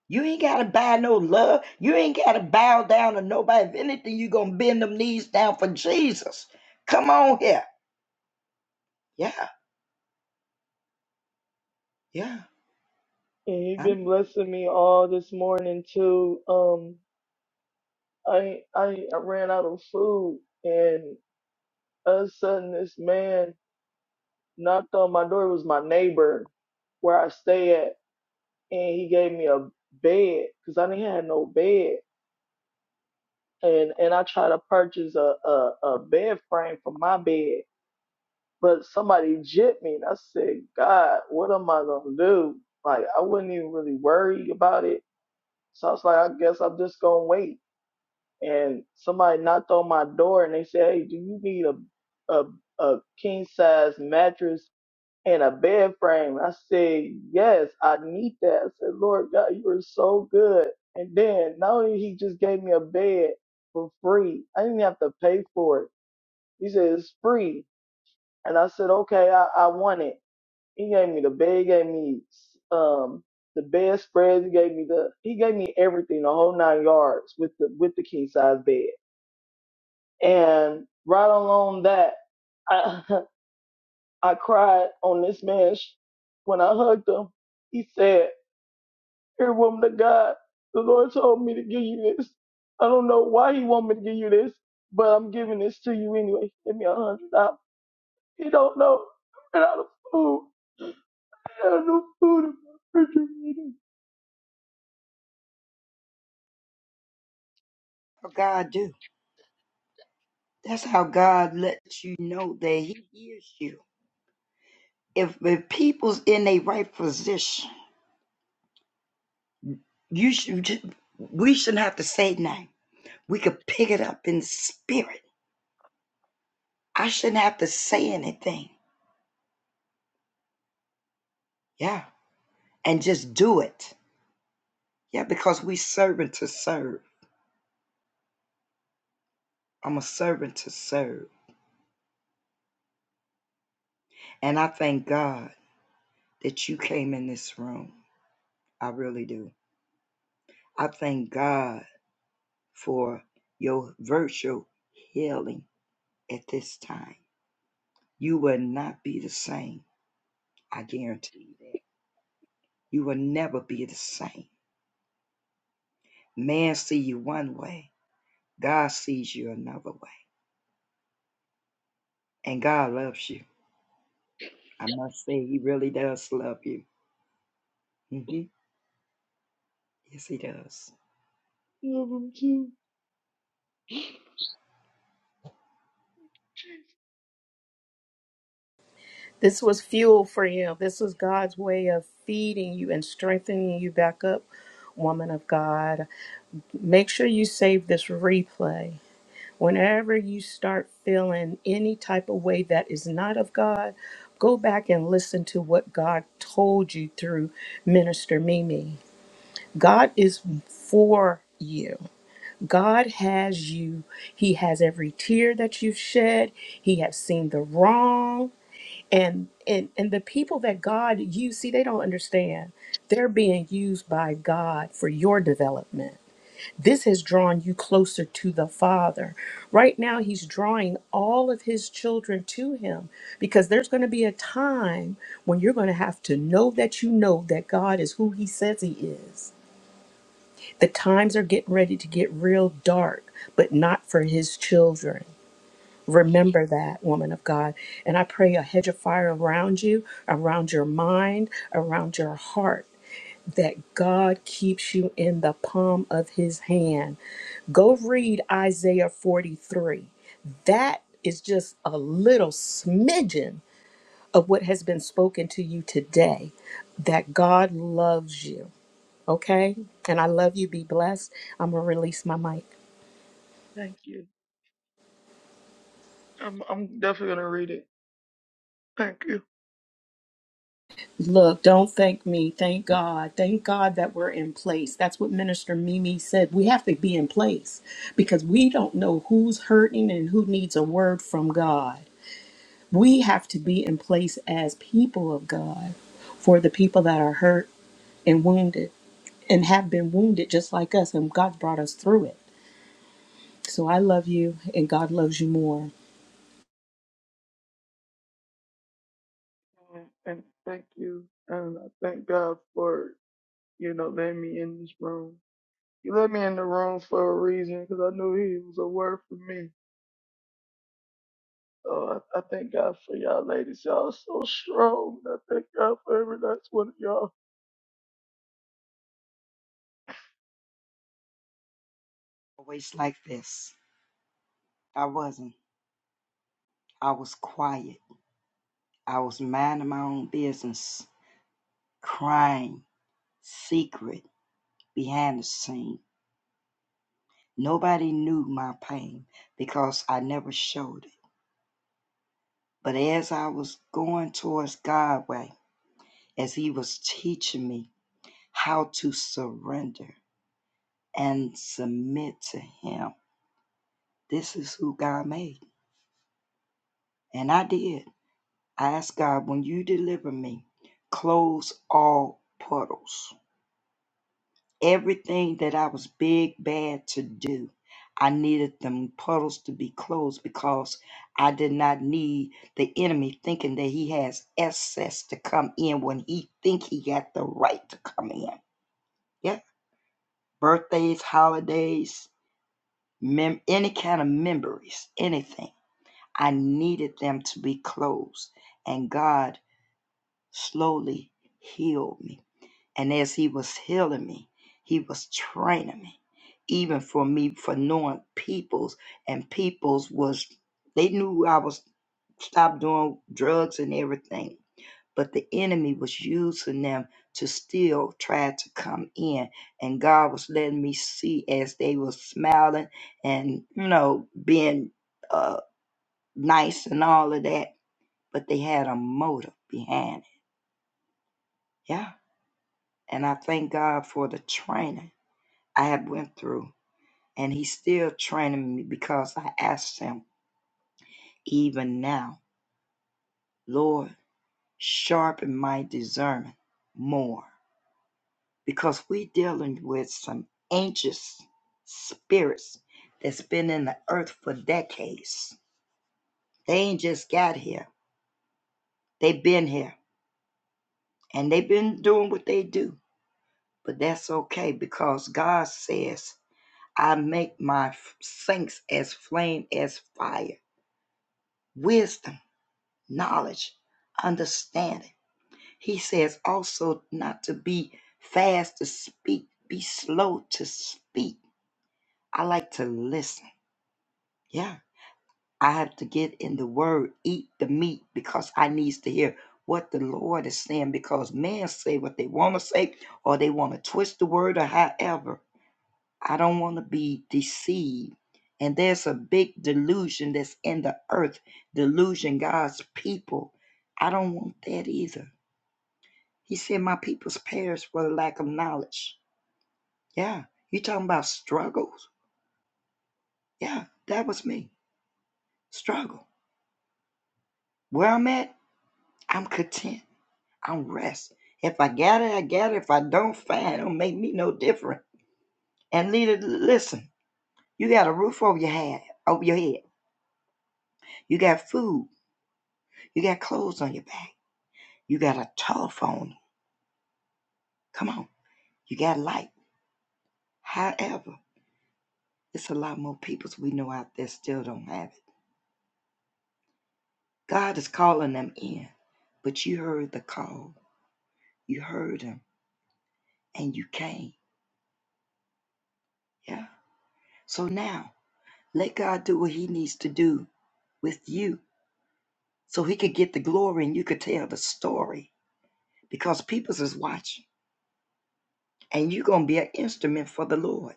You ain't gotta buy no love. You ain't gotta bow down to nobody. If anything, you gonna bend them knees down for Jesus. Come on here. Yeah, yeah.
And you've
I'm
been blessing me all this morning too. Um, I I, I ran out of food, and all of a sudden this man knocked on my door. It was my neighbor where I stay at and he gave me a bed because I didn't have no bed, and and I tried to purchase a, a a bed frame for my bed, but somebody jipped me, and I said, God, what am I gonna do? Like I wasn't even really worried about it, so I was like, I guess I'm just gonna wait. And somebody knocked on my door, and they said, Hey, do you need a a a king size mattress and a bed frame. I said, Yes, I need that. I said, Lord God, you are so good. And then not only he just gave me a bed for free, I didn't have to pay for it. He said, It's free. And I said, Okay, I, I want it. He gave me the bed, he gave me um the bed spreads, he gave me the he gave me everything, the whole nine yards with the with the king size bed. And right along that I cried on this man sh- when I hugged him. He said, "Here, woman of God, the Lord told me to give you this. I don't know why He want me to give you this, but I'm giving this to you anyway. Give me a hundred dollars. He don't know. I ran out of food. I ran out of food in my refrigerator.
God do. That's how God lets you know that He hears you. If if people's in a right position, you should we shouldn't have to say nothing. We could pick it up in spirit I shouldn't have to say anything. Yeah. And just do it. Yeah, because we servant to serve. I'm a servant to serve. And I thank God that you came in this room. I really do. I thank God for your virtual healing at this time. You will not be the same. I guarantee you that. You will never be the same. Man see you one way. God sees you another way. And God loves you. I must say, he really does love you. hmm Yes, he does.
I Love him too.
This was fuel for you. This was God's way of feeding you and strengthening you back up, woman of God. Make sure you save this replay. Whenever you start feeling any type of way that is not of God, go back and listen to what God told you through Minister Mimi. God is for you. God has you. He has every tear that you've shed. He has seen the wrong. And and and the people that God used, see, they don't understand. They're being used by God for your development. This has drawn you closer to the Father. Right now, He's drawing all of His children to Him because there's going to be a time when you're going to have to know that you know that God is who He says He is. The times are getting ready to get real dark, but not for His children. Remember that, woman of God. And I pray a hedge of fire around you, around your mind, around your heart, that God keeps you in the palm of His hand Go read Isaiah 43. That is just a little smidgen of what has been spoken to you today that God loves you. Okay? And I love you. Be blessed. I'm going to release my mic.
Thank you. I'm I'm definitely gonna read it. Thank you.
Look, don't thank me. Thank God. Thank God that we're in place. That's what Minister Mimi said. We have to be in place because we don't know who's hurting and who needs a word from God. We have to be in place as people of God for the people that are hurt and wounded and have been wounded just like us, and God brought us through it. So I love you, and God loves you more.
And and thank you. And I thank God for you know letting me in this room He let me in the room for a reason because I knew he was a word for me. So I, I thank God for y'all ladies. Y'all so strong. and I thank God for every last one of y'all.
Always like this. I wasn't. I was quiet. I was minding my own business, crying, secret, behind the scene. Nobody knew my pain because I never showed it. But as I was going towards God way, as He was teaching me how to surrender and submit to Him, this is who God made. And I did. I ask God, when you deliver me, close all puddles. Everything that I was big bad to do, I needed them puddles to be closed because I did not need the enemy thinking that he has access to come in when he think he got the right to come in. Yeah, birthdays, holidays, mem- any kind of memories, anything. I needed them to be closed, and God slowly healed me And as he was healing me, he was training me, even for me for knowing peoples and peoples was they knew I was stopped doing drugs and everything. But the enemy was using them to still try to come in. And God was letting me see as they were smiling and, you know, being uh, nice and all of that. But they had a motive behind it. Yeah. And I thank God for the training I have went through, and He's still training me because I asked Him even now, Lord, sharpen my discernment more, because we dealing with some anxious spirits that's been in the earth for decades. They ain't just got here; they've been here, and they've been doing what they do. But that's okay because God says, "I make my f- saints as flame as fire." Wisdom. knowledge, understanding. He says also not to be fast to speak, be slow to speak. I like to listen. Yeah. I have to get in the word, eat the meat, because I needs to hear what the Lord is saying, because men say what they want to say, or they want to twist the word, or however. I don't want to be deceived. And there's a big delusion that's in the earth, delusion God's people. I don't want that either. He said, My people's perish for the lack of knowledge. Yeah. You talking about struggles? Yeah, that was me. Struggle. Where I'm at, I'm content. I'm rest. If I gather, I gather. If I don't, fine. It don't make me no different. And leader, listen. You got a roof over your head, over your head. You got food. You got clothes on your back. You got a telephone. Come on. You got light. However, it's a lot more peoples we know out there still don't have it. God is calling them in, but you heard the call, you heard him, and you came. Yeah. So now let God do what he needs to do with you so he could get the glory and you could tell the story because peoples is watching and you're going to be an instrument for the Lord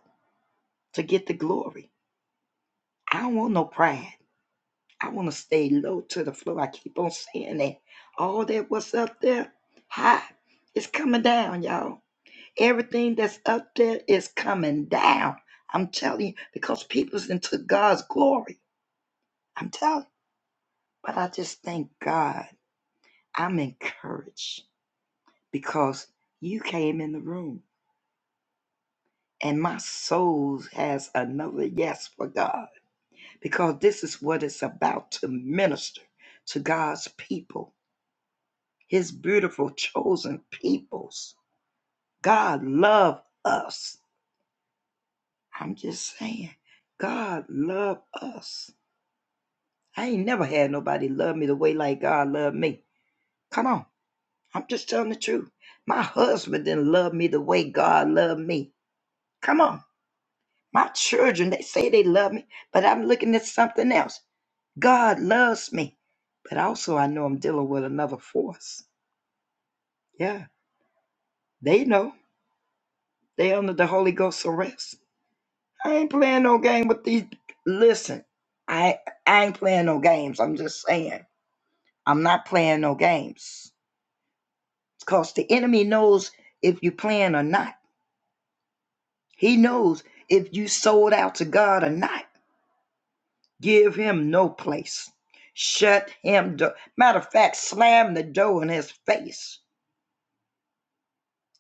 to get the glory. I don't want no pride. I want to stay low to the floor. I keep on saying that. All that was up there high is coming down, y'all. Everything that's up there is coming down. I'm telling you, because people's into God's glory. I'm telling you. But I just thank God. I'm encouraged because you came in the room and my soul has another yes for God because this is what it's about to minister to God's people, his beautiful chosen peoples. God love us. I'm just saying, God love us. I ain't never had nobody love me the way like God loved me. Come on. I'm just telling the truth. My husband didn't love me the way God loved me. Come on. My children, they say they love me, but I'm looking at something else. God loves me. But also I know I'm dealing with another force. Yeah. They know. They under the Holy Ghost arrest. I ain't playing no game with these listen. I I ain't playing no games. I'm just saying. I'm not playing no games. because the enemy knows if you plan or not. He knows if you sold out to God or not. Give him no place. Shut him door. Matter of fact, slam the door in his face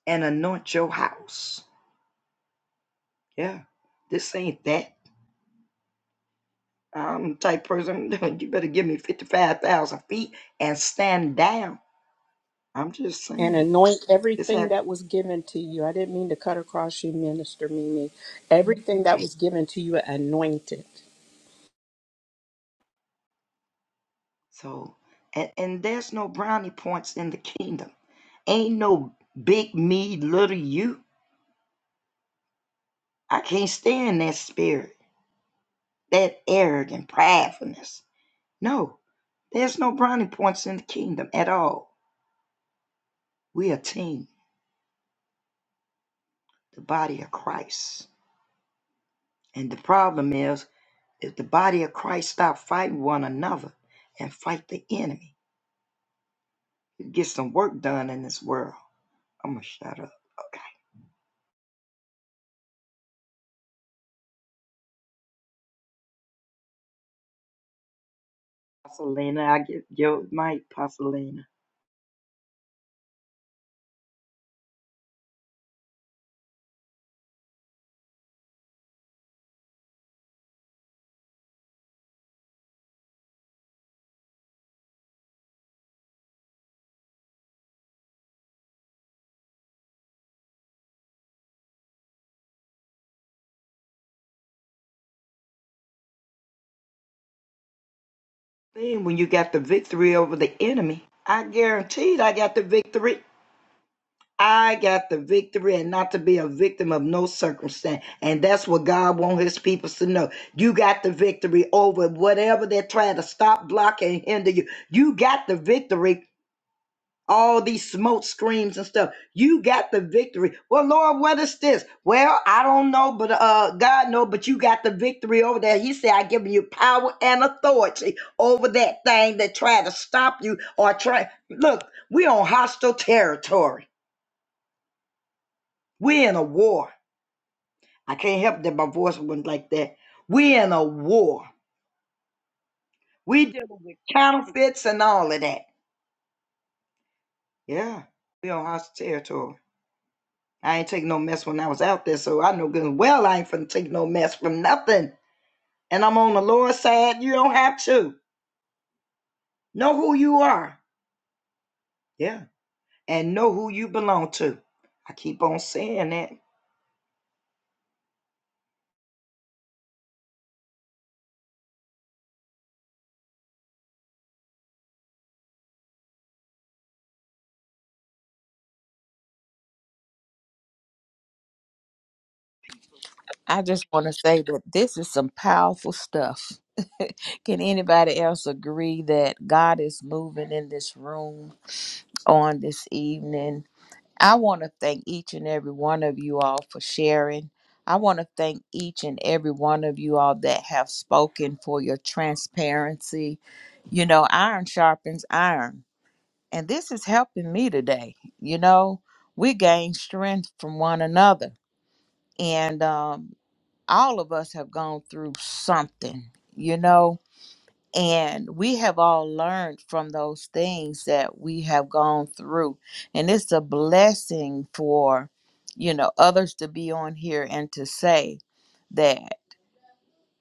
and anoint your house. Yeah, this ain't that. I'm the type of person, you better give me 55,000 feet and stand down. I'm just
and
saying.
anoint
It's
everything
that
that was given to you. I didn't mean to cut across you, Minister Mimi. Everything that was given to you, anoint it.
so, and, and there's no brownie points in the kingdom. Ain't no big me, little you. I can't stand that spirit, that arrogant pridefulness. No, there's no brownie points in the kingdom at all. We are a team, the body of Christ. And the problem is, if the body of Christ stop fighting one another and fight the enemy, you get some work done in this world. I'm gonna shut up. Okay. Pasolina, I give your mic, Pasolina. thing when you got the victory over the enemy. I guaranteed I got the victory. I got the victory and not to be a victim of no circumstance. And that's what God wants his people to know. You got the victory over whatever they're trying to stop, block, and hinder you. You got the victory all these smoke screams and stuff. You got the victory. Well, Lord, what is this? Well, I don't know, but uh God know, but you got the victory over there. He said, I give you power and authority over that thing that try to stop you or try look, we on hostile territory. We in a war. I can't help that my voice went like that. We in a war. We dealing with counterfeits and all of that. Yeah, we on hostile territory. I ain't take no mess when I was out there, so I know good and well I ain't finna take no mess from nothing. And I'm on the Lord's side. You don't have to. Know who you are. Yeah. And know who you belong to. I keep on saying that.
I just want to say that this is some powerful stuff. Can anybody else agree that God is moving in this room on this evening? I want to thank each and every one of you all for sharing. I want to thank each and every one of you all that have spoken for your transparency. You know, iron sharpens iron. And this is helping me today. You know, we gain strength from one another. And um, all of us have gone through something, you know and we have all learned from those things that we have gone through. And it's a blessing for, you know, others to be on here and to say that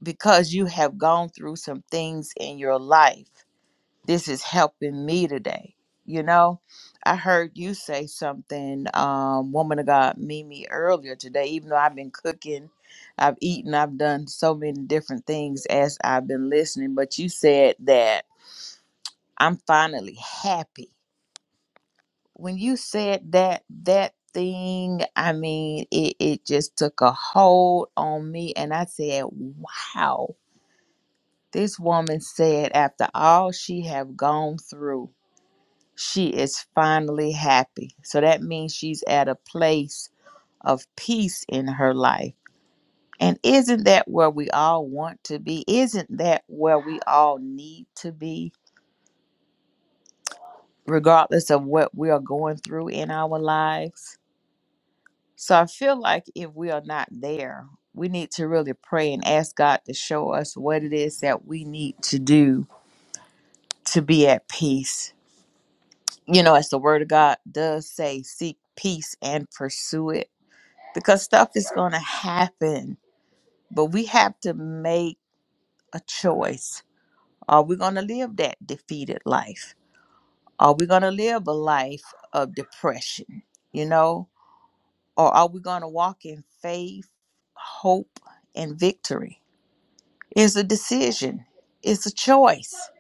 because you have gone through some things in your life, this is helping me today. You know, I heard you say something, um, woman of God, Mimi, earlier today, even though I've been cooking, I've eaten, I've done so many different things as I've been listening, but you said that I'm finally happy. When you said that, that thing, I mean, it, it just took a hold on me. And I said, wow, this woman said after all she have gone through, she is finally happy. So that means she's at a place of peace in her life. And isn't that where we all want to be? Isn't that where we all need to be, regardless of what we are going through in our lives? So I feel like if we are not there, we need to really pray and ask God to show us what it is that we need to do to be at peace. You know, as the word of God does say, seek peace and pursue it because stuff is going to happen, but we have to make a choice. Are we going to live that defeated life? Are we going to live a life of depression? You know, or are we going to walk in faith, hope, and victory? It's a decision, it's a choice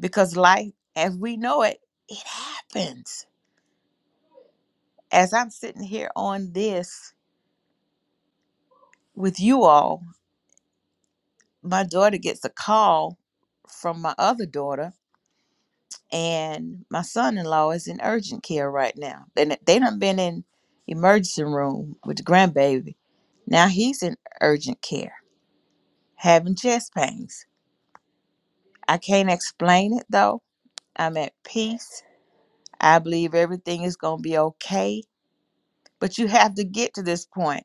because life as we know it, it happens. As I'm sitting here on this with you all, my daughter gets a call from my other daughter, and my son in law is in urgent care right now. They, done- they done been in emergency room with the grandbaby. Now he's in urgent care having chest pains. I can't explain it though. I'm at peace. I believe everything is going to be okay But you have to get to this point.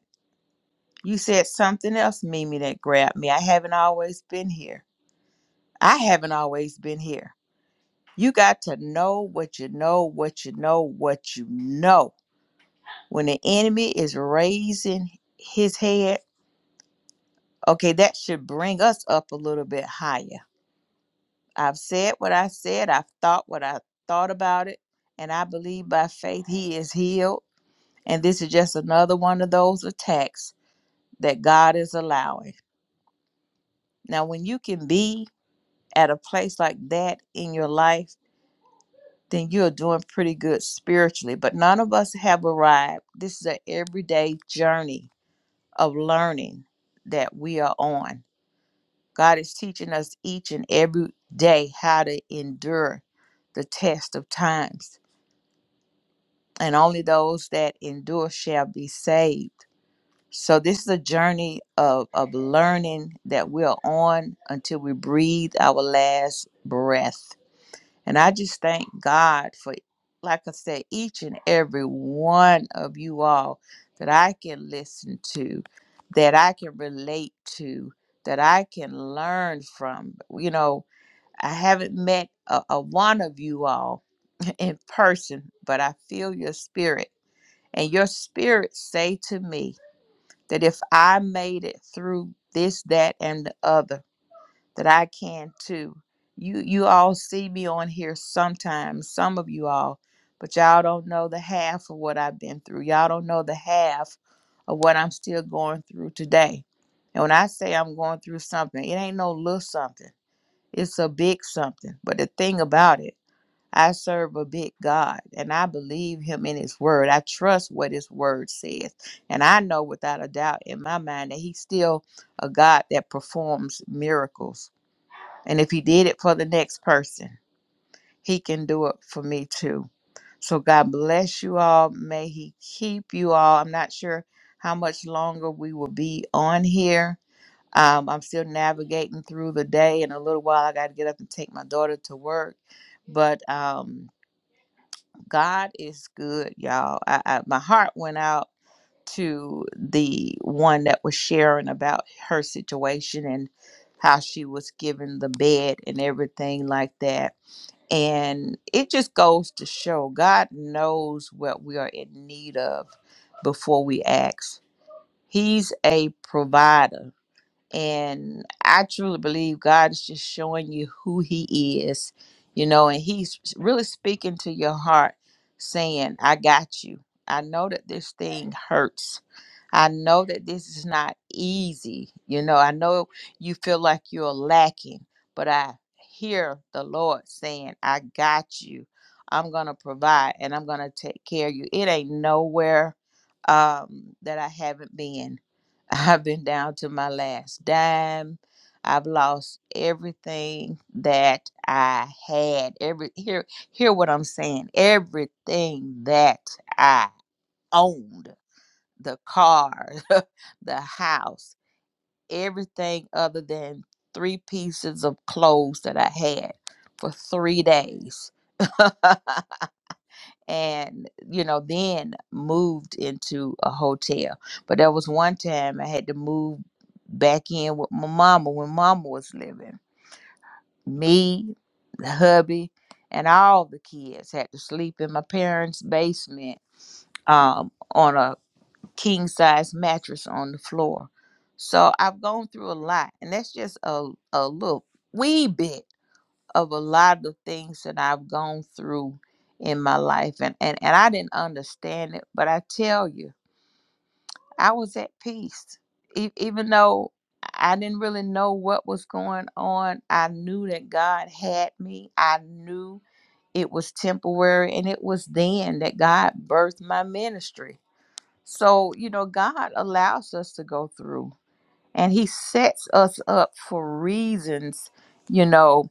You said something else, Mimi, that grabbed me. I haven't always been here. I haven't always been here. You got to know what you know, what you know, what you know. When the enemy is raising his head, okay, that should bring us up a little bit higher. I've said what I said, I've thought what I thought about it, and I believe by faith he is healed. And this is just another one of those attacks that God is allowing. Now, when you can be at a place like that in your life, then you're doing pretty good spiritually. But none of us have arrived. This is an everyday journey of learning that we are on. God is teaching us each and every day how to endure the test of times. And only those that endure shall be saved. So, this is a journey of, of learning that we're on until we breathe our last breath And I just thank God for, like I said, each and every one of you all that I can listen to, that I can relate to, that I can learn from. You know, I haven't met a, a one of you all in person, but I feel your spirit. And your spirit say to me that if I made it through this, that, and the other, that I can too. You you all see me on here sometimes, some of you all, but y'all don't know the half of what I've been through. Y'all don't know the half of what I'm still going through today. And when I say I'm going through something, it ain't no little something. It's a big something. But the thing about it, I serve a big God and I believe him in his word. I trust what his word says. And I know without a doubt in my mind that he's still a God that performs miracles. And if he did it for the next person, he can do it for me too. So God bless you all. May he keep you all. I'm not sure how much longer we will be on here. Um, I'm still navigating through the day. In a little while, I got to get up and take my daughter to work. But um, God is good, y'all. I, I, my heart went out to the one that was sharing about her situation and how she was given the bed and everything like that and it just goes to show God knows what we are in need of before we ask. He's a provider. And I truly believe God is just showing you who He is, you know, and He's really speaking to your heart, saying, I got you. I know that this thing hurts. I know that this is not easy. You know, I know you feel like you're lacking, but I hear the Lord saying, I got you. I'm going to provide and I'm going to take care of you. It ain't nowhere um, that I haven't been. I've been down to my last dime. I've lost everything that I had. Every hear hear what I'm saying. Everything that I owned, the car, the house, everything other than three pieces of clothes that I had for 3 days. and you know then moved into a hotel but there was one time i had to move back in with my mama when mama was living me the hubby and all the kids had to sleep in my parents basement um, on a king size mattress on the floor so i've gone through a lot and that's just a, a little wee bit of a lot of things that I've gone through in my life and and, and I didn't understand it but I tell you I was at peace e- even though I didn't really know what was going on I knew that God had me I knew it was temporary and it was then that God birthed my ministry so you know God allows us to go through and he sets us up for reasons you know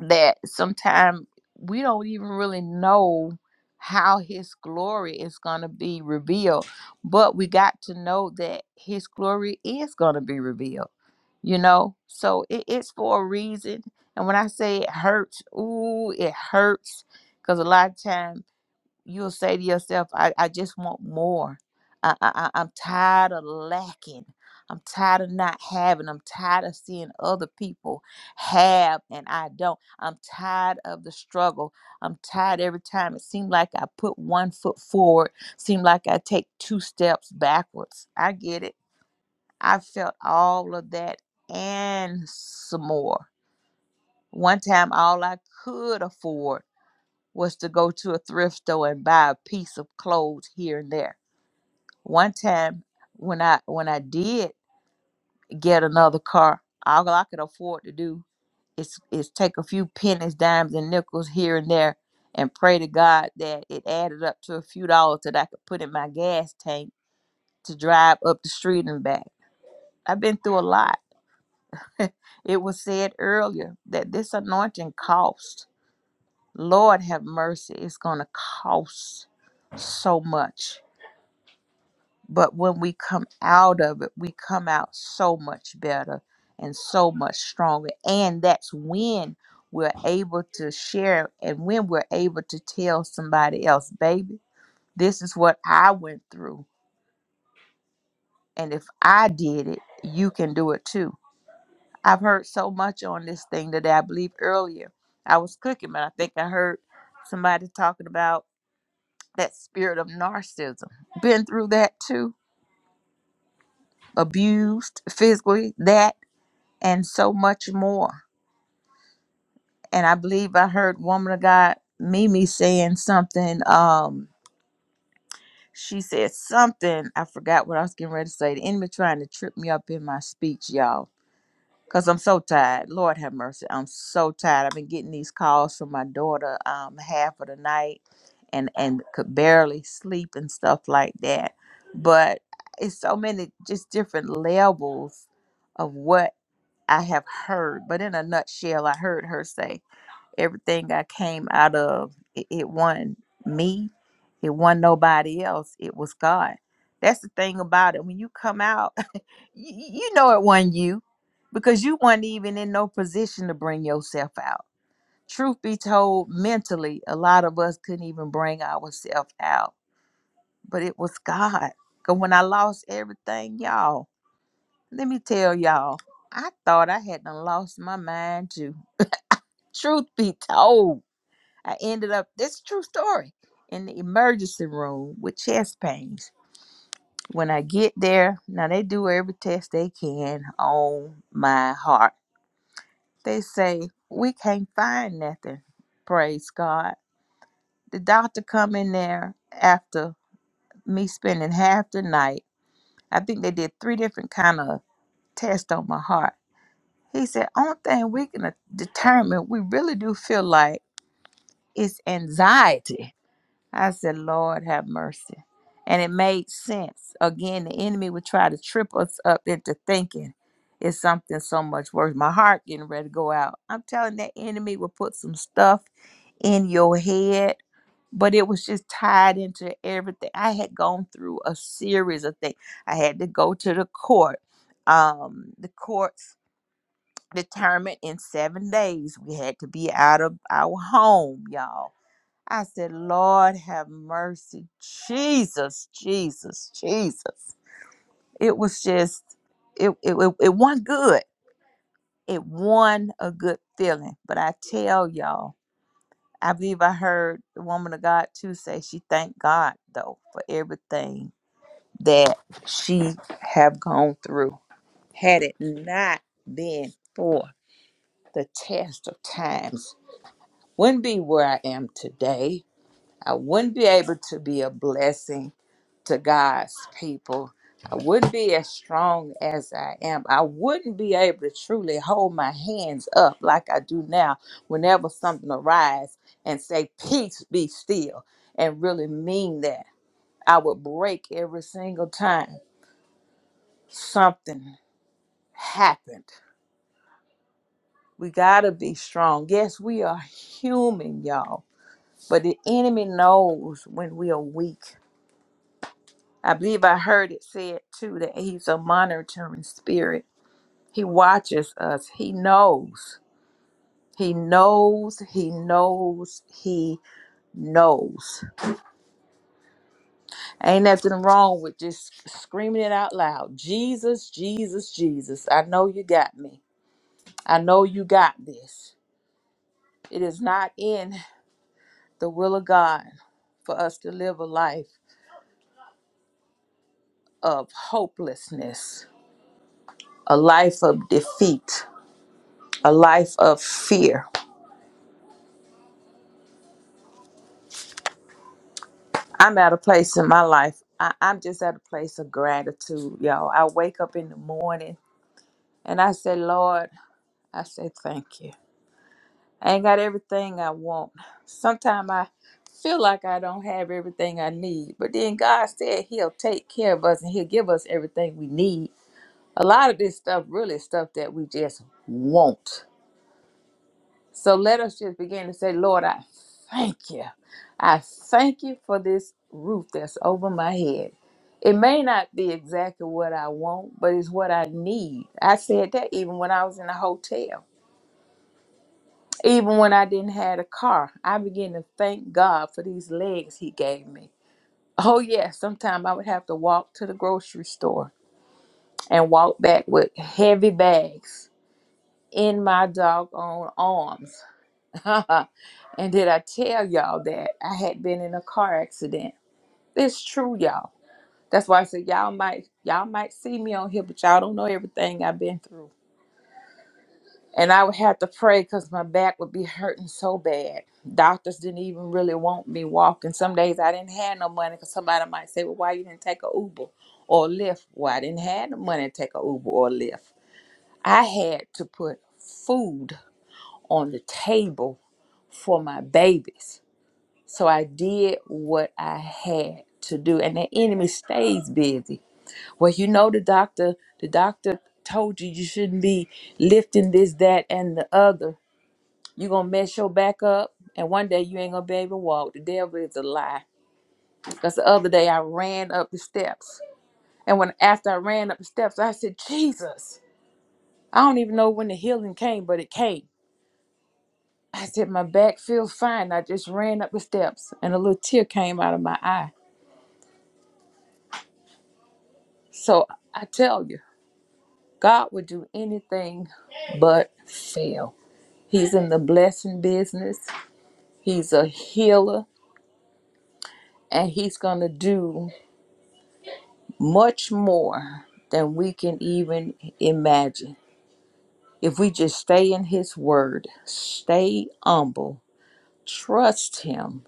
that sometimes we don't even really know how his glory is going to be revealed but we got to know that his glory is going to be revealed you know so it, it's for a reason and when i say it hurts ooh it hurts because a lot of time you'll say to yourself, I, I just want more. I, I, I- I'm tired of lacking. I'm tired of not having. I'm tired of seeing other people have and I don't. I'm tired of the struggle. I'm tired every time. It seemed like I put one foot forward, seemed like I take two steps backwards. I get it. I felt all of that and some more. One time, all I could afford was to go to a thrift store and buy a piece of clothes here and there. One time when I when I did get another car, all I could afford to do is is take a few pennies, dimes and nickels here and there and pray to God that it added up to a few dollars that I could put in my gas tank to drive up the street and back. I've been through a lot. it was said earlier that this anointing costs. Lord have mercy, it's gonna cost so much But when we come out of it, we come out so much better and so much stronger. And that's when we're able to share and when we're able to tell somebody else, baby, this is what I went through. And if I did it, you can do it too. I've heard so much on this thing today. I believe earlier I was cooking, but I think I heard somebody talking about that spirit of narcissism. Been through that too abused physically, that and so much more. And I believe I heard woman of God Mimi saying something. Um, she said something. I forgot what I was getting ready to say. The enemy trying to trip me up in my speech, y'all. Cause I'm so tired. Lord have mercy. I'm so tired. I've been getting these calls from my daughter um half of the night and and could barely sleep and stuff like that. But it's so many just different levels of what I have heard. But in a nutshell, I heard her say everything I came out of, it, it wasn't me, it wasn't nobody else, it was God. That's the thing about it. When you come out, you, you know it wasn't you because you weren't even in no position to bring yourself out. Truth be told, mentally, a lot of us couldn't even bring ourselves out, but it was God. Because when I lost everything, y'all, let me tell y'all, I thought I had done lost my mind too. Truth be told I ended up, this is a true story, in the emergency room with chest pains. When I get there, now they do every test they can on my heart. They say, we can't find nothing. Praise God. The doctor come in there after me spending half the night. I think they did three different kind of tests on my heart. He said, only thing we can uh, determine, we really do feel like it's anxiety I said, Lord, have mercy. And it made sense. Again, the enemy would try to trip us up into thinking it's something so much worse. My heart getting ready to go out. I'm telling that enemy will put some stuff in your head, but it was just tied into everything. I had gone through a series of things. I had to go to the court. Um, the courts determined in seven days we had to be out of our home, y'all I said, Lord have mercy. Jesus, Jesus, Jesus. It was just, it, it, it, it wasn't good. It won a good feeling. But I tell y'all, I believe I heard the woman of God too say she thanked God though for everything that she have gone through. Had it not been for the test of times, wouldn't be where I am today I wouldn't be able to be a blessing to God's people. I wouldn't be as strong as I am. I wouldn't be able to truly hold my hands up like I do now whenever something arises and say, Peace be still, and really mean that. I would break every single time something happened. We got to be strong. Yes, we are human, y'all, but the enemy knows when we are weak I believe I heard it said too that he's a monitoring spirit. He watches us. He knows. He knows. He knows. He knows. Ain't nothing wrong with just screaming it out loud. Jesus, Jesus, Jesus. I know you got me. I know you got this. It is not in the will of God for us to live a life of hopelessness, a life of defeat, a life of fear I'm at a place in my life. I, I'm just at a place of gratitude, y'all. I wake up in the morning and I say, Lord, I say thank you. I ain't got everything I want. Sometimes I feel like I don't have everything I need, but then God said He'll take care of us and He'll give us everything we need. A lot of this stuff, really, is stuff that we just want. So let us just begin to say, Lord, I thank you. I thank you for this roof that's over my head. It may not be exactly what I want, but it's what I need. I said that even when I was in a hotel, even when I didn't have a car. I began to thank God for these legs He gave me. Oh, yeah, sometimes I would have to walk to the grocery store and walk back with heavy bags in my doggone arms and did I tell y'all that I had been in a car accident? It's true, y'all. That's why I said y'all might y'all might see me on here, but y'all don't know everything I've been through. And I would have to pray because my back would be hurting so bad. Doctors didn't even really want me walking. Some days I didn't have no money because somebody might say, "Well, why you didn't take a Uber or a Lyft?" Well, I didn't have the money to take a Uber or a Lyft. I had to put food on the table for my babies So I did what I had to do, and the enemy stays busy. Well, you know the doctor, the doctor told you you shouldn't be lifting this, that, and the other. You're gonna mess your back up, and one day you ain't gonna be able to walk. The devil is a lie. Because the other day I ran up the steps, and when after I ran up the steps, I said, Jesus, I don't even know when the healing came, but it came. I said, my back feels fine. I just ran up the steps, and a little tear came out of my eye. So I tell you. God would do anything but fail. He's in the blessing business, He's a healer, and He's going to do much more than we can even imagine. If we just stay in His Word, stay humble, trust Him,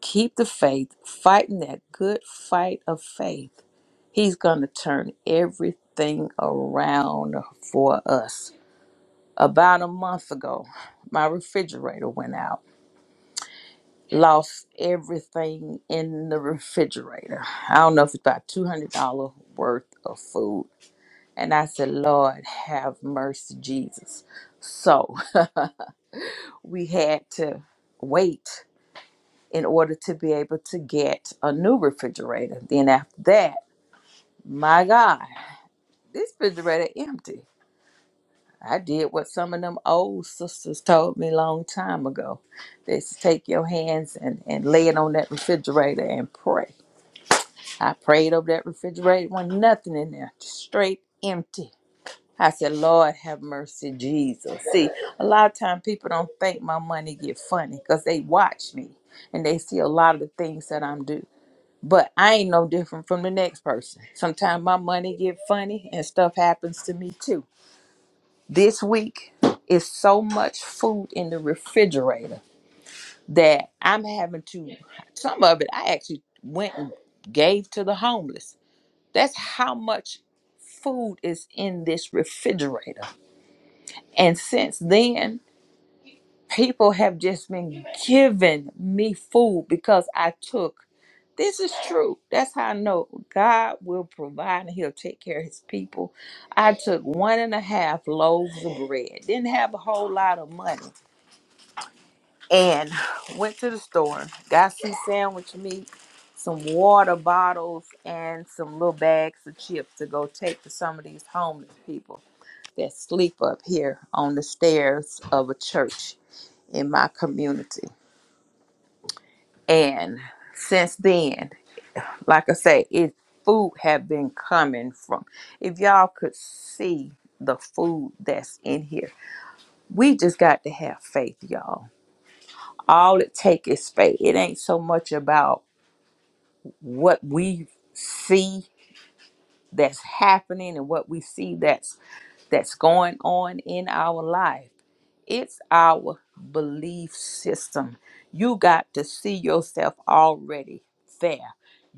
keep the faith, fighting that good fight of faith, He's going to turn everything around for us. About a month ago, my refrigerator went out lost everything in the refrigerator. I don't know if it's about two hundred dollar worth of food. And I said, Lord, have mercy, Jesus. So we had to wait in order to be able to get a new refrigerator. Then after that, my God, this refrigerator empty. I did what some of them old sisters told me a long time ago. They said, take your hands and, and lay it on that refrigerator and pray. I prayed over that refrigerator, was nothing in there, just straight empty. I said, Lord, have mercy, Jesus. See, a lot of time people don't think my money get funny because they watch me and they see a lot of the things that I'm do. But I ain't no different from the next person. Sometimes my money get funny and stuff happens to me too. This week is so much food in the refrigerator that I'm having to some of it I actually went and gave to the homeless that's how much food is in this refrigerator. And since then, people have just been giving me food because I took. This is true. That's how I know God will provide and He'll take care of His people. I took one and a half loaves of bread, didn't have a whole lot of money, and went to the store, got some sandwich meat, some water bottles, and some little bags of chips to go take to some of these homeless people that sleep up here on the stairs of a church in my community. And since then, like I say, it food have been coming from. If y'all could see the food that's in here, we just got to have faith, y'all. All it take is faith. It ain't so much about what we see that's happening and what we see that's that's going on in our life it's our belief system you got to see yourself already there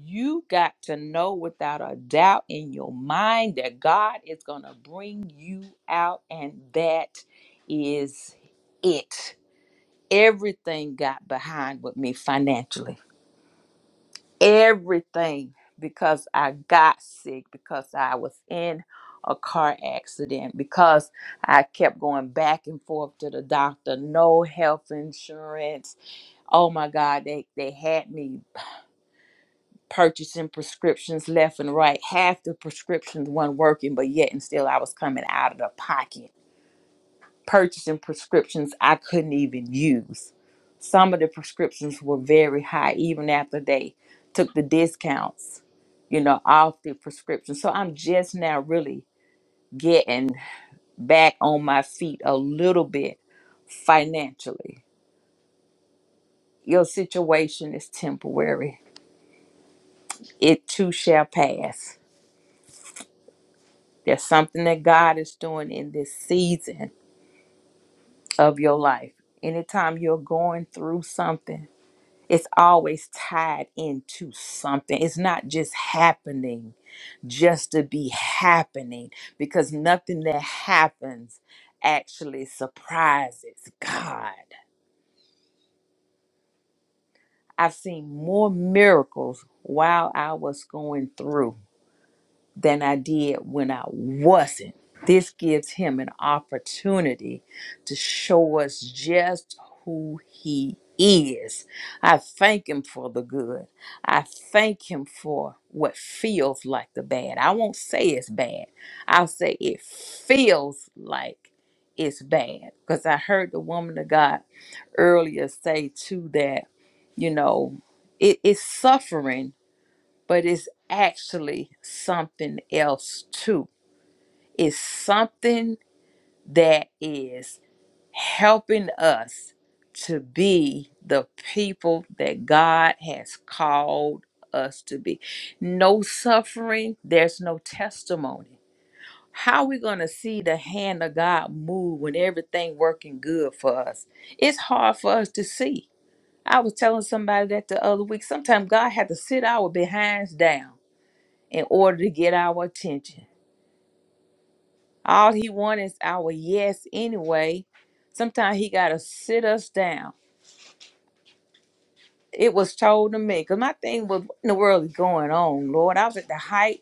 you got to know without a doubt in your mind that god is going to bring you out and that is it everything got behind with me financially everything because I got sick, because I was in a car accident, because I kept going back and forth to the doctor, no health insurance. Oh my God, they, they had me purchasing prescriptions left and right. Half the prescriptions weren't working, but yet and still I was coming out of the pocket purchasing prescriptions I couldn't even use. Some of the prescriptions were very high, even after they took the discounts, you know, off the prescription. So I'm just now really getting back on my feet a little bit financially. Your situation is temporary, it too shall pass. There's something that God is doing in this season of your life. Anytime you're going through something, it's always tied into something. It's not just happening just to be happening because nothing that happens actually surprises God. I've seen more miracles while I was going through than I did when I wasn't. This gives him an opportunity to show us just who he is. I thank him for the good. I thank him for what feels like the bad. I won't say it's bad, I'll say it feels like it's bad. Because I heard the woman of God earlier say, too, that, you know, it is suffering but it's actually something else too. It's something that is helping us to be the people that God has called us to be. No suffering, there's no testimony. How are we going to see the hand of God move when everything working good for us? It's hard for us to see. I was telling somebody that the other week. Sometimes God had to sit our behinds down in order to get our attention. All he wants is our yes anyway. Sometimes he got to sit us down. It was told to me because my thing was, what in the world is going on, Lord? I was at the height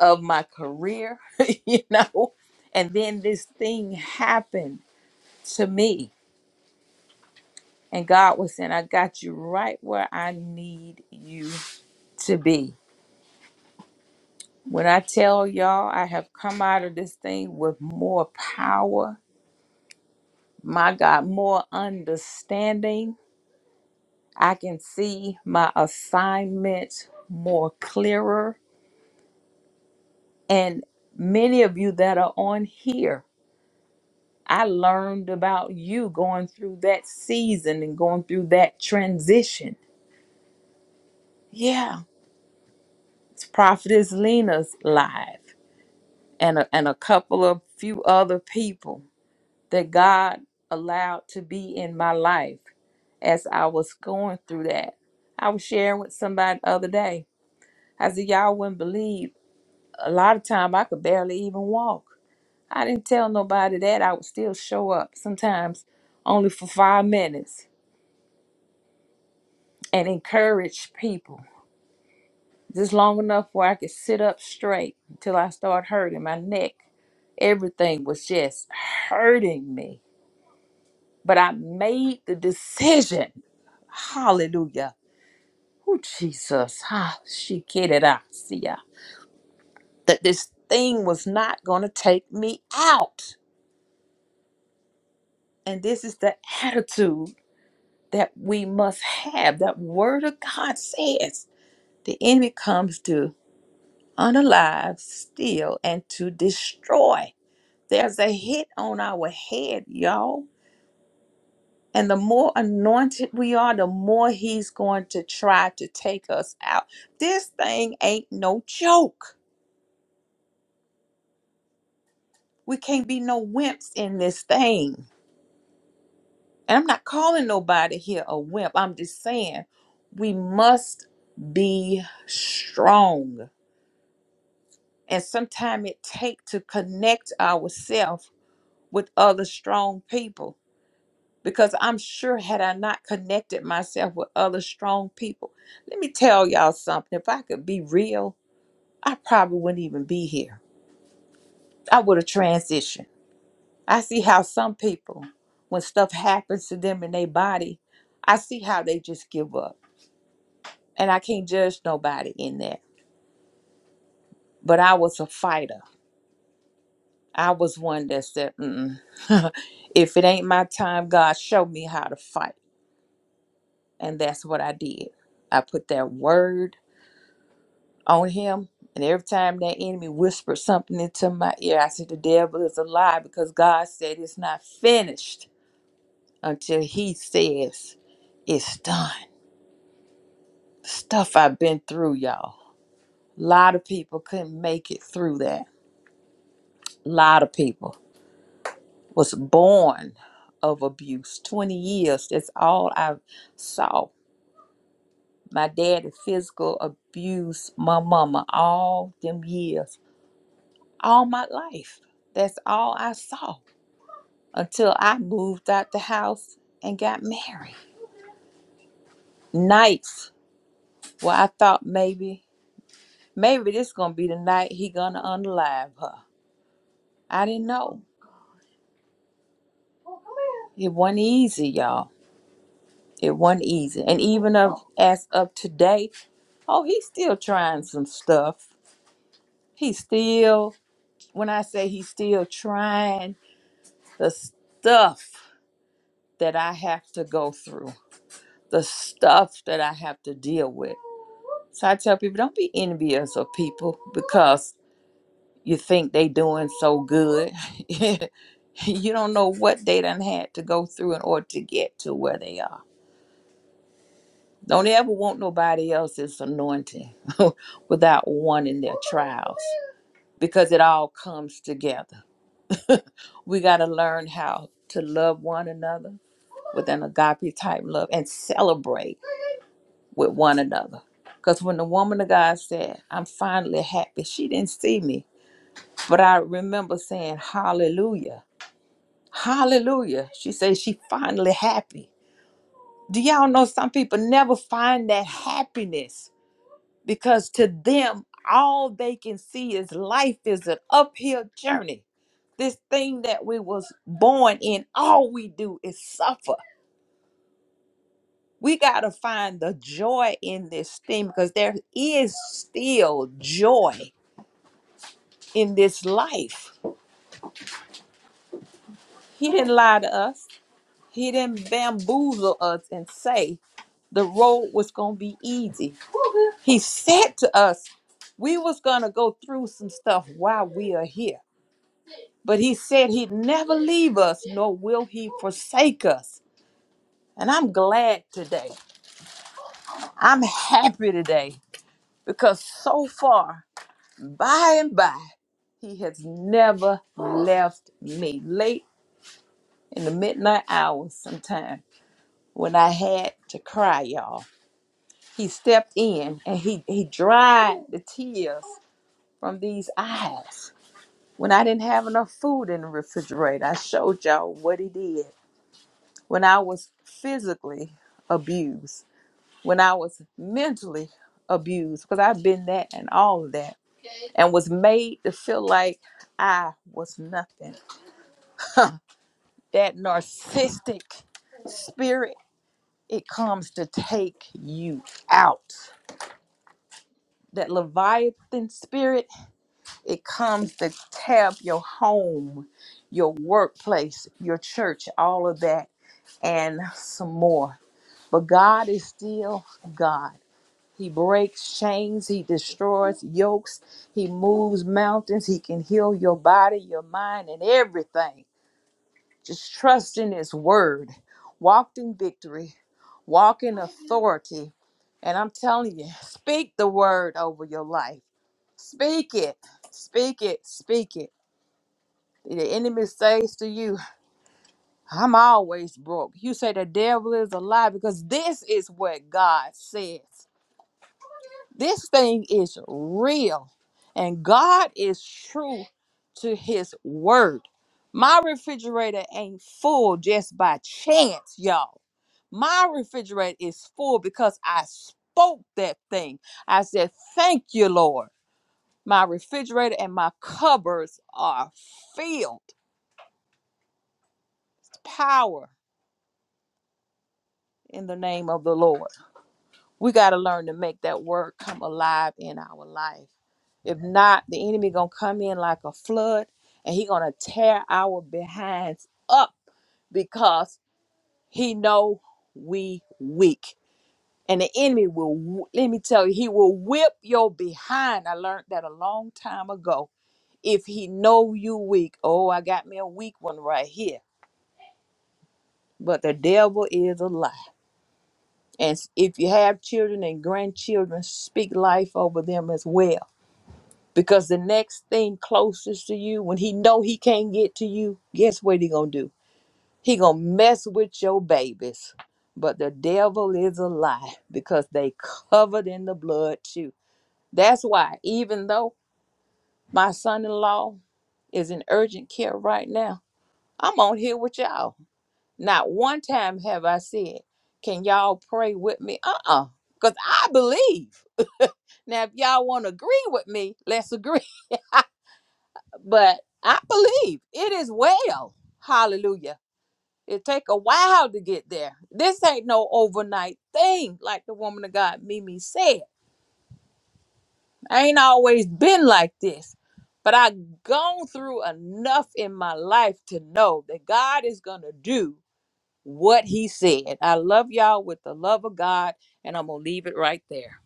of my career, you know, and then this thing happened to me. And God was saying, I got you right where I need you to be. When I tell y'all, I have come out of this thing with more power my God, more understanding. I can see my assignment more clearer. And many of you that are on here, I learned about you going through that season and going through that transition. Yeah, it's Prophetess Lena's live and a, and a couple of few other people that God allowed to be in my life as I was going through that. I was sharing with somebody the other day I said, y'all wouldn't believe. A lot of time I could barely even walk. I didn't tell nobody that. I would still show up sometimes only for five minutes and encourage people just long enough where I could sit up straight until I started hurting my neck. Everything was just hurting me. But I made the decision. Hallelujah. Oh, Jesus. Ah, she kidded. I see ya. That this thing was not going to take me out And this is the attitude that we must have. That word of God says the enemy comes to unalive, steal, and to destroy. There's a hit on our head, y'all. And the more anointed we are, the more he's going to try to take us out. This thing ain't no joke. We can't be no wimps in this thing. And I'm not calling nobody here a wimp. I'm just saying we must be strong. And sometimes it take to connect ourselves with other strong people. Because I'm sure had I not connected myself with other strong people, let me tell y'all something. If I could be real, I probably wouldn't even be here. I would have transitioned. I see how some people, when stuff happens to them in their body, I see how they just give up. and I can't judge nobody in that. But I was a fighter. I was one that said, Mm-mm. "If it ain't my time, God, show me how to fight," and that's what I did. I put that word on Him, and every time that enemy whispered something into my ear, I said, "The devil is a lie," because God said it's not finished until He says it's done. Stuff I've been through, y'all. A lot of people couldn't make it through that. A lot of people. was born of abuse. 20 years, that's all I saw. My daddy physical abuse my mama all them years, all my life. That's all I saw until I moved out the house and got married. Nights where I thought maybe, maybe this gonna be the night he gonna unalive her. I didn't know. It wasn't easy, y'all. It wasn't easy. And even of as of today, oh, he's still trying some stuff. He's still, when I say he's still trying the stuff that I have to go through, the stuff that I have to deal with. So I tell people, don't be envious of people because you think they doing so good. you don't know what they done had to go through in order to get to where they are. Don't ever want nobody else's anointing without wanting their trials because it all comes together. we got to learn how to love one another with an agape type love and celebrate with one another. Because when the woman of God said, I'm finally happy, she didn't see me, but I remember saying, Hallelujah. Hallelujah. She said she finally happy. Do y'all know some people never find that happiness? because to them all they can see is life is an uphill journey this thing that we was born in all we do is suffer we got to find the joy in this thing because there is still joy in this life he didn't lie to us he didn't bamboozle us and say the road was gonna be easy he said to us we was gonna go through some stuff while we are here But he said he'd never leave us, nor will he forsake us. And I'm glad today. I'm happy today because so far, by and by, he has never left me. Late in the midnight hours, sometime when I had to cry, y'all, he stepped in and he, he dried the tears from these eyes. When I didn't have enough food in the refrigerator, I showed y'all what he did. when I was physically abused, when I was mentally abused, because I've been that and all of that, and was made to feel like I was nothing. That narcissistic spirit, it comes to take you out. That Leviathan spirit, it comes to tab your home, your workplace, your church, all of that, and some more. But God is still God. He breaks chains, he destroys yokes, he moves mountains, he can heal your body, your mind, and everything. Just trust in his word. Walk in victory, walk in authority. And I'm telling you, speak the word over your life. Speak it, speak it, speak it. The enemy says to you, I'm always broke. You say the devil is a lie because this is what God says. This thing is real, and God is true to his word. My refrigerator ain't full just by chance, y'all. My refrigerator is full because I spoke that thing. I said, Thank you, Lord. My refrigerator and my cupboards are filled. Power in the name of the Lord. we got to learn to make that word come alive in our life if not the enemy gonna come in like a flood and he gonna tear our behinds up because he know we weak and the enemy will let me tell you he will whip your behind i learned that a long time ago if he know you weak oh i got me a weak one right here but the devil is a lie and if you have children and grandchildren speak life over them as well because the next thing closest to you when he know he can't get to you guess what he gonna do he gonna mess with your babies but the devil is a lie because they covered in the blood too that's why even though my son-in-law is in urgent care right now i'm on here with y'all not one time have i said can y'all pray with me uh-uh because i believe now if y'all want to agree with me let's agree But I believe it is well. Hallelujah. It take a while to get there. This ain't no overnight thing, like the woman of God Mimi said. I ain't always been like this. But I gone through enough in my life to know that God is gonna do what he said. I love y'all with the love of God, and I'm gonna leave it right there.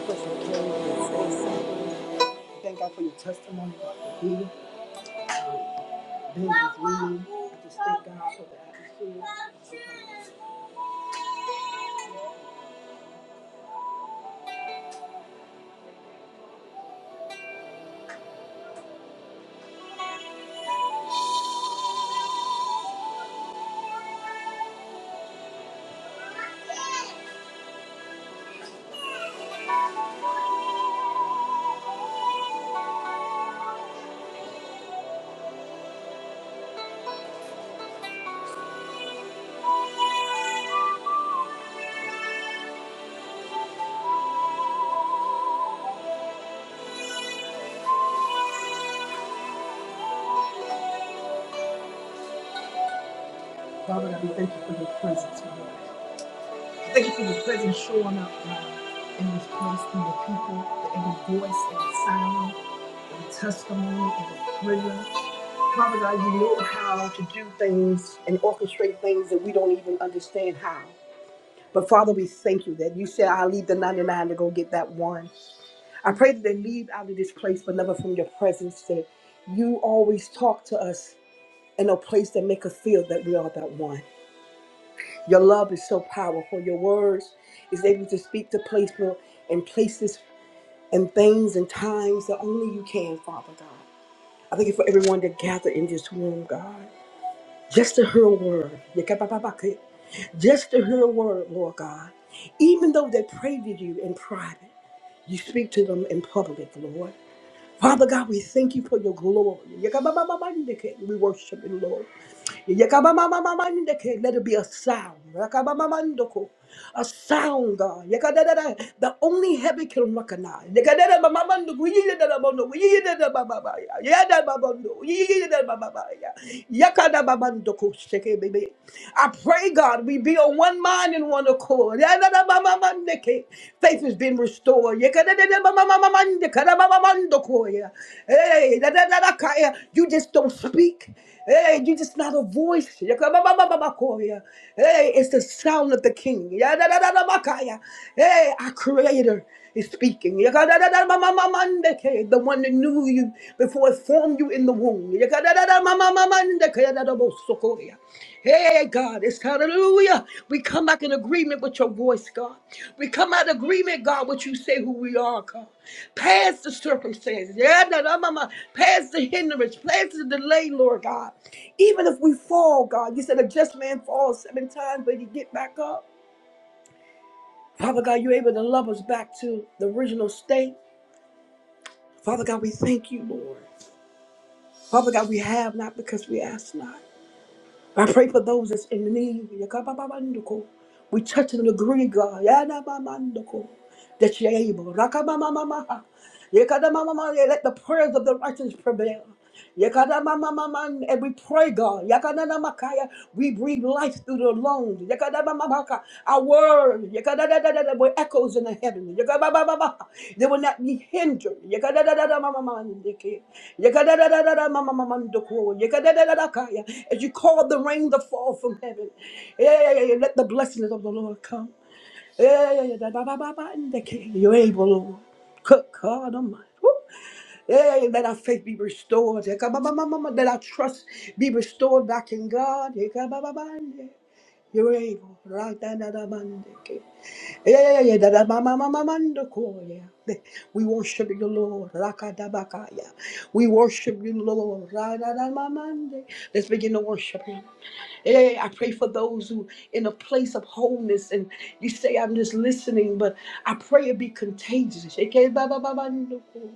person that came in and said something. Thank God for your testimony. about being with Mimi. I just thank God for the atmosphere. Thank you for your presence showing up God, in this place, through your people, every voice, every sound, every testimony, every prayer. Father God, you know how to do things and orchestrate things that we don't even understand how. But Father, we thank you that you said, I'll leave the 99 to go get that one. I pray that they leave out of this place, beloved, from your presence that you always talk to us in a place that make us feel that we are that one. Your love is so powerful. Your words is able to speak to people and places and things and times that only you can, Father God. I thank you for everyone that gathered in this room, God. Just to hear a word. Just to hear a word, Lord God. Even though they pray to you in private, you speak to them in public, Lord. Father God, we thank you for your glory. We worship you, Lord. Yakabamamamamandeke, Let it be a sound. Yakabamamandoko, A sound, God. Yakadadada, The only heaven can recognize. Yakadada mamamanduku, yidada babandu, yidada bababa. Yakadadabamamanduku, yidadadabondo, yidadabababa, yadadababondo, yidadabababa, yakadabamanduku, shake, baby. I pray, God, we be on one mind and one accord. Yadadabamamandeke, Faith has been restored. Yakadadadabamamamandeke, dadababamandoko, yeah. Hey, Da da da dadadadaka, yeah. you just don't speak. Hey, you just not a voice. Yakababababakoya. Hey, it's the sound of the king. Yadadadadabakaya. Hey, our creator is speaking. Yakadadadamamamamandeke, The one that knew you before it formed you in the womb. Yakadadadamamamamandeke, Hey, God, it's hallelujah. We come back in agreement with your voice, God. We come out of agreement, God, what you say who we are, God. Past the circumstances, yeah, da, da, ma, ma. past the hindrance, past the delay, Lord God. Even if we fall, God, you said a just man falls seven times, but he get back up. Father God, you're able to love us back to the original state. Father God, we thank you, Lord. Father God, we have not because we ask not. I pray for those that's in the need. Yakabababandoko. We touch and agree, God. Yadabamandoko. That you're able. Rakamamamamaha. Yakadamamama. Let the prayers of the righteous prevail. Yakadamamamaman. And we pray, God. Yakadanamakaya. We breathe life through the lungs. Yakadamamamaka. Our word yakadadadadada, will echoes in the heavens. Yakabababa. They will not be hindered. Yakadadadadamamamandeke. Yakadadadadadamamamamandoko, yakadadadadakaya. As you call the rain to fall from heaven, yeah, yeah, yeah, yeah, let the blessings of the Lord come. Yeah, yeah, yeah, dadabababandeke. You're able, Lord. Cook, God Almighty. Woo. Yeah, yeah, let our faith be restored. Yeah Yakababamamama, Let our trust be restored back in God. Yeah Yakabababande. You're able. Right Radadadabandeke. Yeah, yeah, yeah, yeah. da- da- ma- ma- ma- ma- mando ko, yeah. We worship you, Lord. Raka da baka, yeah. We worship you, Lord. Ra- da- da- ma- mande. Let's begin to worship Him. Yeah, yeah, yeah. I pray for those who in a place of wholeness and you say, I'm just listening, but I pray it be contagious. Yeah, yeah, ba- ba- ba- mando ko.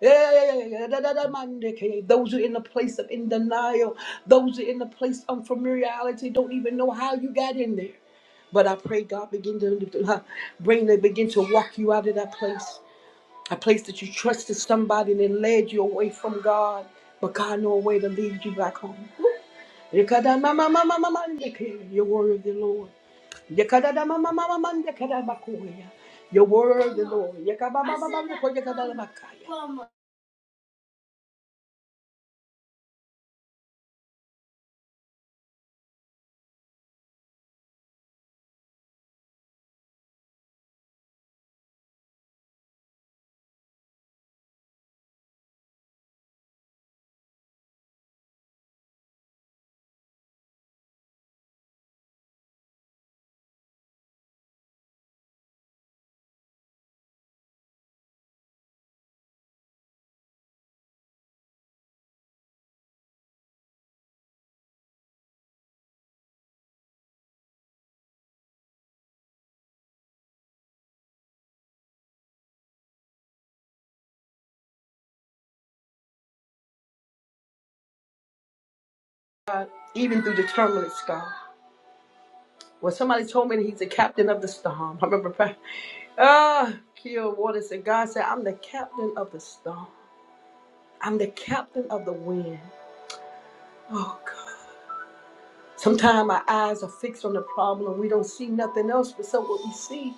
Yeah, yeah, yeah, yeah, yeah. da- da- da- mande ke. Those who are in a place of in denial, those who are in a place of unfamiliarity don't even know how you got in there. But I pray God begin to uh, bring them, begin to walk you out of that place. A place that you trusted somebody and it led you away from God. But God know a way to lead you back home. Yekadamamamamamandeke, You're worthy, Lord. Yekadamamamamamandekadabakuya, You're worthy, Lord. Even through the turbulence, God. Well, somebody told me that he's the captain of the storm. I remember praying. Ah, Kia Water said, God said, I'm the captain of the storm. I'm the captain of the wind. Oh God. Sometimes our eyes are fixed on the problem and we don't see nothing else but so what we see.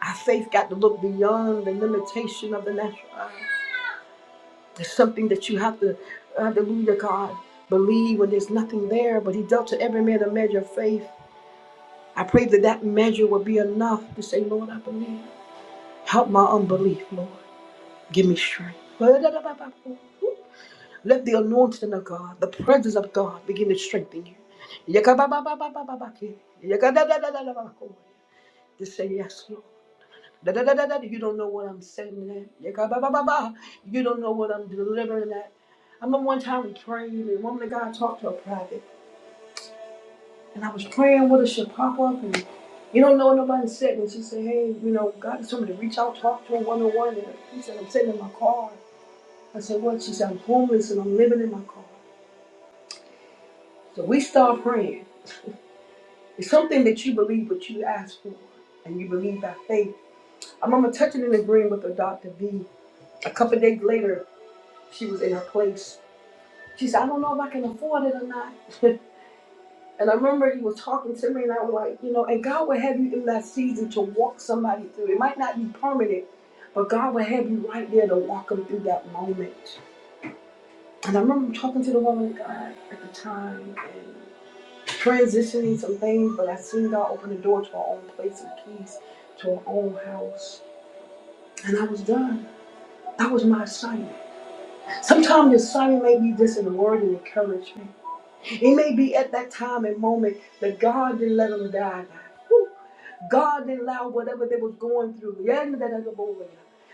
Our faith got to look beyond the limitation of the natural eye. There's something that you have to, hallelujah, God, believe when there's nothing there, but He dealt to every man a measure of faith. I pray that that measure will be enough to say, Lord, I believe. Help my unbelief, Lord. Give me strength. Let the anointing of God, the presence of God, begin to strengthen you. Yakababababababaki. Yakadadadadadabako. Just say yes, Lord. Da-da-da-da-da. You don't know what I'm saying. There. Yakabababa. You don't know what I'm delivering at. I remember one time we prayed, and the woman of God talked to her private, and I was praying with her. She'll pop up, and you don't know what nobody said. And she said, "Hey, you know, God told me to reach out, talk to her one on one." And she said, "I'm sitting in my car." I said, "What?" She said, "I'm homeless, and I'm living in my car." So we start praying. It's something that you believe what you asked for, and you believe by faith. I remember touching and agreeing with a Dr. V. A couple of days later, she was in her place. She said, I don't know if I can afford it or not. and I remember he was talking to me, and I was like, you know, and God will have you in that season to walk somebody through. It might not be permanent, but God will have you right there to walk them through that moment. And I remember talking to the woman of God at the time, and transitioning some things, but I seen God open the door to our own place of peace, to our own house. And I was done. That was my assignment. Sometimes the assignment may be just in the word and encouragement. It may be at that time and moment that God didn't let them die. Whew. God didn't allow whatever they was going through. Yeah, that other boy.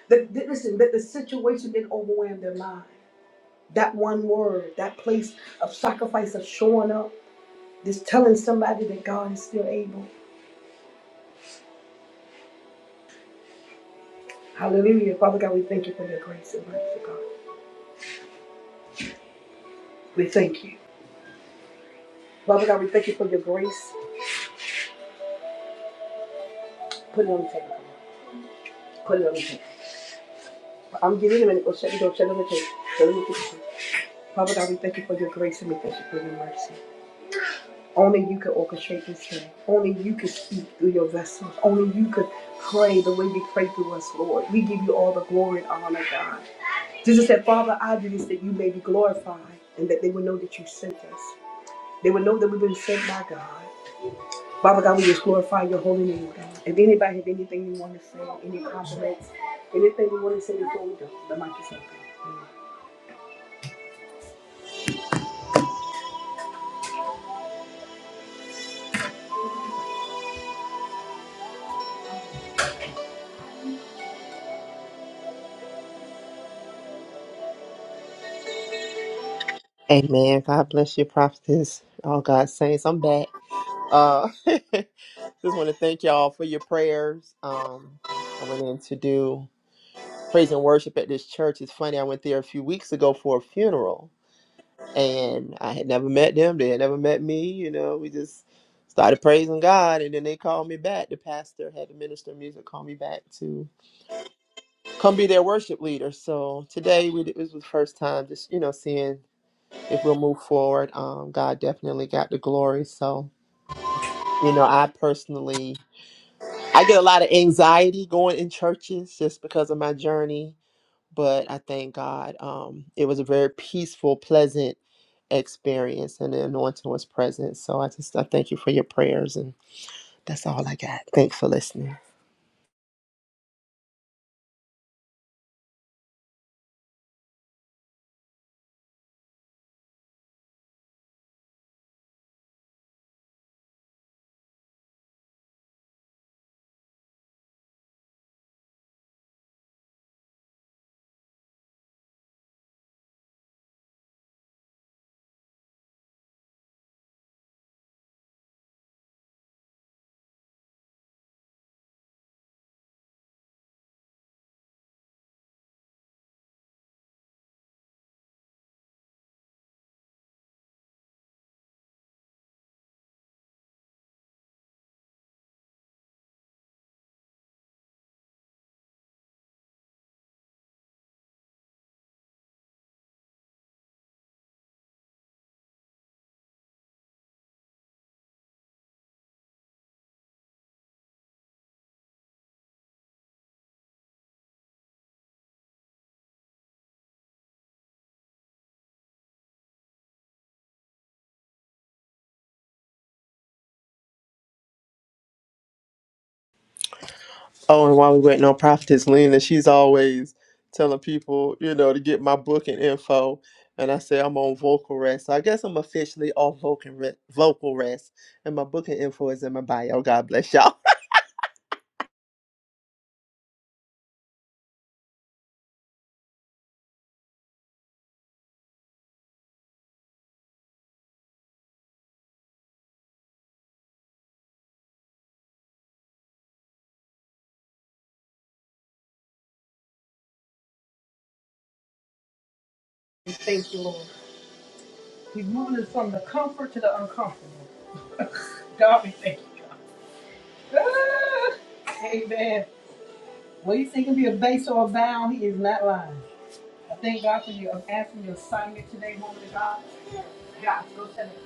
That, that- listen, that the situation didn't overwhelm their mind. That one word, that place of sacrifice, of showing up, just telling somebody that God is still able. Hallelujah. Father God, we thank you for your grace and mercy, God. We thank you. Father God, we thank you for your grace. Put it on the table. God. Put it on the table. I'm giving him a minute. Go shut, go shut on the table. Shut on the table. Father God, we thank you for your grace and we thank you for your mercy. Only you can orchestrate this thing. Only you can speak through your vessels. Only you could pray the way you pray through us, Lord. We give you all the glory and honor, God. Jesus said, Father, I do this that you may be glorified and that they would know that you sent us. They would know that we've been sent by God. Father God, we just glorify your holy name, God. If anybody have anything you want to say, any compliments, anything you want to say before we go, the mic is open. Amen.
Amen. God bless you, prophetess. All God's saints. I'm back. Uh, just want to thank y'all for your prayers. Um, I went in to do praise and worship at this church. It's funny. I went there a few weeks ago for a funeral, and I had never met them. They had never met me. You know, we just started praising God, and then they called me back. The pastor had the minister of music call me back to come be their worship leader. So today, we it was the first time just you know seeing if we'll move forward. Um, God definitely got the glory. So you know, I personally I get a lot of anxiety going in churches just because of my journey but I thank God. Um, it was a very peaceful, pleasant experience, and the anointing was present. So I just I thank you for your prayers, and that's all I got. Thanks for listening. Oh, and while we're waiting on Prophetess Lena, she's always telling people, you know, to get my book and info. And I say I'm on vocal rest. So I guess I'm officially off vocal rest, vocal rest. And my book and info is in my bio. God bless y'all.
We Thank you, Lord. You're moving us from the comfort to the uncomfortable. God, we thank you. God. Ah, Amen. Well, you think it be a base or a bound, he is not lying. I thank God for you. I'm asking your assignment today, woman of God. God, go tell it.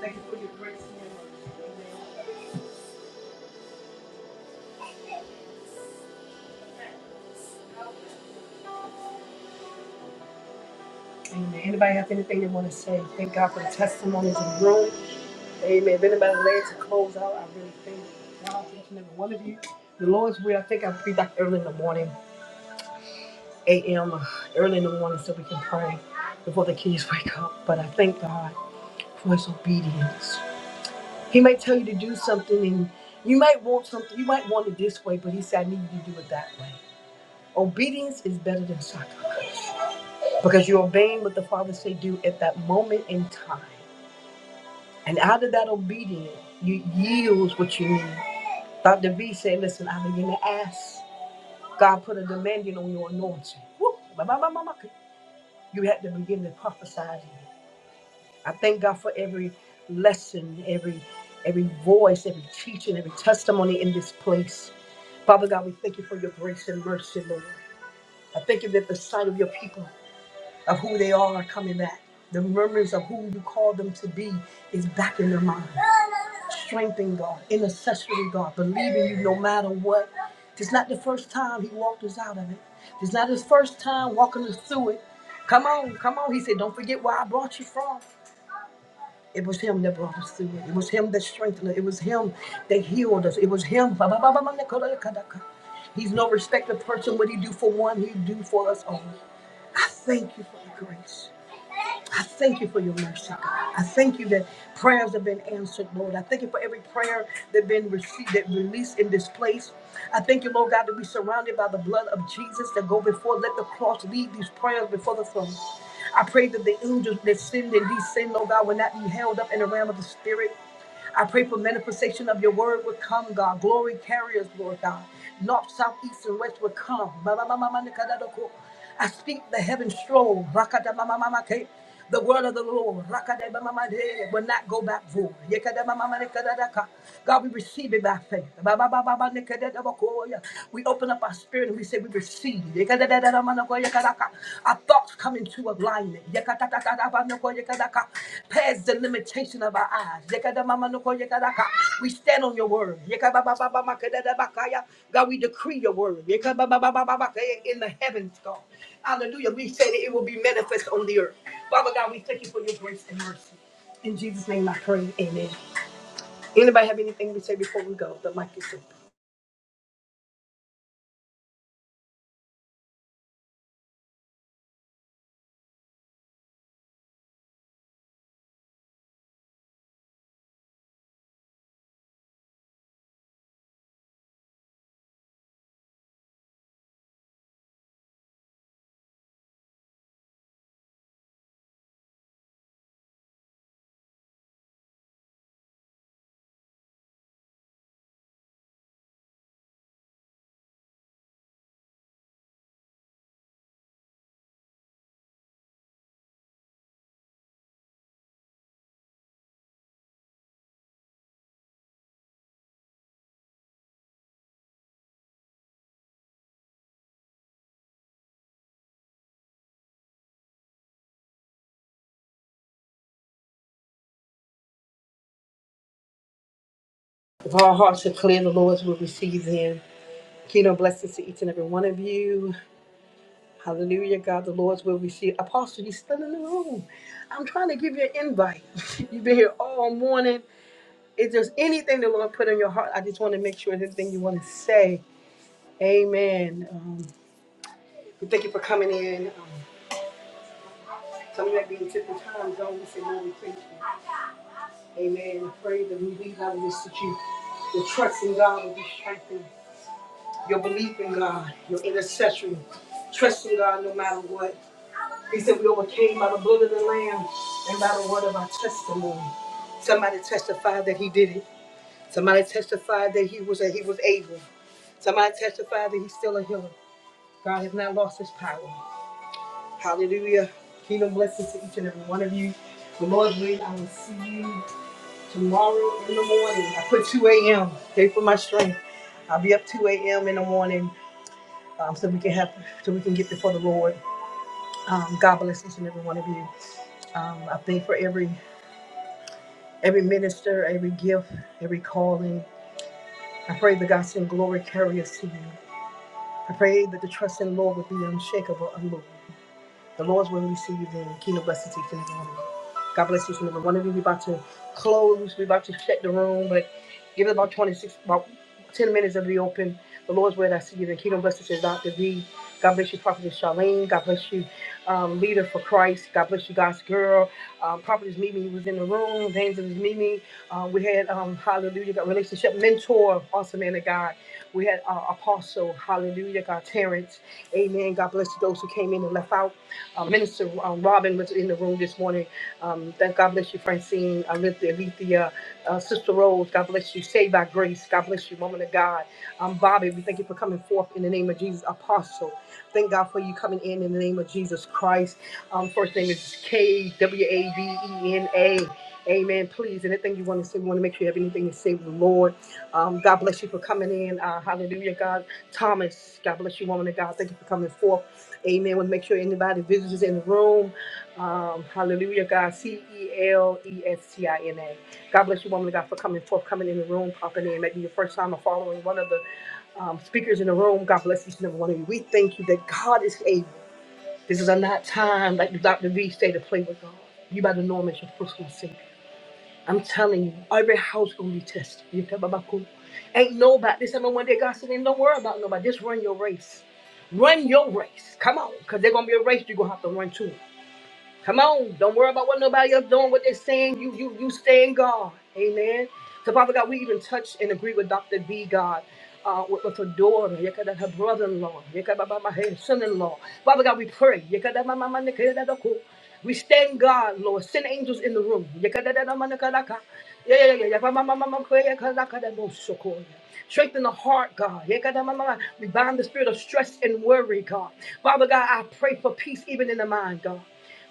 Thank you for your grace and your mercy. Amen. Amen. Anybody have anything they want to say? Thank God for the testimonies in the room. Amen. If anybody laid to close out, I really thank God for each and every one of you. The Lord's will, I think I'll be back early in the morning, 8 a.m., uh, early in the morning, so we can pray before the kids wake up. But I thank God for his obedience. He might tell you to do something, and you might want something, you might want it this way, but he said, I need you to do it that way. Obedience is better than sacrifice because you're obeying what the Father say do at that moment in time. And out of that obedience, you yields what you need. Dr. V said, listen, I begin to ask. God put a demanding on your anointing. Woo! Ba, ba, ba, ba, ba. You had to begin to prophesy. to it. I thank God for every lesson, every every voice, every teaching, every testimony in this place. Father God, we thank you for your grace and mercy, Lord. I thank you that the sight of your people of who they are coming back. The memories of who you called them to be is back in their mind. Strength in God, intercessory God, believing you no matter what. It's not the first time he walked us out of it. It's not his first time walking us through it. Come on, come on. He said, Don't forget where I brought you from. It was him that brought us through it. It was him that strengthened us. It was him that healed us. It was him. He's no respecter of person. What he do for one, he do for us all. I thank you for the grace. I thank you for your mercy, God. I thank you that prayers have been answered, Lord. I thank you for every prayer that been received, that released in this place. I thank you, Lord God, to be surrounded by the blood of Jesus that go before. Let the cross lead these prayers before the throne. I pray that the angels that send and descend, Lord God, will not be held up in the realm of the spirit. I pray for manifestation of your word would come, God. Glory carriers, Lord God. North, south, east, and west would come. Ma- ma- ma- ma- ma- nikadadoko. I speak the heaven stroll. Rakadamamamamake. The word of the Lord rakadamamamade, will not go back void. Yekadamamamanikadadaka. God, we receive it by faith. Ba- ba- ba- ba- ba- nikadadabako. We open up our spirit and we say we receive. Samanagoyakaraka. Our thoughts come into alignment. Yakatatatabanagoyakaraka. Past the limitation of our eyes. We stand on your word. God, we decree your word in the heavens, God. Hallelujah. We say that it will be manifest on the earth. Father God, we thank you for your grace and mercy. In Jesus' name I pray. Amen. Anybody have anything to say before we go? The mic is open. If our hearts are clear, the Lord's will receive them. Kingdom blessings to each and every one of you. Hallelujah, God, the Lord's will we see. Apostle, you still in the room. I'm trying to give you an invite. You've been here all morning. If there's anything the Lord put in your heart, I just want to make sure there's anything you want to say. Amen. Um, we thank you for coming in. Um, some of you might be in different time zone. We say, Lord, we thank you. Amen. I pray that we leave out of this that you, your trust in God will be strengthened, your belief in God, your intercession, trusting God no matter what. He said we overcame by the blood of the Lamb and by the word of our testimony. Somebody testified that he did it. Somebody testified that he was that he was able. Somebody testified that he's still a healer. God has not lost his power. Hallelujah. Kingdom blessings to each and every one of you. The Lord's willing, I will see you tomorrow in the morning. I put 2 a.m. Pray for my strength. I'll be up 2 a.m. in the morning um, so we can have so we can get before the Lord. Um, God bless each and every one of you. Um, I thank for every every minister, every gift, every calling. I pray the gospel and glory carry us to you. I pray that the trust in the Lord would be unshakable, and unmovable. The Lord's will received and kingdom blessings to each and every one of you. God bless each and every one of you. We're about to close. We're about to shut the room, but give it about 26, about 10 minutes of the open. The Lord's will that's to give and kingdom blessings to Dr. V. God bless you, Prophetess Charlene. God bless you, um, Leader for Christ. God bless you, God's girl. Um, Prophetess Mimi was in the room. Evangelist Mimi. Uh, we had, um, hallelujah, got relationship mentor, awesome man of God. We had uh, Apostle, hallelujah, God, Terrence. Amen. God bless you, those who came in and left out. Uh, Minister um, Robin was in the room this morning. Um, thank God bless you, Francine, Alithia, Alethea, uh, Sister Rose. God bless you. Saved by grace. God bless you, woman of God. Um, Bobby, we thank you for coming forth in the name of Jesus, Apostle. Thank God for you coming in in the name of Jesus Christ. Um, first name is K W A V E N A. Amen. Please, anything you want to say, we want to make sure you have anything to say with the Lord. Um, God bless you for coming in. Uh, hallelujah, God. Thomas, God bless you, woman of God. Thank you for coming forth. Amen. Want to make sure anybody visitors in the room. Um, hallelujah, God. C E L E S T I N A. God bless you, woman of God, for coming forth, coming in the room, popping in. Maybe your first time of following one of the um, speakers in the room. God bless each and every one of you. We thank you that God is able. This is a not time, like Dr. V stated, to play with God. You better know him as your personal Savior. I'm telling you, every house gonna be tested. You tell Baba Cool. Ain't nobody. This ain't no one day God said, ain't don't worry about nobody. Just run your race. Run your race. Come on, because there's gonna be a race you're gonna have to run to. Come on, don't worry about what nobody else doing, what they're saying. You you you stay in God. Amen. So Father God, we even touch and agree with Dr. B God. Uh, with, with her daughter, yekada, her brother-in-law, yekada, ba- ba- her son-in-law. Father God, we pray. yekada, ma- ma- ma- nikada, da- ko. We stand God, Lord. Send angels in the room. Yekada, da- da- ma- nikada, ka. Yeah, yeah, yeah, yeah. Ba- ma- ma- ma- ma- kwe- yekada, ka- da- so- ko. Strengthen the heart, God. Yekada, ma- ma- ma. We bind the spirit of stress and worry, God. Father God, I pray for peace even in the mind, God.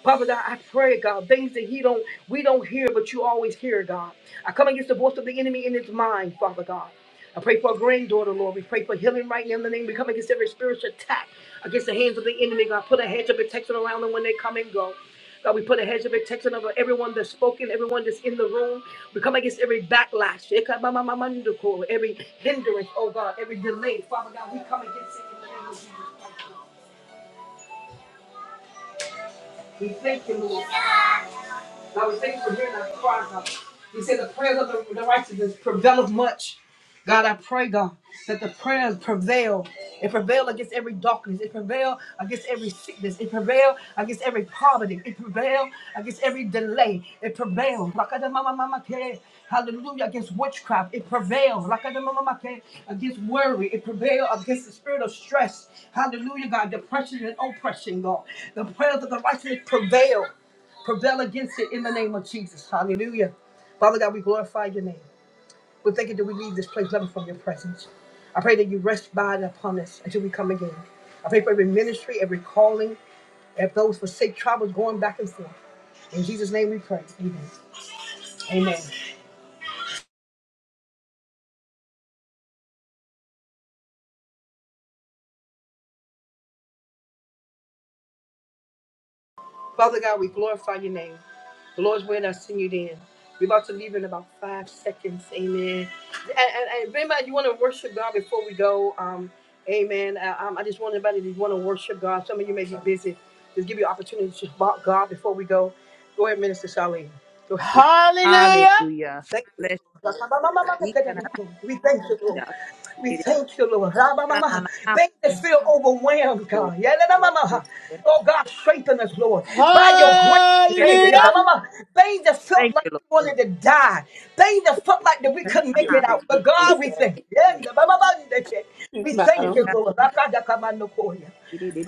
Father God, I pray, God, things that he don't, we don't hear, but you always hear, God. I come against the voice of the enemy in his mind, Father God. I pray for a granddaughter, Lord. We pray for healing right now in the name. We come against every spiritual attack against the hands of the enemy, God. Put a hedge of protection around them when they come and go. God, we put a hedge of protection over everyone that's spoken, everyone that's in the room. We come against every backlash, every hindrance, oh God, every delay. Father God, we come against it in the name of Jesus. We thank you, Lord. I was thankful for hearing that cry, God. You said the prayers of the, the righteous prevaileth much. God, I pray, God, that the prayers prevail. It prevail against every darkness. It prevail against every sickness. It prevail against every poverty. It prevail against every delay. It prevail. Rakadamamamamake. Hallelujah. Against witchcraft. It prevail. Rakadamamamake. Against worry. It prevail against the spirit of stress. Hallelujah, God. Depression and oppression, God. The prayers of the righteous prevail prevail against it in the name of Jesus. Hallelujah. Father God, we glorify your name. We thank you that we leave this place loving from your presence. I pray that you rest by and upon us until we come again. I pray for every ministry, every calling, if those forsake travels going back and forth. In Jesus' name we pray. Amen. Amen. Father God, we glorify your name. The Lord's word, I send you then. We're about to leave in about five seconds. Amen. And, and, and if anybody, you want to worship God before we go, um, amen. I, um, I just want anybody to want to worship God. Some of you may be busy. Just give you an opportunity to talk God before we go. Go ahead, Minister Charlene. Go ahead.
Hallelujah.
Thank you.
Bless you.
We thank you, Lord. We thank you, Lord. Rabba mama. Things that feel overwhelmed, God. Yeah, la, la, mama.
Thank you.
Oh, God, strengthen us, Lord. By your grace, we
Lord.
made it.
Hallelujah.
Yeah, la, mama. Things that felt
Thank
like
you,
we wanted to die. Things that felt like that we couldn't make it
Hallelujah.
out. But God,
He
we
said,
thank you. Yeah, la, mama, mama. We
"Speak,
thank
madam.
you, Lord. Raka, daka, manokoya.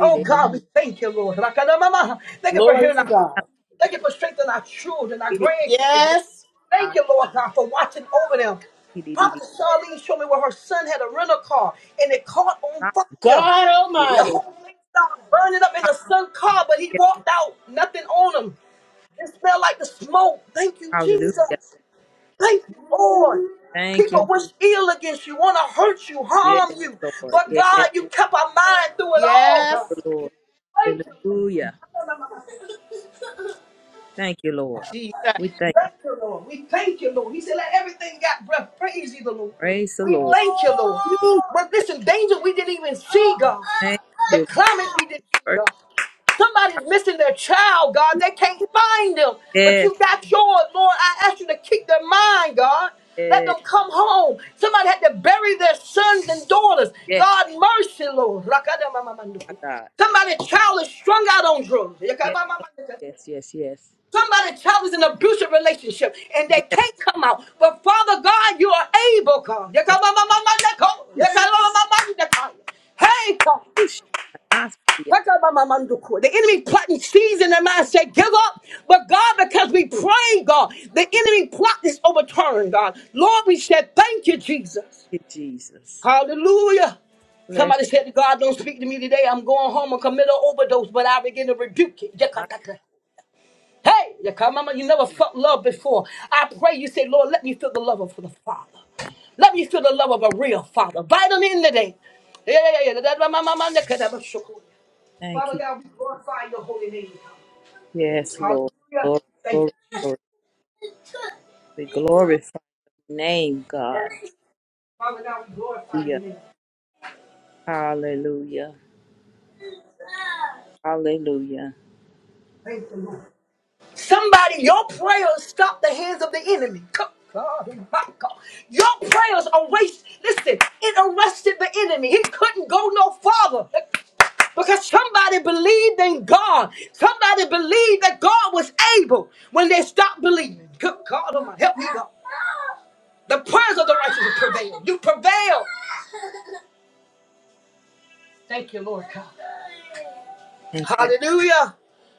Oh, God, we thank you, Lord. Raka, la, mama. Thank you for
Glory
hearing
to
our cry.
God.
Thank you for strengthening our children, our grandkids, Lord.
Yes,
Thank you, Lord God, for watching over them. Prophet Charlene showed me where her son had a rental car and it caught on fire.
God
The
Almighty.
whole thing started burning up in the son's car, but he walked out, nothing on him. It smelled like the smoke. Thank you, Jesus. Thank you, Lord.
Thank you.
People wish ill against you, want to hurt you,
Yes,
harm you.
Lord.
But
Yes,
God, you kept our mind through it all, God.
Yes,
Lord.
Thank you. Lord.
Hallelujah. Thank you, Lord.
Jesus.
We thank you.
Thank you, Lord. We thank you, Lord. He said, let everything got breath. Praise you, the Lord.
praise the
We
Lord.
thank you, Lord. But listen, danger we didn't even see, God.
Thank
The
you.
climate we didn't see,
Lord.
God. Somebody's missing their child, God. They can't find them. But
Yes,
you got yours, Lord. I ask you to keep their mind, God. Let
yes,
them come home. Somebody had to bury their sons and daughters.
yes,
God, mercy, Lord.
my God.
Somebody's child is strung out on
Yes,
drugs.
yes, yes, yes.
Somebody child is in an abusive relationship and they can't come out. But Father God, you are able, God.
I push,
Hey, God.
push. I see. it.
The enemy plotting sees in their mind say, give up. But God, because we pray, God, the
Thank
enemy plot is overturned, God. Lord, we said, thank you, Jesus.
you, Jesus.
Hallelujah.
Bless you.
Somebody said, God, don't speak to me today. I'm going home and commit an overdose, but I begin to rebuke
I
it. Hey, you come, mama, you never felt love before. I pray you say, Lord, let me feel the love of the Father. Let me feel the love of a real Father. Bind them in today. Yeah, yeah, yeah. That- that- my- my- my neck, that- that- that- shook.
thank
Father
you.
God, we glorify your holy name.
Yes, Lord.
Hallelujah.
Glory,
Thank
glory, glory.
you.
We glorify. name, God. Hallelujah. Hallelujah. Hallelujah.
Somebody, your prayers stop the hands of the enemy. Come, God, my God. Your prayers erased, listen, it arrested the enemy. He couldn't go no farther. Because somebody believed in God. Somebody believed that God was able when they stopped believing. Good God, oh my, help me, God. The prayers of the righteous will prevail. You prevail. Thank you, Lord God.
Thank
Hallelujah.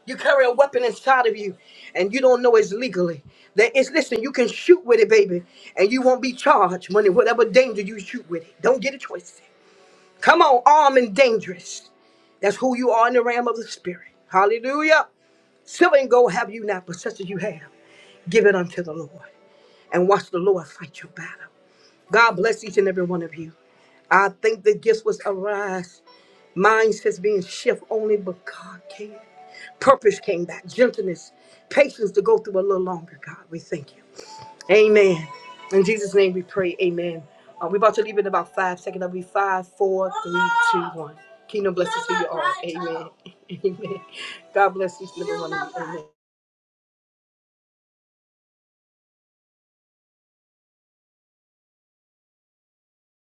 You carry a weapon inside of you and you don't know it's legally. That it's listen, you can shoot with it, baby, and you won't be charged when whatever danger you shoot with it. Don't get a choice. Come on, armed and dangerous. That's who you are in the realm of the spirit. Hallelujah. Silver and gold have you not, but such as you have, give it unto the Lord. And watch the Lord fight your battle. God bless each and every one of you. I think the gifts was arise. Mindsets being shift only, but God can. Purpose came back, gentleness, patience to go through a little longer. God, we thank you. Amen. In Jesus' name we pray. Amen. Uh, we're about to leave in about five seconds. That'll be five, four, three, two, one. Kingdom blessings to you all. Amen. Amen. God bless each and every one of you. Amen.